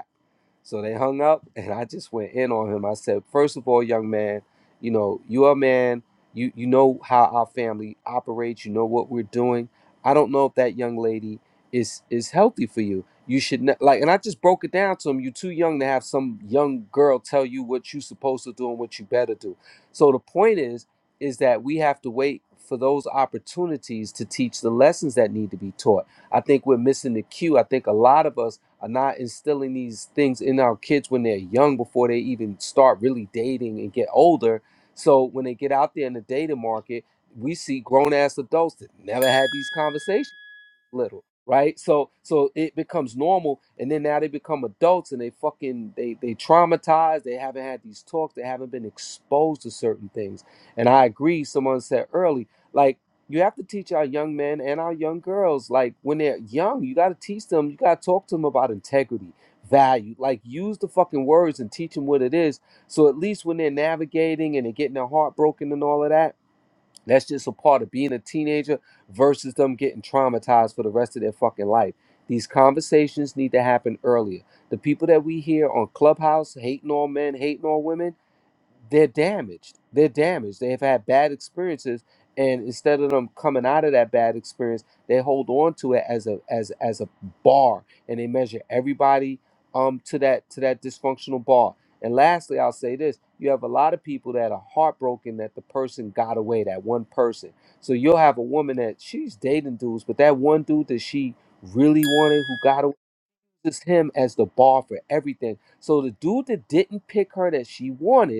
S20: So they hung up, [LAUGHS] and I just went in on him. I said, first of all, young man, you know, you are a man. You you know how our family operates. You know what we're doing. I don't know if that young lady is is healthy for you. You should ne- like, and I just broke it down to him. You're too young to have some young girl tell you what you're supposed to do and what you better do. So the point is, is that we have to wait for those opportunities to teach the lessons that need to be taught. I think we're missing the cue. I think a lot of us are not instilling these things in our kids when they're young before they even start really dating and get older. So when they get out there in the dating market, we see grown ass adults that never had these conversations little, right? So so it becomes normal, and then now they become adults and they fucking they they traumatized. They haven't had these talks. They haven't been exposed to certain things. And I agree. Someone said early, like you have to teach our young men and our young girls, like when they're young, you got to teach them. You got to talk to them about integrity. Value, like use the fucking words and teach them what it is. So at least when they're navigating and they're getting their heart broken and all of that, that's just a part of being a teenager versus them getting traumatized for the rest of their fucking life. These conversations need to happen earlier. The people that we hear on Clubhouse hating on men, hating on women, they're damaged. They're damaged. They've had bad experiences, and instead of them coming out of that bad experience, they hold on to it as a as as a bar, and they measure everybody um to that to that dysfunctional bar. And lastly, I'll say this: you have a lot of people that are heartbroken that the person got away, that one person. So you'll have a woman that she's dating dudes, but that one dude that she really wanted who got away, just him as the bar for everything. So the dude that didn't pick her that she wanted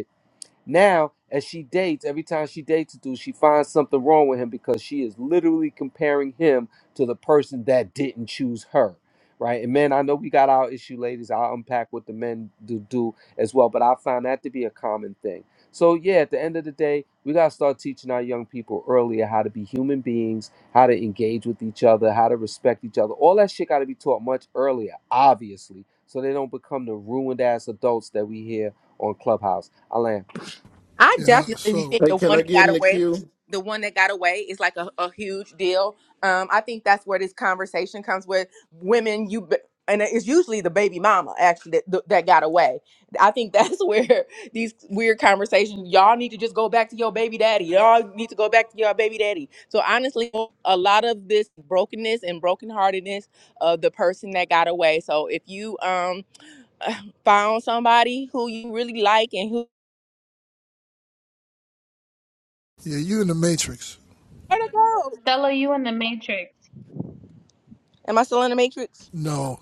S20: now, as she dates, every time she dates a dude, she finds something wrong with him because she is literally comparing him to the person that didn't choose her. Right. And men, I know we got our issue, ladies. I'll unpack what the men do do as well, but I found that to be a common thing. So yeah, at the end of the day, we gotta start teaching our young people earlier how to be human beings, how to engage with each other, how to respect each other. All that shit gotta be taught much earlier, obviously, so they don't become the ruined ass adults that we hear on Clubhouse. Alan.
S16: I
S24: Yeah.
S16: definitely
S24: So
S16: think
S25: Hey,
S16: the
S25: can
S16: one
S25: I
S16: that
S25: get
S16: got
S25: in the
S16: away,
S25: queue?
S16: the one that got away is like a, a huge deal. Um, I think that's where this conversation comes with women. You b- and it's usually the baby mama actually that, that got away. I think that's [LAUGHS] where these weird conversations. Y'all need to just go back to your baby daddy. Y'all need to go back to your baby daddy. So honestly, a lot of this brokenness and brokenheartedness of the person that got away. So if you um [SIGHS] found somebody who you really like and who
S24: yeah, you in the matrix.
S16: where to go?
S14: Stella, you in the matrix.
S16: Am I still in the matrix?
S24: No,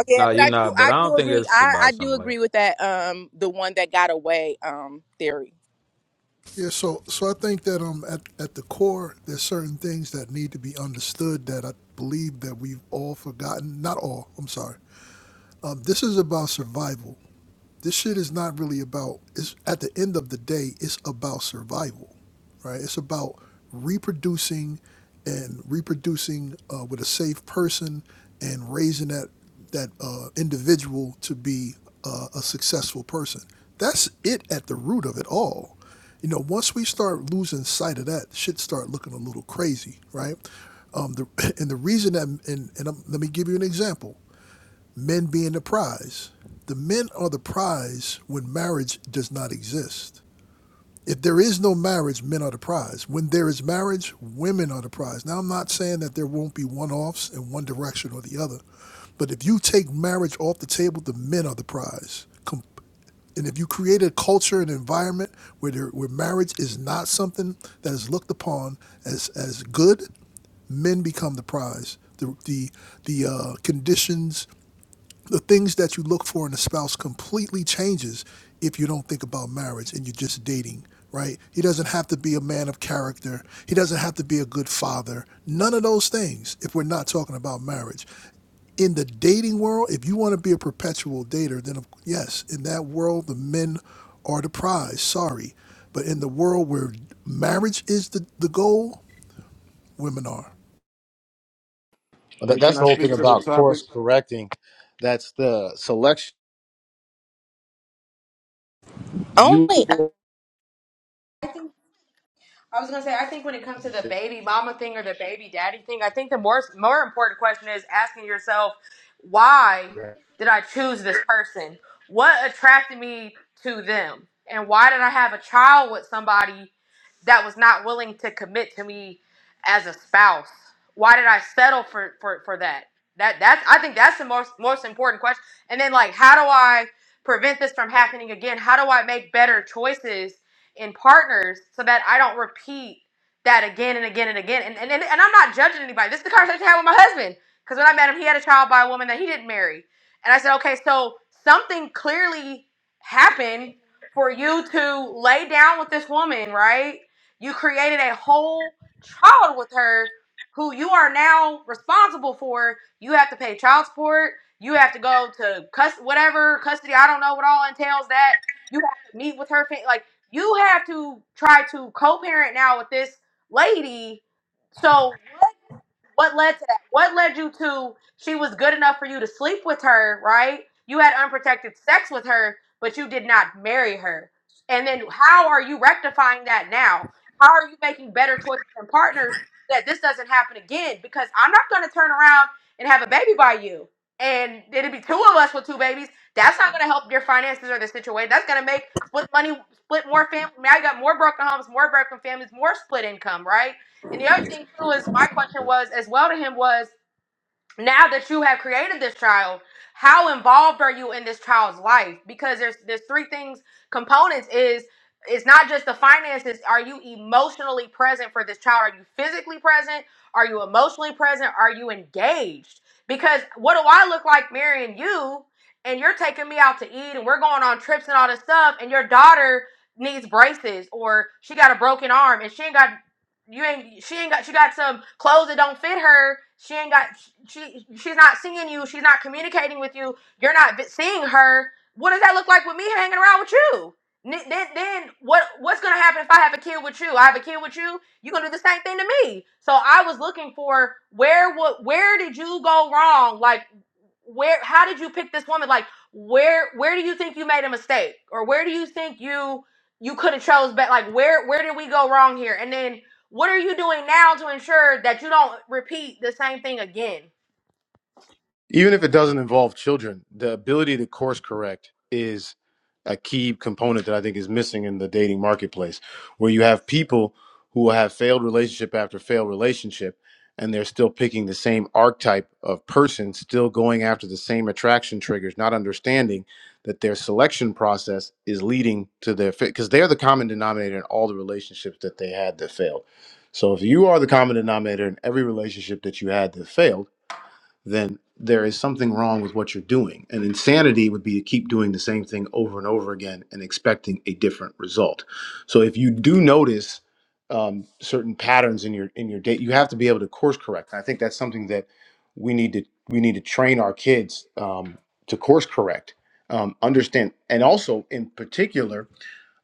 S16: Okay, yeah,
S10: No,
S16: but
S10: you're
S16: I do
S10: not, but
S16: I
S10: I
S16: do
S10: don't think
S16: agree.
S10: it's
S16: I,
S10: about
S16: I do
S10: something like
S16: agree with that um the one that got away um theory.
S24: Yeah, so so I think that um at, at the core there's certain things that need to be understood that I believe that we've all forgotten. Not all, I'm sorry. Um, this is about survival this shit is not really about it's at the end of the day it's about survival right it's about reproducing and reproducing uh, with a safe person and raising that that uh, individual to be uh, a successful person that's it at the root of it all you know once we start losing sight of that shit start looking a little crazy right um, the, [LAUGHS] and the reason that and, and i let me give you an example men being the prize. The men are the prize when marriage does not exist. If there is no marriage, men are the prize. When there is marriage, women are the prize. Now, I'm not saying that there won't be one offs in one direction or the other, but if you take marriage off the table, the men are the prize. And if you create a culture and environment where, there, where marriage is not something that is looked upon as, as good, men become the prize. The the the uh, conditions the things that you look for in a spouse completely changes if you don't think about marriage and you're just dating right he doesn't have to be a man of character he doesn't have to be a good father none of those things if we're not talking about marriage in the dating world if you want to be a perpetual dater then of- yes in that world the men are the prize sorry but in the world where marriage is the, the goal women are
S23: That,
S25: And can
S23: that's
S25: I
S23: the whole thing
S25: speak to the
S23: about
S25: topic?
S23: course correcting. That's the selection
S16: Only uh,
S23: you.
S4: I was gonna say, I think when it comes to the baby mama thing or the baby daddy thing, I think the more more important question is asking yourself, why did I choose this person? What attracted me to them, and why did I have a child with somebody that was not willing to commit to me as a spouse? Why did I settle for for for that? That that's I think that's the most most important question. And then like, how do I prevent this from happening again? How do I make better choices? in partners so that I don't repeat that again and again and again. And and, and, and I'm not judging anybody. This is the conversation I had with my husband. Because when I met him, he had a child by a woman that he didn't marry. And I said, okay, so something clearly happened for you to lay down with this woman, right? You created a whole child with her who you are now responsible for. You have to pay child support. You have to go to cus whatever custody. I don't know what all entails that. You have to meet with her. Fa- like. You have to try to co parent now with this lady so what led to that? What led you to she was good enough for you to sleep with her, right? You had unprotected sex with her, but you did not marry her. And then how are you rectifying that now? How are you making better choices and partners that this doesn't happen again? Because I'm not gonna turn around and have a baby by you. And it'd be two of us with two babies. That's not gonna help your finances or the situation. That's gonna make split money, split more family. Now you got more broken homes, more broken families, more split income, right? And the other thing too is my question was as well to him was now that you have created this child, how involved are you in this child's life? Because there's there's three things components is it's not just the finances. Are you emotionally present for this child? Are you physically present? Are you emotionally present? Are you engaged? Because what do I look like marrying you and you're taking me out to eat and we're going on trips and all this stuff and your daughter needs braces or she got a broken arm and she ain't got you ain't she ain't got she got some clothes that don't fit her she ain't got she she's not seeing you she's not communicating with you you're not seeing her what does that look like with me hanging around with you then then what what's gonna happen if i have a kid with you i have a kid with you you're gonna do the same thing to me so i was looking for where what where did you go wrong like where how did you pick this woman like where where do you think you made a mistake or where do you think you you could have chose better like where where did we go wrong here and then what are you doing now to ensure that you don't repeat the same thing again?
S23: even if it doesn't involve children, the ability to course correct is a key component that I think is missing in the dating marketplace, where you have people who have failed relationship after failed relationship, and they're still picking the same archetype of person, still going after the same attraction triggers, not understanding that their selection process is leading to their fit, because they're the common denominator in all the relationships that they had that failed. So if you are the common denominator in every relationship that you had that failed, then there is something wrong with what you're doing. And insanity would be to keep doing the same thing over and over again and expecting a different result. So if you do notice um, certain patterns in your in your date, you have to be able to course correct. And I think that's something that we need to we need to train our kids um, to course correct, um, understand, and also in particular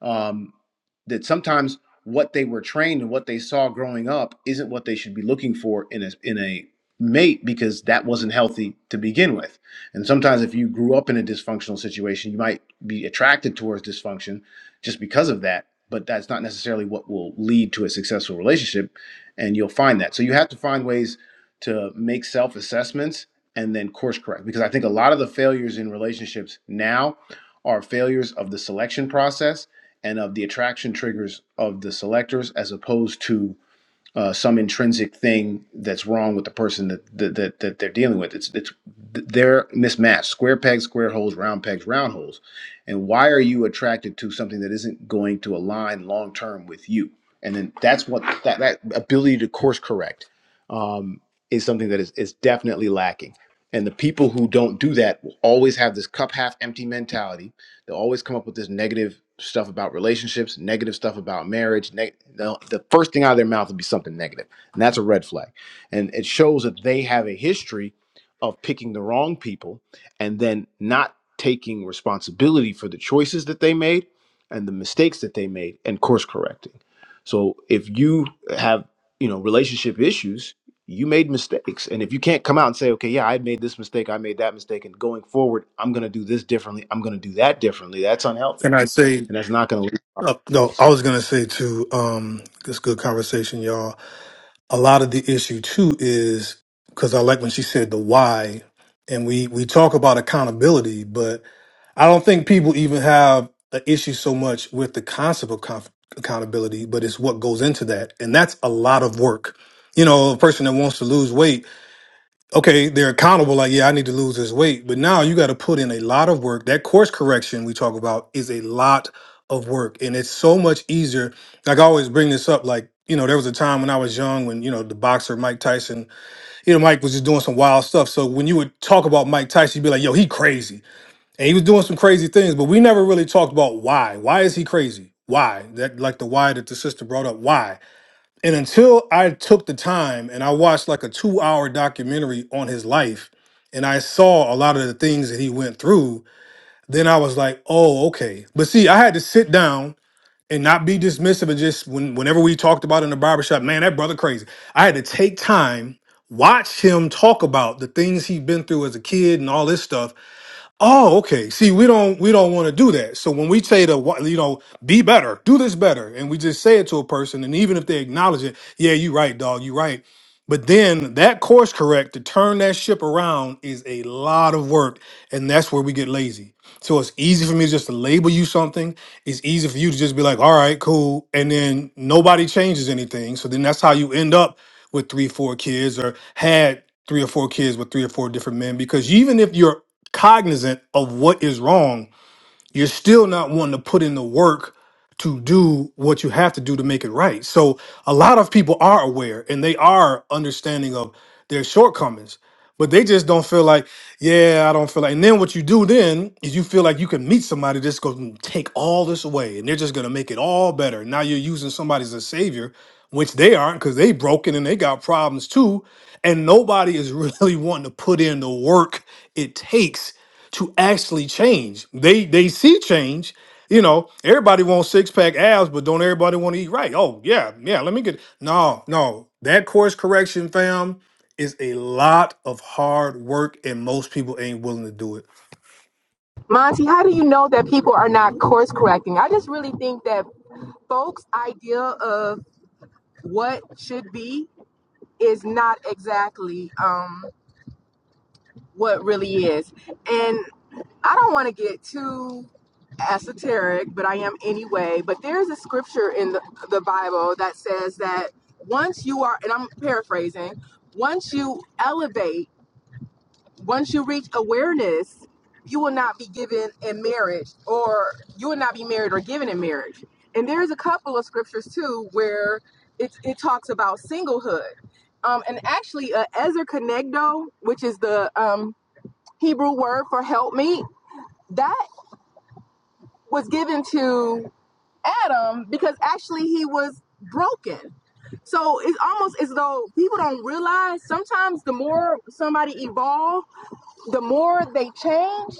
S23: um, that sometimes what they were trained and what they saw growing up isn't what they should be looking for in a in a mate because that wasn't healthy to begin with. And sometimes if you grew up in a dysfunctional situation, you might be attracted towards dysfunction just because of that, but that's not necessarily what will lead to a successful relationship and you'll find that. So you have to find ways to make self-assessments and then course correct because I think a lot of the failures in relationships now are failures of the selection process and of the attraction triggers of the selectors as opposed to uh, some intrinsic thing that's wrong with the person that, that that that they're dealing with. It's it's they're mismatched. Square pegs, square holes, round pegs, round holes. And why are you attracted to something that isn't going to align long term with you? And then that's what that, that ability to course correct um, is something that is is definitely lacking. And the people who don't do that will always have this cup half empty mentality They'll always come up with this negative stuff about relationships, negative stuff about marriage. Neg- they the first thing out of their mouth will be something negative, and that's a red flag. And it shows that they have a history of picking the wrong people and then not taking responsibility for the choices that they made and the mistakes that they made and course correcting. So if you have you know relationship issues you made mistakes and if you can't come out and say okay yeah i made this mistake i made that mistake and going forward i'm going to do this differently i'm going to do that differently that's unhealthy
S26: Can I say,
S23: and that's not going to lead to
S26: uh, no,
S23: results
S26: I was going to say too, um, this good conversation, y'all. A lot of the issue too is because I like when she said the why, and we, we talk about accountability, but I don't think people even have an issue so much with the concept of conf- accountability, but it's what goes into that. And that's a lot of work. You know, a person that wants to lose weight, okay, they're accountable, like, yeah, I need to lose this weight. But now you got to put in a lot of work. That course correction we talk about is a lot of work. And it's so much easier. Like, I always bring this up, like, you know, there was a time when I was young when, you know, the boxer Mike Tyson, you know, Mike was just doing some wild stuff. So when you would talk about Mike Tyson, you'd be like, yo, he crazy. And he was doing some crazy things, but we never really talked about why. Why is he crazy? Why? That like the why that the sister brought up. Why? And until I took the time and I watched like a two hour documentary on his life and I saw a lot of the things that he went through, then I was like, oh, okay. But see, I had to sit down and not be dismissive and just when whenever we talked about it in the barbershop, man, that brother crazy. I had to take time, watch him talk about the things he'd been through as a kid and all this stuff. Oh, okay. See, we don't we don't want to do that. So when we say to wha- you know, be better, do this better, and we just say it to a person, and even if they acknowledge it, yeah, you right, dog, you right. But then that course correct to turn that ship around is a lot of work, and that's where we get lazy. So it's easy for me just to label you something. It's easy for you to just be like, all right, cool, and then nobody changes anything. So then that's how you end up with three, four kids or had three or four kids with three or four different men because even if you're cognizant of what is wrong you're still not wanting to put in the work to do what you have to do to make it right. So a lot of people are aware and they are understanding of their shortcomings, but they just don't feel like, yeah, I don't feel like. And then what you do then is you feel like you can meet somebody that's going to take all this away and they're just going to make it all better. Now you're using somebody as a savior, which they aren't because they broken and they got problems too. And nobody is [LAUGHS] really wanting to put in the work it takes to actually change. They they see change. You know, everybody wants six pack abs, but don't everybody want to eat right? Oh yeah, yeah. Let me get no, no. That course correction, fam, is a lot of hard work, and most people ain't willing to do it.
S16: Monty, how do you know that people are not course correcting? I just really think that folks' idea of what should be is not exactly um, what really is. and. I don't want to get too esoteric, but I am anyway. But there's a scripture in the, the Bible that says that once you are, and I'm paraphrasing, once you elevate, once you reach awareness, you will not be given in marriage, or you will not be married or given in marriage. And there's a couple of scriptures too where it, it talks about singlehood. Um, and actually, uh, Ezer Kenegdo, which is the um, Hebrew word for help me, that was given to Adam because actually he was broken. So it's almost as though people don't realize sometimes the more somebody evolve, the more they change,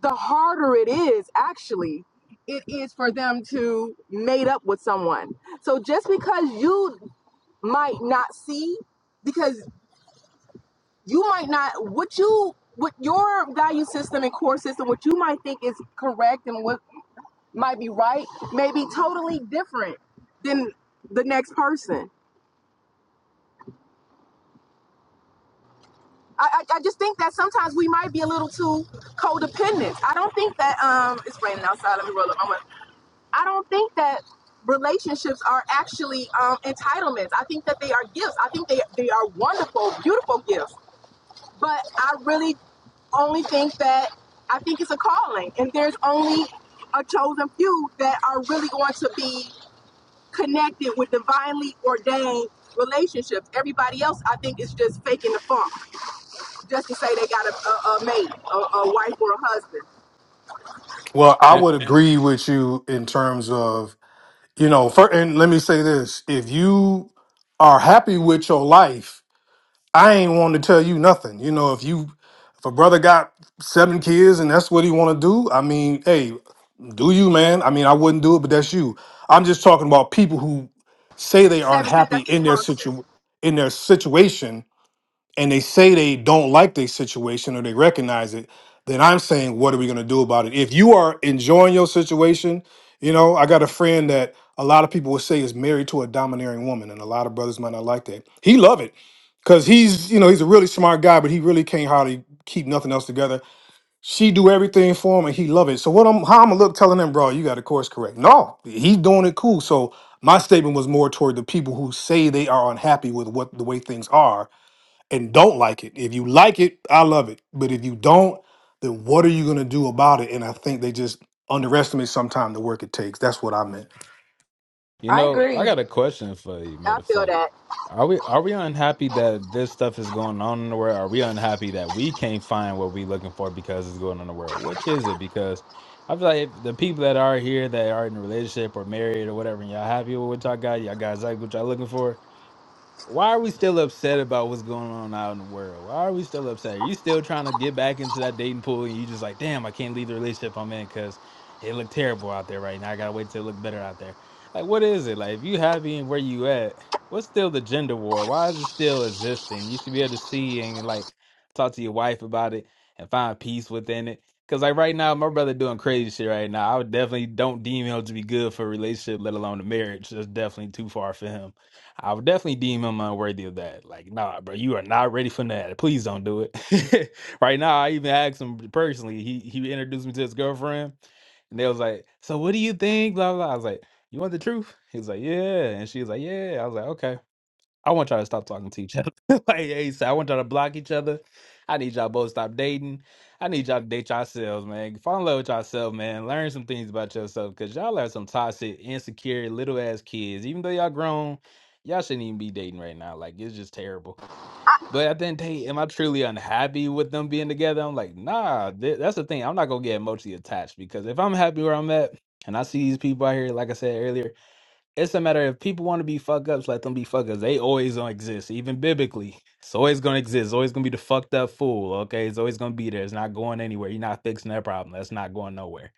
S16: the harder it is actually it is for them to mate up with someone. So just because you might not see because you might not what you what your value system and core system what you might think is correct and what might be right, may be totally different than the next person. I, I, I just think that sometimes we might be a little too codependent. I don't think that um it's raining outside. Let me roll up my window. I don't think that relationships are actually um, entitlements. I think that they are gifts. I think they they are wonderful, beautiful gifts. But I really only think that I think it's a calling, and there's only a chosen few that are really going to be connected with divinely ordained relationships. Everybody else, I think, is just faking the funk just to say they got a, a, a mate, a, a wife or a husband.
S26: Well, I would Yeah. agree with you in terms of you know. For, and let me say this: if you are happy with your life, I ain't want to tell you nothing. You know, if you if a brother got seven kids and that's what he want to do, I mean, hey, Do you, man? I mean, I wouldn't do it, but that's you. I'm just talking about people who say they aren't
S16: Seven kids,
S26: happy
S16: that's
S26: in their
S16: dysfunction.
S26: situ in their situation, and they say they don't like their situation or they recognize it. Then I'm saying, what are we going to do about it? If you are enjoying your situation, you know, I got a friend that a lot of people would say is married to a domineering woman, and a lot of brothers might not like that. He love it because he's, you know, he's a really smart guy, but he really can't hardly keep nothing else together she do everything for him and he love it. So what I'm how I'm gonna look telling him, bro, you got the course correct. No, he's doing it cool. So my statement was more toward the people who say they are unhappy with what the way things are and don't like it. If you like it, I love it. But if you don't, then what are you gonna do about it? And I think they just underestimate sometimes the work it takes. That's what I meant.
S10: You
S4: I
S10: know, I
S4: agree.
S10: got a question for you,
S16: I
S10: matter of
S16: feel
S10: fact.
S16: that.
S10: Are we are we unhappy that this stuff is going on in the world? Are we unhappy that we can't find what we're looking for because it's going on in the world? Which is it? Because I feel like if the people that are here that are in a relationship or married or whatever, and y'all happy with what y'all got, y'all got exactly what y'all looking for. Why are we still upset about what's going on out in the world? Why are we still upset? Are you still trying to get back into that dating pool and you just like, damn, I can't leave the relationship I'm in because it looked terrible out there right now. I gotta wait till it look better out there. Like, what is it? Like, if you happy and where you at, what's still the gender war? Why is it still existing? You should be able to see and like talk to your wife about it and find peace within it. Cause like right now, my brother doing crazy shit right now. I would definitely don't deem him to be good for a relationship, let alone a marriage. That's definitely too far for him. I would definitely deem him unworthy of that. Like, nah, bro, you are not ready for that. Please don't do it. [LAUGHS] right now, I even asked him personally. He he introduced me to his girlfriend, and they was like, "So what do you think?" Blah blah. I was like, "You want the truth?" He was like, "Yeah," and she was like, "Yeah." I was like, "Okay." I want y'all to stop talking to each other. [LAUGHS] like ASAP. I want y'all to block each other. I need y'all both to stop dating. I need y'all to date yourselves, man. Fall in love with yourself, man. Learn some things about yourself because y'all are some toxic, insecure, little ass kids. Even though y'all grown, y'all shouldn't even be dating right now. Like it's just terrible. But at the end of the day, am I truly unhappy with them being together? I'm like, nah. th- that's the thing. I'm not gonna get emotionally attached because if I'm happy where I'm at and I see these people out here, like I said earlier. It's a matter of if people want to be fuck ups, let them be fuck ups. They always gonna exist, even biblically. It's always gonna exist. It's always gonna be the fucked up fool. Okay, it's always gonna be there. It's not going anywhere. You're not fixing that problem. That's not going nowhere.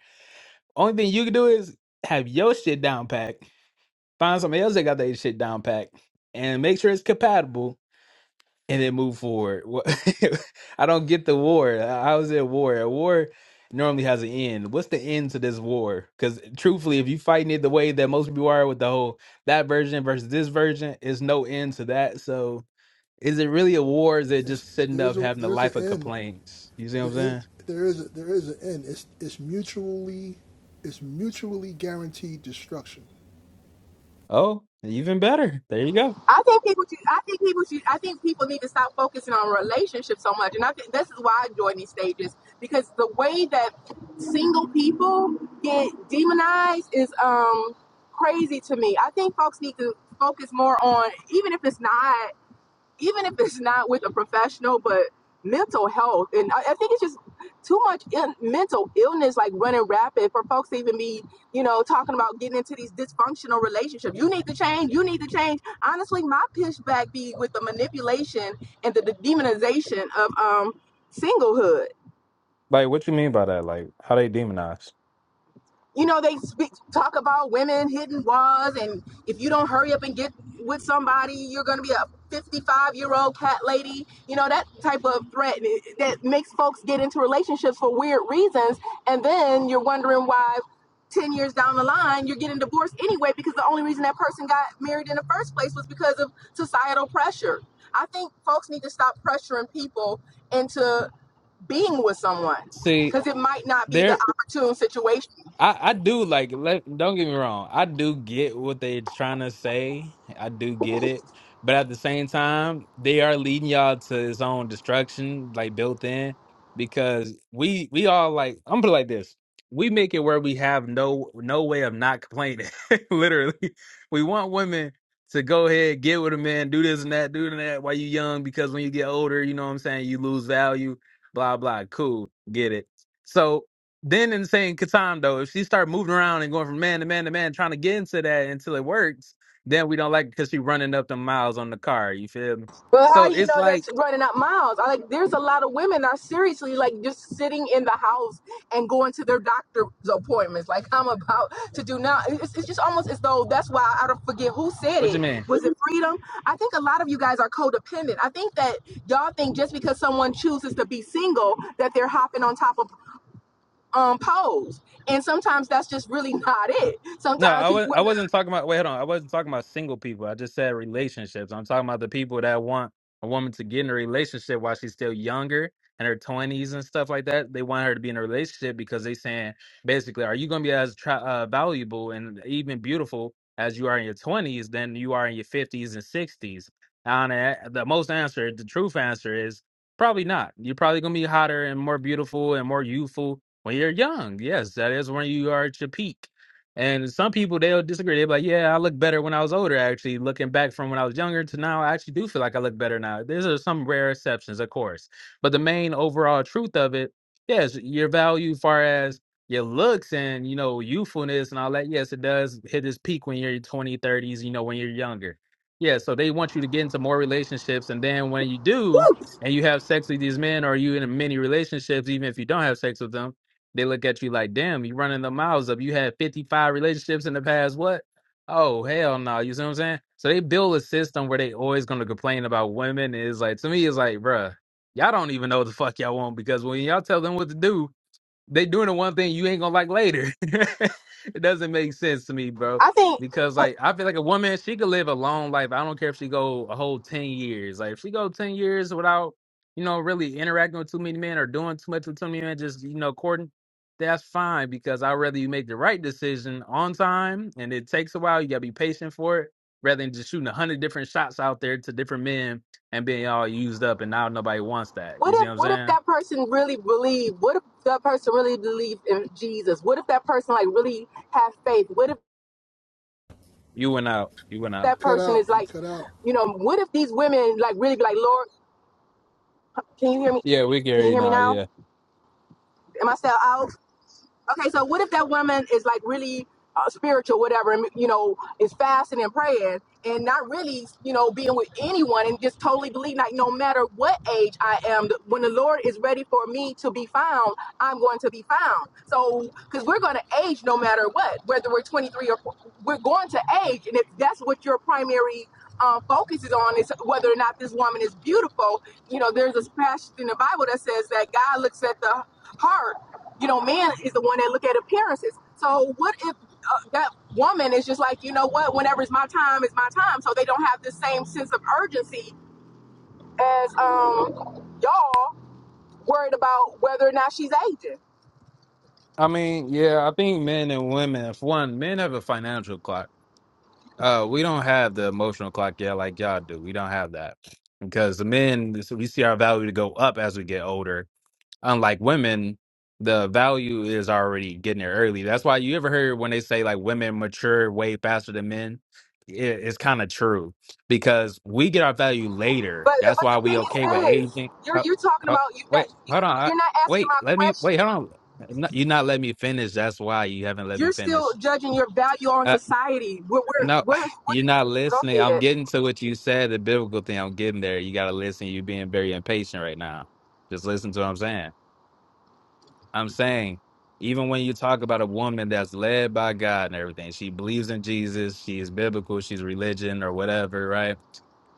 S10: Only thing you can do is have your shit down packed. Find somebody else that got their shit down packed, and make sure it's compatible and then move forward. What- [LAUGHS] I don't get the war. How is it a war? A war normally has an end. What's the end to this war? Because truthfully, if you fighting it the way that most people are with the whole that version versus this version, is no end to that. So is it really a war? Is it
S24: It's-
S10: just sitting
S24: there's
S10: up
S24: a
S10: having a
S24: there's an
S10: life of
S24: end
S10: complaints? You see what
S24: the
S10: I'm
S24: end,
S10: saying?
S24: there is a, there is an end. It's it's mutually it's mutually guaranteed destruction.
S10: Oh, even better. There you go.
S16: I think people. should- I think people. should- I think people need to stop focusing on relationships so much, and I think this is why I join these stages because the way that single people get demonized is um crazy to me. I think folks need to focus more on even if it's not. even if it's not with a professional, but mental health. And I, I think it's just too much in, mental illness, like running rapid for folks to even be, you know, talking about getting into these dysfunctional relationships. You need to change. You need to change. Honestly, my pushback be with the manipulation and the, the demonization of um, singlehood.
S10: Like, what you mean by that? Like, how they demonize?
S16: you know they speak talk about women hitting walls and if you don't hurry up and get with somebody you're going to be a 55 year old cat lady you know that type of threat eh, that makes folks get into relationships for weird reasons and then you're wondering why 10 years down the line you're getting divorced anyway because the only reason that person got married in the first place was because of societal pressure i think folks need to stop pressuring people into being with someone
S10: See,
S16: because it might not be the
S10: there.
S16: opportune situation
S10: I, I do like let, don't get me wrong. I do get what they're trying to say. I do get it. But at the same time, they are leading y'all to his own destruction, like built in. Because we we all like I'm put it like this. We make it where we have no no way of not complaining. [LAUGHS] Literally. We want women to go ahead, get with a man, do this and that, do that while you young, because when you get older, you know what I'm saying, you lose value, blah blah. Cool. Get it. So then insane Catan though, if she start moving around and going from man to man to man, trying to get into that until it works, then we don't like because she running up the miles on the car. You feel me?
S16: Well,
S10: So
S16: how do you
S10: it's
S16: know they're
S10: like,
S16: t- running up miles? I, like, there's a lot of women that are seriously like just sitting in the house and going to their doctor's appointments. Like I'm about to do now. It's, it's just almost as though that's why I don't forget who said
S10: what you
S16: it.
S10: mean?
S16: Was it freedom? I think a lot of you guys are codependent. I think that y'all think just because someone chooses to be single that they're hopping on top of um poles, and sometimes that's just really [LAUGHS] not it.
S10: No,
S16: Sometimes
S10: I was
S16: people,
S10: I
S16: women,
S10: wasn't talking about wait, hold on. I wasn't talking about single people. I just said relationships. I'm talking about the people that want a woman to get in a relationship while she's still younger in her twenties and stuff like that. They want her to be in a relationship because they saying basically, are you gonna be as tra- uh, valuable and even beautiful as you are in your twenties than you are in your fifties and sixties? And I- the most answer, the truth answer is probably not. You're probably gonna be hotter and more beautiful and more youthful when you're young. Yes, that is when you are at your peak and some people they'll disagree. They'll be like, "Yeah, I look better when I was older. Actually, looking back from when I was younger to now, I actually do feel like I look better now." These are some rare exceptions, of course, but the main overall truth of it, yes, your value, as far as your looks and you know youthfulness and all that. Yes, it does hit its peak when you're in your 20, 30s. You know, when you're younger. Yeah, so they want you to get into more relationships, and then when you do, and you have sex with these men, or you in many relationships, even if you don't have sex with them they look at you like, damn, you running the miles up. You had 55 relationships in the past. What? Oh, hell no. You see what I'm saying? So they build a system where they always going to complain about women. And it's like, to me, it's like, bruh, y'all don't even know what the fuck y'all want because when y'all tell them what to do, they doing the one thing you ain't gonna like later. [LAUGHS] it doesn't make sense to me, bro.
S16: I think.
S10: Because like I feel like a woman, she could live a long life. I don't care if she go a whole ten years. Like if she go ten years without, you know, really interacting with too many men or doing too much with too many men, just you know, courting, that's fine. Because I'd rather you make the right decision on time, and it takes a while. You gotta be patient for it, rather than just shooting a hundred different shots out there to different men and being all used up, and now nobody wants that. You
S16: What
S10: see
S16: if
S10: what I'm
S16: what if
S10: saying?
S16: that person really believed? What if that person really believed in Jesus? What if that person like really have faith? What if
S10: You went out. You went out.
S24: You
S16: that
S24: cut
S16: person
S24: out
S16: is
S24: you
S16: like,
S24: cut out
S16: you know, what if these women like really be like, Lord, can you hear me?
S10: Yeah, we
S16: Can you
S10: Gary
S16: hear me
S10: now.
S16: now?
S10: Yeah,
S16: Am I still out? Okay, so what if that woman is like really uh, spiritual, whatever, and you know, is fasting and praying and not really, you know, being with anyone and just totally believing like no matter what age I am, th- when the Lord is ready for me to be found, I'm going to be found. So, because we're going to age no matter what, whether we're 23 or four, we're going to age, and if that's what your primary um, focus is on is whether or not this woman is beautiful. You know, there's a passage in the Bible that says that God looks at the heart you know, man is the one that look at appearances. So what if uh, that woman is just like, you know what, whenever it's my time, it's my time. So they don't have the same sense of urgency as um y'all worried about whether or not she's aging.
S10: I mean, yeah, I think men and women. If one, men have a financial clock. Uh, we don't have the emotional clock yet, like y'all do. We don't have that because the men we see our value to go up as we get older, unlike women, the value is already getting there early. That's why you ever heard when they say like women mature way faster than men. It, it's kind of true because we get our value later.
S16: But
S10: That's
S16: but the
S10: why we
S16: thing
S10: okay
S16: is
S10: with
S16: this,
S10: aging.
S16: you're
S10: Ho-
S16: you're talking
S10: ho-
S16: about you that
S10: Wait,
S16: you're
S10: hold on. I,
S16: you're not asking
S10: wait,
S16: my
S10: let me.
S16: question.
S10: Wait, hold on. I'm not- You're not letting me finish. That's why you haven't let me
S16: You're still
S10: finish.
S16: judging your value on
S10: Uh,
S16: society. We're,
S10: no,
S16: we're, we're,
S10: [SIGHS]
S16: what,
S10: you're not
S16: go
S10: listening. I'm
S16: ahead.
S10: getting to what you said, the biblical thing. I'm getting there. You got to listen. You're being very impatient right now. Just listen to what I'm saying. I'm saying, even when you talk about a woman that's led by God and everything, she believes in Jesus, she's biblical, she's religion or whatever, right?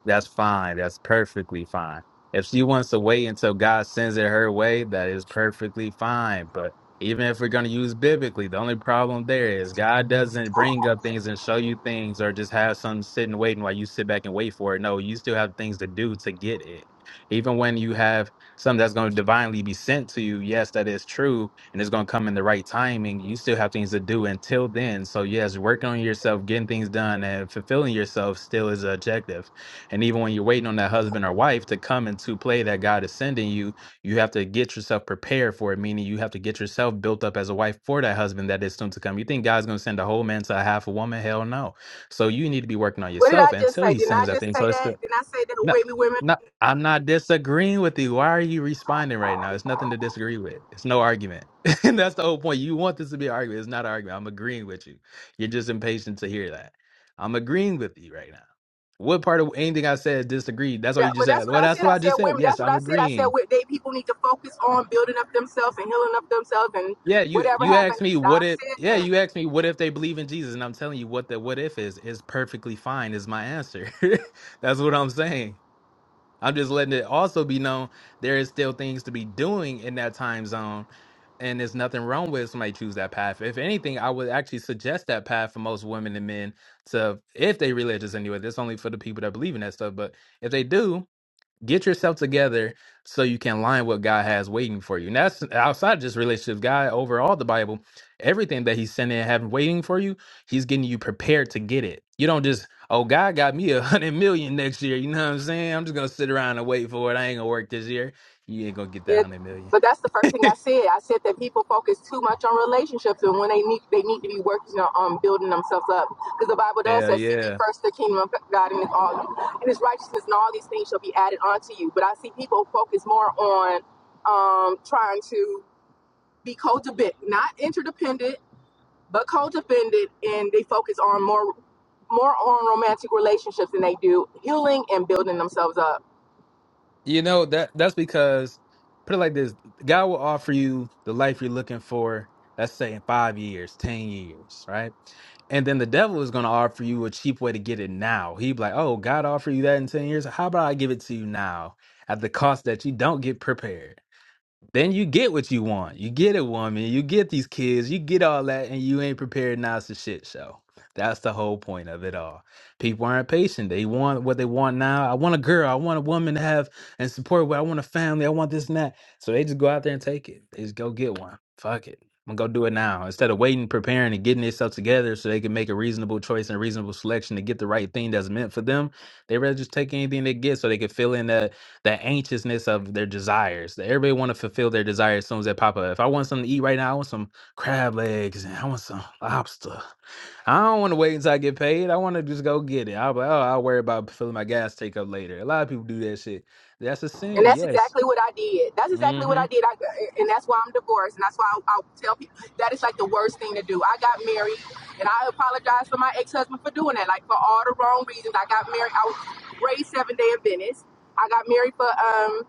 S10: That's fine. That's perfectly fine. If she wants to wait until God sends it her way, that is perfectly fine. But even if we're going to use biblically, the only problem there is God doesn't bring up things and show you things or just have some sitting waiting while you sit back and wait for it. No, you still have things to do to get it. Even when you have something that's going to divinely be sent to you, yes, that is true, and it's going to come in the right timing. You still have things to do until then. So, yes, working on yourself, getting things done, and fulfilling yourself still is an objective and even when you're waiting on that husband or wife to come into play that God is sending you, you have to get yourself prepared for it, meaning you have to get yourself built up as a wife for that husband that is soon to come. You think God's going to send a whole man to a half a woman? Hell no. So you need to be working on
S16: What did I
S10: yourself
S16: just
S10: until
S16: say?
S10: he
S16: Didn't I
S10: sends that
S16: just
S10: thing.
S16: say
S10: So it's
S16: that?
S10: the
S16: Didn't I say that
S10: no,
S16: women, women?
S10: no, I'm not disagreeing with you. Why are you responding right now? It's nothing to disagree with. It's no argument. [LAUGHS] And that's the whole point. You want this to be an argument. It's not an argument. I'm agreeing with you. You're just impatient to hear that. I'm agreeing with you right now. What part of anything I said disagreed? That's all you
S16: That,
S10: just
S16: but that's
S10: said.
S16: what
S10: Well,
S16: I
S10: that's
S16: said.
S10: what
S16: I
S10: I
S16: said
S10: just said.
S16: women.
S10: Yes,
S16: That's what
S10: I'm
S16: I said. I said
S10: agreeing.
S16: what they people need to focus on building up themselves and healing up themselves and
S10: Yeah, you
S16: whatever
S10: you asked
S16: happened.
S10: me
S16: I
S10: what if
S16: said
S10: yeah,
S16: that.
S10: you asked me what if they believe in Jesus, and I'm telling you what the what if is is perfectly fine is my answer. [LAUGHS] that's what I'm saying. I'm just letting it also be known there is still things to be doing in that time zone. And there's nothing wrong with somebody choose that path. If anything, I would actually suggest that path for most women and men to if they religious anyway. That's only for the people that believe in that stuff. But if they do, get yourself together so you can line what God has waiting for you. And that's outside just relationships. God, overall, the Bible, everything that He's sending and having waiting for you, He's getting you prepared to get it. You don't just, oh, God got me a [LAUGHS] hundred million next year. You know what I'm saying? I'm just gonna sit around and wait for it. I ain't gonna work this year. You ain't gonna get that
S16: Yeah.
S10: hundred million.
S16: But that's the first thing
S10: [LAUGHS]
S16: I said. I said that people focus too much on relationships and when they need they need to be working on um, building themselves up. Because the Bible does
S10: Hell
S16: say, "Seek
S10: yeah.
S16: ye first the kingdom of God and His all and His righteousness, and all these things shall be added unto you." But I see people focus more on um, trying to be codependent, not interdependent but co-defended and they focus on more more on romantic relationships than they do healing and building themselves up
S10: You know that that's because put it like this: God will offer you the life you're looking for. Let's say in five years, ten years, right? And then the devil is going to offer you a cheap way to get it now. He'd be like, "Oh, God offered you that in ten years. How about I give it to you now at the cost that you don't get prepared?" Then you get what you want. You get a woman, you get these kids, you get all that, and you ain't prepared now it's a shit show. That's the whole point of it all. People aren't patient. They want what they want now. I want a girl. I want a woman to have and support what I want a family. I want this and that. So they just go out there and take it. They just go get one. Fuck it. I'm gonna go do it now. Instead of waiting, preparing, and getting themselves together so they can make a reasonable choice and reasonable selection to get the right thing that's meant for them, they rather just take anything they get so they can fill in that that anxiousness of their desires. That everybody want to fulfill their desires as soon as they pop up. If I want something to eat right now, I want some crab legs and I want some lobster. I don't want to wait until I get paid. I want to just go get it. I'll be like, oh, I'll worry about filling my gas take up later. A lot of people do that shit. That's a
S16: and
S10: sin,
S16: that's
S10: yes.
S16: exactly what i did that's exactly what
S10: hmm
S16: i did I, and that's why i'm divorced and that's why I, I tell people that is like the worst thing to do i got married and i apologize for my ex-husband for doing that like for all the wrong reasons i got married i was raised seven day adventist i got married for um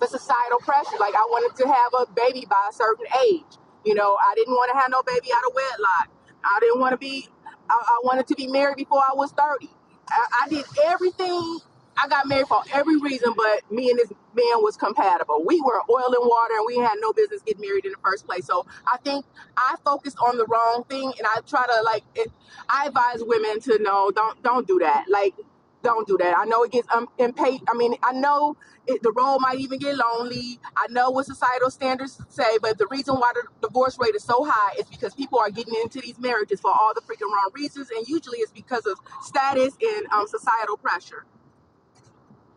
S16: the societal pressure. Like I wanted to have a baby by a certain age. You know, I didn't want to have no baby out of wedlock. I didn't want to be. I, I wanted to be married before I was thirty. I, I did everything. I got married for every reason, but me and this man was compatible. We were oil and water, and we had no business getting married in the first place. So I think I focused on the wrong thing, and I try to like. It, I advise women to know don't don't do that. Like don't do that. I know it gets um, impatient. I mean, I know it, the role might even get lonely. I know what societal standards say, but the reason why the divorce rate is so high is because people are getting into these marriages for all the freaking wrong reasons, and usually it's because of status and um, societal pressure.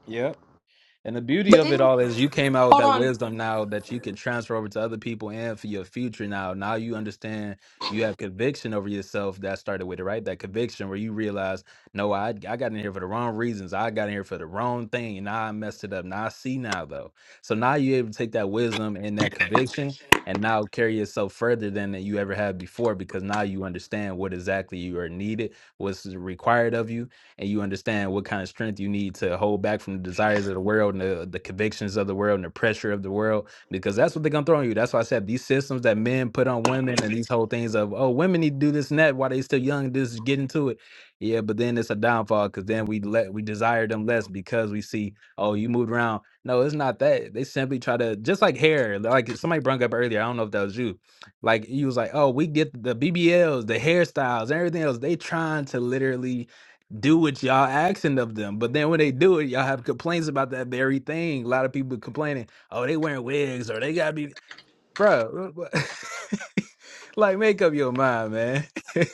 S10: Yep. And the beauty of it all is you came out with that
S4: Um,
S10: wisdom now that you could transfer over to other people and for your future now. Now you understand you have conviction over yourself that started with it, right? That conviction where you realize, no, I, I got in here for the wrong reasons. I got in here for the wrong thing. And now I messed it up. Now I see now though. So now you're able to take that wisdom and that conviction and now carry yourself further than that you ever had before because now you understand what exactly you are needed, what's required of you and you understand what kind of strength you need to hold back from the desires of the world and the, the convictions of the world and the pressure of the world because that's what they're gonna throw on you. That's why I said these systems that men put on women and these whole things of oh women need to do this and that while they still young, just get into it. Yeah, but then it's a downfall because then we let we desire them less because we see, oh, you moved around. No, it's not that. They simply try to just like hair, like somebody brought up earlier. I don't know if that was you. Like you was like, oh, we get the BBLs, the hairstyles, everything else. They trying to literally do what y'all asking of them. But then when they do it, y'all have complaints about that very thing. A lot of people complaining, oh, they wearing wigs or they gotta be bro. [LAUGHS] like make up your mind, man. [LAUGHS]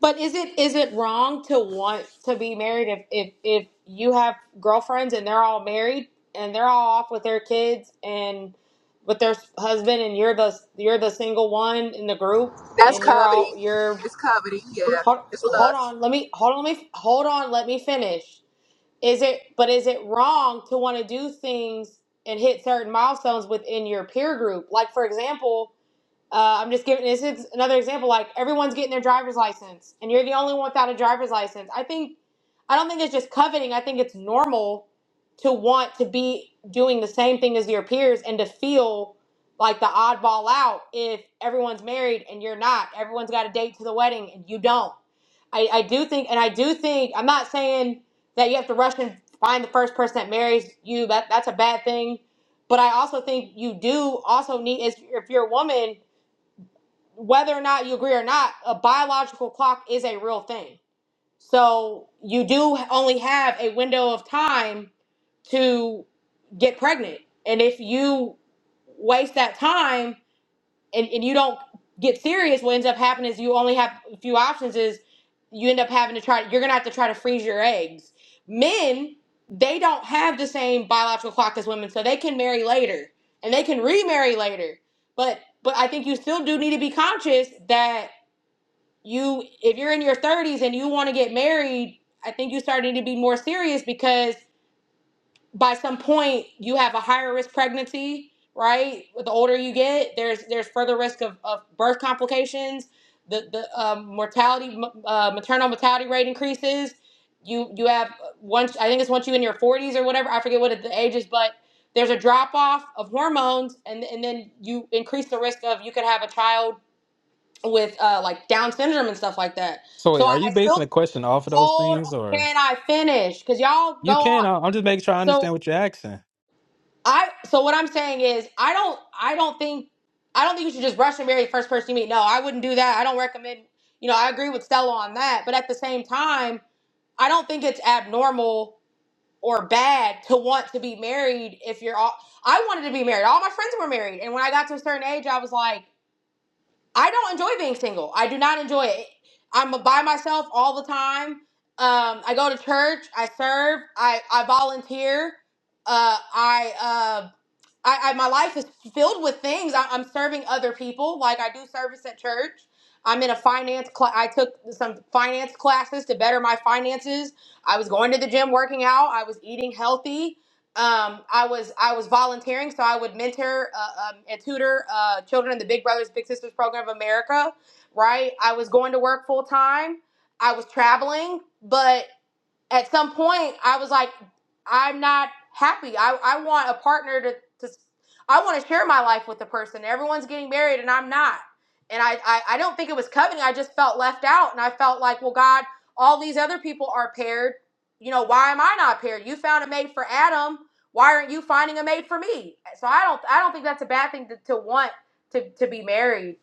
S4: But is it is it wrong to want to be married if if if you have girlfriends and they're all married and they're all off with their kids and with their s- husband and you're the you're the single one in the group
S16: That's
S4: and you're
S16: coveting.
S4: all you're
S16: It's coveting. Yeah,
S4: hold,
S16: it's
S4: hold
S16: lust.
S4: on let me hold on let me hold on let me finish Is it but is it wrong to want to do things and hit certain milestones within your peer group? Like for example, uh, I'm just giving this is another example. Like everyone's getting their driver's license, and you're the only one without a driver's license. I think, I don't think it's just coveting. I think it's normal to want to be doing the same thing as your peers and to feel like the oddball out if everyone's married and you're not. Everyone's got a date to the wedding and you don't. I, I do think, and I do think, I'm not saying that you have to rush and find the first person that marries you. That that's a bad thing. But I also think you do also need, if if you're a woman whether or not you agree or not, a biological clock is a real thing. So you do only have a window of time to get pregnant. And if you waste that time, and, and you don't get serious, what ends up happening is you only have a few options is you end up having to try you're gonna have to try to freeze your eggs. Men, they don't have the same biological clock as women, so they can marry later and they can remarry later. But but I think you still do need to be conscious that you if you're in your thirties and you wanna get married, I think you start need to be more serious because by some point you have a higher risk pregnancy right With the older you get there's there's further risk of, of birth complications the the um, mortality m- uh, maternal mortality rate increases you you have uh, once i think it's once you in your 40s or whatever i forget what the age is but there's a drop off of hormones and and then you increase the risk of you could have a child with uh, like down syndrome and stuff like that
S10: So wait,
S4: so
S10: are
S4: i,
S10: you
S4: I
S10: basing
S4: still
S10: the question off of those
S4: hold
S10: things or
S4: can i finish because y'all go
S10: you can?
S4: on
S10: I- I'm just making sure I
S4: so
S10: understand what you're asking.
S4: I so what I'm saying is I don't I don't think I don't think you should just rush and marry the first person you meet. No, I wouldn't do that. I don't recommend you know, I agree with Stella on that, but at the same time, I don't think it's abnormal or bad to want to be married if you're all I wanted to be married. All my friends were married. And when I got to a certain age, I was like I don't enjoy being single. I do not enjoy it. I'm by myself all the time. Um, I go to church. I serve. I, I volunteer. Uh, I, uh, I, I my life is filled with things. I, I'm serving other people. Like I do service at church. I'm in a finance class. I took some finance classes to better my finances. I was going to the gym, working out. I was eating healthy um, I was I was volunteering, so I would mentor uh, um, and tutor uh, children in the Big Brothers Big Sisters program of America. Right, I was going to work full time. I was traveling, but at some point I was like, I'm not happy. I, I want a partner to, to I want to share my life with the person. Everyone's getting married and I'm not. And I, I, I don't think it was coveting. I just felt left out and I felt like, well, God, all these other people are paired. You know, why am I not paired? You found a mate for Adam. Why aren't you finding a mate for me? So I don't I don't think that's a bad thing to, to want to, to be married.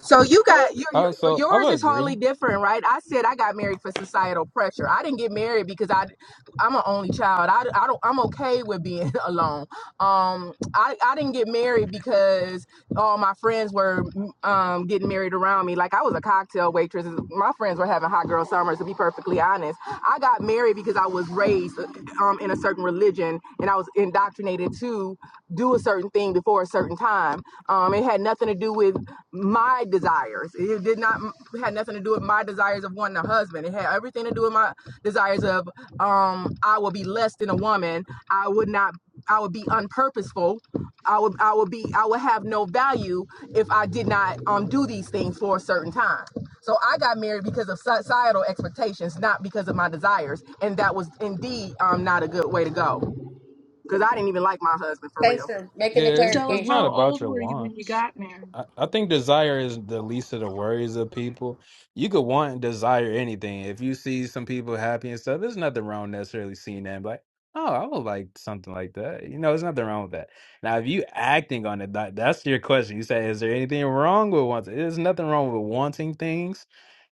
S16: So you got your, your
S10: Uh, so I
S16: yours
S10: would
S16: is
S10: agree.
S16: wholly different, right? I said I got married for societal pressure. I didn't get married because I I'm an only child. I, I don't I'm okay with being [LAUGHS] alone. Um I I didn't get married because all my friends were um getting married around me. Like I was a cocktail waitress. My friends were having hot girl summers to be perfectly honest. I got married because I was raised um in a certain religion and I was indoctrinated to do a certain thing before for a certain time. Um, it had nothing to do with my desires. It did not it had nothing to do with my desires of wanting a husband. It had everything to do with my desires of um, I will be less than a woman. I would not. I would be unpurposeful. I would. I would be. I would have no value if I did not um, do these things for a certain time. So I got married because of societal expectations, not because of my desires, and that was indeed um, not a good way to go. Because I didn't even like my husband for
S4: Thanks
S16: real.
S4: for making the
S10: Yeah, it's
S27: Tell her
S10: it's not
S27: how
S4: clarification.
S10: about
S27: old
S10: your
S27: were you when you
S10: wants.
S27: got married?
S10: I, I think desire is the least of the worries of people. You could want and desire anything. If you see some people happy and stuff, there's nothing wrong necessarily seeing that and be like, oh, I would like something like that. You know, there's nothing wrong with that. Now, if you acting on it, that, that's your question. You say, is there anything wrong with wanting? There's nothing wrong with wanting things.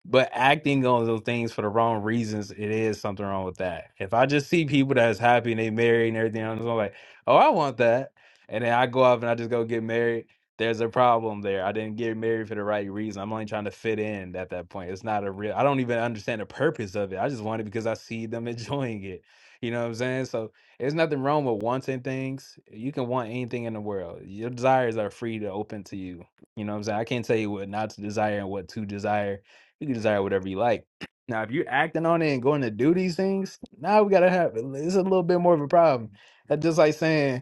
S10: But acting on those things for the wrong reasons, it is something wrong with that. If I just see people that's happy and they married and everything, I'm just like, oh, I want that. And then I go off and I just go get married. There's a problem there. I didn't get married for the right reason. I'm only trying to fit in at that point. It's not a real, I don't even understand the purpose of it. I just want it because I see them [LAUGHS] enjoying it. You know what I'm saying? So there's nothing wrong with wanting things. You can want anything in the world. Your desires are free to open to you. You know what I'm saying? I can't tell you what not to desire and what to desire you can desire whatever you like. Now, if you're acting on it and going to do these things, now we gotta have it's a little bit more of a problem. That's just like saying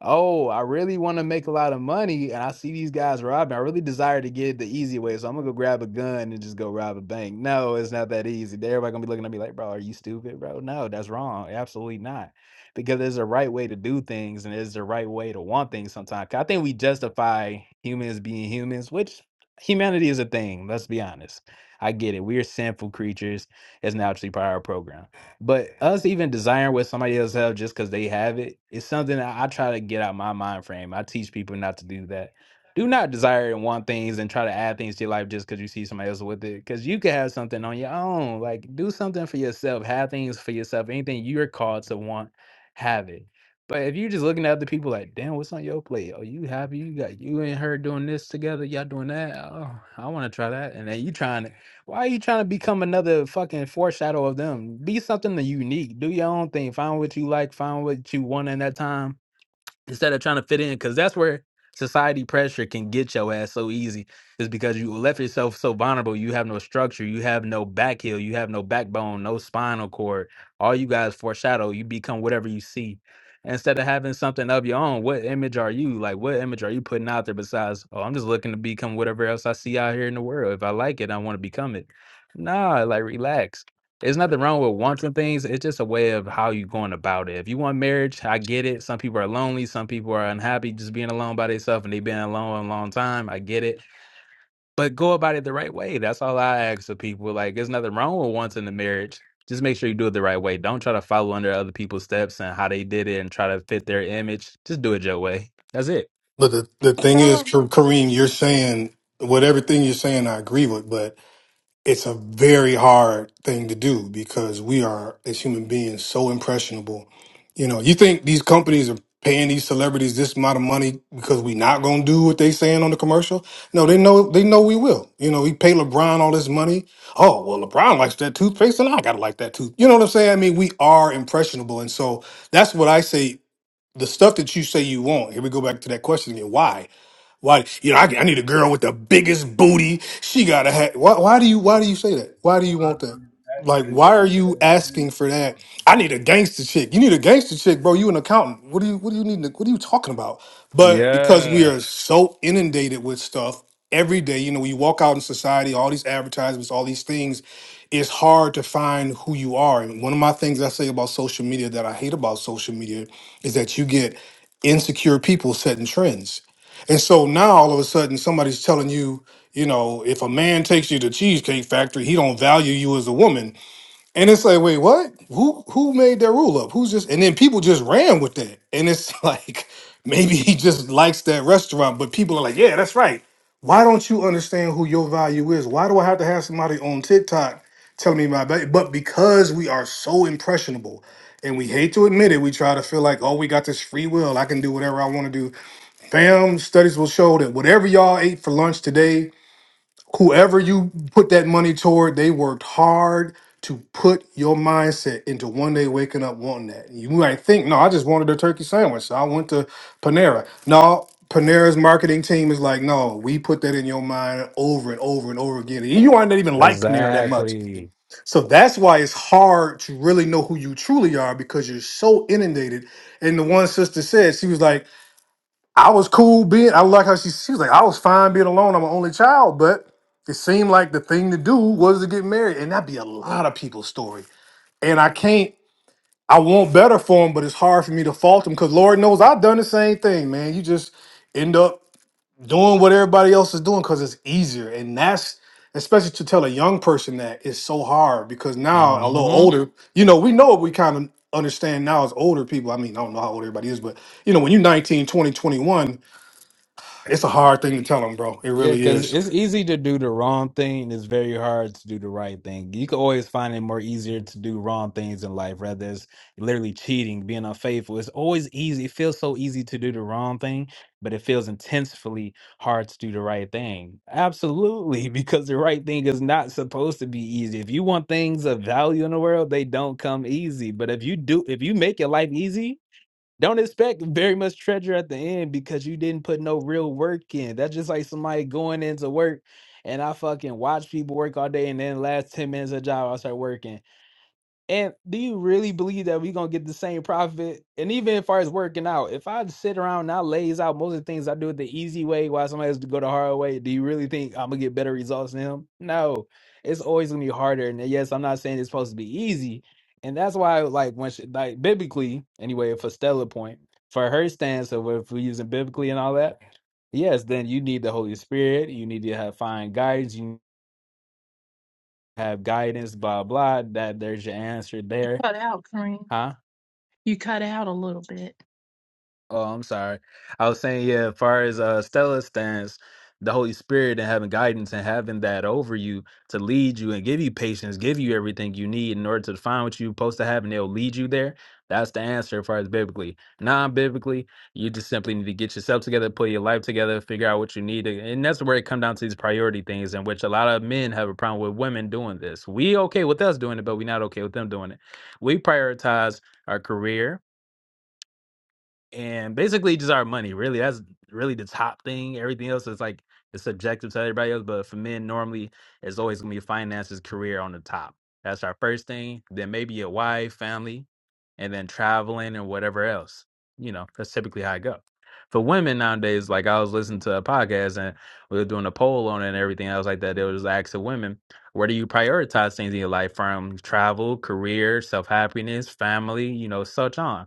S10: oh, I really want to make a lot of money and I see these guys robbing. I really desire to get it the easy way. So I'm going to go grab a gun and just go rob a bank. No, it's not that easy. Everybody going to be looking at me like, bro, are you stupid, bro? No, that's wrong. Absolutely not. Because there's a right way to do things and there's the right way to want things sometimes. 'Cause I think we justify humans being humans, which humanity is a thing. Let's be honest. I get it. We are sinful creatures. It's naturally part of our program. But us even desiring what somebody else have just because they have it, it's something that I try to get out my mind frame. I teach people not to do that. Do not desire and want things and try to add things to your life just because you see somebody else with it. Because you could have something on your own. Like do something for yourself. Have things for yourself. Anything you're called to want, have it. But if you're just looking at other people like, damn, what's on your plate? Oh, you happy? You got you and her doing this together. Y'all doing that? Oh, I want to try that. And then you trying. Why are you trying to become another fucking foreshadow of them? Be something unique. Do your own thing. Find what you like. Find what you want in that time instead of trying to fit in because that's where society pressure can get your ass so easy is because you left yourself so vulnerable you have no structure you have no back heel you have no backbone no spinal cord all you guys foreshadow you become whatever you see instead of having something of your own what image are you like what image are you putting out there besides oh i'm just looking to become whatever else i see out here in the world if i like it i want to become it nah like relax there's nothing wrong with wanting things. It's just a way of how you going about it. If you want marriage, I get it. Some people are lonely. Some people are unhappy just being alone by themselves and they've been alone a long time. I get it. But go about it the right way. That's all I ask of people. Like, there's nothing wrong with wanting the marriage. Just make sure you do it the right way. Don't try to follow under other people's steps and how they did it and try to fit their image. Just do it your way. That's it.
S26: But the, the thing
S27: Tell
S26: is,
S27: her
S26: Ka- Kareem, you're saying what everything you're saying I agree with, but it's a very hard thing to do because we are as human beings so impressionable. You know, you think these companies are paying these celebrities this amount of money because we not gonna do what they saying on the commercial? No, they know they know we will. You know, we pay LeBron all this money. Oh well, LeBron likes that toothpaste, and I gotta like that tooth. You know what I'm saying? I mean, we are impressionable, and so that's what I say. The stuff that you say you want. Here we go back to that question again. Why? Why you know I, I need a girl with the biggest booty. She gotta have. Why, why do you Why do you say that? Why do you
S28: Mine
S26: want that?
S28: is
S26: Like
S28: actually the
S26: why are
S28: main
S26: you asking
S28: benefit.
S26: for that? I need a gangster chick. You need a gangster chick, bro. You an accountant. What do you What do you need? to- What are you talking about? But because we
S10: Yeah,
S26: are so inundated with stuff every day, you know, when you walk out in society, all these advertisements, all these things, it's hard to find who you are. And one of my things I say about social media that I hate about social media is that you get insecure people setting trends and so now all of a sudden somebody's telling you, you know, if a man takes you to Cheesecake Factory, he don't value you as a woman. And it's like, wait, what? Who who made that rule up? Who's just and then people just ran with that. And it's [LAUGHS] like, maybe he just likes that restaurant, but people are like, yeah, that's right. Why don't you understand who your value is? Why do I have to have somebody on TikTok telling me my value? But because we are so impressionable and we hate to admit it, we try to feel like, oh, we got this free will. I can do whatever I want to do Fam, studies will show that whatever y'all ate for lunch today, whoever you put that money toward, they worked hard to put your mindset into one day waking up wanting that. You might think, no, I just wanted a turkey sandwich. So I went to Panera. No, Panera's marketing team is like, no, we put that in your mind over and over and over again. And you might not even like Panera that much.
S10: exactly.
S26: So that's why it's hard to really know who you truly are because you're so inundated. And the one sister said, she was like, I was cool being. I like how she she was like, I was fine being alone. I'm an only child, but it seemed like the thing to do was to get married, and that'd be a lot of people's story. And I can't. I want better for them, but it's hard for me to fault them because Lord knows I've done the same thing, man. You just end up doing what everybody else is doing because it's easier, and that's especially to tell a young person that is so hard because now a little older, you know, we know what we kind of understand now as older people. I mean, I don't know how old everybody is, but you know, when you're 19, 20, 21 it's a hard thing to tell them, bro. It
S10: Yeah,
S26: really
S10: because
S26: is.
S10: it's easy to do the wrong thing. and It's very hard to do the right thing. You can always find it more easier to do wrong things in life, rather it's literally cheating, being unfaithful. It's always easy. It feels so easy to do the wrong thing, but it feels intensely hard to do the right thing. Absolutely, [LAUGHS] because the right thing is not supposed to be easy. If you want things of value in the world, they don't come easy. But if you do, if you make your life easy, don't expect very much treasure at the end because you didn't put no real work in. That's just like somebody going into work and I fucking watch people work all day and then last 10 minutes of job I start working. And do you really believe that we're gonna get the same profit? And even as far as working out, if I sit around and I lays out most of the things I do it the easy way while somebody has to go the hard way, do you really think I'm gonna get better results than him? No. It's always gonna be harder. And yes, I'm not saying it's supposed to be easy. And that's why like when she, like biblically, anyway, for Stella point, for her stance of if we're using biblically and all that, yes, then you need the Holy Spirit, you need to have fine guidance, you have guidance, blah blah. That there's your answer there.
S27: cut out, Kareem.
S10: Huh?
S27: You cut out a little bit.
S10: Oh, I'm sorry. I was saying, yeah, as far as uh Stella's stance, the Holy Spirit and having guidance and having that over you to lead you and give you patience, give you everything you need in order to find what you're supposed to have, and they'll lead you there. That's the answer as far as biblically. Non-biblically, you just simply need to get yourself together, put your life together, figure out what you need. to- And that's where it comes down to these priority things, in which a lot of men have a problem with women doing this. We okay with us doing it, but we're not okay with them doing it. We prioritize our career and basically just our money really that's really the top thing everything else is like it's subjective to everybody else but for men normally it's always going to be finances career on the top that's our first thing then maybe a wife family and then traveling and whatever else you know that's typically how i go for women nowadays like i was listening to a podcast and we were doing a poll on it and everything else like that they was asking women where do you prioritize things in your life from travel career self-happiness family you know such on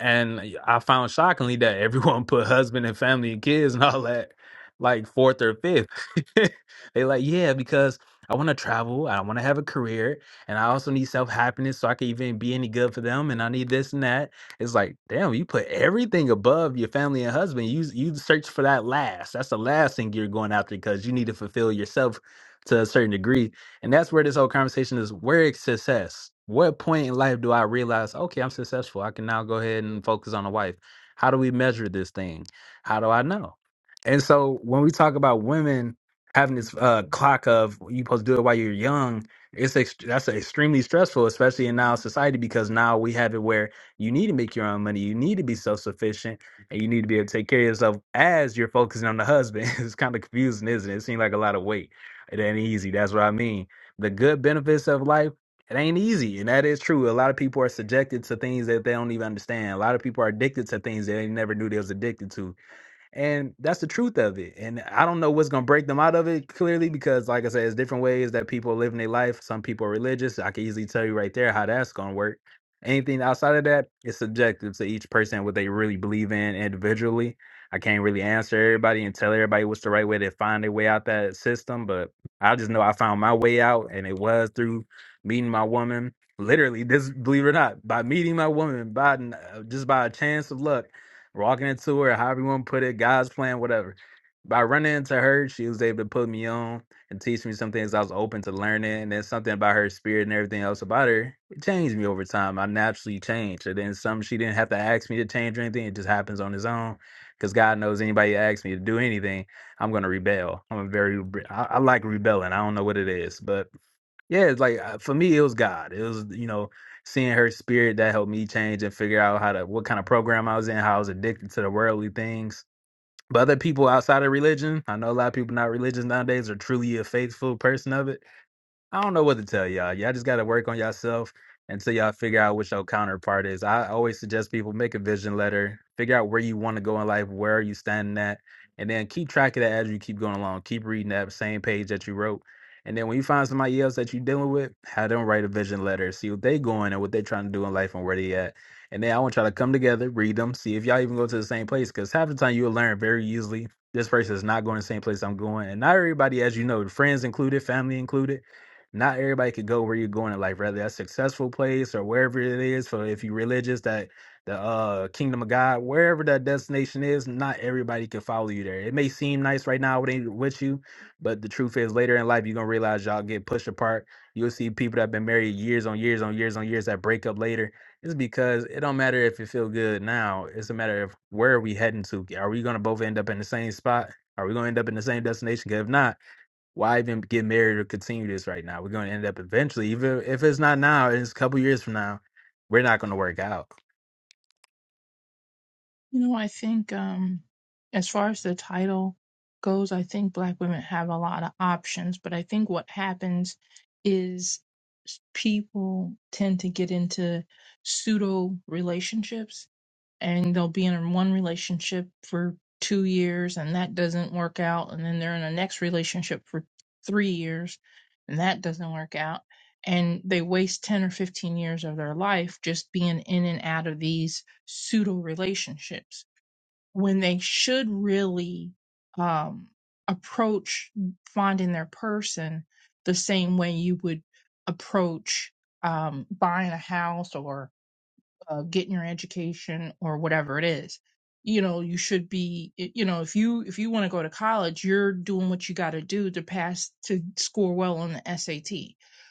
S10: and I found shockingly that everyone put husband and family and kids and all that like fourth or fifth. [LAUGHS] they like, yeah, because I want to travel, I want to have a career, and I also need self happiness so I can even be any good for them. And I need this and that. It's like, damn, you put everything above your family and husband. You you search for that last. That's the last thing you're going after because you need to fulfill yourself to a certain degree and that's where this whole conversation is. Where is success? What point in life do I realize, okay, I'm successful? I can now go ahead and focus on a wife. How do we measure this thing? How do I know? And so when we talk about women having this uh, clock of you supposed to do it while you're young, it's ex- that's extremely stressful, especially in now society, because now we have it where you need to make your own money, you need to be self sufficient, and you need to be able to take care of yourself as you're focusing on the husband. [LAUGHS] it's kind of confusing, isn't it? It seems like a lot of weight. It ain't easy. That's what I mean the good benefits of life, it ain't easy. And that is true. A lot of people are subjected to things that they don't even understand. A lot of people are addicted to things that they never knew they was addicted to. And that's the truth of it. And I don't know what's going to break them out of it clearly because, like I said, it's different ways that people live in their life. Some people are religious. I can easily tell you right there how that's going to work. Anything outside of that is subjective to each person, what they really believe in individually. I can't really answer everybody and tell everybody what's the right way to find their way out that system, but I just know I found my way out, and it was through meeting my woman. Literally, this believe it or not, by meeting my woman, by n- uh, just by a chance of luck walking into her, however you want to put it, God's plan, whatever. By running into her, she was able to put me on and teach me some things I was open to learning. And then something about her spirit and everything else about her, it changed me over time. I naturally changed. And then some she didn't have to ask me to change or anything. It just happens on its own. Because God knows anybody that asks me to do anything, I'm going to rebel. I'm a very, re- I, I like rebelling. I don't know what it is, but yeah, it's like uh, for me, it was God. It was, you know, seeing her spirit that helped me change and figure out how to what kind of program I was in, how I was addicted to the worldly things. But other people outside of religion, I know a lot of people not religious nowadays are truly a faithful person of it. I don't know what to tell y'all. Y'all just got to work on yourself until y'all figure out what your counterpart is. I always suggest people make a vision letter, figure out where you want to go in life, where are you standing at, and then keep track of that as you keep going along. Keep reading that same page that you wrote. And then when you find somebody else that you're dealing with, have them write a vision letter, see what they going and what they trying to do in life and where they at. And then I want y'all to come together, read them, see if y'all even go to the same place. Because half the time you'll learn very easily this person is not going the same place I'm going. And not everybody, as you know, friends included, family included not everybody could go where you're going in life, whether that's successful place or wherever it is. For if you're religious, that the uh kingdom of God, wherever that destination is, not everybody can follow you there. It may seem nice right now with ain't with you, but the truth is later in life you're gonna realize y'all get pushed apart. You'll see people that have been married years on years on years on years that break up later. It's because it don't matter if you feel good now. It's a matter of where are we heading to. Are we gonna both end up in the same spot? Are we gonna end up in the same destination? 'Cause if not, why even get married or continue this right now? We're going to end up eventually, even if it's not now, it's a couple years from now, we're not going to work out.
S27: You know, I think um as far as the title goes, I think black women have a lot of options, but I think what happens is people tend to get into pseudo relationships and they'll be in one relationship for two years and that doesn't work out and then they're in a next relationship for three years and that doesn't work out and they waste 10 or 15 years of their life just being in and out of these pseudo relationships when they should really um, approach finding their person the same way you would approach um, buying a house or uh, getting your education or whatever it is you know you should be you know if you if you want to go to college you're doing what you got to do to pass to score well on the sat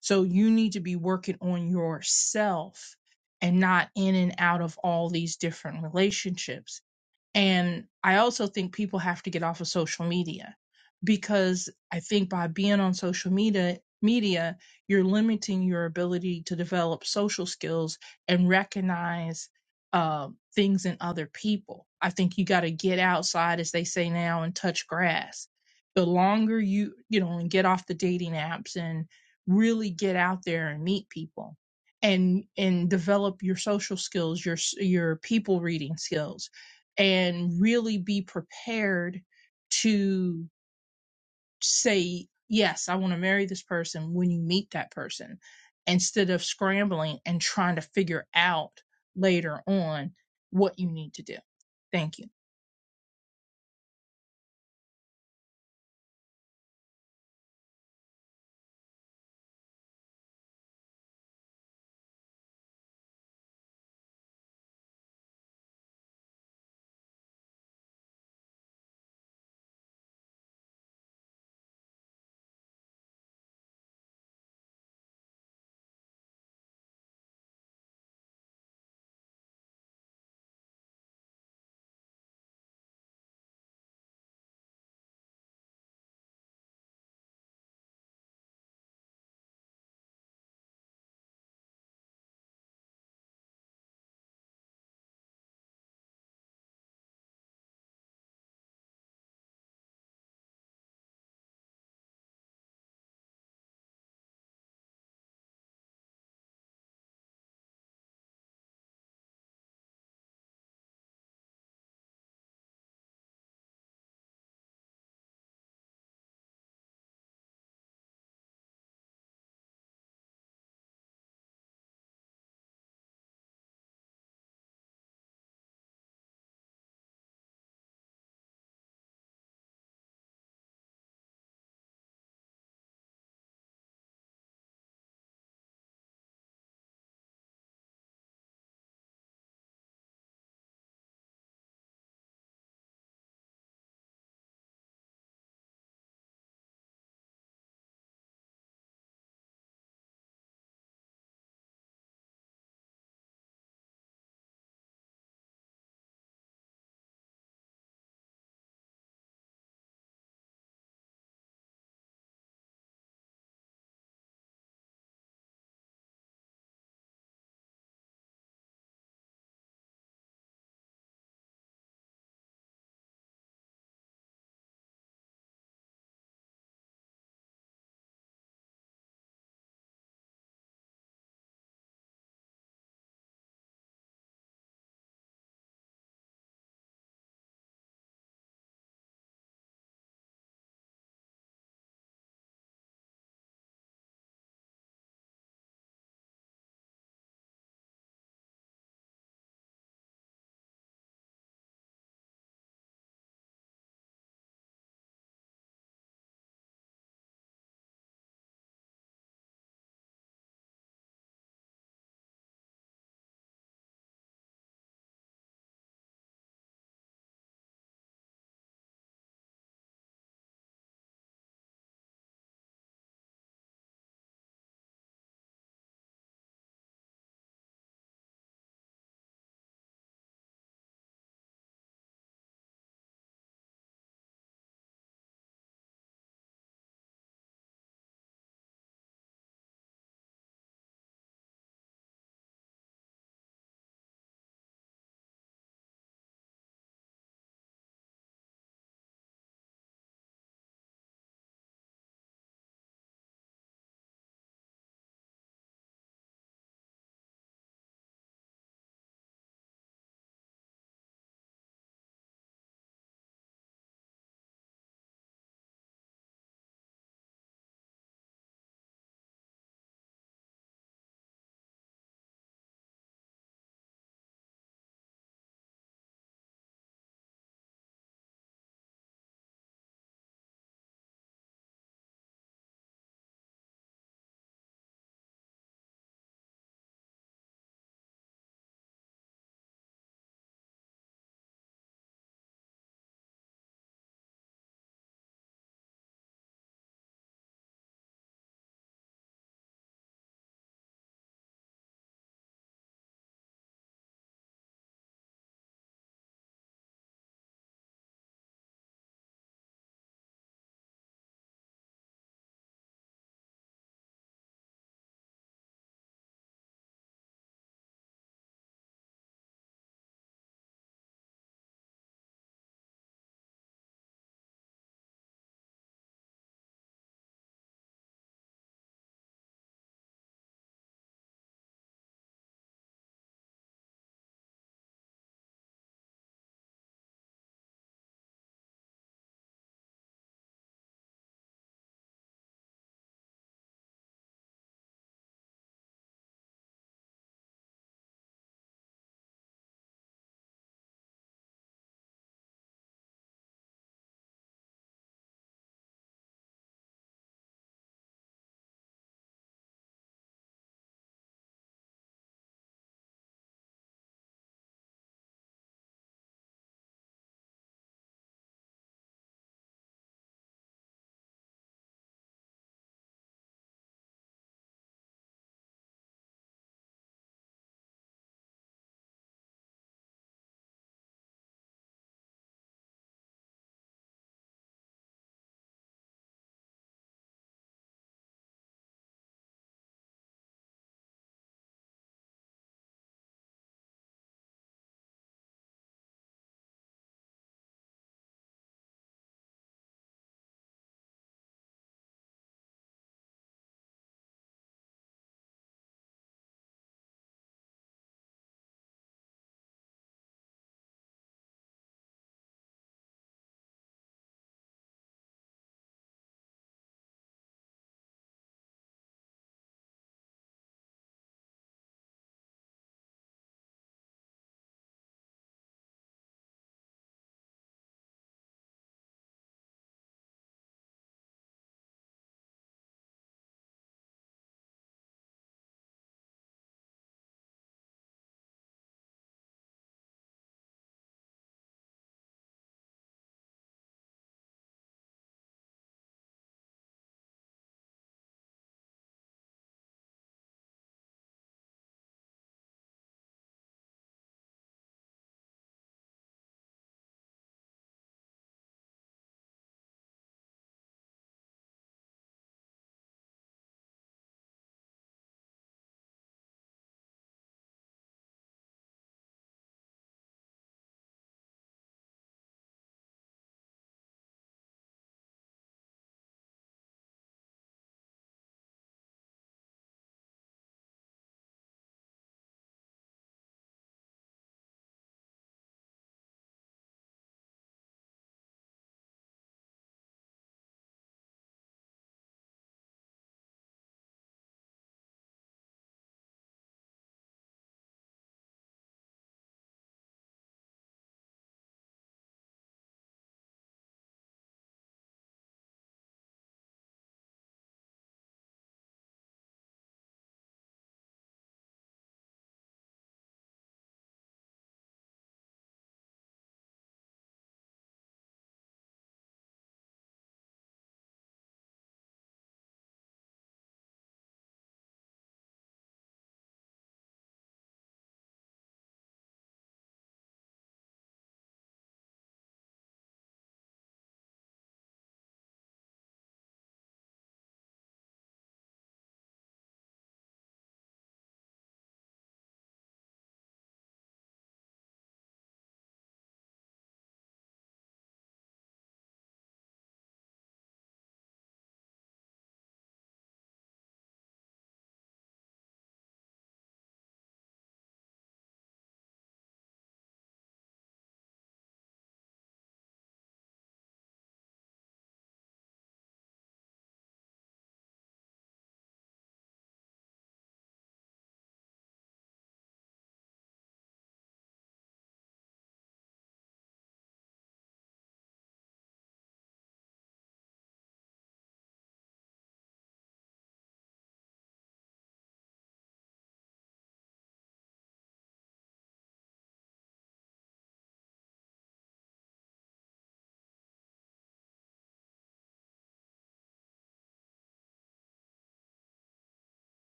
S27: so you need to be working on yourself and not in and out of all these different relationships and I also think people have to get off of social media because I think by being on social media, media, you're limiting your ability to develop social skills and recognize uh, things in other people. I think you got to get outside, as they say now, and touch grass. The longer you, you know, and get off the dating apps and really get out there and meet people and and develop your social skills, your s- your people reading skills and really be prepared to say, yes, I want to marry this person when you meet that person instead of scrambling and trying to figure out later on what you need to do. Thank you.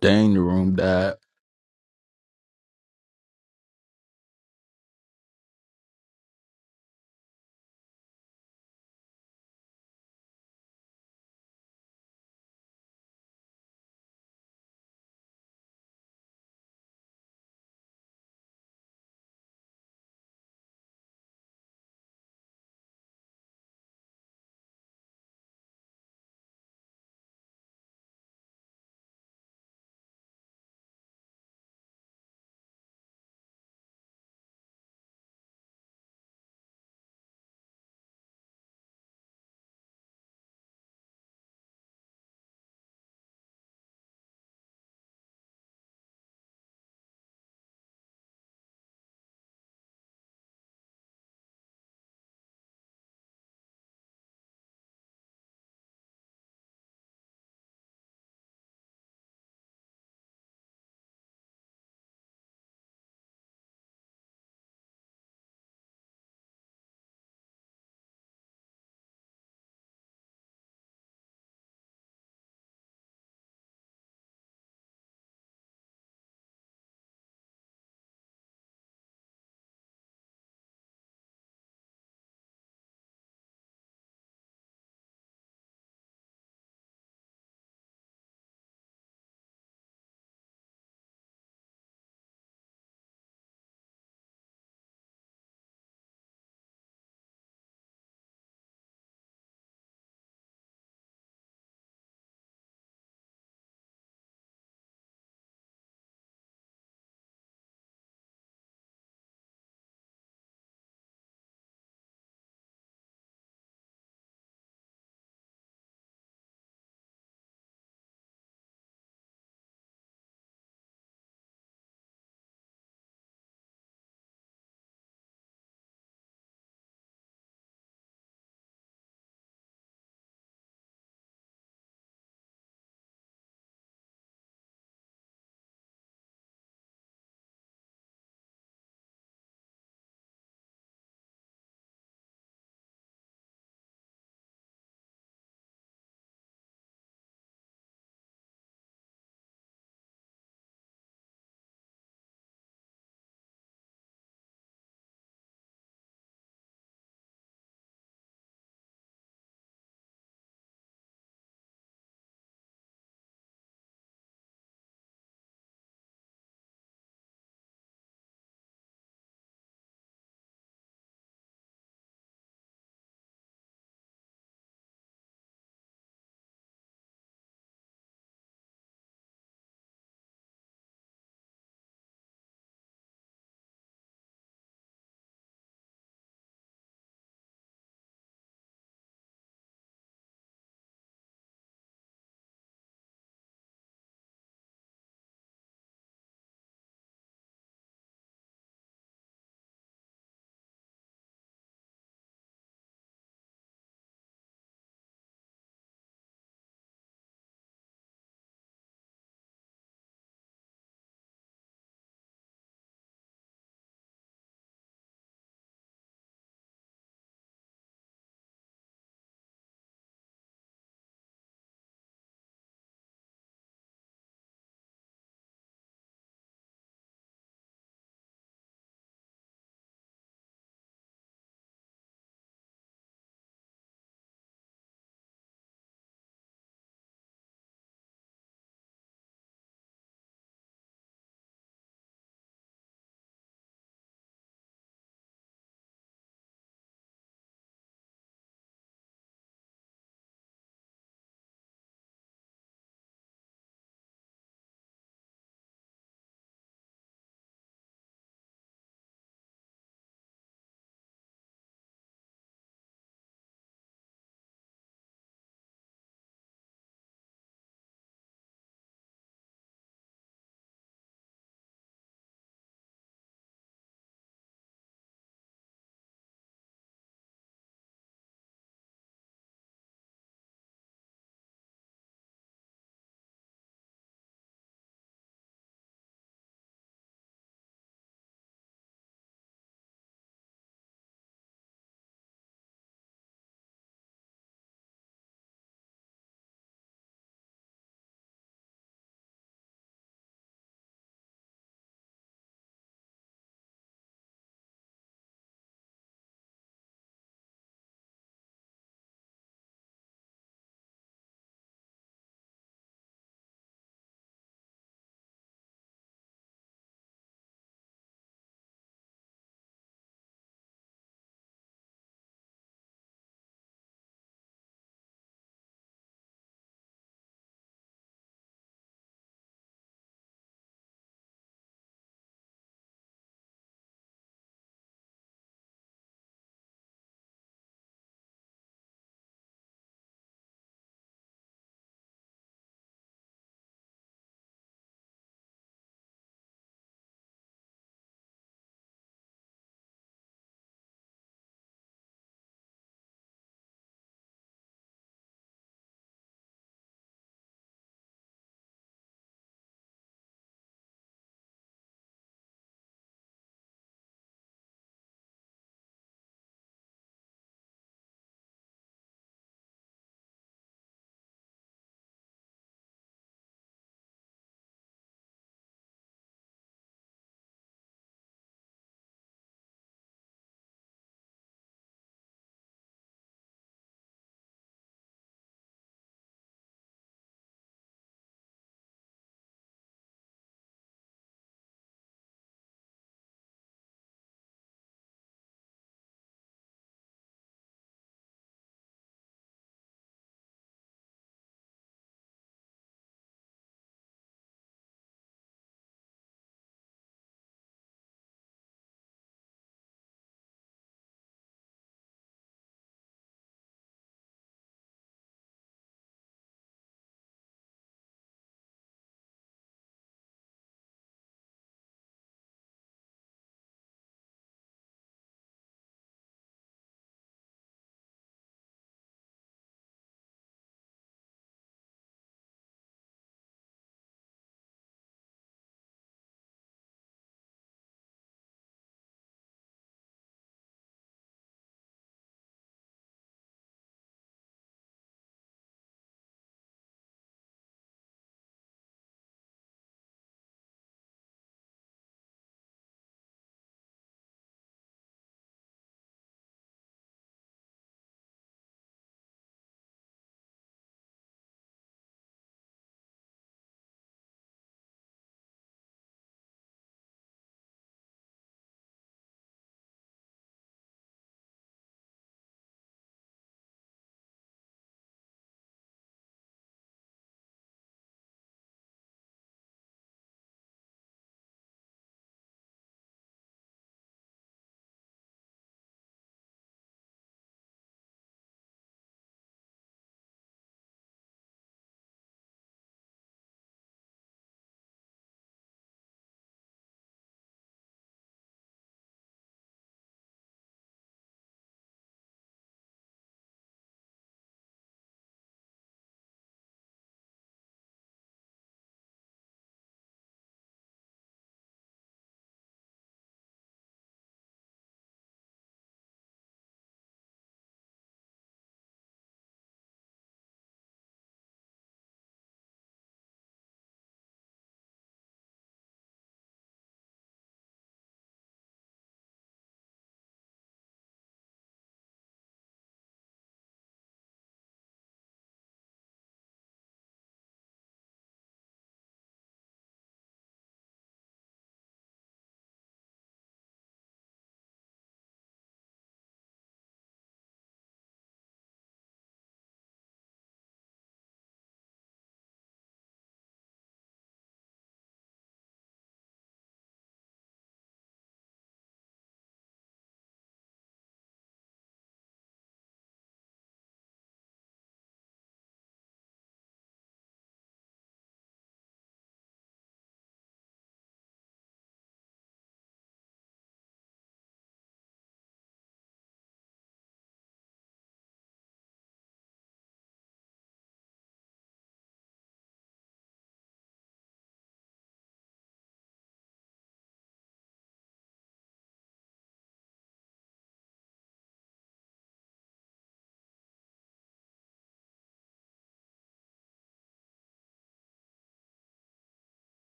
S10: Dang, the room died.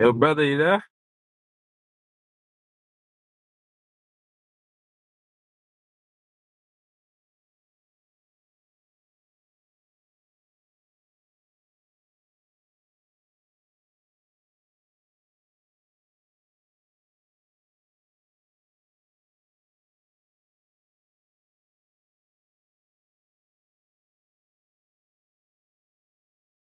S10: Yo, brother, you there?